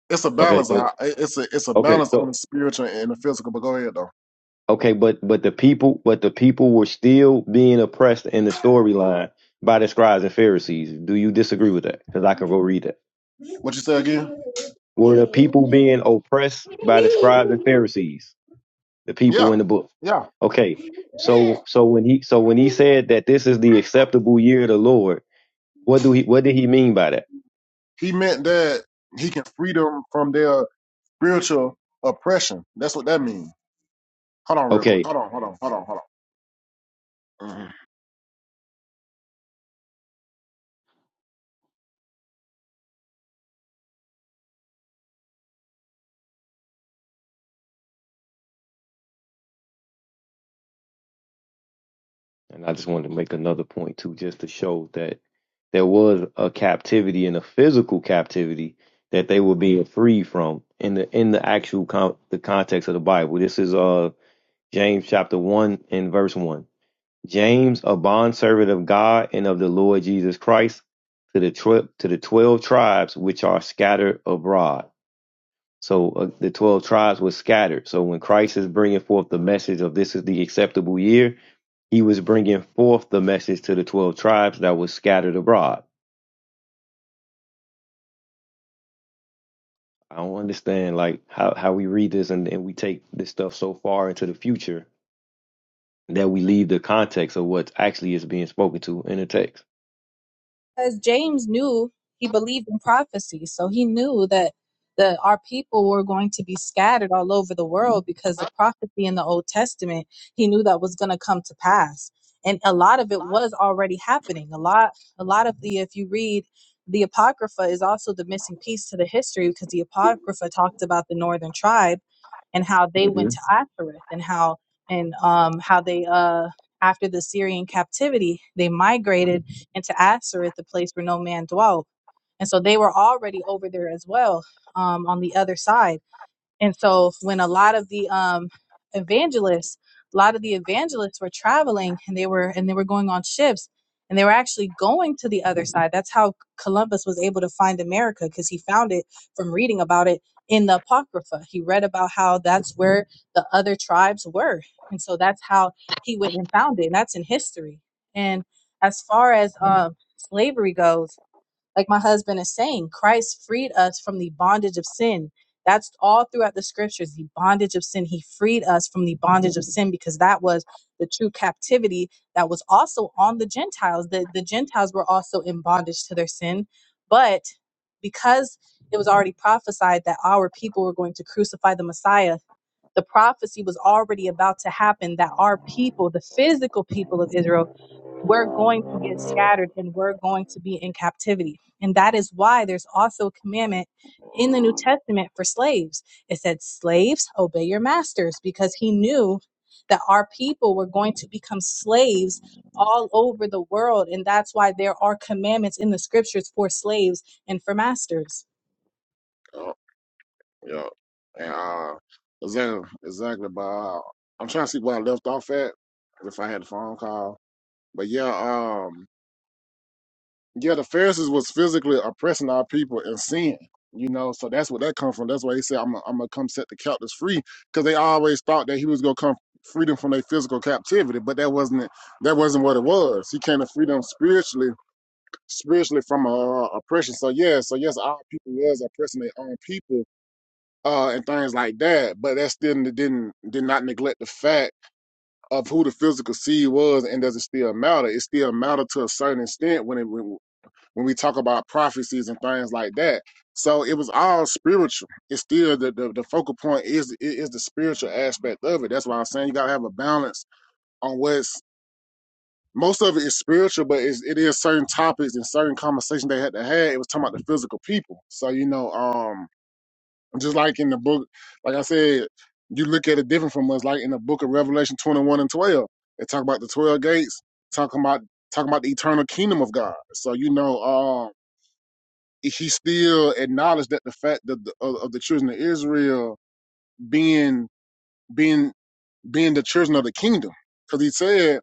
Speaker 1: It's a
Speaker 7: Okay,
Speaker 1: balance.
Speaker 7: so
Speaker 1: I- It's a it's a
Speaker 7: okay,
Speaker 1: balance
Speaker 7: so
Speaker 1: on the spiritual and the physical. But go ahead though.
Speaker 7: Okay, but but the people but the people were still being oppressed in the storyline by the scribes and Pharisees. Do you disagree with that? Because I can go read that.
Speaker 1: What you say again?
Speaker 7: Were the people being oppressed by the scribes and Pharisees? The people
Speaker 1: Yeah,
Speaker 7: in the book.
Speaker 1: yeah.
Speaker 7: Okay. So so when he so when he said that this is the acceptable year of the Lord, what do he what did he mean by that?
Speaker 1: He meant that he can free them from their spiritual oppression. That's what that means. Hold on, real quick.
Speaker 7: Okay.
Speaker 1: Hold on, hold on, hold on, hold on. Mhm.
Speaker 7: And I just wanted to make another point too, just to show that there was a captivity and a physical captivity that they were being freed from in the in the actual con- the context of the Bible. This is uh James chapter one and verse one. James, a bondservant of God and of the Lord Jesus Christ, to the tw- to the twelve tribes which are scattered abroad. So uh, the twelve tribes were scattered. So when Christ is bringing forth the message of this is the acceptable year, he was bringing forth the message to the 12 tribes that was scattered abroad. I don't understand like how, how we read this and, and we take this stuff so far into the future that we leave the context of what actually is being spoken to in the text.
Speaker 2: Because James knew he believed in prophecy, so he knew that the our people were going to be scattered all over the world because the prophecy in the Old Testament he knew that was going to come to pass, and a lot of it was already happening. A lot, a lot of the if you read the Apocrypha is also the missing piece to the history because the Apocrypha talked about the northern tribe and how they
Speaker 7: hmm
Speaker 2: went to Ashereth and how and um, how they uh, after the Syrian captivity they migrated into Ashereth, the place where no man dwelt, and so they were already over there as well um, on the other side and so when a lot of the um, evangelists, a lot of the evangelists were traveling and they were and they were going on ships and they were actually going to the other side. That's how Columbus was able to find America because he found it from reading about it in the Apocrypha. He read about how that's where the other tribes were. And so that's how he went and found it. And that's in history. And as far as um, slavery goes, like my husband is saying, Christ freed us from the bondage of sin. That's all throughout the scriptures, the bondage of sin. He freed us from the bondage of sin because that was the true captivity that was also on the Gentiles. The, the Gentiles were also in bondage to their sin. But because it was already prophesied that our people were going to crucify the Messiah, the prophecy was already about to happen that our people, the physical people of Israel, were going to get scattered and we're going to be in captivity and that is why there's also a commandment in the New Testament for slaves. It said, Slaves, obey your masters, because he knew that our people were going to become slaves all over the world. And that's why there are commandments in the scriptures for slaves and for masters.
Speaker 1: Yeah, yeah. And, uh, exactly, exactly. But uh, I'm trying to see where I left off at if I had a phone call. But yeah, um, Yeah, the Pharisees was physically oppressing our people in sin. You know, so that's what that come from. That's why he said, "I'm gonna I'm gonna come set the captives free," because they always thought that he was gonna come free them from their physical captivity, but that wasn't it. That wasn't what it was. He came to free them spiritually, spiritually from uh, oppression. So yeah, so yes, our people was oppressing their own people uh, and things like that, but that still didn't did not neglect the fact of who the physical seed was, and does it still matter? It still matter to a certain extent when it when, when we talk about prophecies and things like that. So it was all spiritual. It's still the, the, the focal point is is the spiritual aspect of it. That's why I'm saying you gotta have a balance on what's most of it is spiritual, but it's, it is certain topics and certain conversations they had to have. It was talking about the physical people. So you know, um, just like in the book, like I said, you look at it different from us. Like in the book of Revelation 21 and 12, they talk about the 12 gates, talking about talking about the eternal kingdom of God. So you know, um he still acknowledged that the fact that the, of, of the children of Israel being being being the children of the kingdom, because he said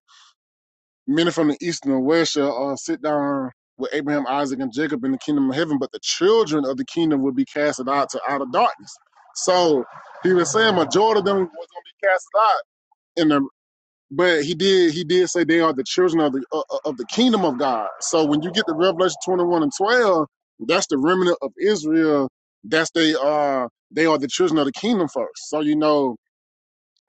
Speaker 1: many from the east and the west shall uh, sit down with Abraham, Isaac, and Jacob in the kingdom of heaven, but the children of the kingdom will be casted out to outer darkness. So he was saying majority of them was going to be casted out in the. But he did he did say they are the children of the uh, uh, of the kingdom of God. So when you get to Revelation twenty one and twelve, that's the remnant of Israel. That's they are they are the children of the kingdom first. So you know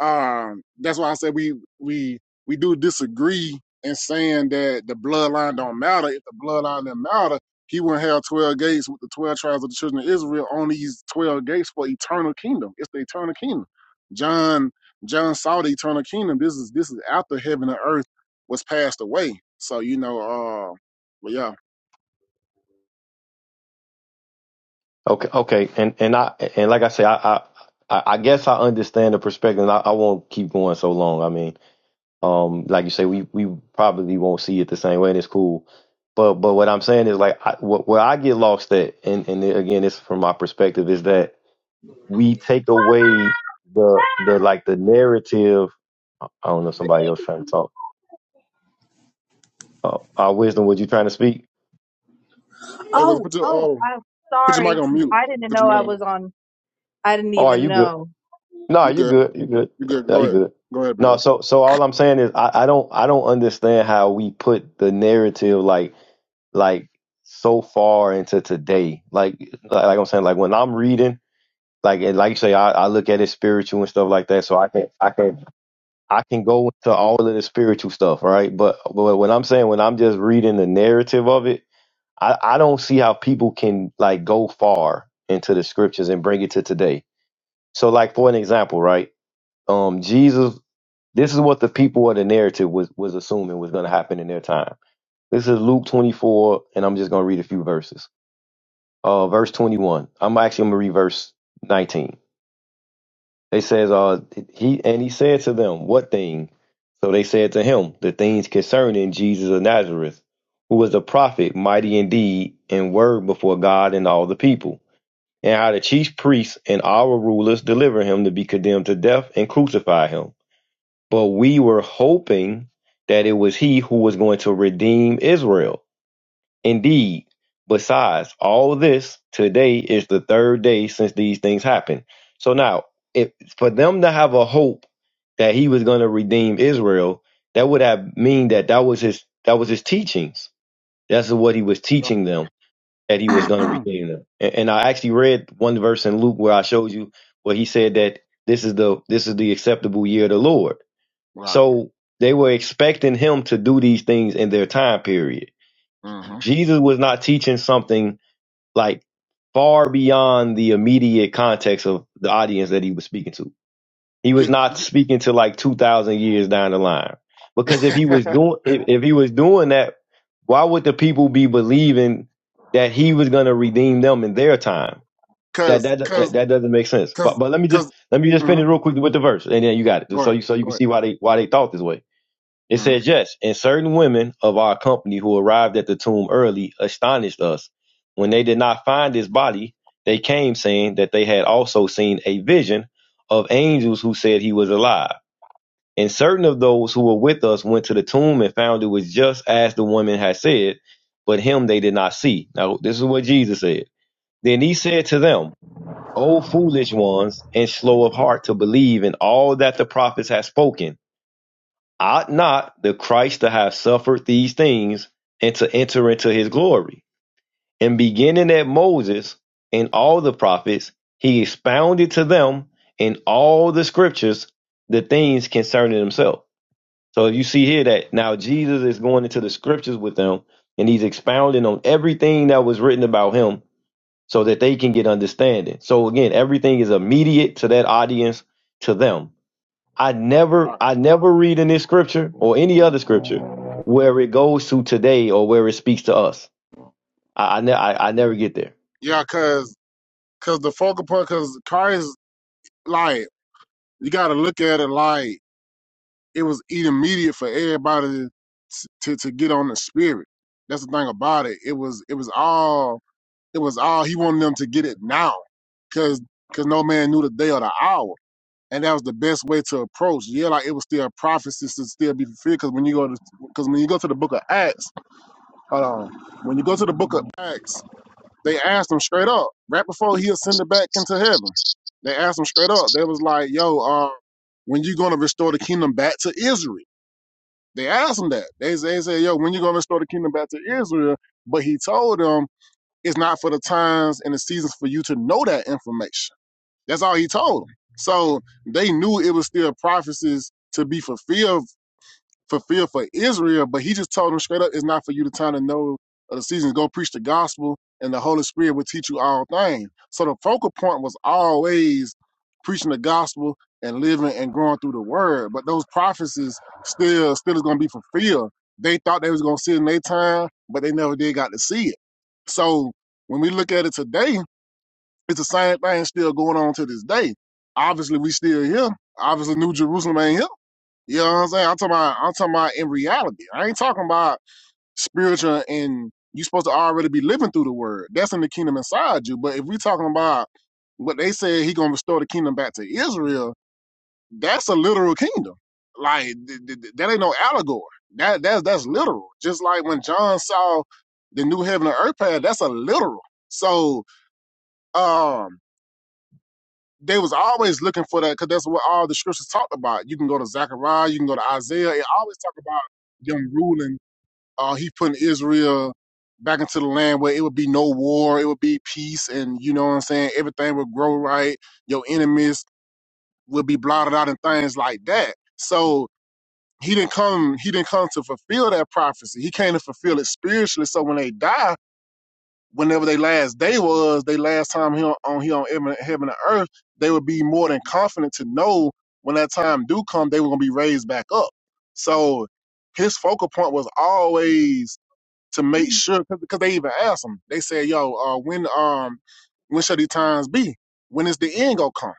Speaker 1: um that's why I said we we we do disagree in saying that the bloodline don't matter. If the bloodline didn't matter, he wouldn't have twelve gates with the twelve tribes of the children of Israel on these twelve gates for eternal kingdom. It's the eternal kingdom. John John saw the eternal kingdom. This is this is after heaven and earth was passed away. So you know, uh but yeah.
Speaker 7: Okay, okay, and and I and like I say, I I, I I guess I understand the perspective. And I, I won't keep going so long. I mean, um, like you say, we we probably won't see it the same way, and it's cool. But but what I'm saying is like I, what, where I get lost at, and and again, it's from my perspective, is that we take away the the like the narrative. I don't know. if Somebody else trying to talk. Oh, uh, wisdom, was you trying to speak?
Speaker 1: Hey, well,
Speaker 2: Oh,
Speaker 1: put your
Speaker 2: oh,
Speaker 1: oh
Speaker 2: I'm
Speaker 1: put your mic
Speaker 2: sorry.
Speaker 1: on mute.
Speaker 2: I didn't
Speaker 1: Put
Speaker 2: know
Speaker 1: your mic
Speaker 2: I
Speaker 1: on mute.
Speaker 2: was on, I didn't
Speaker 7: Oh, are
Speaker 2: even
Speaker 7: you good?
Speaker 2: know.
Speaker 7: No,
Speaker 1: You
Speaker 7: you
Speaker 1: good.
Speaker 7: good. You good.
Speaker 1: You good.
Speaker 7: No,
Speaker 1: Go
Speaker 7: you
Speaker 1: ahead.
Speaker 7: good.
Speaker 1: Go ahead,
Speaker 7: No.
Speaker 1: below.
Speaker 7: So so all I'm saying is I, I don't I don't understand how we put the narrative like like so far into today. Like like, like I'm saying like when I'm reading like and like you say I, I look at it spiritual and stuff like that. So I can I can I can go to all of the spiritual stuff, right? But, but what I'm saying when I'm just reading the narrative of it, I, I don't see how people can like go far into the scriptures and bring it to today. So like for an example, right? Um Jesus, this is what the people of the narrative was was assuming was gonna happen in their time. This is Luke 24, and I'm just gonna read a few verses. Uh verse 21. I'm actually gonna read verse 19. They says, uh, he and he said to them, What thing? So they said to him, The things concerning Jesus of Nazareth, who was a prophet, mighty indeed, and word before God and all the people, and how the chief priests and our rulers delivered him to be condemned to death and crucify him. But we were hoping that it was he who was going to redeem Israel. Indeed, besides all this, today is the third day since these things happened. So now, if for them to have a hope that he was going to redeem Israel, that would have mean that that was his that was his teachings. That's what he was
Speaker 1: Yeah.
Speaker 7: teaching them that he was going to redeem them. And, and I actually read one verse in Luke where I showed you where he said that this is the this is the acceptable year of the Lord.
Speaker 1: Right.
Speaker 7: So they were expecting him to do these things in their time period Jesus was not teaching something like far beyond the immediate context of the audience that he was speaking to. He was not
Speaker 1: Mm-hmm.
Speaker 7: speaking to like 2000 years down the line. Because if he was doing if, if he was doing that, why would the people be believing that he was going to redeem them in their time? That
Speaker 1: Cause,
Speaker 7: that,
Speaker 1: cause,
Speaker 7: that that doesn't make sense. But
Speaker 1: cause,
Speaker 7: but let me just
Speaker 1: because
Speaker 7: let me just
Speaker 1: mm-hmm.
Speaker 7: finish real quick with the verse and then you got it.
Speaker 1: go
Speaker 7: So
Speaker 1: ahead,
Speaker 7: you so you
Speaker 1: go
Speaker 7: can
Speaker 1: ahead.
Speaker 7: see why they why they thought this way. It
Speaker 1: hmm
Speaker 7: says, Yes, and certain women of our company who arrived at the tomb early astonished us. When they did not find his body, they came saying that they had also seen a vision of angels who said he was alive. And certain of those who were with us went to the tomb and found it was just as the woman had said, but him they did not see. Now, this is what Jesus said. Then he said to them, O foolish ones, and slow of heart to believe in all that the prophets have spoken ought not the Christ to have suffered these things and to enter into his glory? And beginning at Moses and all the prophets, he expounded to them in all the scriptures the things concerning himself. So you see here that now Jesus is going into the scriptures with them and he's expounding on everything that was written about him so that they can get understanding. So again, everything is immediate to that audience, to them I never I never read in this scripture or any other scripture where it goes to today or where it speaks to us. I I, ne- I, I never get there.
Speaker 1: Yeah, cause, cause the focal point, cause Christ, like, you gotta look at it like it was immediate for everybody to, to to get on the spirit. That's the thing about it. It was, it was all, it was all. He wanted them to get it now, cause, cause no man knew the day or the hour. And that was the best way to approach. Yeah, like it was still prophecies to still be fulfilled. Because when you go to, because when you go to the Book of Acts, Hold on. When you go to the book of Acts, they asked him straight up, right before he ascended back into heaven. They asked him straight up. They was like, yo, uh, when you gonna restore the kingdom back to Israel? They asked him that. They, they said, yo, when you gonna restore the kingdom back to Israel? But he told them it's not for the times and the seasons for you to know that information. That's all he told them. So they knew it was still prophecies to be fulfilled fulfilled for Israel, but he just told them straight up, it's not for you the time to know of the seasons. Go preach the gospel, and the Holy Spirit will teach you all things. So the focal point was always preaching the gospel and living and growing through the word. But those prophecies still still is gonna be fulfilled. They thought they was gonna see it in their time, but they never did got to see it. So when we look at it today, it's the same thing still going on to this day. Obviously we still here. Obviously New Jerusalem ain't here you know what I'm saying? I'm talking about I'm talking about in reality. I ain't talking about spiritual and you supposed to already be living through the word. That's in the kingdom inside you. But if we are talking about what they said he gonna restore the kingdom back to Israel, that's a literal kingdom. Like th- th- th- that ain't no allegory. That that's that's literal. Just like when John saw the new heaven and earth path, that's a literal. So um they was always looking for that because that's what all the scriptures talked about. You can go to Zechariah, you can go to Isaiah. It always talk about them ruling. Uh, he putting Israel back into the land where it would be no war, it would be peace, and you know what I'm saying. Everything would grow right. Your enemies would be blotted out and things like that. So he didn't come. He didn't come to fulfill that prophecy. He came to fulfill it spiritually. So when they died whenever they last day was, they last time here on here on heaven, heaven and earth, they would be more than confident to know when that time do come, they were gonna be raised back up. So his focal point was always to make
Speaker 3: Mm.
Speaker 1: sure because they even asked him, they said, "Yo, uh, when um when shall these times be? When is the end gonna come?"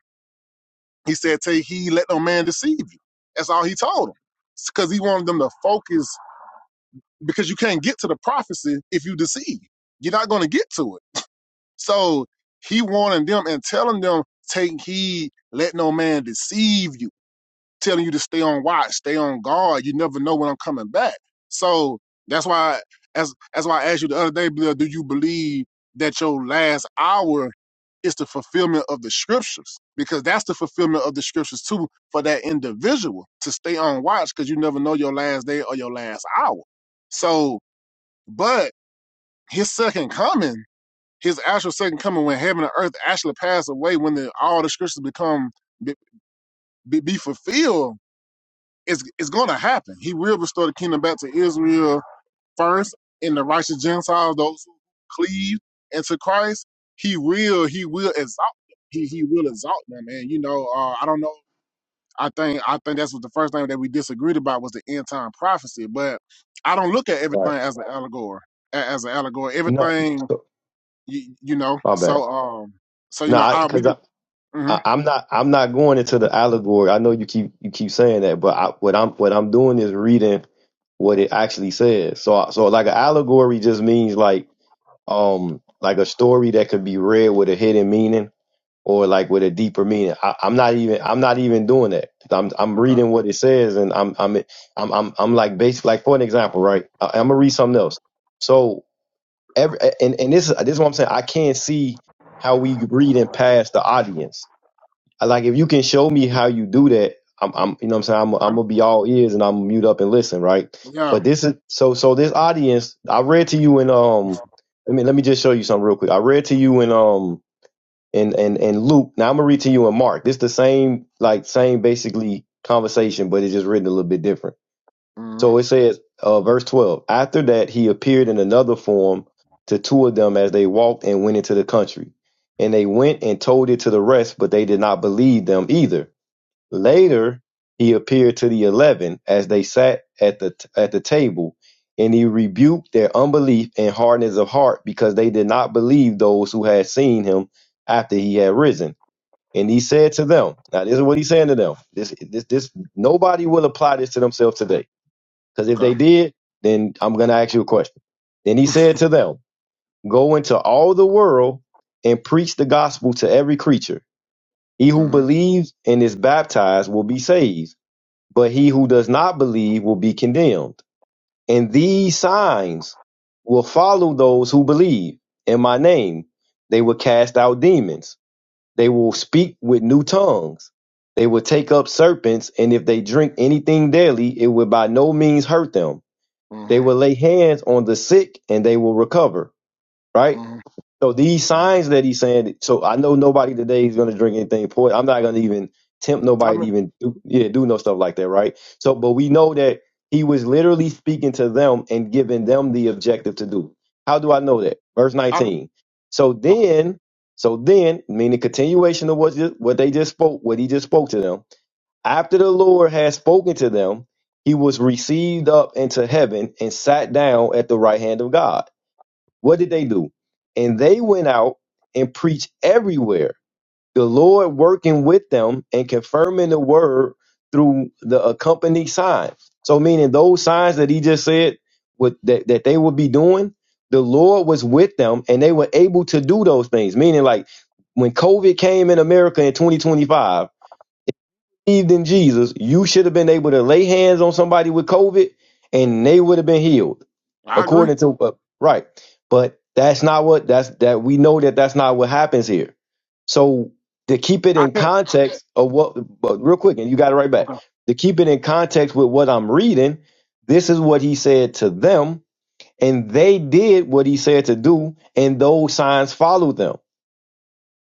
Speaker 1: He said, "Take heed, let no man deceive you." That's all he told them because he wanted them to focus because you can't get to the prophecy if you deceive. You're not gonna get to it. So he warning them and telling them, take heed, let no man deceive you, telling you to stay on watch, stay on guard. You never know when I'm coming back. So that's why as that's why I asked you the other day, Bill, do you believe that your last hour is the fulfillment of the scriptures? Because that's the fulfillment of the scriptures too for that individual to stay on watch because you never know your last day or your last hour. So, but his second coming his actual second coming when heaven and earth actually pass away when the, all the scriptures become be, be, be fulfilled it's, it's going to happen he will restore the kingdom back to israel first and the righteous gentiles those who cleave into christ he will he will exalt them he, he will exalt them and you know uh, i don't know i think i think that's what the first thing that we disagreed about was the end time prophecy but i don't look at everything
Speaker 7: Right.
Speaker 1: as an allegory as an allegory
Speaker 7: No.
Speaker 1: everything
Speaker 7: So,
Speaker 1: you, you know
Speaker 7: my bad.
Speaker 1: so um so you know
Speaker 7: No,
Speaker 1: I we
Speaker 7: because I,
Speaker 1: did
Speaker 7: 'cause I,
Speaker 1: hmm
Speaker 7: I I'm not I'm not going into the allegory. I know you keep you keep saying that, but I, what I'm what I'm doing is reading what it actually says. So I- so like an allegory just means like um like a story that could be read with a hidden meaning or like with a deeper meaning. I, I'm not even I'm not even doing that. I'm I'm
Speaker 1: okay
Speaker 7: reading what it says and I'm I'm I'm I'm, I'm like basically. like for an example, right? I, I'm gonna read something else. So every and and this is this is what I'm saying. I can't see how we reading past the audience. I- Like if you can show me how you do that, I'm I'm you know what I'm saying I'm I'm
Speaker 1: I'm
Speaker 7: gonna be all ears and I'm gonna mute up and listen, right?
Speaker 1: yeah
Speaker 7: But this is so so this audience. I read to you in um. Let me let me just show you something real quick. I read to you in um and and and Luke. Now I'm gonna read to you in Mark. This the same like same basically conversation, but it's just written a little bit different.
Speaker 1: mm
Speaker 7: So it says, uh, verse 12. After that, he appeared in another form to two of them as they walked and went into the country, and they went and told it to the rest, but they did not believe them either.
Speaker 1: mm
Speaker 7: Later he appeared to the eleven as they sat at the at the table, and he rebuked their unbelief and hardness of heart because they did not believe those who had seen him after he had risen. And he said to them, "Now this is what he's saying to them. This this this nobody will apply this to themselves today because if
Speaker 1: okay
Speaker 7: they did, then I'm going to ask you a question." Then he said to them, "Go into all the world and preach the gospel to every creature. He who
Speaker 1: mm
Speaker 7: believes and is baptized will be saved." But he who does not believe will be condemned. And these signs will follow those who believe in my name. They will cast out demons. They will speak with new tongues. They will take up serpents, and if they drink anything deadly, it will by no means hurt them. They
Speaker 1: hmm
Speaker 7: will lay hands on the sick and they will recover. Right?
Speaker 1: hmm
Speaker 7: So these
Speaker 1: hmm
Speaker 7: signs that he's saying. So I know nobody today is going to drink anything poison. I'm not going to even tempt nobody to
Speaker 1: I'm
Speaker 7: even do, yeah do no stuff like that, right? So, but we know that he was literally speaking to them and giving them the objective to do. How do I know that? Verse
Speaker 1: I'm
Speaker 7: 19. So
Speaker 1: okay
Speaker 7: then, so then, meaning continuation of what ju- what they just spoke, what he just spoke to them. After the Lord had spoken to them, he was received up into heaven and sat down at the right hand of God. What did they do? And they went out and preached everywhere, the Lord working with them and confirming the word through the accompanying signs. So, meaning those signs that he just said would, that, that they would be doing, the Lord was with them and they were able to do those things. Meaning, like when COVID came in America in 2025, believed in Jesus, you should have been able to lay hands on somebody with COVID and they would have been healed
Speaker 1: I agree
Speaker 7: according to uh, right but that's not what that's that we know that that's not what happens here so to keep it
Speaker 1: I
Speaker 7: in
Speaker 1: can't
Speaker 7: context of what but real quick and you got it right back
Speaker 1: okay
Speaker 7: to keep it in context with what i'm reading this is what he said to them and they did what he said to do and those signs followed them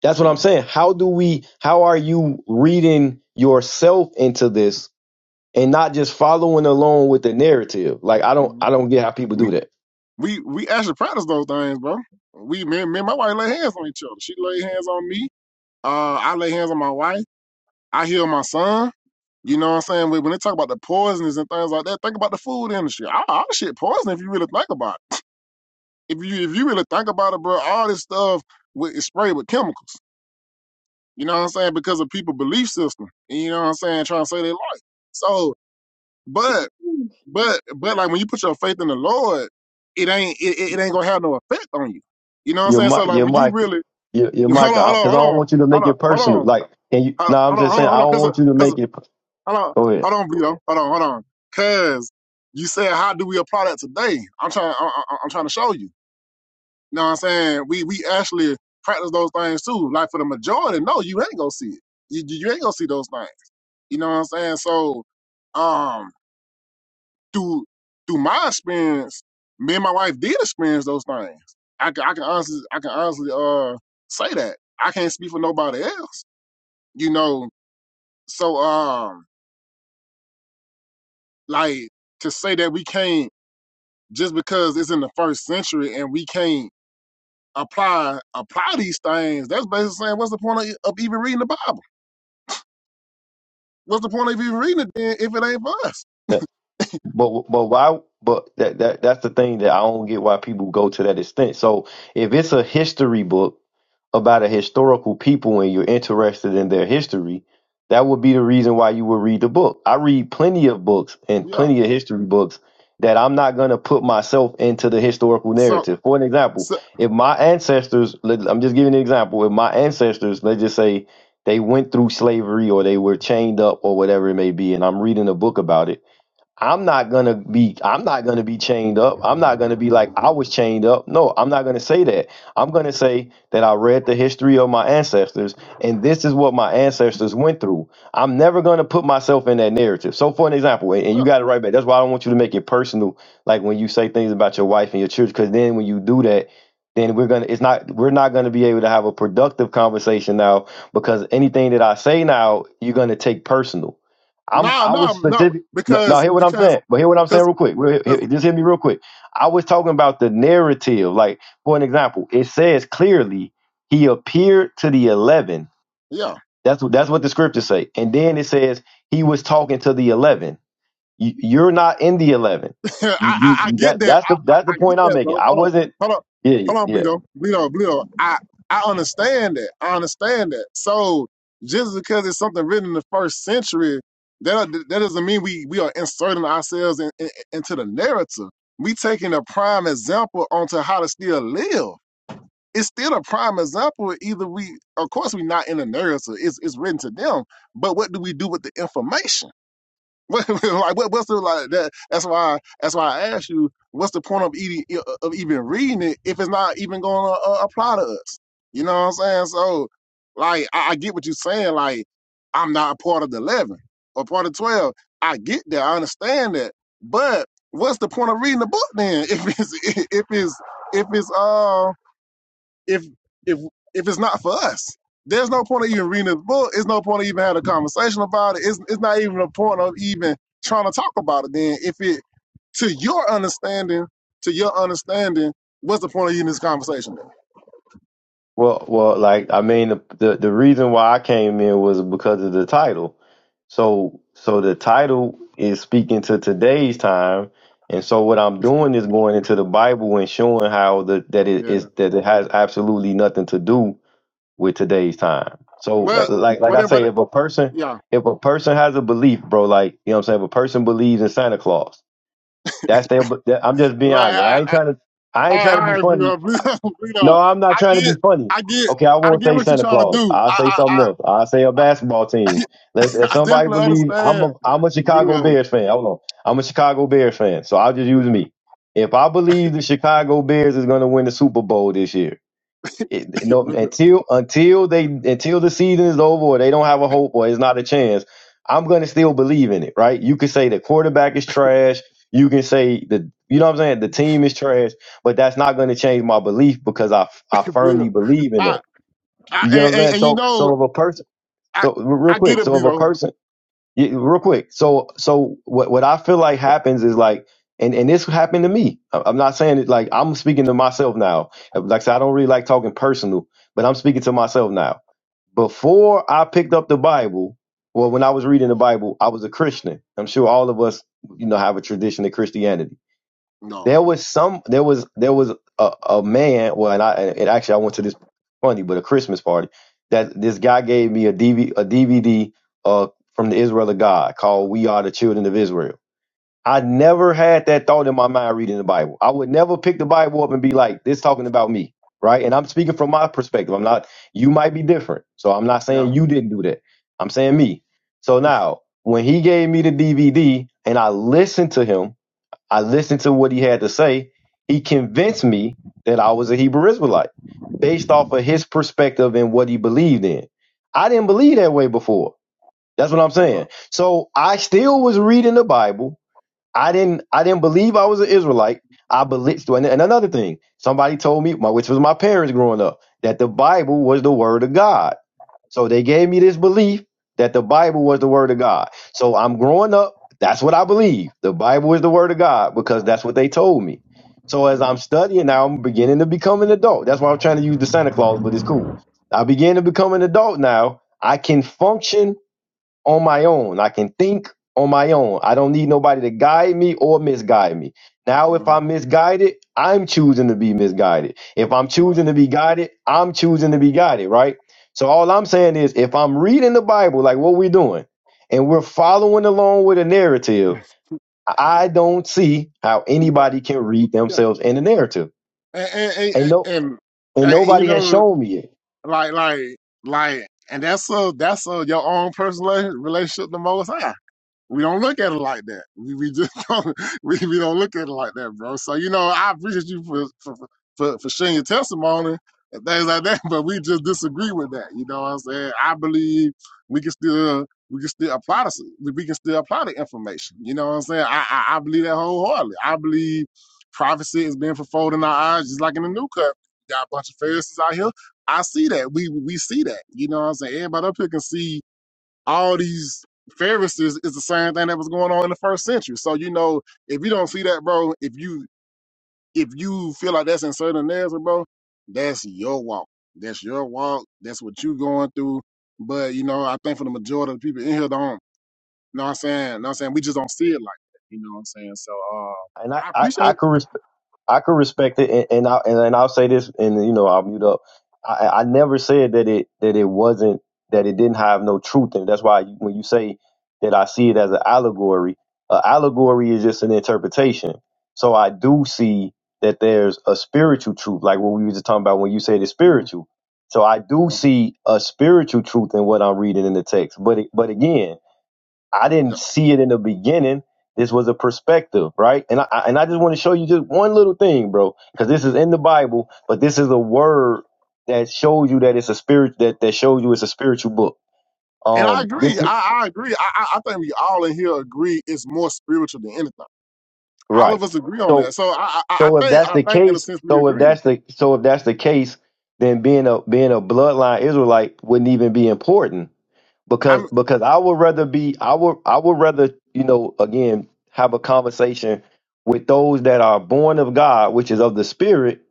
Speaker 7: that's what i'm
Speaker 1: hmm
Speaker 7: saying how do we how are you reading yourself into this and not just following along with the narrative like i don't
Speaker 1: hmm
Speaker 7: i don't get how people
Speaker 1: we
Speaker 7: do that
Speaker 1: we we actually practice those things bro we me, me and my wife lay hands on each other she lay hands on me uh I lay hands on my wife I heal my son You know what I'm saying? When when they talk about the poisons and things like that, think about the food industry. All, all the shit poison if you really think about it. If you if you really think about it, bro, all this stuff with, is sprayed with chemicals. You know what I'm saying? Because of people' belief system. And you know what I'm saying? Trying to say they like. So, but but but like when you put your faith in the Lord, it ain't it, it it ain't gonna have no effect on you. You know what I'm
Speaker 7: Your
Speaker 1: saying? So
Speaker 7: mic,
Speaker 1: like
Speaker 7: your
Speaker 1: when you
Speaker 7: mic,
Speaker 1: really
Speaker 7: your, your mic,
Speaker 1: hold on hold on
Speaker 7: because
Speaker 1: hold
Speaker 7: I don't
Speaker 1: on
Speaker 7: want you to
Speaker 1: hold
Speaker 7: make
Speaker 1: on
Speaker 7: it
Speaker 1: hold
Speaker 7: personal.
Speaker 1: on hold on
Speaker 7: Like, and you, no, I'm
Speaker 1: hold
Speaker 7: just
Speaker 1: on
Speaker 7: saying, I
Speaker 1: hold on
Speaker 7: don't want you to
Speaker 1: because
Speaker 7: make it.
Speaker 1: Hold on,
Speaker 7: Go
Speaker 1: hold
Speaker 7: ahead.
Speaker 1: on, Vito. Hold on, hold on. Cause you said, how do we apply that today? I'm trying, I, I, I'm trying to show you. You know what I'm saying? We we actually practice those things too. Like for the majority, no, you ain't gonna see it. You you you ain't gonna see those things. You know what I'm saying? So, um, through through my experience, me and my wife did experience those things. I can I can honestly I can honestly uh say that I can't speak for nobody else. You know, so um, like to say that we can't. just because it's in the first century and we can't apply apply these things, that's basically saying what's the point of, e, of even reading the Bible? What's the point of even reading it then if it ain't for us?
Speaker 7: But but why? But that that that's the thing that I don't get why people go to that extent. So if it's a history book about a historical people and you're interested in their history, that would be the reason why you would read the book. I read plenty of books and
Speaker 1: Yeah.
Speaker 7: plenty of history books that I'm not going to put myself into the historical
Speaker 1: So
Speaker 7: narrative. For an example,
Speaker 1: so
Speaker 7: if my ancestors, let- I'm just giving an example, if my ancestors, let's just say they went through slavery or they were chained up or whatever it may be, and I'm reading a book about it I'm not gonna be I'm not gonna be chained up. I'm not gonna be like I was chained up. No, I'm not gonna say that. I'm gonna say that I read the history of my ancestors and this is what my ancestors went through. I'm never gonna put myself in that narrative. So for an example, and and you
Speaker 1: no
Speaker 7: got it right back. That's why I don't want you to make it personal, like when you say things about your wife and your children, because then when you do that, then we're gonna it's not we're not gonna be able to have a productive conversation now because anything that I say now, you're gonna take personal. I'm
Speaker 1: no
Speaker 7: I
Speaker 1: no
Speaker 7: was
Speaker 1: no,
Speaker 7: specific. No, no,
Speaker 1: because
Speaker 7: hear what I'm
Speaker 1: because
Speaker 7: saying. But hear what I'm saying
Speaker 1: because
Speaker 7: real quick. Real-
Speaker 1: because
Speaker 7: hear- Just hear me real quick. I was talking about the narrative. Like, for an example, it says clearly he appeared to the eleven.
Speaker 1: yeah
Speaker 7: That's what that's what the scriptures say. And then it says he was talking to the eleven. You, you're not in the eleven.
Speaker 1: I,
Speaker 7: You
Speaker 1: I, I
Speaker 7: you
Speaker 1: get
Speaker 7: that
Speaker 1: that.
Speaker 7: that's
Speaker 1: I,
Speaker 7: the that's the
Speaker 1: I, I get
Speaker 7: point I'm
Speaker 1: that,
Speaker 7: making.
Speaker 1: bro.
Speaker 7: I
Speaker 1: Hold on.
Speaker 7: wasn't.
Speaker 1: Hold on.
Speaker 7: Yeah, yeah.
Speaker 1: Hold on,
Speaker 7: yeah.
Speaker 1: Bleedo. Bleedo, Bleedo. I, I understand that. I understand that. So just because it's something written in the first century, that that doesn't mean we, we are inserting ourselves in, in, into the narrative. We taking a prime example onto how to still live. It's still a prime example. Either we, of course, we're not in the narrative. It's it's written to them. But what do we do with the information? What, like what, what's the like that? That's why that's why I asked you. What's the point of eating e, uh, of even reading it if it's not even going to uh, apply to us? You know what I'm saying? So, like, I, I get what you're saying. Like, I'm not a part of the eleven or part of twelve. I get that. I understand that. But what's the point of reading the book then if it's if it's if it's um if if if it's not for us. There's no point of even reading this book. It's no point of even having a conversation about it. It's it's not even a point of even trying to talk about it then if it to your understanding, to your understanding, what's the point of even this conversation?
Speaker 7: Well, well, like I mean, the, the the reason why I came in was because of the title. So, so the title is speaking to today's time, and so what I'm doing is going into the Bible and showing how the that it
Speaker 1: Then? Yeah.
Speaker 7: is that it has absolutely nothing to do with today's time. So, uh,
Speaker 1: Well,
Speaker 7: like like
Speaker 1: what
Speaker 7: I say, if a person
Speaker 1: Yeah.
Speaker 7: if a person has a belief, bro, like you know what I'm saying, if a person believes in Santa Claus, that's their. That, I'm just being
Speaker 1: Like
Speaker 7: honest. I
Speaker 1: I,
Speaker 7: ain't
Speaker 1: I,
Speaker 7: trying to I
Speaker 1: I,
Speaker 7: ain't trying to be
Speaker 1: I, you
Speaker 7: funny
Speaker 1: know, you
Speaker 7: no,
Speaker 1: know,
Speaker 7: I'm not
Speaker 1: I
Speaker 7: trying to be
Speaker 1: get,
Speaker 7: funny.
Speaker 1: I get,
Speaker 7: Okay, I
Speaker 1: I
Speaker 7: won't
Speaker 1: get
Speaker 7: say
Speaker 1: what you're
Speaker 7: Santa
Speaker 1: trying to
Speaker 7: Claus.
Speaker 1: do.
Speaker 7: I'll
Speaker 1: I,
Speaker 7: say
Speaker 1: I,
Speaker 7: something
Speaker 1: I,
Speaker 7: else. I'll say a basketball team. If, if
Speaker 1: I
Speaker 7: somebody
Speaker 1: definitely
Speaker 7: believe I'm
Speaker 1: understand.
Speaker 7: a I'm a Chicago
Speaker 1: Bill,
Speaker 7: Bears fan. Hold on. I'm a Chicago Bears fan, so I'll just use me. If I believe the Chicago Bears is gonna win the Super Bowl this year, it, no,
Speaker 1: Bill,
Speaker 7: until until they until the season is over or they don't have a hope or it's not a chance, I'm gonna still believe in it, right? You can say the quarterback is trash. You can say the you know what I'm saying the team is trash, but that's not gonna change my belief because I I firmly
Speaker 1: Bill.
Speaker 7: believe in
Speaker 1: I,
Speaker 7: it.
Speaker 1: I,
Speaker 7: You know what
Speaker 1: and,
Speaker 7: I'm saying?
Speaker 1: and, and you
Speaker 7: So
Speaker 1: know,
Speaker 7: so if a person
Speaker 1: I
Speaker 7: so real
Speaker 1: I
Speaker 7: quick,
Speaker 1: get it,
Speaker 7: so if a
Speaker 1: Bleedo.
Speaker 7: person yeah, real quick. So so what what I feel like happens is like and and this happened to me. I- I'm not saying it like I'm speaking to myself now. Like I said, I don't really like talking personal, but I'm speaking to myself now. Before I picked up the Bible, well, when I was reading the Bible, I was a Christian. I'm sure all of us, you know, have a tradition of Christianity.
Speaker 1: No.
Speaker 7: There was some. There was there was a, a man. Well, and I and actually I went to this funny, but a Christmas party that this guy gave me a DV, a DVD uh from the Israel of God called "We Are the Children of Israel." I never had that thought in my mind reading the Bible. I would never pick the Bible up and be like, "This talking about me," right? And I'm speaking from my perspective. I'm not. You might be different, so I'm not
Speaker 1: Yeah.
Speaker 7: saying you didn't do that. I'm saying me. So now, when he gave me the DVD and I listened to him I listened to what he had to say. He convinced me that I was a Hebrew Israelite based off of his perspective and what he believed in. I didn't believe that way before. That's what I'm
Speaker 1: Yeah.
Speaker 7: saying. So I still was reading the Bible. I didn't I didn't believe I was an Israelite. I believed and and another thing, somebody told me, my which was my parents growing up, that the Bible was the word of God. So they gave me this belief that the Bible was the word of God. So I'm growing up, that's what I believe. The Bible is the word of God because that's what they told me. So as I'm
Speaker 1: Yeah.
Speaker 7: studying now, I'm beginning to become an adult. That's why I'm trying to use the Santa Claus, but it's cool. I begin to become an adult now. I can function on my own. I can think on my own. I don't need nobody to guide me or misguide me. Now, if
Speaker 1: Yeah.
Speaker 7: I'm misguided, I'm choosing to be misguided. If I'm
Speaker 1: Right.
Speaker 7: choosing to be guided, I'm choosing to be guided, right? So all I'm saying is if I'm reading the Bible, like what we're doing, and we're following along with a narrative,
Speaker 1: Yes.
Speaker 7: I don't see how
Speaker 1: Right.
Speaker 7: anybody can read
Speaker 1: Yeah.
Speaker 7: themselves in the narrative.
Speaker 1: And and,
Speaker 7: And
Speaker 1: and
Speaker 7: no
Speaker 1: and
Speaker 7: and
Speaker 1: and you
Speaker 7: nobody has
Speaker 1: know,
Speaker 7: shown me it.
Speaker 1: like like like, and that's a that's a your own personal relationship the most. I we don't look at it like that. We, we just don't we, we don't look at it like that, bro. So you know, I appreciate you for for for, for sharing your testimony and things like that, but we just disagree with that. You know what I'm saying? I believe we can still we can still apply this we we can still apply the information. You know what I'm saying? I I, I believe that wholeheartedly. I believe prophecy is being fulfilled in our eyes, just like in the new covenant. We got a bunch of Pharisees out here. I see that. We we see that. You know what I'm saying? Everybody up here can see all these Pharisees is the same thing that was going on in the first century. So you know, if you don't see that, bro, if you if you feel like that's inserting certain narrative, bro, that's your walk. That's your walk. That's what you going through. But you know, I think for the majority of the people in here don't You know what I'm saying, know what I'm saying, we just don't see it like that. You know what I'm saying? So
Speaker 7: And I,
Speaker 1: uh I
Speaker 7: I, I
Speaker 1: appreciate
Speaker 7: could I could respect it, and, and I and, and I'll say this, and you know I'll mute up. I, I never said that it that it wasn't that it didn't have no truth in it. That's why you- when you say that I see it as an allegory, an allegory is just an interpretation. So I do see that there's a spiritual truth, like what we were just talking about when you said it's
Speaker 1: mm,
Speaker 7: spiritual. So I
Speaker 1: yeah.
Speaker 7: do see a spiritual truth in what I'm reading in the text. But it- but again, I
Speaker 1: yeah.
Speaker 7: didn't see it in the beginning. This was a perspective, right? And I I- and I just want to show you just one little thing, bro, because this is in the Bible, but this is a word that shows you that it's a spirit that that shows you it's a spiritual book.
Speaker 1: And I
Speaker 7: Um, this
Speaker 1: agree.
Speaker 7: is
Speaker 1: I, I agree. I, I I think we all in here agree it's more spiritual than anything. all
Speaker 7: right.
Speaker 1: of us agree on that.
Speaker 7: So
Speaker 1: So I, I, I
Speaker 7: so if
Speaker 1: think,
Speaker 7: that's
Speaker 1: I
Speaker 7: the
Speaker 1: think in a
Speaker 7: case,
Speaker 1: sense we
Speaker 7: so if
Speaker 1: agreeing.
Speaker 7: that's the so if that's the case, then being a being a bloodline Israelite wouldn't even be important because
Speaker 1: I'm
Speaker 7: because I would rather be I would I would rather you know again have a conversation with those that are born of God, which is of the Spirit,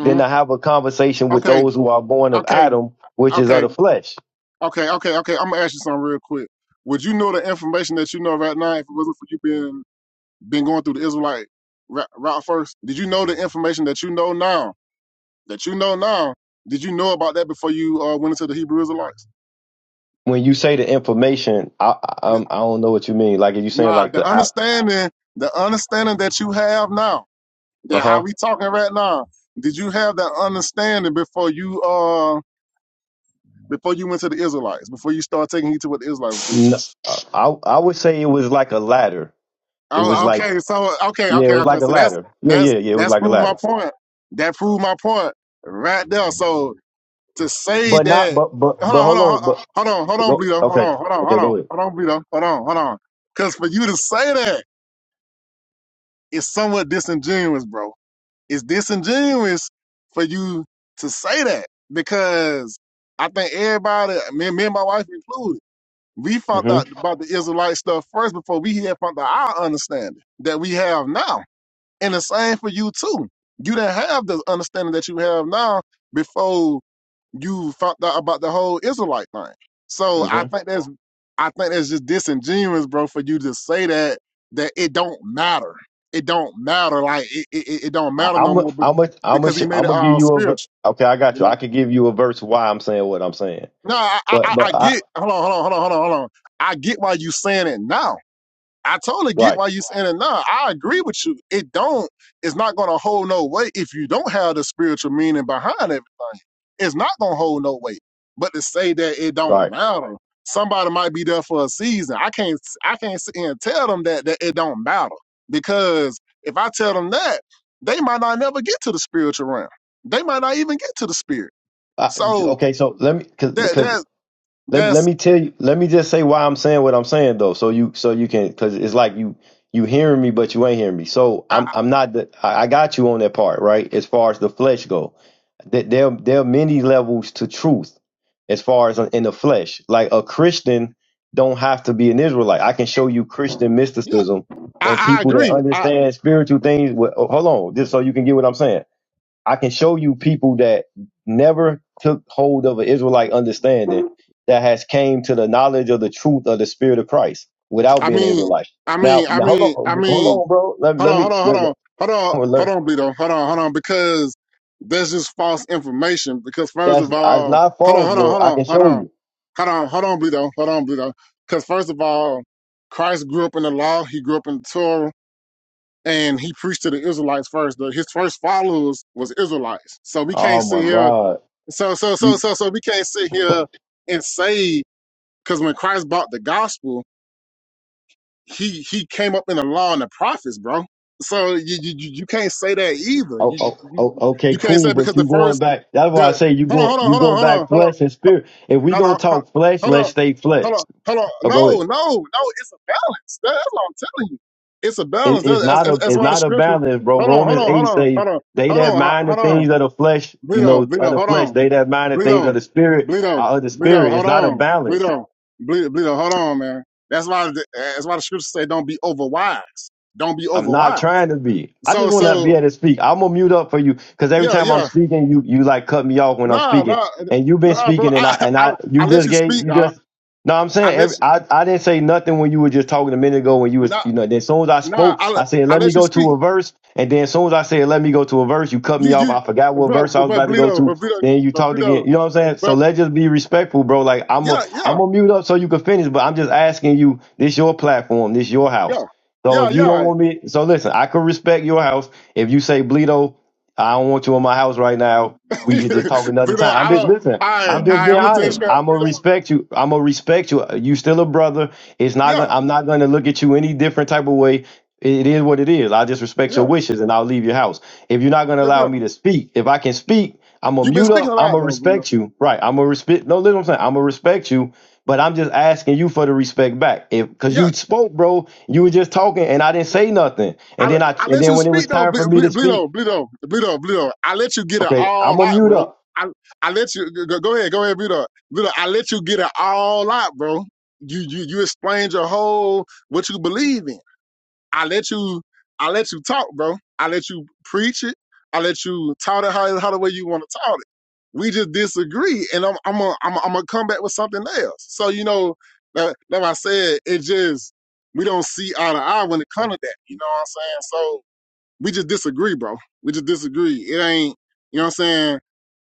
Speaker 7: than to have a conversation with
Speaker 1: okay,
Speaker 7: those who are born of
Speaker 1: okay,
Speaker 7: Adam, which is of
Speaker 1: okay,
Speaker 7: the flesh.
Speaker 1: okay, okay, okay. I'm gonna ask you something real quick. Would you know the information that you know right now if it wasn't for you being been going through the Israelite ra- route first? Did you know the information that you know now? That you know now? Did you know about that before you uh, went into the Hebrew Israelites?
Speaker 7: When you say the information, I I,
Speaker 1: Th-
Speaker 7: um, I don't know what you mean. Like if you saying
Speaker 1: Nah,
Speaker 7: like
Speaker 1: the
Speaker 7: the uh
Speaker 1: understanding, the understanding that you have now, that how
Speaker 7: huh,
Speaker 1: we talking right now. Did you have that understanding before you uh before you went to the Israelites, before you start taking heed to what the Israelites do.
Speaker 7: no, I I would say it was like a ladder. It was
Speaker 1: Oh,
Speaker 7: like
Speaker 1: okay, so okay,
Speaker 7: yeah, it
Speaker 1: okay,
Speaker 7: was
Speaker 1: okay.
Speaker 7: like a
Speaker 1: So that's
Speaker 7: ladder. Yeah,
Speaker 1: that's
Speaker 7: yeah, yeah, it was
Speaker 1: that's
Speaker 7: like a
Speaker 1: proved my
Speaker 7: ladder.
Speaker 1: point. That proved my point right there. So to say
Speaker 7: But not
Speaker 1: that,
Speaker 7: but but
Speaker 1: hold
Speaker 7: but
Speaker 1: on, hold
Speaker 7: hold
Speaker 1: on,
Speaker 7: on, but,
Speaker 1: hold on, hold
Speaker 7: but
Speaker 1: on,
Speaker 7: go,
Speaker 1: Bleedo, hold
Speaker 7: okay,
Speaker 1: on, hold on,
Speaker 7: okay,
Speaker 1: hold
Speaker 7: go
Speaker 1: on,
Speaker 7: ahead.
Speaker 1: hold on, Bleedo, hold on, hold on. Because for you to say that is somewhat disingenuous, bro. It's disingenuous for you to say that because I think everybody, me, me and my wife included We found
Speaker 7: Mm-hmm.
Speaker 1: out about the Israelite stuff first before we had found out our understanding that we have now. And the same for you too. You didn't have the understanding that you have now before you found out about the whole Israelite thing. So I
Speaker 7: hmm
Speaker 1: think that's I think that's just disingenuous, bro, for you to say that that it don't matter. It don't matter. Like it, it, it it don't
Speaker 7: I,
Speaker 1: matter no
Speaker 7: I'm a,
Speaker 1: more
Speaker 7: I'm a,
Speaker 1: be-
Speaker 7: I'm a,
Speaker 1: because he made
Speaker 7: I'm
Speaker 1: it
Speaker 7: gonna give
Speaker 1: all
Speaker 7: you a. ver-
Speaker 1: spiritual.
Speaker 7: Okay, I got
Speaker 1: You
Speaker 7: you. I
Speaker 1: know.
Speaker 7: can give you a verse why I'm saying what I'm saying.
Speaker 1: No, I, I
Speaker 7: But
Speaker 1: I I
Speaker 7: but I
Speaker 1: get. Hold on, hold on, hold on, hold on, hold on. I get why you saying it now I totally get
Speaker 7: right
Speaker 1: why you saying it now. I agree with you. It don't, it's not gonna hold no weight if you don't have the spiritual meaning behind everything. It's not gonna hold no weight. But to say that it don't
Speaker 7: right.
Speaker 1: matter, somebody might be there for a season. I can't I can't sit here and tell them that, that it don't matter. Because if I tell them that, they might not never get to the spiritual realm. They might not even get to the spirit.
Speaker 7: I,
Speaker 1: So
Speaker 7: okay, so let me
Speaker 1: that
Speaker 7: because
Speaker 1: that
Speaker 7: Let, let
Speaker 1: that's
Speaker 7: me tell you. Let me just say why I'm saying what I'm saying though, so you so you can because it's like you you hearing me but you ain't hearing me. So
Speaker 1: I
Speaker 7: I'm
Speaker 1: I-
Speaker 7: I'm not. The, I, I got you on that part, right? As far as the flesh go, that there there are many levels to truth as far as in the flesh. Like a Christian don't have to be an Israelite. I can show you Christian
Speaker 1: yeah,
Speaker 7: mysticism and
Speaker 1: I, I
Speaker 7: people that
Speaker 1: agree. I
Speaker 7: understand spiritual things. With, oh, hold on, just so you can get what I'm saying I can show you people that never took hold of an Israelite understanding that has came to the knowledge of the truth of the spirit of Christ without
Speaker 1: I
Speaker 7: being an
Speaker 1: mean
Speaker 7: Israelite.
Speaker 1: I
Speaker 7: Now,
Speaker 1: mean, I
Speaker 7: now hold
Speaker 1: mean, I
Speaker 7: on, hold
Speaker 1: mean,
Speaker 7: on, bro. Let,
Speaker 1: Hold
Speaker 7: let
Speaker 1: on,
Speaker 7: me.
Speaker 1: hold on, hold
Speaker 7: Let,
Speaker 1: on, hold on,
Speaker 7: let-
Speaker 1: hold on, Bleedo. Hold on, hold on, because that's just false information. Because first
Speaker 7: that's
Speaker 1: of
Speaker 7: that's
Speaker 1: all,
Speaker 7: not
Speaker 1: hold on,
Speaker 7: false,
Speaker 1: hold on,
Speaker 7: bro.
Speaker 1: hold
Speaker 7: I
Speaker 1: on,
Speaker 7: can
Speaker 1: hold
Speaker 7: show
Speaker 1: on,
Speaker 7: you.
Speaker 1: hold on, hold on, Bleedo. Hold on, Bleedo. Because first of all, Christ grew up in the law. He grew up in the Torah, and he preached to the Israelites first. The- His first followers was Israelites. So we can't
Speaker 7: Oh
Speaker 1: sit
Speaker 7: my
Speaker 1: here.
Speaker 7: God.
Speaker 1: So so so
Speaker 7: You
Speaker 1: so so we can't sit here and say because when Christ brought the gospel he he came up in the law and the prophets, bro. So you you, you you can't say that either.
Speaker 7: oh,
Speaker 1: You, you
Speaker 7: oh, oh
Speaker 1: you
Speaker 7: okay
Speaker 1: you can't
Speaker 7: cool,
Speaker 1: say because
Speaker 7: but
Speaker 1: the
Speaker 7: you going
Speaker 1: first
Speaker 7: back. That's why I
Speaker 1: the
Speaker 7: say you
Speaker 1: hold on
Speaker 7: go
Speaker 1: hold on
Speaker 7: you
Speaker 1: hold
Speaker 7: go
Speaker 1: on
Speaker 7: back
Speaker 1: hold on
Speaker 7: flesh and spirit. If we
Speaker 1: hold
Speaker 7: gonna
Speaker 1: on hold on
Speaker 7: talk flesh,
Speaker 1: hold
Speaker 7: let's
Speaker 1: on
Speaker 7: stay flesh.
Speaker 1: hold on hold on
Speaker 7: Oh, go ahead.
Speaker 1: no no no it's a balance. That- that's what I'm telling you. It's a balance.
Speaker 7: It, it's
Speaker 1: That, that's,
Speaker 7: not
Speaker 1: that's
Speaker 7: a
Speaker 1: that's
Speaker 7: it's
Speaker 1: why the
Speaker 7: not a
Speaker 1: scripture.
Speaker 7: balance, bro.
Speaker 1: Hold on hold
Speaker 7: Romans
Speaker 1: on hold
Speaker 7: eight
Speaker 1: on
Speaker 7: say
Speaker 1: hold on
Speaker 7: they
Speaker 1: hold
Speaker 7: that
Speaker 1: on
Speaker 7: mind the
Speaker 1: hold on
Speaker 7: things of the flesh, you
Speaker 1: Bleedo,
Speaker 7: know, of
Speaker 1: Bleedo,
Speaker 7: the
Speaker 1: hold
Speaker 7: flesh,
Speaker 1: on.
Speaker 7: they that mind the things
Speaker 1: Bleedo,
Speaker 7: of the spirit
Speaker 1: Bleedo,
Speaker 7: are of the
Speaker 1: Bleedo,
Speaker 7: spirit. It's
Speaker 1: hold
Speaker 7: not a
Speaker 1: on.
Speaker 7: balance.
Speaker 1: Bleedo, Bleedo, Bleedo, hold on, man. That's why the, that's why the scriptures say don't be overwise. Don't be
Speaker 7: I'm not
Speaker 1: overwise.
Speaker 7: trying to be. I just
Speaker 1: So
Speaker 7: want to be
Speaker 1: so
Speaker 7: able to speak. I'm gonna mute up for you because every
Speaker 1: yeah,
Speaker 7: time I'm
Speaker 1: yeah.
Speaker 7: speaking, you you like cut me off when I'm
Speaker 1: Nah,
Speaker 7: speaking,
Speaker 1: nah,
Speaker 7: and you've been
Speaker 1: nah, bro.
Speaker 7: speaking, and I
Speaker 1: I
Speaker 7: and
Speaker 1: I,
Speaker 7: I
Speaker 1: I
Speaker 7: you
Speaker 1: let
Speaker 7: just
Speaker 1: you
Speaker 7: gave
Speaker 1: speak.
Speaker 7: you
Speaker 1: I,
Speaker 7: just no. I'm
Speaker 1: I
Speaker 7: saying every,
Speaker 1: let you
Speaker 7: I I didn't say nothing when you were just talking a minute ago when you was
Speaker 1: nah
Speaker 7: you know. Then as soon as I
Speaker 1: nah
Speaker 7: spoke,
Speaker 1: I,
Speaker 7: I
Speaker 1: let-
Speaker 7: said
Speaker 1: I
Speaker 7: let me
Speaker 1: let you
Speaker 7: go to
Speaker 1: speak.
Speaker 7: a verse, and then as soon as I said let me go to a verse, you cut
Speaker 1: You
Speaker 7: me off.
Speaker 1: you
Speaker 7: I forgot what
Speaker 1: but
Speaker 7: verse I
Speaker 1: but,
Speaker 7: was
Speaker 1: but
Speaker 7: about to go
Speaker 1: Bleedo,
Speaker 7: to.
Speaker 1: but Bleedo,
Speaker 7: Then you
Speaker 1: but
Speaker 7: talked
Speaker 1: Bleedo,
Speaker 7: again. You know what I'm saying? So
Speaker 1: but
Speaker 7: let's just be respectful, bro. Like I'm a
Speaker 1: yeah,
Speaker 7: I'm
Speaker 1: yeah,
Speaker 7: gonna mute up so you can finish, but I'm just asking you. This your platform. This your
Speaker 1: yeah.
Speaker 7: house. So
Speaker 1: Yeah,
Speaker 7: if you don't
Speaker 1: yeah.
Speaker 7: want me, so listen, I could respect your house if you say Bleedo I don't want you in my house right now. We could just talk another
Speaker 1: Bleedo,
Speaker 7: time. I'm
Speaker 1: I
Speaker 7: just
Speaker 1: don't
Speaker 7: listen.
Speaker 1: I
Speaker 7: I'm just
Speaker 1: I
Speaker 7: being
Speaker 1: I'm gonna tell you
Speaker 7: honest.
Speaker 1: straight, up,
Speaker 7: I'm gonna
Speaker 1: Bleedo.
Speaker 7: respect you. I'm gonna respect you. You still a brother. It's not
Speaker 1: Yeah.
Speaker 7: gonna. I'm not gonna look at you any different type of way. It is what it is. I just respect your
Speaker 1: Yeah,
Speaker 7: wishes and I'll leave your house. If you're not gonna
Speaker 1: yeah,
Speaker 7: allow me
Speaker 1: definitely.
Speaker 7: to speak, if I can speak, I'm gonna
Speaker 1: You've been
Speaker 7: mute
Speaker 1: speaking
Speaker 7: up.
Speaker 1: a
Speaker 7: I'm
Speaker 1: lot
Speaker 7: gonna
Speaker 1: though, Bleedo.
Speaker 7: respect you. Right. I'm gonna respect. No, listen. What I'm saying. I'm gonna respect you. But I'm just asking you for the respect back. If cause you
Speaker 1: Yeah,
Speaker 7: spoke, bro, you were just talking and I didn't say nothing. And
Speaker 1: I
Speaker 7: then I
Speaker 1: I
Speaker 7: and
Speaker 1: let
Speaker 7: then
Speaker 1: you
Speaker 7: when it
Speaker 1: speak
Speaker 7: was
Speaker 1: though,
Speaker 7: time for
Speaker 1: Ble-
Speaker 7: me to
Speaker 1: Ble-
Speaker 7: speak,
Speaker 1: Bleedo, Bleedo, Bleedo, Bleedo. I let you get it
Speaker 7: Okay, I'm
Speaker 1: all
Speaker 7: gonna
Speaker 1: out,
Speaker 7: mute
Speaker 1: bro.
Speaker 7: up.
Speaker 1: I I let you go, go ahead, go ahead, Bleedo, Bleedo. I let you get it all out, bro. You you you explained your whole what you believe in. I let you I let you talk, bro. I let you preach it. I let you taught it how how the way you want to taught it. we just disagree and i'm i'm going I'm, a, I'm gonna come back with something else so you know like, like i said it just we don't see eye to eye when it comes to that you know what i'm saying So we just disagree, bro. We just disagree. It ain't, you know what I'm saying?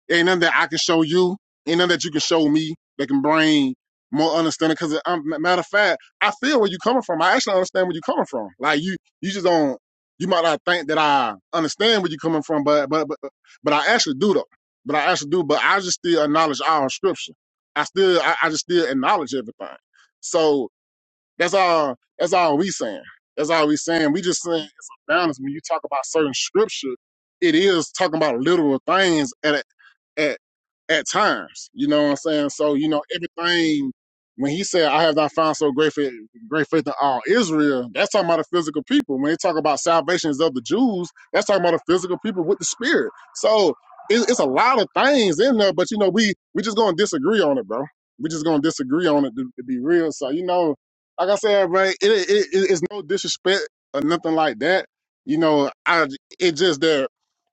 Speaker 1: It ain't nothing that I can show you. Ain't nothing that you can show me that can bring more understanding. because matter of fact, I feel where you're coming from. I actually understand where you're coming from. Like you, you just don't, you might not think that I understand where you're coming from, but, but, but, but I actually do though. But I actually do, but I just still acknowledge all scripture. I still, I, I just still acknowledge everything. So that's all. That's all we saying. That's all we saying. We just saying it's a balance. When you talk about certain scripture, it is talking about literal things. At, a- at at times. You know what I'm saying? So, you know, everything when he said, I have not found so great faith, great faith in all Israel, that's talking about the physical people. When they talk about salvations of the Jews, that's talking about the physical people with the spirit. So it, it's a lot of things in there, but you know, we we just gonna disagree on it, bro. We just gonna disagree on it to, to be real. So, you know, like I said, bro, it, it, it it's no disrespect or nothing like that. You know, I it just that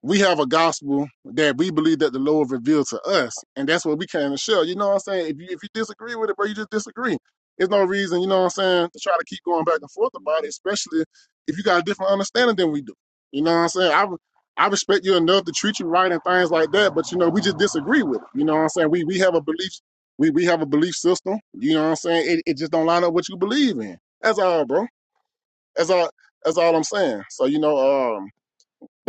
Speaker 1: we have a gospel that we believe that the Lord revealed to us, and that's what we came to share. You know what I'm saying? If you if you disagree with it, bro, you just disagree. There's no reason, you know what I'm saying, to try to keep going back and forth about it, especially if you got a different understanding than we do. You know what I'm saying? I I respect you enough to treat you right and things like that, but you know we just disagree with it. You know what I'm saying? We we have a belief we we have a belief system. You know what I'm saying? It it just don't line up what you believe in. That's all, bro. That's all. That's all I'm saying. So you know, um,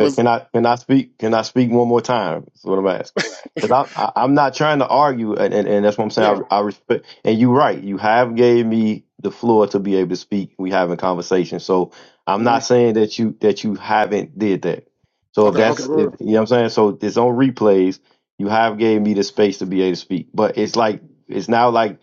Speaker 7: Okay, Can I can I speak? Can I speak one more time? That's what I'm asking. Because I, I I'm not trying to argue, and, and, and that's what I'm
Speaker 1: yeah.
Speaker 7: saying. I, I respect, and you're right. You have gave me the floor to be able to speak. We having conversation, so I'm
Speaker 1: mhm.
Speaker 7: not saying that you that you haven't did that. So if
Speaker 1: Okay, okay.
Speaker 7: that's if
Speaker 1: Word.
Speaker 7: you know what I'm saying. So it's on replays. You have gave me the space to be able to speak, but it's like it's now like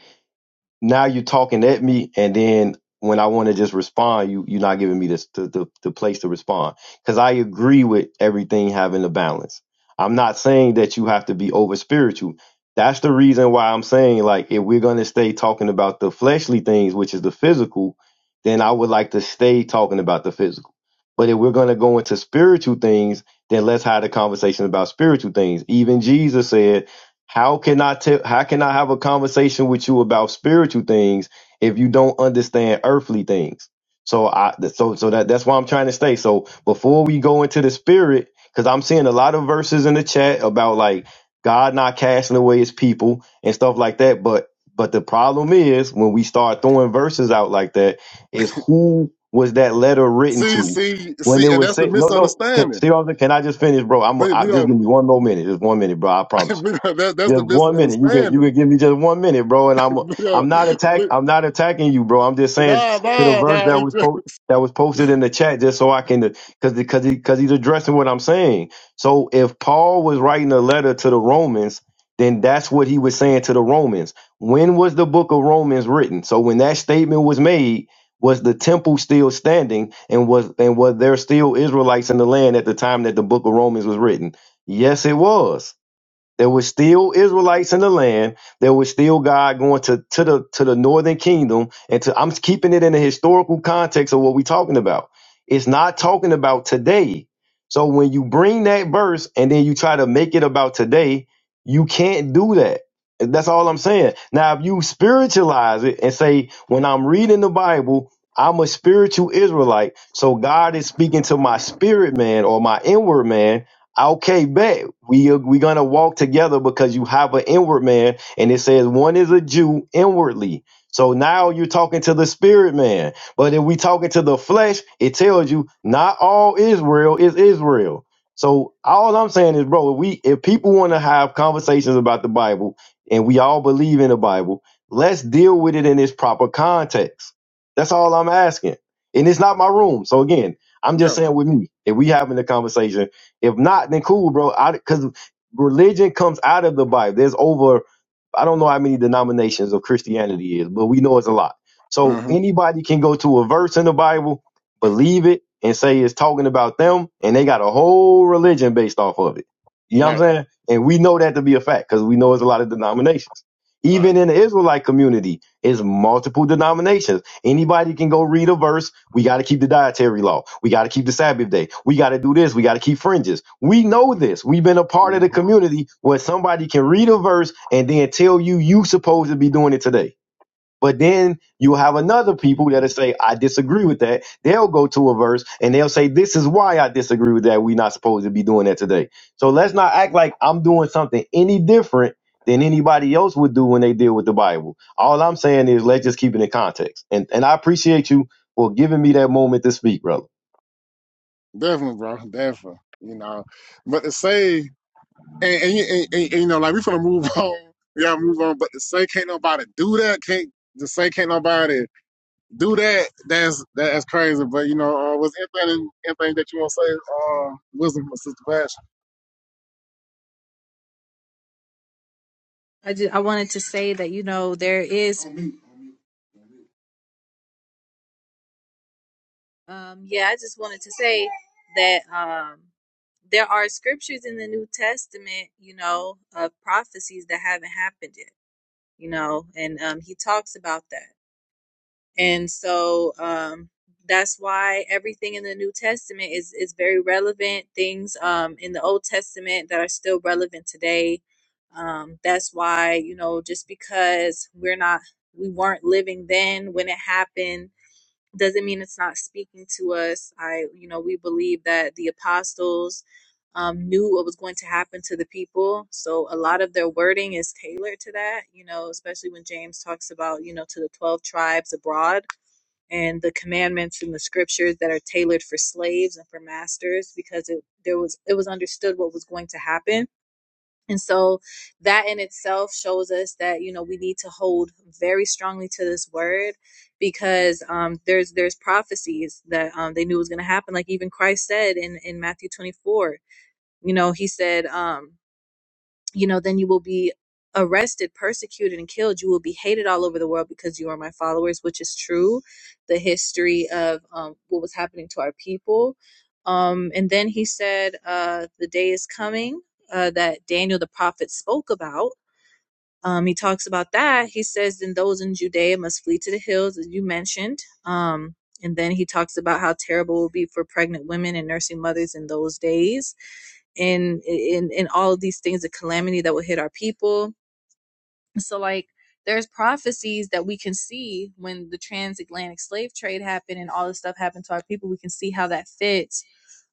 Speaker 7: now you're talking at me and then when i want to just respond you you're not giving me this the, the, the place to respond because i agree with everything having a balance i'm not saying that you have to be over spiritual that's the reason why i'm saying like if we're going to stay talking about the fleshly things which is the physical then i would like to stay talking about the physical but if we're going to go into spiritual things then let's have the conversation about spiritual things even jesus said how can I tell how can I have a conversation with you about spiritual things if you don't understand earthly things? So I so so that that's why I'm trying to stay. So before we go into the spirit, because I'm seeing a lot of verses in the chat about like God not casting away his people and stuff like that. But but the problem is when we start throwing verses out like that, is who was that letter written
Speaker 1: See,
Speaker 7: to?
Speaker 1: see,
Speaker 7: When it
Speaker 1: see, and
Speaker 7: was
Speaker 1: that's the
Speaker 7: said, no, no, can,
Speaker 1: misunderstanding.
Speaker 7: see, what I'm saying? can I just finish, bro? I'm
Speaker 1: But
Speaker 7: I,
Speaker 1: we are,
Speaker 7: just give me one more minute, just one minute, bro. I promise.
Speaker 1: we are that, that's
Speaker 7: Just
Speaker 1: the
Speaker 7: one minute. You could you
Speaker 1: misunderstanding.
Speaker 7: could give me just one minute, bro. And I'm
Speaker 1: we are,
Speaker 7: I'm not attack
Speaker 1: we,
Speaker 7: I'm not attacking you, bro. I'm just saying
Speaker 1: nah,
Speaker 7: to the
Speaker 1: nah,
Speaker 7: verse
Speaker 1: nah.
Speaker 7: that
Speaker 1: It
Speaker 7: was
Speaker 1: just,
Speaker 7: po- that was posted in the chat, just so I can because because he because he's addressing what I'm saying. So if Paul was writing a letter to the Romans, then that's what he was saying to the Romans. When was the book of Romans written? So when that statement was made, was the temple still standing, and was and was there still Israelites in the land at the time that the book of Romans was written? Yes, it was. There was still Israelites in the land. There was still God going to, to the to the northern kingdom. And to I'm keeping it in the historical context of what we're talking about. It's not talking about today. So when you bring that verse and then you try to make it about today, you can't do that. That's all I'm saying. Now, if you spiritualize it and say, when I'm reading the Bible, I'm a spiritual Israelite. So God is speaking to my spirit man or my inward man. Okay, bet we are, we gonna walk together because you have an inward man, and it says one is a Jew inwardly. So now you're talking to the spirit man. But if we talking to the flesh, it tells you not all Israel is Israel. So all I'm saying is, bro, if we if people want to have conversations about the Bible and we all believe in the Bible, let's deal with it in its proper context. That's all I'm asking. And it's not my room. So again, I'm just
Speaker 1: yeah.
Speaker 7: saying with me, if we having a conversation if not, then cool, bro. Because religion comes out of the Bible. There's over, I don't know how many denominations of Christianity is, but we know it's a lot. So
Speaker 1: Mm-hmm.
Speaker 7: anybody can go to a verse in the Bible, believe it, and say it's talking about them, and they got a whole religion based off of it. You know what I'm
Speaker 1: Right,
Speaker 7: saying? And we know that to be a fact because we know it's a lot of denominations.
Speaker 1: right.
Speaker 7: Even in the Israelite community, it's multiple denominations. Anybody can go read a verse we got to keep the dietary law. We got to keep the Sabbath day. We got to do this. We got to keep fringes. We know this. We've been a part of
Speaker 1: hmm
Speaker 7: the community where somebody can read a verse and then tell you you supposed to be doing it today. But then you have another people that'll say, I disagree with that. They'll go to a verse and they'll say, This is why I disagree with that. We're not supposed to be doing that today. So let's not act like I'm doing something any different than anybody else would do when they deal with the Bible. All I'm saying is let's just keep it in context. And and I appreciate you for giving me that moment to speak, brother.
Speaker 1: Definitely, bro. Definitely. You know, but to say, and, and, you- and, and, and, you know, like we finna move on. We gotta move on. But to say, can't nobody do that. Can't to say, can't nobody do that. That's that's crazy. But you know, uh, was anything anything that you want to say? Uh, wisdom, from Sister Passion.
Speaker 2: I just I wanted to say that you know there is Um, yeah, I just wanted to say that um, there are scriptures in the New Testament, you know, of prophecies that haven't happened yet, you know, and um, he talks about that. And so um, that's why everything in the New Testament is, is very relevant. Things um, in the Old Testament that are still relevant today. Um, that's why, you know, just because we're not, we weren't living then when it happened doesn't mean it's not speaking to us. I, you know, we believe that the apostles um, knew what was going to happen to the people. So a lot of their wording is tailored to that, you know, especially when James talks about, you know, to the 12 tribes abroad and the commandments and the scriptures that are tailored for slaves and for masters because it there was it was understood what was going to happen and so that in itself shows us that, you know, we need to hold very strongly to this word because um, there's there's prophecies that um, they knew was going to happen. Like even Christ said in, in Matthew 24, you know, he said, um, you know, then you will be arrested, persecuted, and killed. You will be hated all over the world because you are my followers, which is true. The history of um, what was happening to our people. Um, and then he said, uh, The day is coming uh, that Daniel the prophet spoke about um, he talks about that. He says, then those in Judea must flee to the hills, as you mentioned. Um, and then he talks about how terrible it will be for pregnant women and nursing mothers in those days, and in in all of these things, the calamity that will hit our people. So like. There's prophecies that we can see when the transatlantic slave trade happened and all this stuff happened to our people. We can see how that fits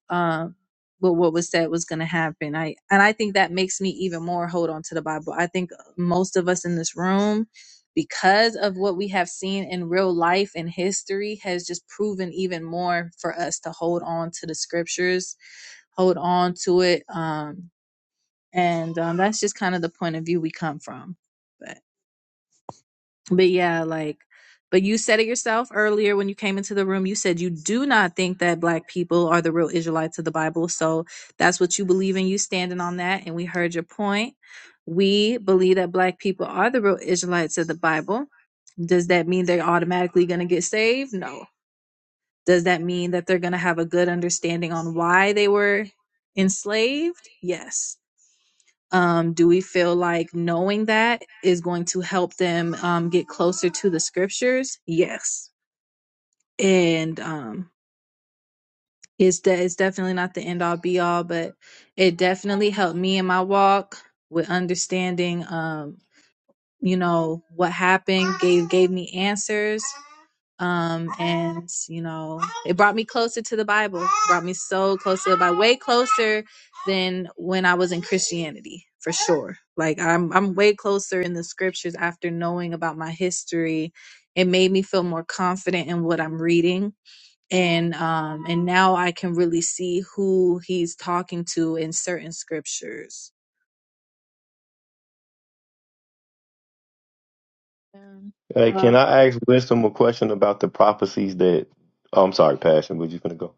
Speaker 2: um, but what was said was going to happen. I and I think that makes me even more hold on to the Bible. I think uh, most of us in this room, because of what we have seen in real life and history, has just proven even more for us to hold on to the scriptures, hold on to it, um, and um, that's just kind of the point of view we come from. But yeah, like, but you said it yourself earlier when you came into the room. You said you do not think that black people are the real Israelites of the Bible. So that's what you believe in. You standing on that. And we heard your point. We believe that black people are the real Israelites of the Bible. Does that mean they're automatically going to get saved? No. Does that mean that they're going to have a good understanding on why they were enslaved? Yes um, do we feel like knowing that is going to help them um, get closer to the scriptures? Yes. And um, it's, de- it's definitely not the end all be all, but it definitely helped me in my walk with understanding. um, you know what happened gave gave me answers um and you know it brought me closer to the bible It brought me so close to the bible way closer than when i was in christianity for sure like i'm i'm way closer in the scriptures after knowing about my history it made me feel more confident in what i'm reading and um and now i can really see who he's talking to in certain scriptures
Speaker 3: Yeah.
Speaker 7: Hey,
Speaker 3: Uh,
Speaker 7: can I ask Wisdom a question about the prophecies that oh, I'm sorry, Passion, but you finna go?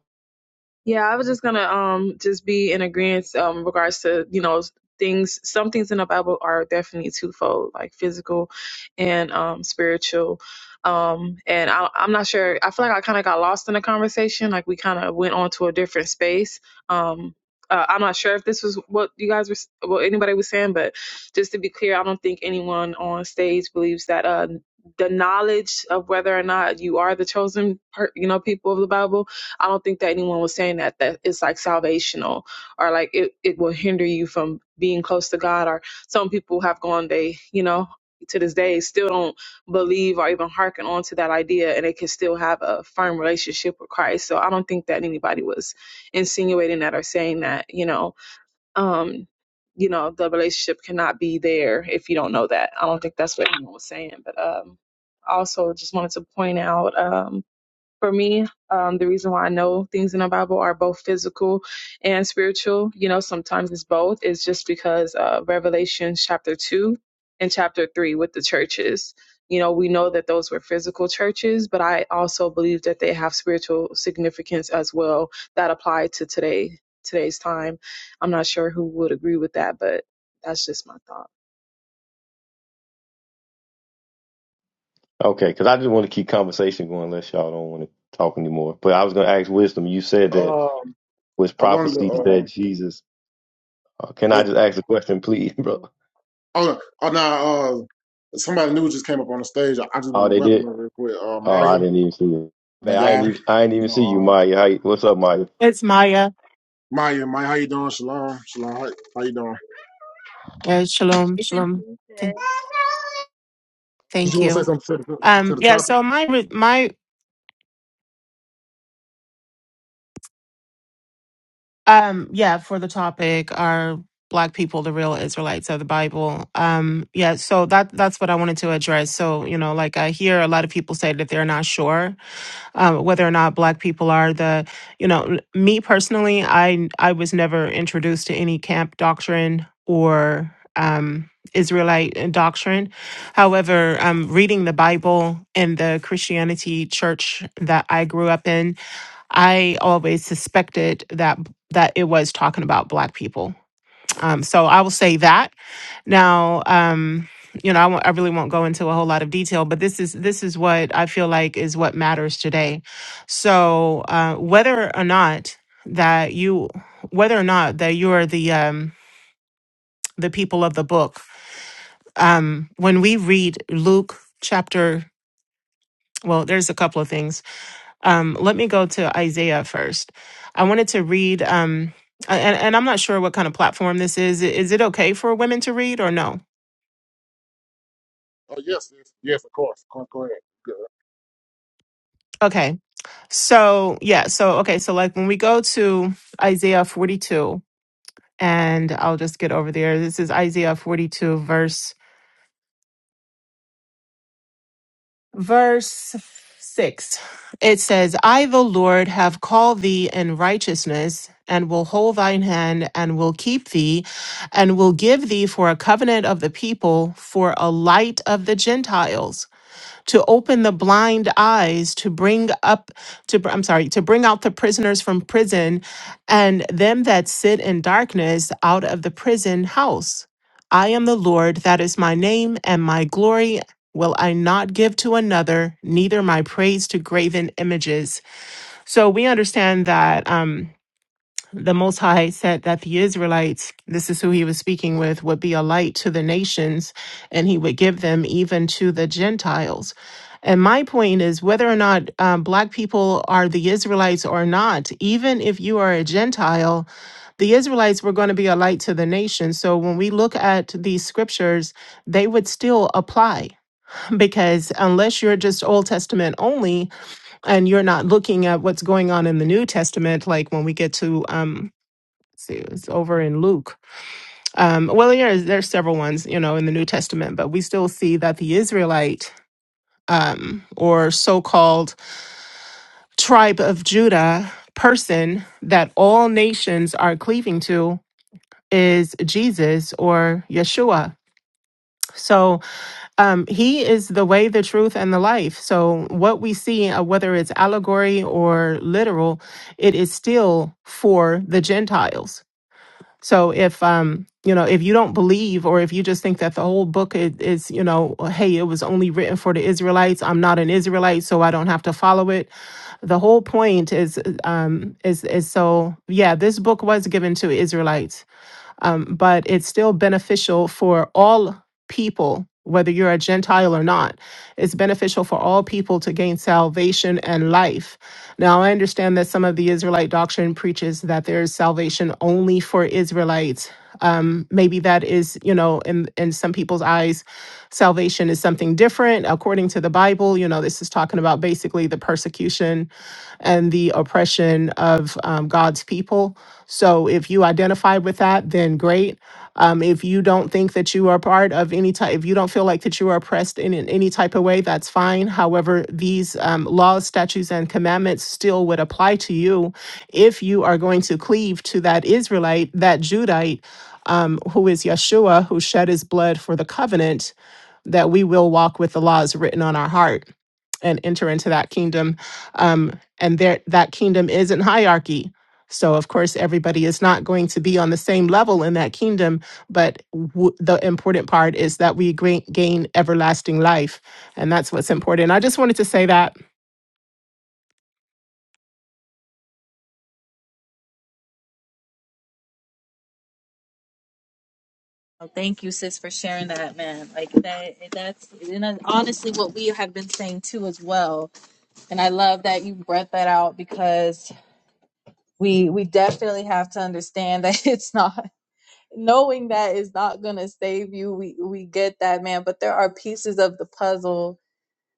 Speaker 3: Yeah, I was just gonna um just be in agreement um regards to you know things. Some things in the Bible are definitely twofold, like physical and um spiritual. Um, and I, I'm not sure. I feel like I kind of got lost in the conversation. Like we kind of went on to a different space. Um, uh, I'm not sure if this was what you guys were, s- what anybody was saying, but just to be clear, I don't think anyone on stage believes that uh the knowledge of whether or not you are the chosen, per, you know, people of the Bible I don't think that anyone was saying that that it's like salvational or like it, it will hinder you from being close to God or some people have gone they, you know, to this day still don't believe or even hearken on to that idea and they can still have a firm relationship with Christ. So I don't think that anybody was insinuating that or saying that, you know, um, you know, the relationship cannot be there if you don't know that. I don't think that's what anyone was saying. But um also just wanted to point out um for me. Um, the reason why I know things in the Bible are both physical and spiritual, you know, sometimes it's both, is just because uh, Revelation chapter 2 and chapter 3 with the churches. You know, we know that those were physical churches, but I also believe that they have spiritual significance as well that apply to today today's time. I'm not sure who would agree with that, but that's just my thought.
Speaker 7: Okay, because I just want to keep conversation going unless y'all don't want to talk anymore. But I was going to ask Wisdom. You said that
Speaker 1: Um,
Speaker 7: was
Speaker 1: I wanted
Speaker 7: prophecies
Speaker 1: uh,
Speaker 7: that Jesus. Uh, can I
Speaker 1: was,
Speaker 7: just ask a question, please, bro?
Speaker 1: oh, oh, now, uh, somebody new just came up on the stage. I, I just
Speaker 7: Oh,
Speaker 1: want to
Speaker 7: they
Speaker 1: welcome
Speaker 7: did.
Speaker 1: her real quick. Uh,
Speaker 7: Oh, I
Speaker 1: Maya,
Speaker 7: didn't even see you. Man, I ain't
Speaker 1: Maya,
Speaker 7: even. I ain't
Speaker 1: you
Speaker 7: even
Speaker 1: know,
Speaker 7: see you,
Speaker 1: uh,
Speaker 7: Maya. How, you- what's up, Maya?
Speaker 8: It's Maya.
Speaker 1: Maya, Maya, how you doing? Shalom, Shalom, how, how you doing?
Speaker 8: Yeah, shalom,
Speaker 2: It's
Speaker 8: shalom.
Speaker 2: important.
Speaker 8: Th-
Speaker 1: Did you
Speaker 8: thank
Speaker 1: want to say
Speaker 8: you.
Speaker 1: something to the, to
Speaker 8: Um,
Speaker 1: the
Speaker 8: yeah.
Speaker 1: topic?
Speaker 8: So my re- my um yeah for the topic are black people the real Israelites of the Bible. Um, yeah. So that that's what I wanted to address. So you know, like I hear a lot of people say that they're not sure um, whether or not black people are the you know me personally i i was never introduced to any camp doctrine or um, israelite doctrine however um, reading the bible and the christianity church that i grew up in i always suspected that that it was talking about black people um, so I will say that. Now, um, you know, I won't- I really won't go into a whole lot of detail, but this is this is what I feel like is what matters today. So uh, whether or not that you, whether or not that you are the um, the people of the book, um, when we read Luke chapter, well, there's a couple of things. Um, let me go to Isaiah first. I wanted to read. Um, a- and, and I'm not sure what kind of platform this is. Is it okay for women to read or no?
Speaker 1: Oh, yes, yes, yes, of course. Go, go ahead. Good.
Speaker 8: Okay. So, yeah. So, okay. So, like when we go to Isaiah 42, and I'll just get over there. This is Isaiah 42, verse, verse six. It says, I, the Lord, have called thee in righteousness and will hold thine hand and will keep thee and will give thee for a covenant of the people, for a light of the Gentiles to open the blind eyes to bring up to br- I'm sorry to bring out the prisoners from prison and them that sit in darkness out of the prison house I am the Lord that is my name and my glory will I not give to another neither my praise to graven images so we understand that um the Most High said that the Israelites, this is who he was speaking with, would be a light to the nations and he would give them even to the Gentiles. And my point is whether or not um, Black people are the Israelites or not, even if you are a Gentile, the Israelites were going to be a light to the nation. So when we look at these scriptures, they would still apply because unless you're just Old Testament only and you're not looking at what's going on in the New Testament, like when we get to, um, see, it's over in Luke. Um, well, there's there's several ones, you know, in the New Testament, but we still see that the Israelite um, or so-called tribe of Judah person that all nations are cleaving to is Jesus or Yeshua. So um, he is the way, the truth, and the life. So what we see, uh, whether it's allegory or literal, it is still for the Gentiles So if um you know if you don't believe or if you just think that the whole book is, is you know hey it was only written for the Israelites I'm not an Israelite so I don't have to follow it the whole point is um is is so yeah this book was given to Israelites um, but it's still beneficial for all people, whether you're a Gentile or not. It's beneficial for all people to gain salvation and life. Now, I understand that some of the Israelite doctrine preaches that there is salvation only for Israelites um, maybe that is, you know, in in some people's eyes, salvation is something different according to the Bible. You know, this is talking about basically the persecution and the oppression of um, God's people. So if you identify with that, then great. Um, if you don't think that you are part of any type, if you don't feel like that you are oppressed in, in any type of way, that's fine. However, these um, laws, statutes, and commandments still would apply to you if you are going to cleave to that Israelite, that Judite um, who is Yeshua, who shed his blood for the covenant, that we will walk with the laws written on our heart and enter into that kingdom. Um, and there, that kingdom is in hierarchy. So, of course, everybody is not going to be on the same level in that kingdom, but w- the important part is that we gra- gain everlasting life. And that's what's important. I just wanted to say that
Speaker 2: Oh, Thank you, sis, for sharing that, man. Like that, that's and that's honestly what we have been saying too, as well. And I love that you brought that out because we we definitely have to understand that it's not knowing that is not going to save you. We we get that, man. But there are pieces of the puzzle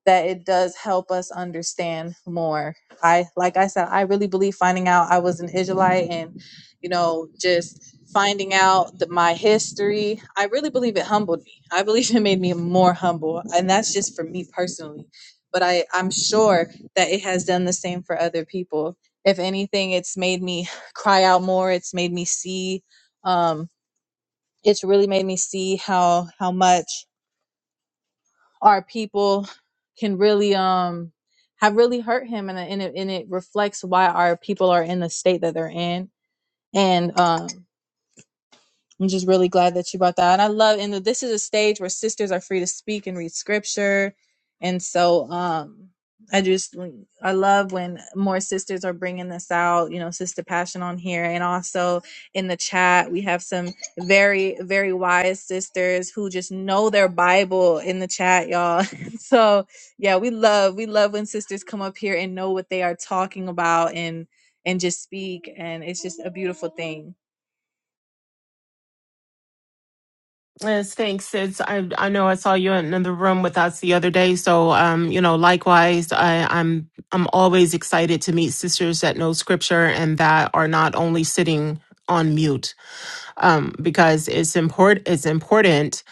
Speaker 2: that it does help us understand more. I like I said, I really believe finding out I was an Israelite and you know just finding out that my history. I really believe it humbled me. I believe it made me more humble, and that's just for me personally. But I I'm sure that it has done the same for other people. If anything, it's made me cry out more. It's made me see. Um, it's really made me see how how much our people can really um have really hurt him and, and, it, and it reflects why our people are in the state that they're in and um I'm just really glad that you brought that. And I love, and this is a stage where sisters are free to speak and read scripture. And so, um, I just, I love when more sisters are bringing this out, you know, Sister Passion on here. And also in the chat, we have some very, very wise sisters who just know their Bible in the chat, y'all. so yeah, we love, we love when sisters come up here and know what they are talking about and, and just speak. And it's just a beautiful thing.
Speaker 8: Yes, thanks, sis. I I know I saw you in another room with us the other day. So um, you know, likewise, I, I'm I'm always excited to meet sisters that know scripture and that are not only sitting on mute. Um, because it's important it's important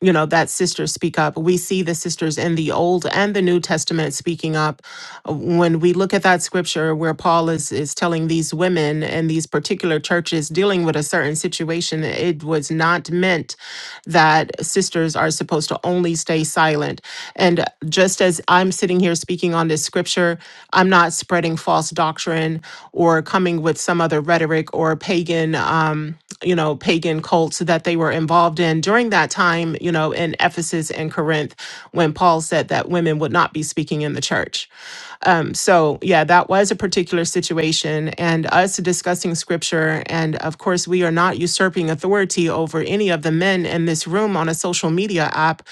Speaker 8: you know that sisters speak up we see the sisters in the old and the new testament speaking up Uh, when we look at that scripture where paul is is telling these women and these particular churches dealing with a certain situation it was not meant that sisters are supposed to only stay silent and. And just as I'm sitting here speaking on this scripture, I'm not spreading false doctrine or coming with some other rhetoric or pagan, um, you know, pagan cults that they were involved in during that time, you know, in Ephesus and Corinth, when Paul said that women would not be speaking in the church. Um, so, yeah, that was a particular situation. And us discussing scripture, and of course, we are not usurping authority over any of the men in this room on a social media app.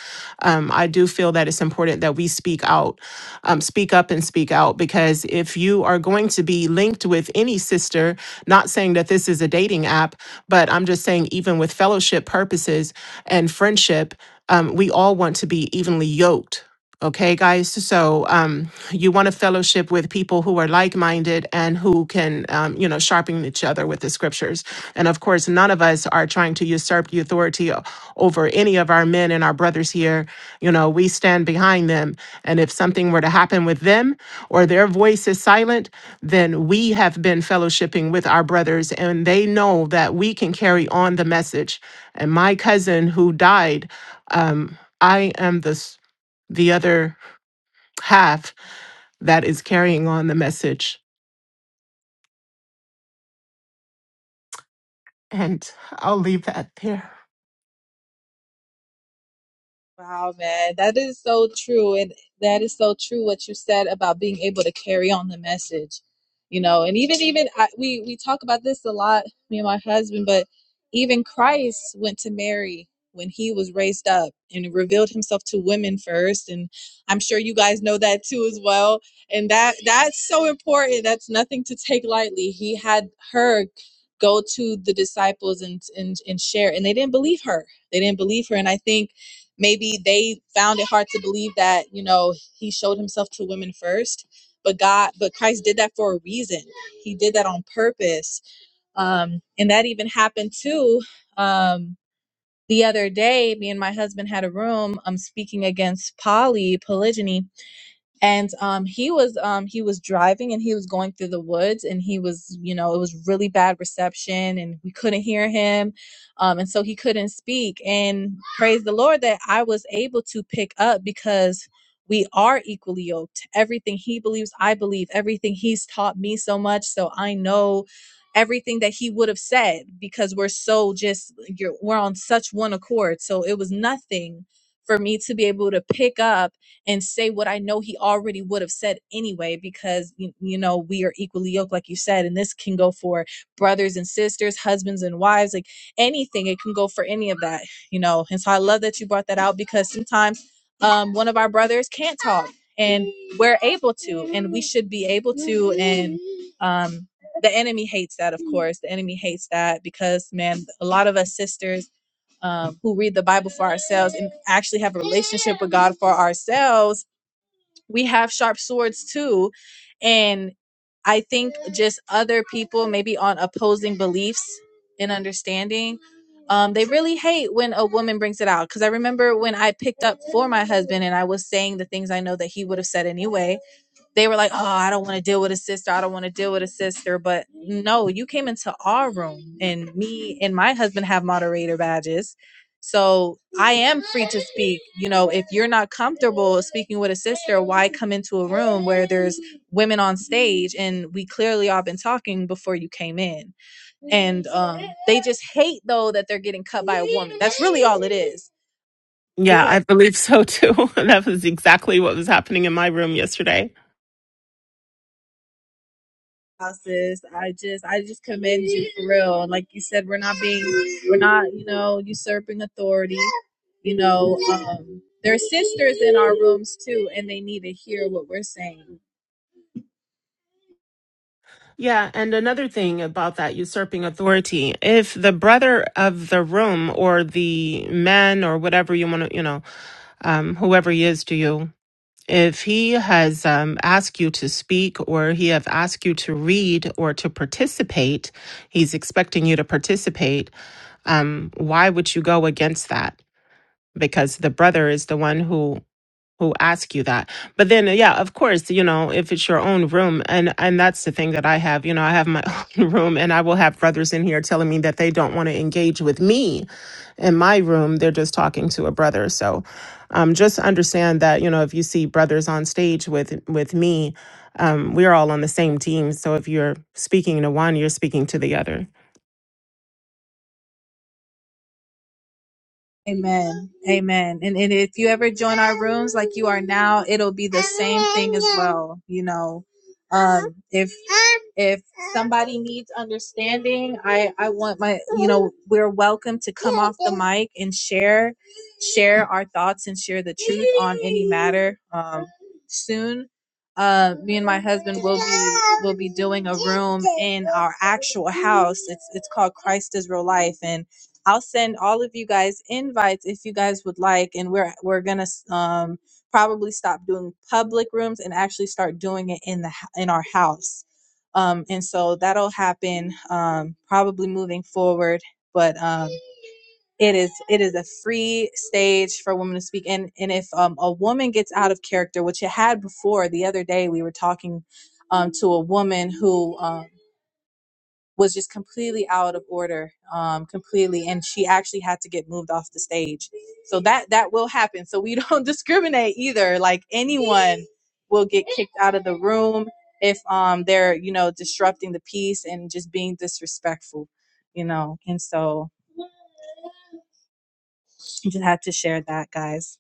Speaker 8: Um, I do feel that it's important that we speak out, um, speak up and speak out, because if you are going to be linked with any sister, not saying that this is a dating app, but I'm just saying, even with fellowship purposes and friendship, um, we all want to be evenly yoked Okay, guys. So um, you want to fellowship with people who are like minded and who can, um, you know, sharpen each other with the scriptures. And of course, none of us are trying to usurp the authority o- over any of our men and our brothers here. You know, we stand behind them. And if something were to happen with them or their voice is silent, then we have been fellowshipping with our brothers and they know that we can carry on the message. And my cousin who died, um, I am the the other half that is carrying on the message. And I'll leave that there.
Speaker 2: Wow, man, that is so true. And that is so true what you said about being able to carry on the message, you know, and even, even I, we, we talk about this a lot, me and my husband, but even Christ went to Mary when he was raised up and revealed himself to women first. And I'm sure you guys know that too as well. And that, that's so important. That's nothing to take lightly. He had her go to the disciples and, and, and share, and they didn't believe her. They didn't believe her. And I think maybe they found it hard to believe that you know he showed himself to women first but god but christ did that for a reason he did that on purpose um and that even happened too um the other day me and my husband had a room um speaking against poly polygyny and um, he was um, he was driving and he was going through the woods and he was you know it was really bad reception and we couldn't hear him um, and so he couldn't speak and praise the lord that i was able to pick up because we are equally yoked everything he believes i believe everything he's taught me so much so i know everything that he would have said because we're so just you're, we're on such one accord so it was nothing for me to be able to pick up and say what I know he already would have said anyway, because you, you know we are equally yoked, like you said, and this can go for brothers and sisters, husbands and wives, like anything. It can go for any of that, you know. And so I love that you brought that out because sometimes um, one of our brothers can't talk, and we're able to, and we should be able to, and um, the enemy hates that, of course. The enemy hates that because man, a lot of us sisters um, who read the Bible for ourselves and actually have a relationship with God for ourselves we have sharp swords too and i think just other people maybe on opposing beliefs and understanding um, they really hate when a woman brings it out because i remember when i picked up for my husband and i was saying the things i know that he would have said anyway they were like, "Oh, I don't want to deal with a sister. I don't want to deal with a sister." But no, you came into our room, and me and my husband have moderator badges, so I am free to speak. You know, if you're not comfortable speaking with a sister, why come into a room where there's women on stage and we clearly all been talking before you came in? And um, they just hate though that they're getting cut by a woman. That's really all it is
Speaker 8: Yeah,
Speaker 2: because.
Speaker 8: I believe so too. that was exactly what was happening in my room yesterday.
Speaker 2: sis. I just I just commend you for real. And like you said, we're not being we're not, you know, usurping authority. You know, um there are sisters in our rooms too and they need to hear what we're saying.
Speaker 8: Yeah, and another thing about that usurping authority, if the brother of the room or the man or whatever you want to, you know, um, whoever he is to you, if he has um, asked you to speak or he have asked you to read or to participate, he's expecting you to participate um, why would you go against that? Because the brother is the one who who asked you that. But then, uh, yeah, of course, you know, if it's your own room, and and that's the thing that I have. You know, I have my own room, and I will have brothers in here telling me that they don't want to engage with me in my room. They're just talking to a brother. So, um, just understand that you know, if you see brothers on stage with with me. Um, we're all on the same team. So if you're speaking to one, you're speaking to the other.
Speaker 2: Amen. Amen. And, and if you ever join our rooms like you are now, it'll be the same thing as well. You know, um, if if somebody needs understanding, I I want my you know we're welcome to come off the mic and share share our thoughts and share the truth on any matter. Um, soon, uh, me and my husband will be will be doing a room in our actual house. It's it's called Christ is Real Life and I'll send all of you guys invites if you guys would like, and we're we're gonna um, probably stop doing public rooms and actually start doing it in the hou- in our house. Um, and so that'll happen um, probably moving forward. But um, it is it is a free stage for women to speak. And and if um, a woman gets out of character, which it had before, the other day we were talking um, to a woman who. um, was just completely out of order um completely and she actually had to get moved off the stage so that that will happen so we don't discriminate either like anyone will get kicked out of the room if um they're you know disrupting the peace and just being disrespectful you know and so I just had to share that guys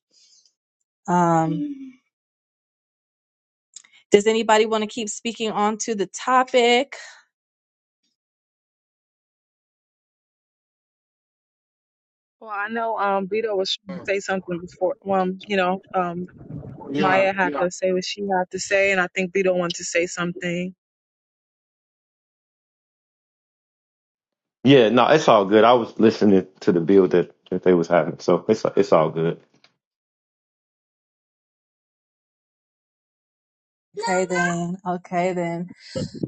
Speaker 2: um does anybody want to keep speaking on to the topic
Speaker 3: Well, I know um Vito was trying to
Speaker 1: Uh,
Speaker 3: say something before um, you know, um
Speaker 1: Yeah,
Speaker 3: Maya had
Speaker 1: yeah,
Speaker 3: to say what she had to say and I think Vito wanted to say something.
Speaker 7: Yeah, no, it's all good. I was listening to the build that, that they was having, so it's it's all good.
Speaker 2: okay then okay then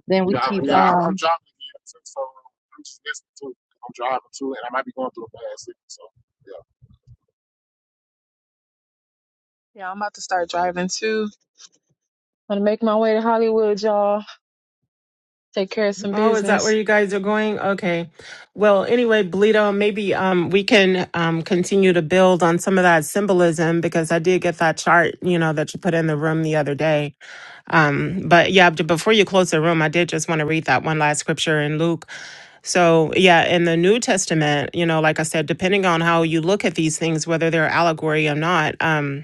Speaker 2: then we
Speaker 1: yeah,
Speaker 2: keep
Speaker 1: yeah. I'm, I'm
Speaker 2: um
Speaker 1: driving again, so so I'm just listening to. I'm driving too, and I might be going through a bad signal, so. yeah.
Speaker 3: Yeah, I'm about to start driving too. Gonna make my way to Hollywood, y'all. Take care of some
Speaker 8: Oh, is that
Speaker 3: business.
Speaker 8: where you guys are going? Okay. Well, anyway, Bleedo, maybe um we can um continue to build on some of that symbolism because I did get that chart, you know, that you put in the room the other day. Um, but yeah, b- before you close the room, I did just want to read that one last scripture in Luke. So yeah, in the New Testament, you know, like I said, depending on how you look at these things, whether they're allegory or not, um,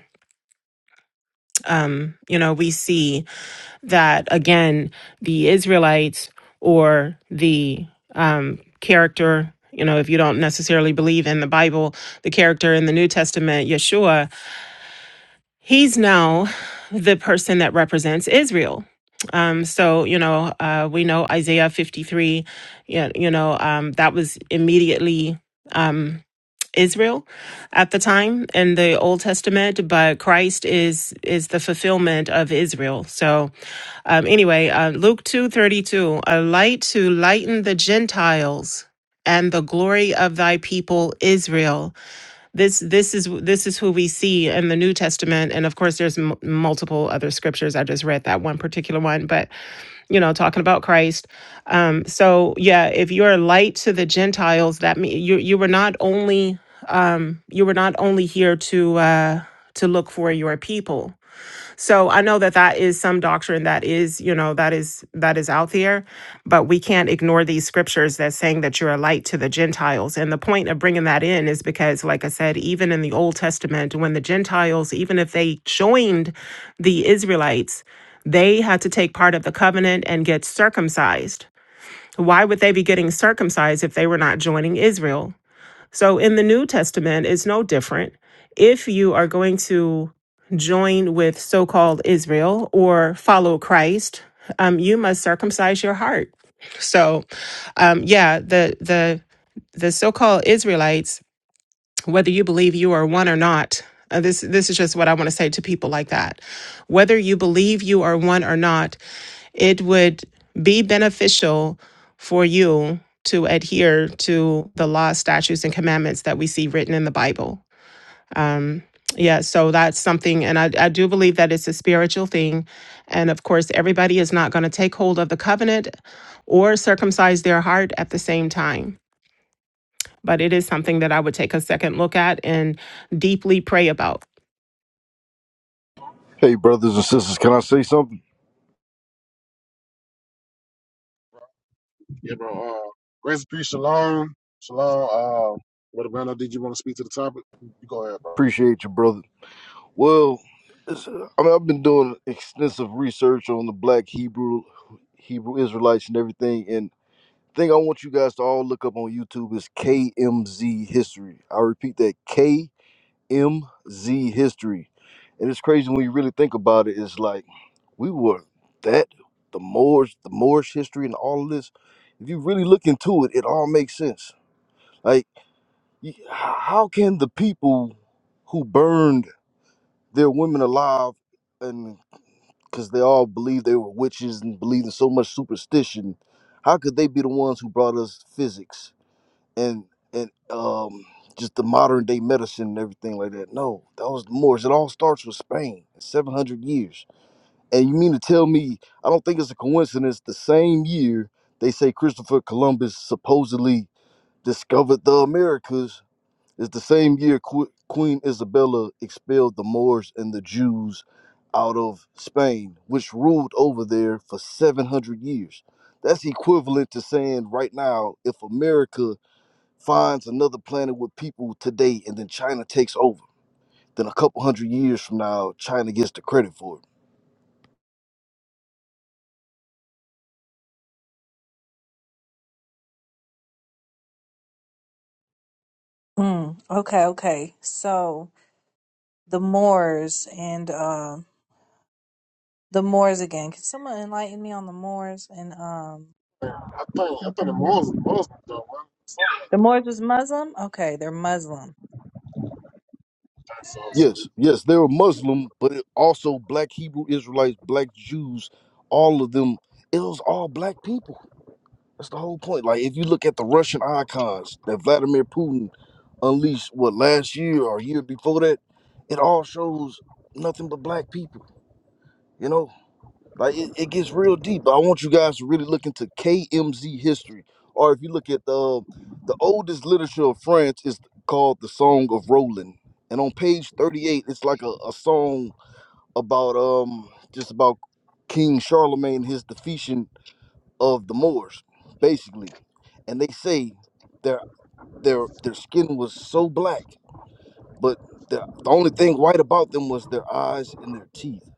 Speaker 8: um, you know, we see that again the israelites or the um, character you know if you don't necessarily believe in the bible the character in the new testament yeshua he's now the person that represents israel um, so you know uh, we know isaiah 53 you you know um, that was immediately um, Israel at the time in the Old Testament, but Christ is is the fulfillment of Israel. So, um, anyway, uh, Luke two thirty two, a light to lighten the Gentiles and the glory of thy people Israel this this is this is who we see in the New Testament, and of course, there's m- multiple other scriptures. I just read that one particular one, but you know, talking about Christ. Um, so yeah, if you're a light to the Gentiles, that mean you you were not only um, you were not only here to uh, to look for your people, so I know that that is some doctrine that is, you know, that is that is out there, but we can't ignore these scriptures that's saying that you're a light to the Gentiles. And the point of bringing that in is because like I said, even in the Old Testament when the Gentiles even if they joined the Israelites, they had to take part of the covenant and get circumcised. Why would they be getting circumcised if they were not joining Israel? So in the New Testament, it's no different. If you are going to join with so called Israel or follow Christ, um, you must circumcise your heart. So, um, yeah, the the the so-called Israelites, whether you believe you are one or not, uh, this this is just what I want to say to people like that. Whether you believe you are one or not, it would be beneficial for you to adhere to the law, statutes, and commandments that we see written in the Bible. Um, yeah, so that's something, and I, I do believe that it's a spiritual thing. And of course, everybody is not going to take hold of the covenant or circumcise their heart at the same time. But it is something that I would take a second look at and deeply pray about.
Speaker 9: Hey, brothers and sisters, can I say something?
Speaker 1: Yeah, bro. Uh, grace and peace, shalom, shalom. Uh, Brother Brando, did you want to speak to the topic? You go ahead, bro.
Speaker 9: Appreciate you, brother. Well, it's, uh, I mean, I've been doing extensive research on the Black Hebrew, Hebrew Israelites, and everything. And the thing I want you guys to all look up on YouTube is KMZ history. I repeat that KMZ history. And it's crazy when you really think about it. It's like we were that the Moors, the Moorish history, and all of this. If you really look into it, it all makes sense. Like. y- h- how can the people who burned their women alive and because they all believed they were witches and believed in so much superstition how could they be the ones who brought us physics and and um just the modern day medicine and everything like that no that was the moors it all starts with spain 700 years and you mean to tell me i don't think it's a coincidence the same year they say christopher columbus supposedly discovered the americas it's the same year Qu- Queen Isabella expelled the Moors and the Jews out of Spain, which ruled over there for 700 years. That's equivalent to saying right now, if America finds another planet with people today and then China takes over, then a couple hundred years from now, China gets the credit for it.
Speaker 2: Mm, okay, okay. So the Moors and um the Moors again. Can someone enlighten me on the Moors and um
Speaker 1: I think I
Speaker 2: what
Speaker 1: think
Speaker 2: they
Speaker 1: the
Speaker 2: were?
Speaker 1: Muslims, Muslims though, man, something like
Speaker 2: the
Speaker 1: that.
Speaker 2: Moors was Muslim? Okay, they're Muslim.
Speaker 1: I think so. So,
Speaker 9: Yes, yes, they were Muslim, but it also black Hebrew Israelites, black Jews, all of them, it was all black people That's the whole point. Like if you look at the Russian icons that Vladimir Putin unleashed what last year or year before that, it all shows nothing but black people, you know? Like it, it gets real deep. I want you guys to really look into KMZ history. Or if you look at the the oldest literature of France is called the Song of Roland. And on page 38, it's like a, a song about um just about King Charlemagne, his defeation of the Moors, basically and they say their their their skin was so black, but the, the only thing white about them was their eyes and their teeth.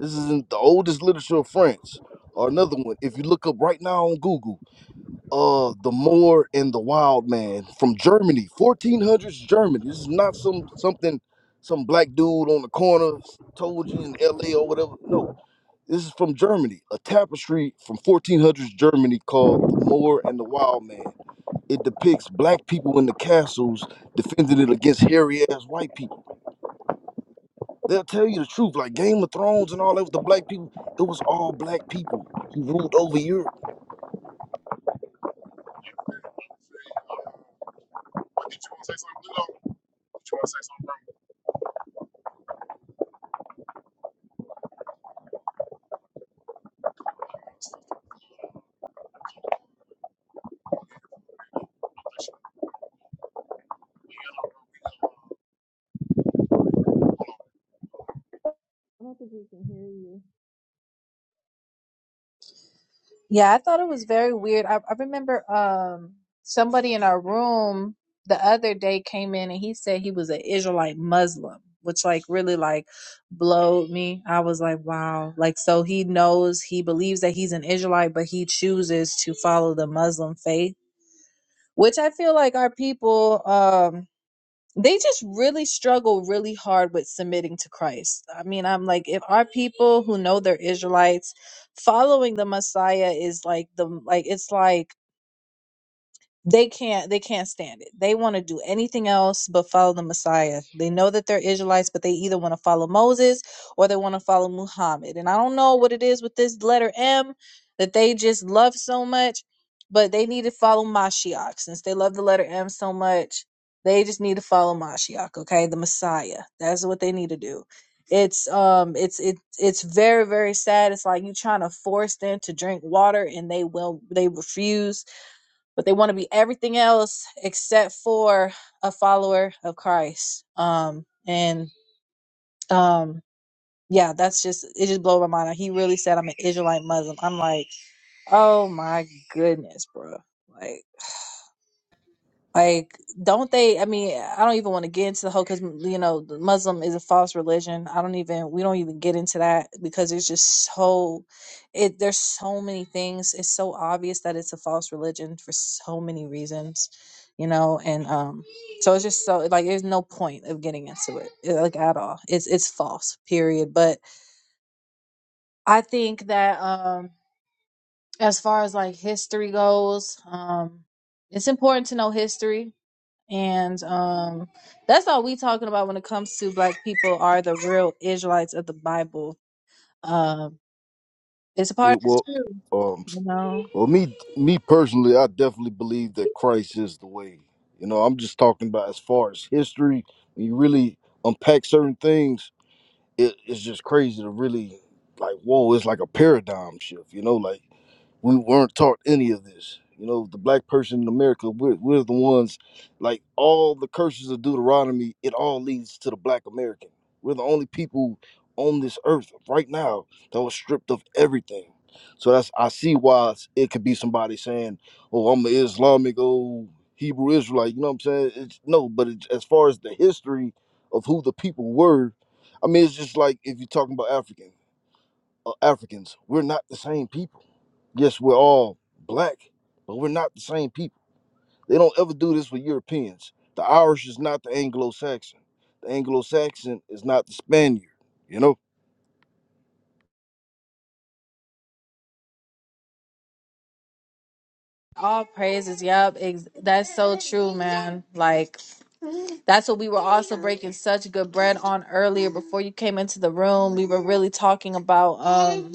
Speaker 9: This is in the oldest literature of France. Or another one, if you look up right now on Google, uh, the Moor and the Wild Man from Germany, 1400s Germany. This is not some something some black dude on the corner told you in L.A. or whatever. No, this is from Germany, a tapestry from 1400s Germany called The Moor and the Wild Man. It depicts black people in the castles defending it against hairy ass white people. They'll tell you the truth, like Game of Thrones and all that with the black people. It was all black people who ruled over Europe.
Speaker 1: but did you want to say something, Lilo? Did you want to say something, bro?
Speaker 3: I don't think we can hear you.
Speaker 2: Yeah, I thought it was very weird. I, I remember um somebody in our room the other day came in and he said he was an Israelite Muslim, which like really like blowed me. I was like, wow. Like so he knows he believes that he's an Israelite, but he chooses to follow the Muslim faith which I feel like our people, um, they just really struggle really hard with submitting to Christ. I mean, I'm like, if our people who know they're Israelites, following the Messiah is like the like it's like they can't they can't stand it they want to do anything else but follow the messiah they know that they're israelites but they either want to follow moses or they want to follow muhammad and i don't know what it is with this letter m that they just love so much but they need to follow mashiach since they love the letter m so much they just need to follow mashiach okay the messiah that's what they need to do it's um it's it it's very very sad it's like you trying to force them to drink water and they will they refuse but they want to be everything else except for a follower of Christ. Um, and um, yeah, that's just it. Just blew my mind. like, He really said I'm an Israelite Muslim. I'm like, oh my goodness, bro. Like. Like, don't they? I mean, I don't even want to get into the whole because you know, Muslim is a false religion. I don't even. We don't even get into that because it's just so. It there's so many things. It's so obvious that it's a false religion for so many reasons, you know. And um, so it's just so like there's no point of getting into it eh, like at all. It's it's false, period. But I think that um, as far as like history goes, um, it's important to know history and um, that's all we talking about when it comes to black people are the real Israelites of the Bible. Um, it's a part
Speaker 9: It
Speaker 2: of the
Speaker 9: was,
Speaker 2: truth,
Speaker 9: um,
Speaker 2: you know.
Speaker 9: well, me, me personally, I definitely believe that Christ is the way. You know, I'm just talking about as far as history. When you really unpack certain things, it, it's just crazy to really like whoa it's like a paradigm shift you know like we weren't taught any of this. You know, the black person in America, we're, we're the ones, like all the curses of Deuteronomy, it all leads to the black American. We're the only people on this earth right now that was stripped of everything. So that's I see why it's- it could be somebody saying, "Oh, I'm an Islamic, oh Hebrew Israelite." You know what I'm saying? It's, no, but it, as far as the history of who the people were, I mean, it's just like if you're talking about African uh, Africans, we're not the same people Yes, we're all black, but we're not the same people. They don't ever do this with Europeans. The Irish is not the Anglo Saxon. The Anglo Saxon is not the Spaniard. You know?
Speaker 2: All praises. Yep. Ex- that's so true, man. Like, that's what we were also breaking such good bread on earlier before you came into the room. We were really talking about um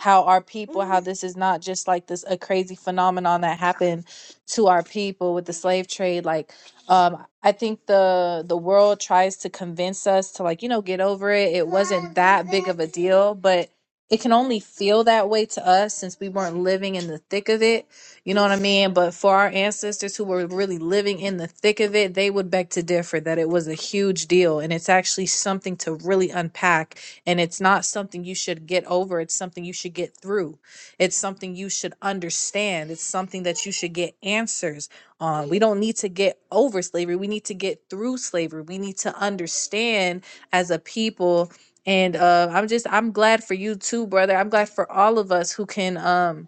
Speaker 2: how our people, how this is not just like this a crazy phenomenon that happened to our people with the slave trade. Like, um, I think the the world tries to convince us to like, you know, get over it. It wasn't that big of a deal, but it can only feel that way to us since we weren't living in the thick of it you know what I mean? But for our ancestors who were really living in the thick of it, they would beg to differ that it was a huge deal. And it's actually something to really unpack. And it's not something you should get over, it's something you should get through. It's something you should understand. It's something that you should get answers on. We don't need to get over slavery, we need to get through slavery. We need to understand as a people. And uh, I'm just, I'm glad for you too, brother. I'm glad for all of us who can. Um,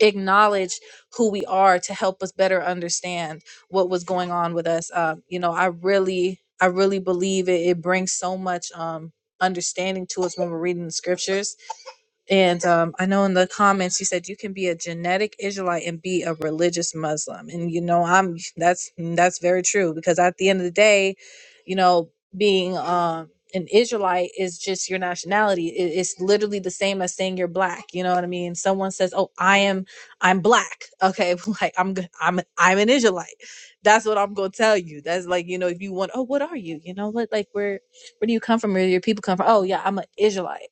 Speaker 2: acknowledge who we are to help us better understand what was going on with us um, you know i really i really believe it, it brings so much um, understanding to us when we're reading the scriptures and um, I know in the comments you said you can be a genetic Israelite and be a religious Muslim, and you know I'm that's that's very true because at the end of the day, you know, being um an Israelite is just your nationality. It- it's literally the same as saying you're black. You know what I mean? Someone says, "Oh, I am, I'm black." Okay, like I'm g- I'm I'm an Israelite. That's what I'm gonna tell you. That's like you know if you want, oh, what are you? You know, what like where where do you come from? Where do your people come from? Oh yeah, I'm an Israelite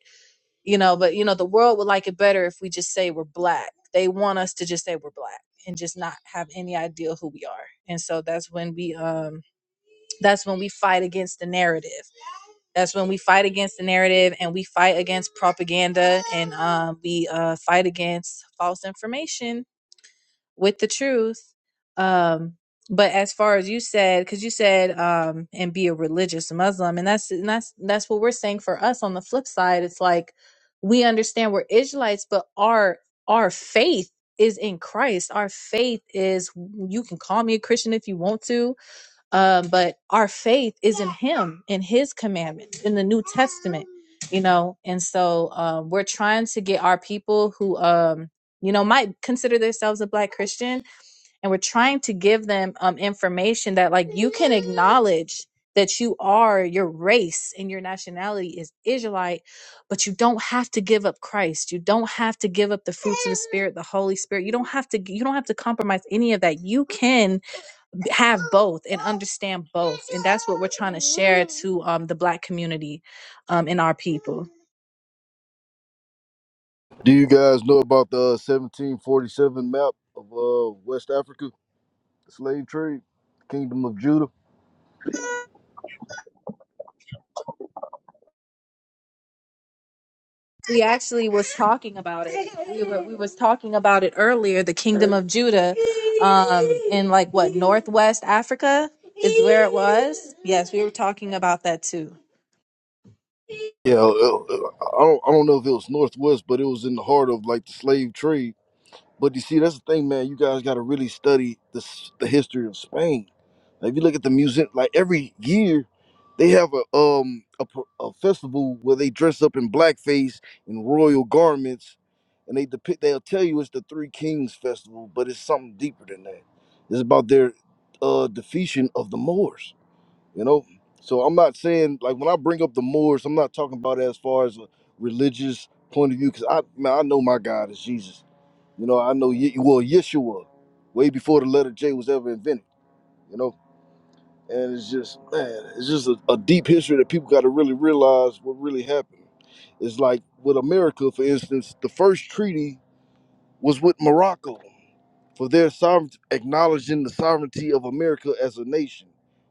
Speaker 2: you know but you know the world would like it better if we just say we're black they want us to just say we're black and just not have any idea who we are and so that's when we um that's when we fight against the narrative that's when we fight against the narrative and we fight against propaganda and um we uh fight against false information with the truth. Um, but as far as you said, because you said um, and be a religious Muslim, and that's and that's that's what we're saying for us. On the flip side, it's like we understand we're Israelites, but our our faith is in Christ. Our faith is you can call me a Christian if you want to um, but our faith is in him in his commandments in the new testament you know and so um, we're trying to get our people who um, you know might consider themselves a black christian and we're trying to give them um, information that like you can acknowledge that you are your race and your nationality is israelite but you don't have to give up christ you don't have to give up the fruits of the spirit the holy spirit you don't have to you don't have to compromise any of that you can have both and understand both and that's what we're trying to share to um, the black community um, and our people
Speaker 9: Do you guys know about the uh, 1747 map of uh, West Africa, the slave trade, Kingdom of Judah?
Speaker 1: Yeah,
Speaker 2: we actually was talking about it we were we was talking about it earlier the kingdom of judah um, in like what northwest africa is where it was yes we were talking about that too
Speaker 9: Yeah, uh, uh, I don't, I don't know if it was Northwest, but it was in the heart of like the slave trade. But you see, that's the thing, man. You guys got to really study this, the history of Spain Now, if you look at the museum, like every year, they have a um a pr- a festival where they dress up in blackface in royal garments, and they depict. They'll tell you it's the Three Kings Festival, but it's something deeper than that. It's about their uh defeation of the Moors. You know, so I'm not saying like when I bring up the Moors, I'm not talking about it as far as a religious point of view, because I man, I know my God is Jesus. You know, I know Ye- well Yeshua, way before the letter J was ever invented. You know and it's just man, it's just a, a deep history that people got to really realize what really happened. It's like with America, for instance, the first treaty was with Morocco for their sovereignty, acknowledging the sovereignty of America as a nation.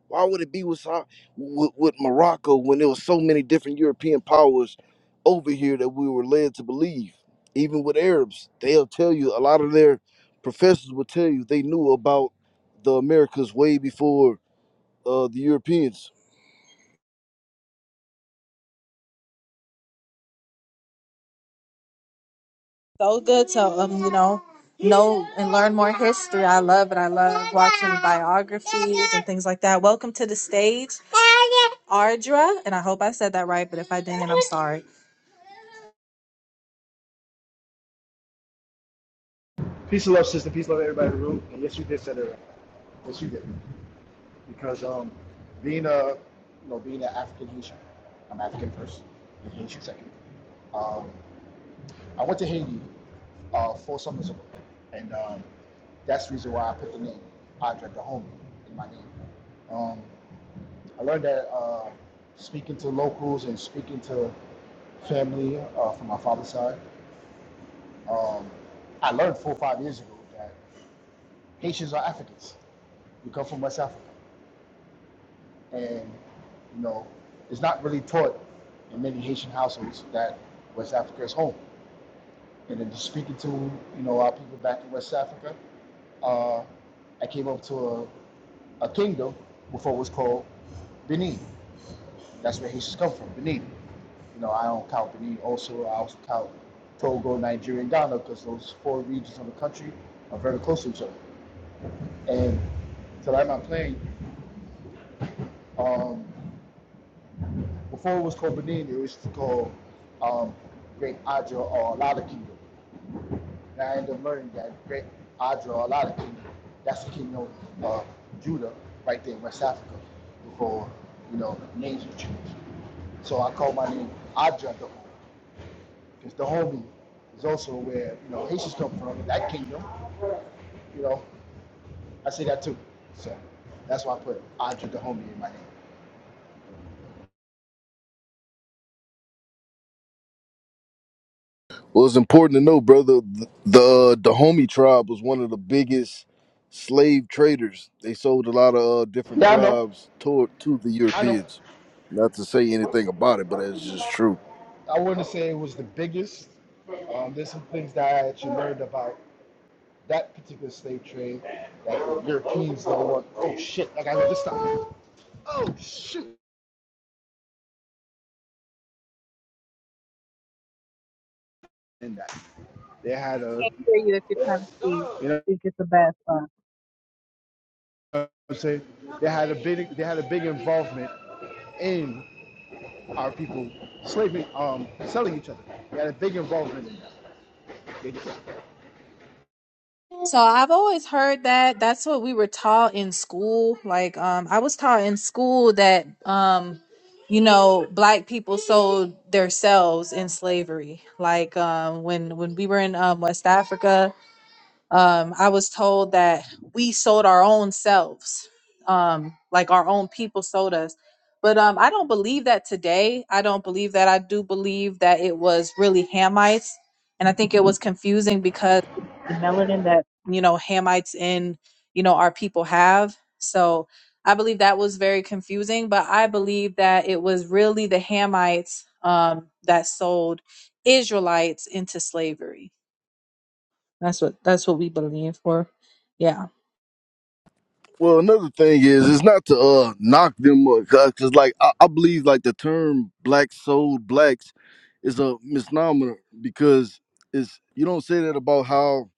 Speaker 9: Why would it be with, sov- with with Morocco when there was so many different European powers over here that we were led to believe? Even with Arabs, they'll tell you a lot of their professors will tell you they knew about the Americas way before uh, the Europeans
Speaker 2: so good to um you know know and learn more history i love it i love watching biographies and things like that welcome to the stage ardra and i hope i said that right but if i didn't i'm sorry
Speaker 10: Peace and love, sister. Peace and love, everybody in the room. And yes, you did set it right. Yes, you did. Because um, being a, you know, being an African Haitian, I'm African first, and Haitian second. Um, I went to Haiti uh, four summers ago, and um, that's the reason why I put the name Andre Dahomey in my name. Um, I learned that uh, speaking to locals and speaking to family uh, from my father's side, um, I learned four or five years ago that. Haitians are Africans. We come from West Africa, and you know, it's not really taught in many Haitian households that West Africa is home. And then just speaking to you know our people back in West Africa, uh, I came up to a, a kingdom before it was called Benin. That's where Haitians come from, Benin. You know, I don't count Benin. Also, I also count Togo, Nigeria, and Ghana because those four regions of the country are very close to each other. And to light my playing. Um, before it was called Benin, it was called um, Great Adra or Alada Kingdom. And I ended up learning that Great Adra or Alada Kingdom, that's the kingdom of uh, Judah right there in West Africa before, you know, names were changed. So I call my name Adra the because the homie is also where, you know, Haitians come from, that kingdom, you know, I say that too. So that's why I put Adra the homie in my name.
Speaker 9: Well, it's important to know, brother. The uh, the Dahomey tribe was one of the biggest slave traders. They sold a lot of uh, different
Speaker 10: Yeah, I know.
Speaker 9: tribes toward to the
Speaker 10: I know.
Speaker 9: Europeans. Not to say anything about it, but that's just true.
Speaker 10: I wouldn't say it was the biggest. Um, there's some things that I actually learned about that particular slave trade that the Europeans don't want. Oh shit! Like I just stopped. Oh shoot! And that they
Speaker 2: i
Speaker 10: had a,
Speaker 2: can't hear you if you're trying to speak
Speaker 10: you know,
Speaker 2: you get the best one
Speaker 10: what I'm saying they had a big, they had a big involvement in our people slaving, um, selling each other. They had a big involvement in that. They did.
Speaker 2: So I've always heard that that's what we were taught in school. Like um I was taught in school that um you know black people sold themselves in slavery. Like um when when we were in um West Africa um, I was told that we sold our own selves, um, like our own people sold us. But um, I don't believe that today. I don't believe that. I do believe that it was really Hamites, and I think it was confusing because the melanin that you know Hamites in you know our people have. So I believe that was very confusing. But I believe that it was really the Hamites um, that sold Israelites into slavery that's what that's what we believe for. Yeah.
Speaker 9: Well, another thing is, it's not to uh knock them up, cause, 'cause, like I, I believe like the term "black soul blacks" is a misnomer because it's you don't say that about how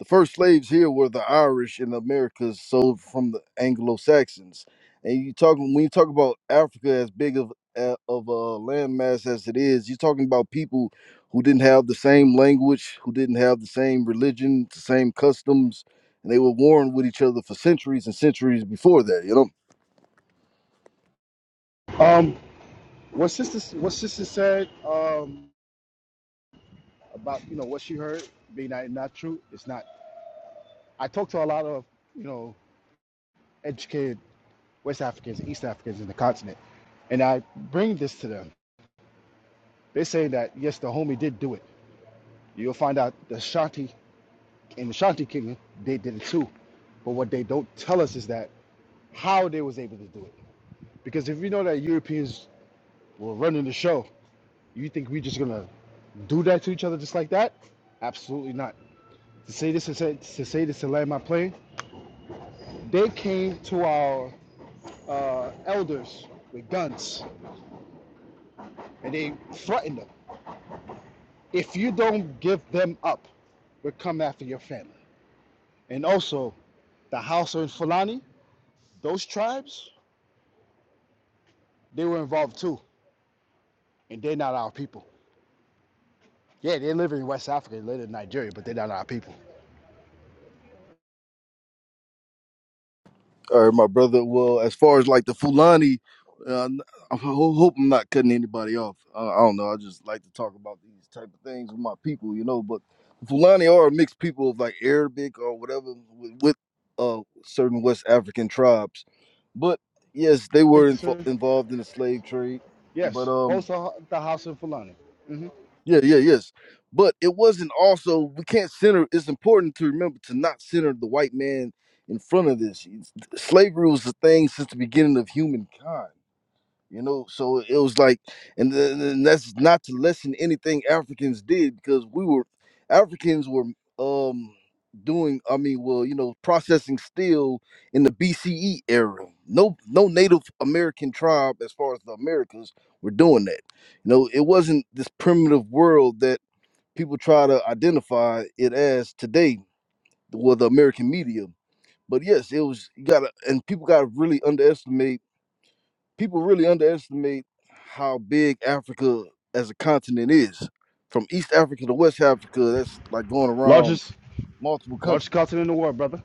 Speaker 9: the first slaves here were the Irish in America, sold from the Anglo Saxons, and you talking when you talk about Africa as big of a- of a landmass as it is, you're talking about people who didn't have the same language, who didn't have the same religion, the same customs and they were warring with each other for centuries and centuries before that. You know,
Speaker 10: Um, what sister, what sister said um, about you know what she heard being not not true, it's not I talk to a lot of, you know, educated West Africans, and East Africans in the continent, and I bring this to them. They say that yes, the homie did do it. You'll find out the Shanti in the Shanti Kingdom they did it too, but what they don't tell us is that how they was able to do it. Because if you know that Europeans were running the show, you think we just gonna do that to each other just like that? Absolutely not. To say this to say, to say this to land my plane, they came to our uh, elders with guns and they threatened them. If you don't give them up, we'll come after your family. And also, the Hausa and Fulani, those tribes, they were involved too, and they're not our people. Yeah, they live in West Africa, they live in Nigeria, but they're not our people.
Speaker 9: All right, my brother. Well, as far as like the Fulani, uh, I ho- hope I'm not cutting anybody off. Uh, I don't know. I just like to talk about these type of things with my people. You know, but Fulani are a mixed people of like Arabic or whatever with, with uh, certain West African tribes. But yes, they were info involved in the slave trade. But
Speaker 10: Yes,
Speaker 9: um.
Speaker 10: both are the Hausa and Fulani.
Speaker 9: Yeah, yeah, yes. But it wasn't also we can't center it's important to remember to not center the white man in front of this. Slavery was the thing since the beginning of humankind you know so it was like and, then, and that's not to lessen anything africans did because we were africans were um doing i mean well you know processing steel in the bce era no no native american tribe as far as the americas were doing that you know it wasn't this primitive world that people try to identify it as today with the american media but yes it was you gotta and people gotta really underestimate people really underestimate how big Africa as a continent is. From East Africa to West Africa, that's like going around
Speaker 10: Largest,
Speaker 9: multiple
Speaker 10: largest
Speaker 9: countries.
Speaker 10: continent in the world, brother.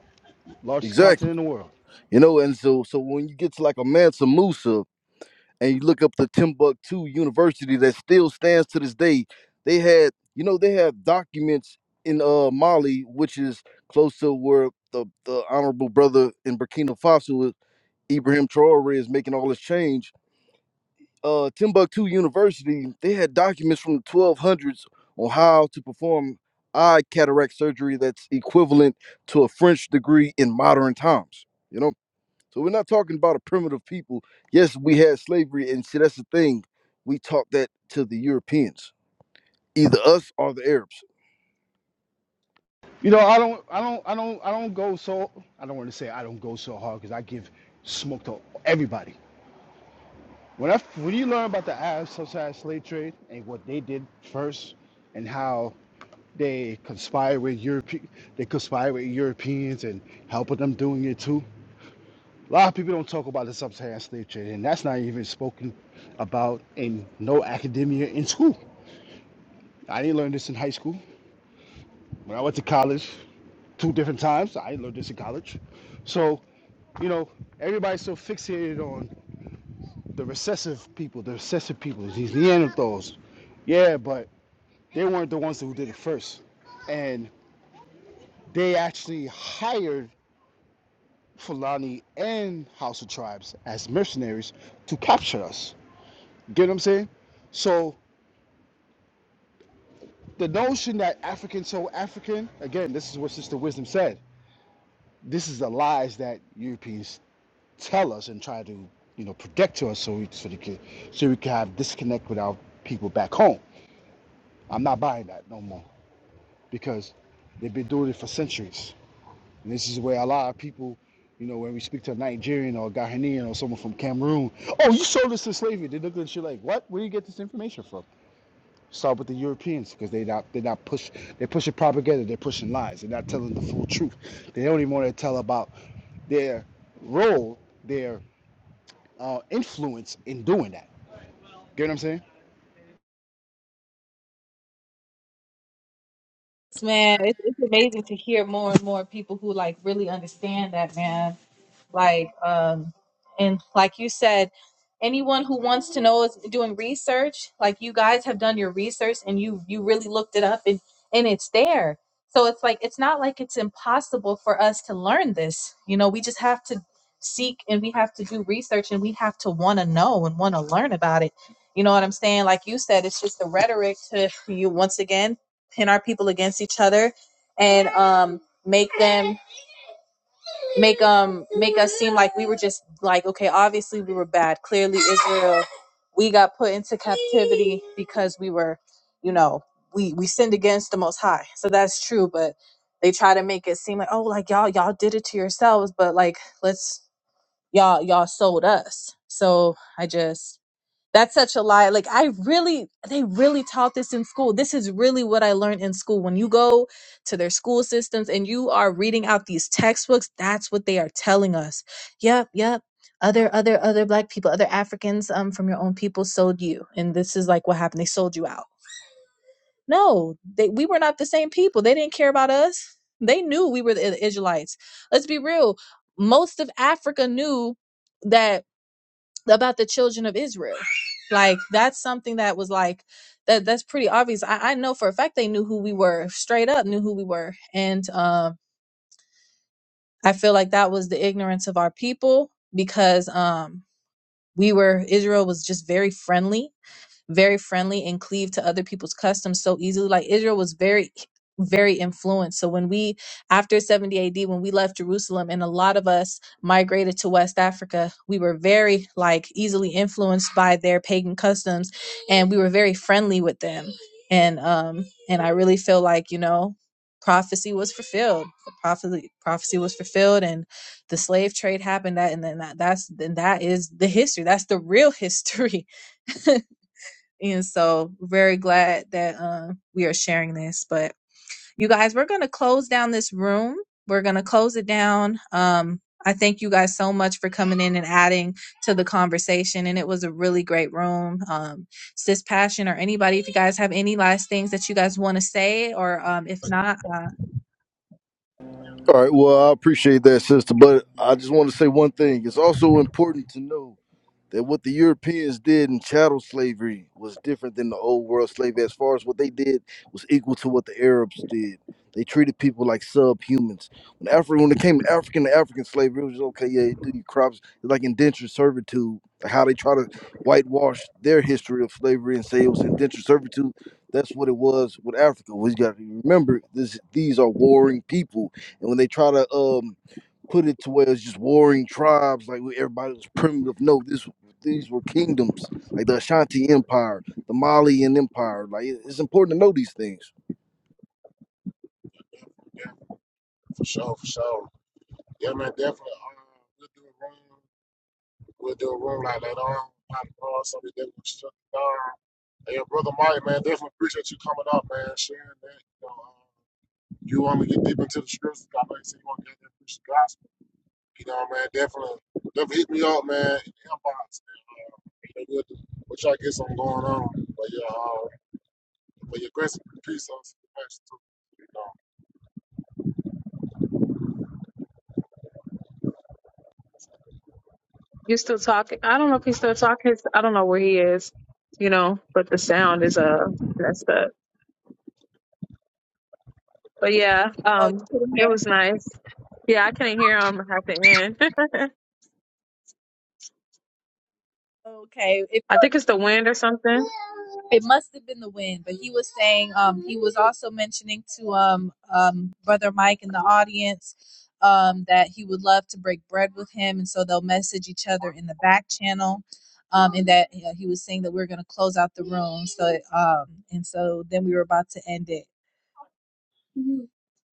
Speaker 10: Largest continent
Speaker 9: Exactly.
Speaker 10: in the world.
Speaker 9: You know, and so so when you get to like a Mansa Musa and you look up the Timbuktu University that still stands to this day, they had, you know, they have documents in uh Mali, which is close to where the, the honorable brother in Burkina Faso, Ibrahim Traore, is making all this change uh, Timbuktu University, they had documents from the 1200s on how to perform eye cataract surgery that's equivalent to a French degree in modern times. You know, so we're not talking about a primitive people. Yes, we had slavery, and see, that's the thing. We taught that to the Europeans, either us or the Arabs.
Speaker 10: You know, I don't, I don't, I don't, I don't go so. I don't want to say I don't go so hard because I give smoke to everybody. When I when you learn about the Arab subsidized slave trade and what they did first, and how they conspire with Europe, they conspire with Europeans and helping them doing it too. A lot of people don't talk about the sub slave trade, and that's not even spoken about in no academia in school. I didn't learn this in high school. When I went to college, two different times, I didn't learn this in college. So, you know, everybody's so fixated on the recessive people, the recessive people, these Neanderthals. Yeah, but They weren't the ones who did it first. And they actually hired Fulani and Hausa Tribes as mercenaries to capture us. Get what I'm saying? So the notion that African so African, again, this is what Sister Wisdom said. This is the lies that Europeans tell us and try to you know protect to us so we so, they can, so we can have disconnect with our people back home. I'm not buying that no more because they've been doing it for centuries. And this is where a lot of people, you know, when we speak to a Nigerian or a Ghanaian or someone from Cameroon, oh, you sold us to slavery. They look at you like, what? Where do you get this information from? Start with the Europeans because they not they're not push they're pushing propaganda, they're pushing lies, they're not telling the full truth. They don't even want to tell about their role, their uh, influence in doing that. Get what I'm saying?
Speaker 2: Yes, man, it's, it's amazing to hear more and more people who like really understand that, man. Like, um, and like you said, anyone who wants to know is doing research. Like you guys have done your research and you you really looked it up and and it's there. So it's like it's not like it's impossible for us to learn this. You know, we just have to seek and we have to do research and we have to want to know and want to learn about it. You know what I'm saying? Like you said, it's just the rhetoric to you once again pin our people against each other and um make them make um make us seem like we were just like okay obviously we were bad clearly israel we got put into captivity because we were you know we we sinned against the most high so that's true but they try to make it seem like oh like y'all y'all did it to yourselves but like let's y'all y'all sold us so i just that's such a lie. Like I really they really taught this in school. This is really what I learned in school. When you go to their school systems and you are reading out these textbooks, that's what they are telling us. Yep, yep. Other other other black people, other Africans um from your own people sold you. And this is like what happened. They sold you out. No, they we were not the same people. They didn't care about us. They knew we were the Israelites. Let's be real. Most of Africa knew that about the children of Israel. Like that's something that was like that that's pretty obvious. I, I know for a fact they knew who we were, straight up knew who we were. And um I feel like that was the ignorance of our people because um we were Israel was just very friendly very friendly and cleave to other people's customs so easily. Like Israel was very very influenced. So when we after 70 AD when we left Jerusalem and a lot of us migrated to West Africa, we were very like easily influenced by their pagan customs and we were very friendly with them. And um and I really feel like, you know, prophecy was fulfilled. The prophecy prophecy was fulfilled and the slave trade happened that and then that, that's then that is the history. That's the real history. And so, very glad that um, we are sharing this. But you guys, we're going to close down this room. We're going to close it down. Um, I thank you guys so much for coming in and adding to the conversation. And it was a really great room. Um, Sis Passion or anybody, if you guys have any last things that you guys want to say, or um, if not, uh,
Speaker 9: All right, well, I appreciate that, sister, but I just want to say one thing. It's also important to know that what the Europeans did in chattel slavery was different than the old world slavery. As far as what they did was equal to what the Arabs did. They treated people like subhumans. When Africa, when it came to African to African slavery, it was just, okay. Yeah, you do your crops. It's like indentured servitude. Like how they try to whitewash their history of slavery and say it was indentured servitude. That's what it was with Africa. We got to remember this. These are warring people, and when they try to um put it to where it's just warring tribes, like where everybody was primitive. No, this these were kingdoms, like the Ashanti Empire, the Malian Empire. Like it- it's important to know these things.
Speaker 1: yeah, for sure, for sure. Yeah, man, definitely. Uh, we'll do a room. We'll do a room like later on. Not tomorrow, so we definitely shut it down. Hey, brother Mike, man, definitely appreciate you coming up, man, sharing that. You know, uh, you want to get deep into the scriptures. I know you said you want to get into the gospel. You know, man, definitely, definitely hit me up, man, in the inbox. And, uh, you know, we'll, we'll try to get something going on. But yeah, uh, but yeah, grace and peace on some too. You know,
Speaker 3: You're still talking. I don't know if he's still talking. I don't know where he is, you know, but the sound is uh messed up. But yeah,
Speaker 2: oh,
Speaker 3: um,
Speaker 2: you put in
Speaker 3: it
Speaker 2: here.
Speaker 3: was nice. Yeah, I couldn't hear him at the end.
Speaker 2: Okay. If
Speaker 3: I think it's the wind or something.
Speaker 2: It must have been the wind, but he was saying um, he was also mentioning to um, um, brother Mike in the audience um, that he would love to break bread with him, and so they'll message each other in the back channel, um, and that you know, he was saying that we're going to close out the room. So um, and so then we were about to end it.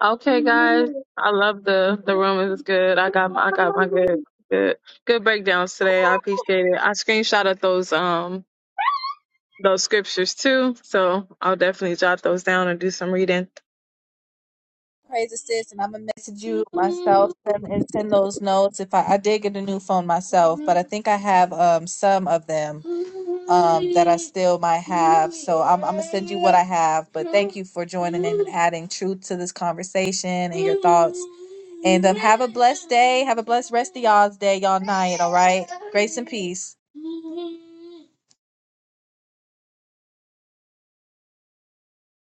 Speaker 3: Okay, guys, I love the the room. It was good. I got my I got my good good good breakdowns today. I appreciate it. I screenshotted those um those scriptures too, so I'll definitely jot those down and do some reading.
Speaker 2: Praises assist, and I'm gonna message you myself send- and send those notes. If I, I did get a new phone myself, but I think I have um some of them um that I still might have. So I'm, I'm gonna send you what I have. But thank you for joining in and adding truth to this conversation and your thoughts. And um, have a blessed day. Have a blessed rest of y'all's day, y'all night. All right. Grace and peace.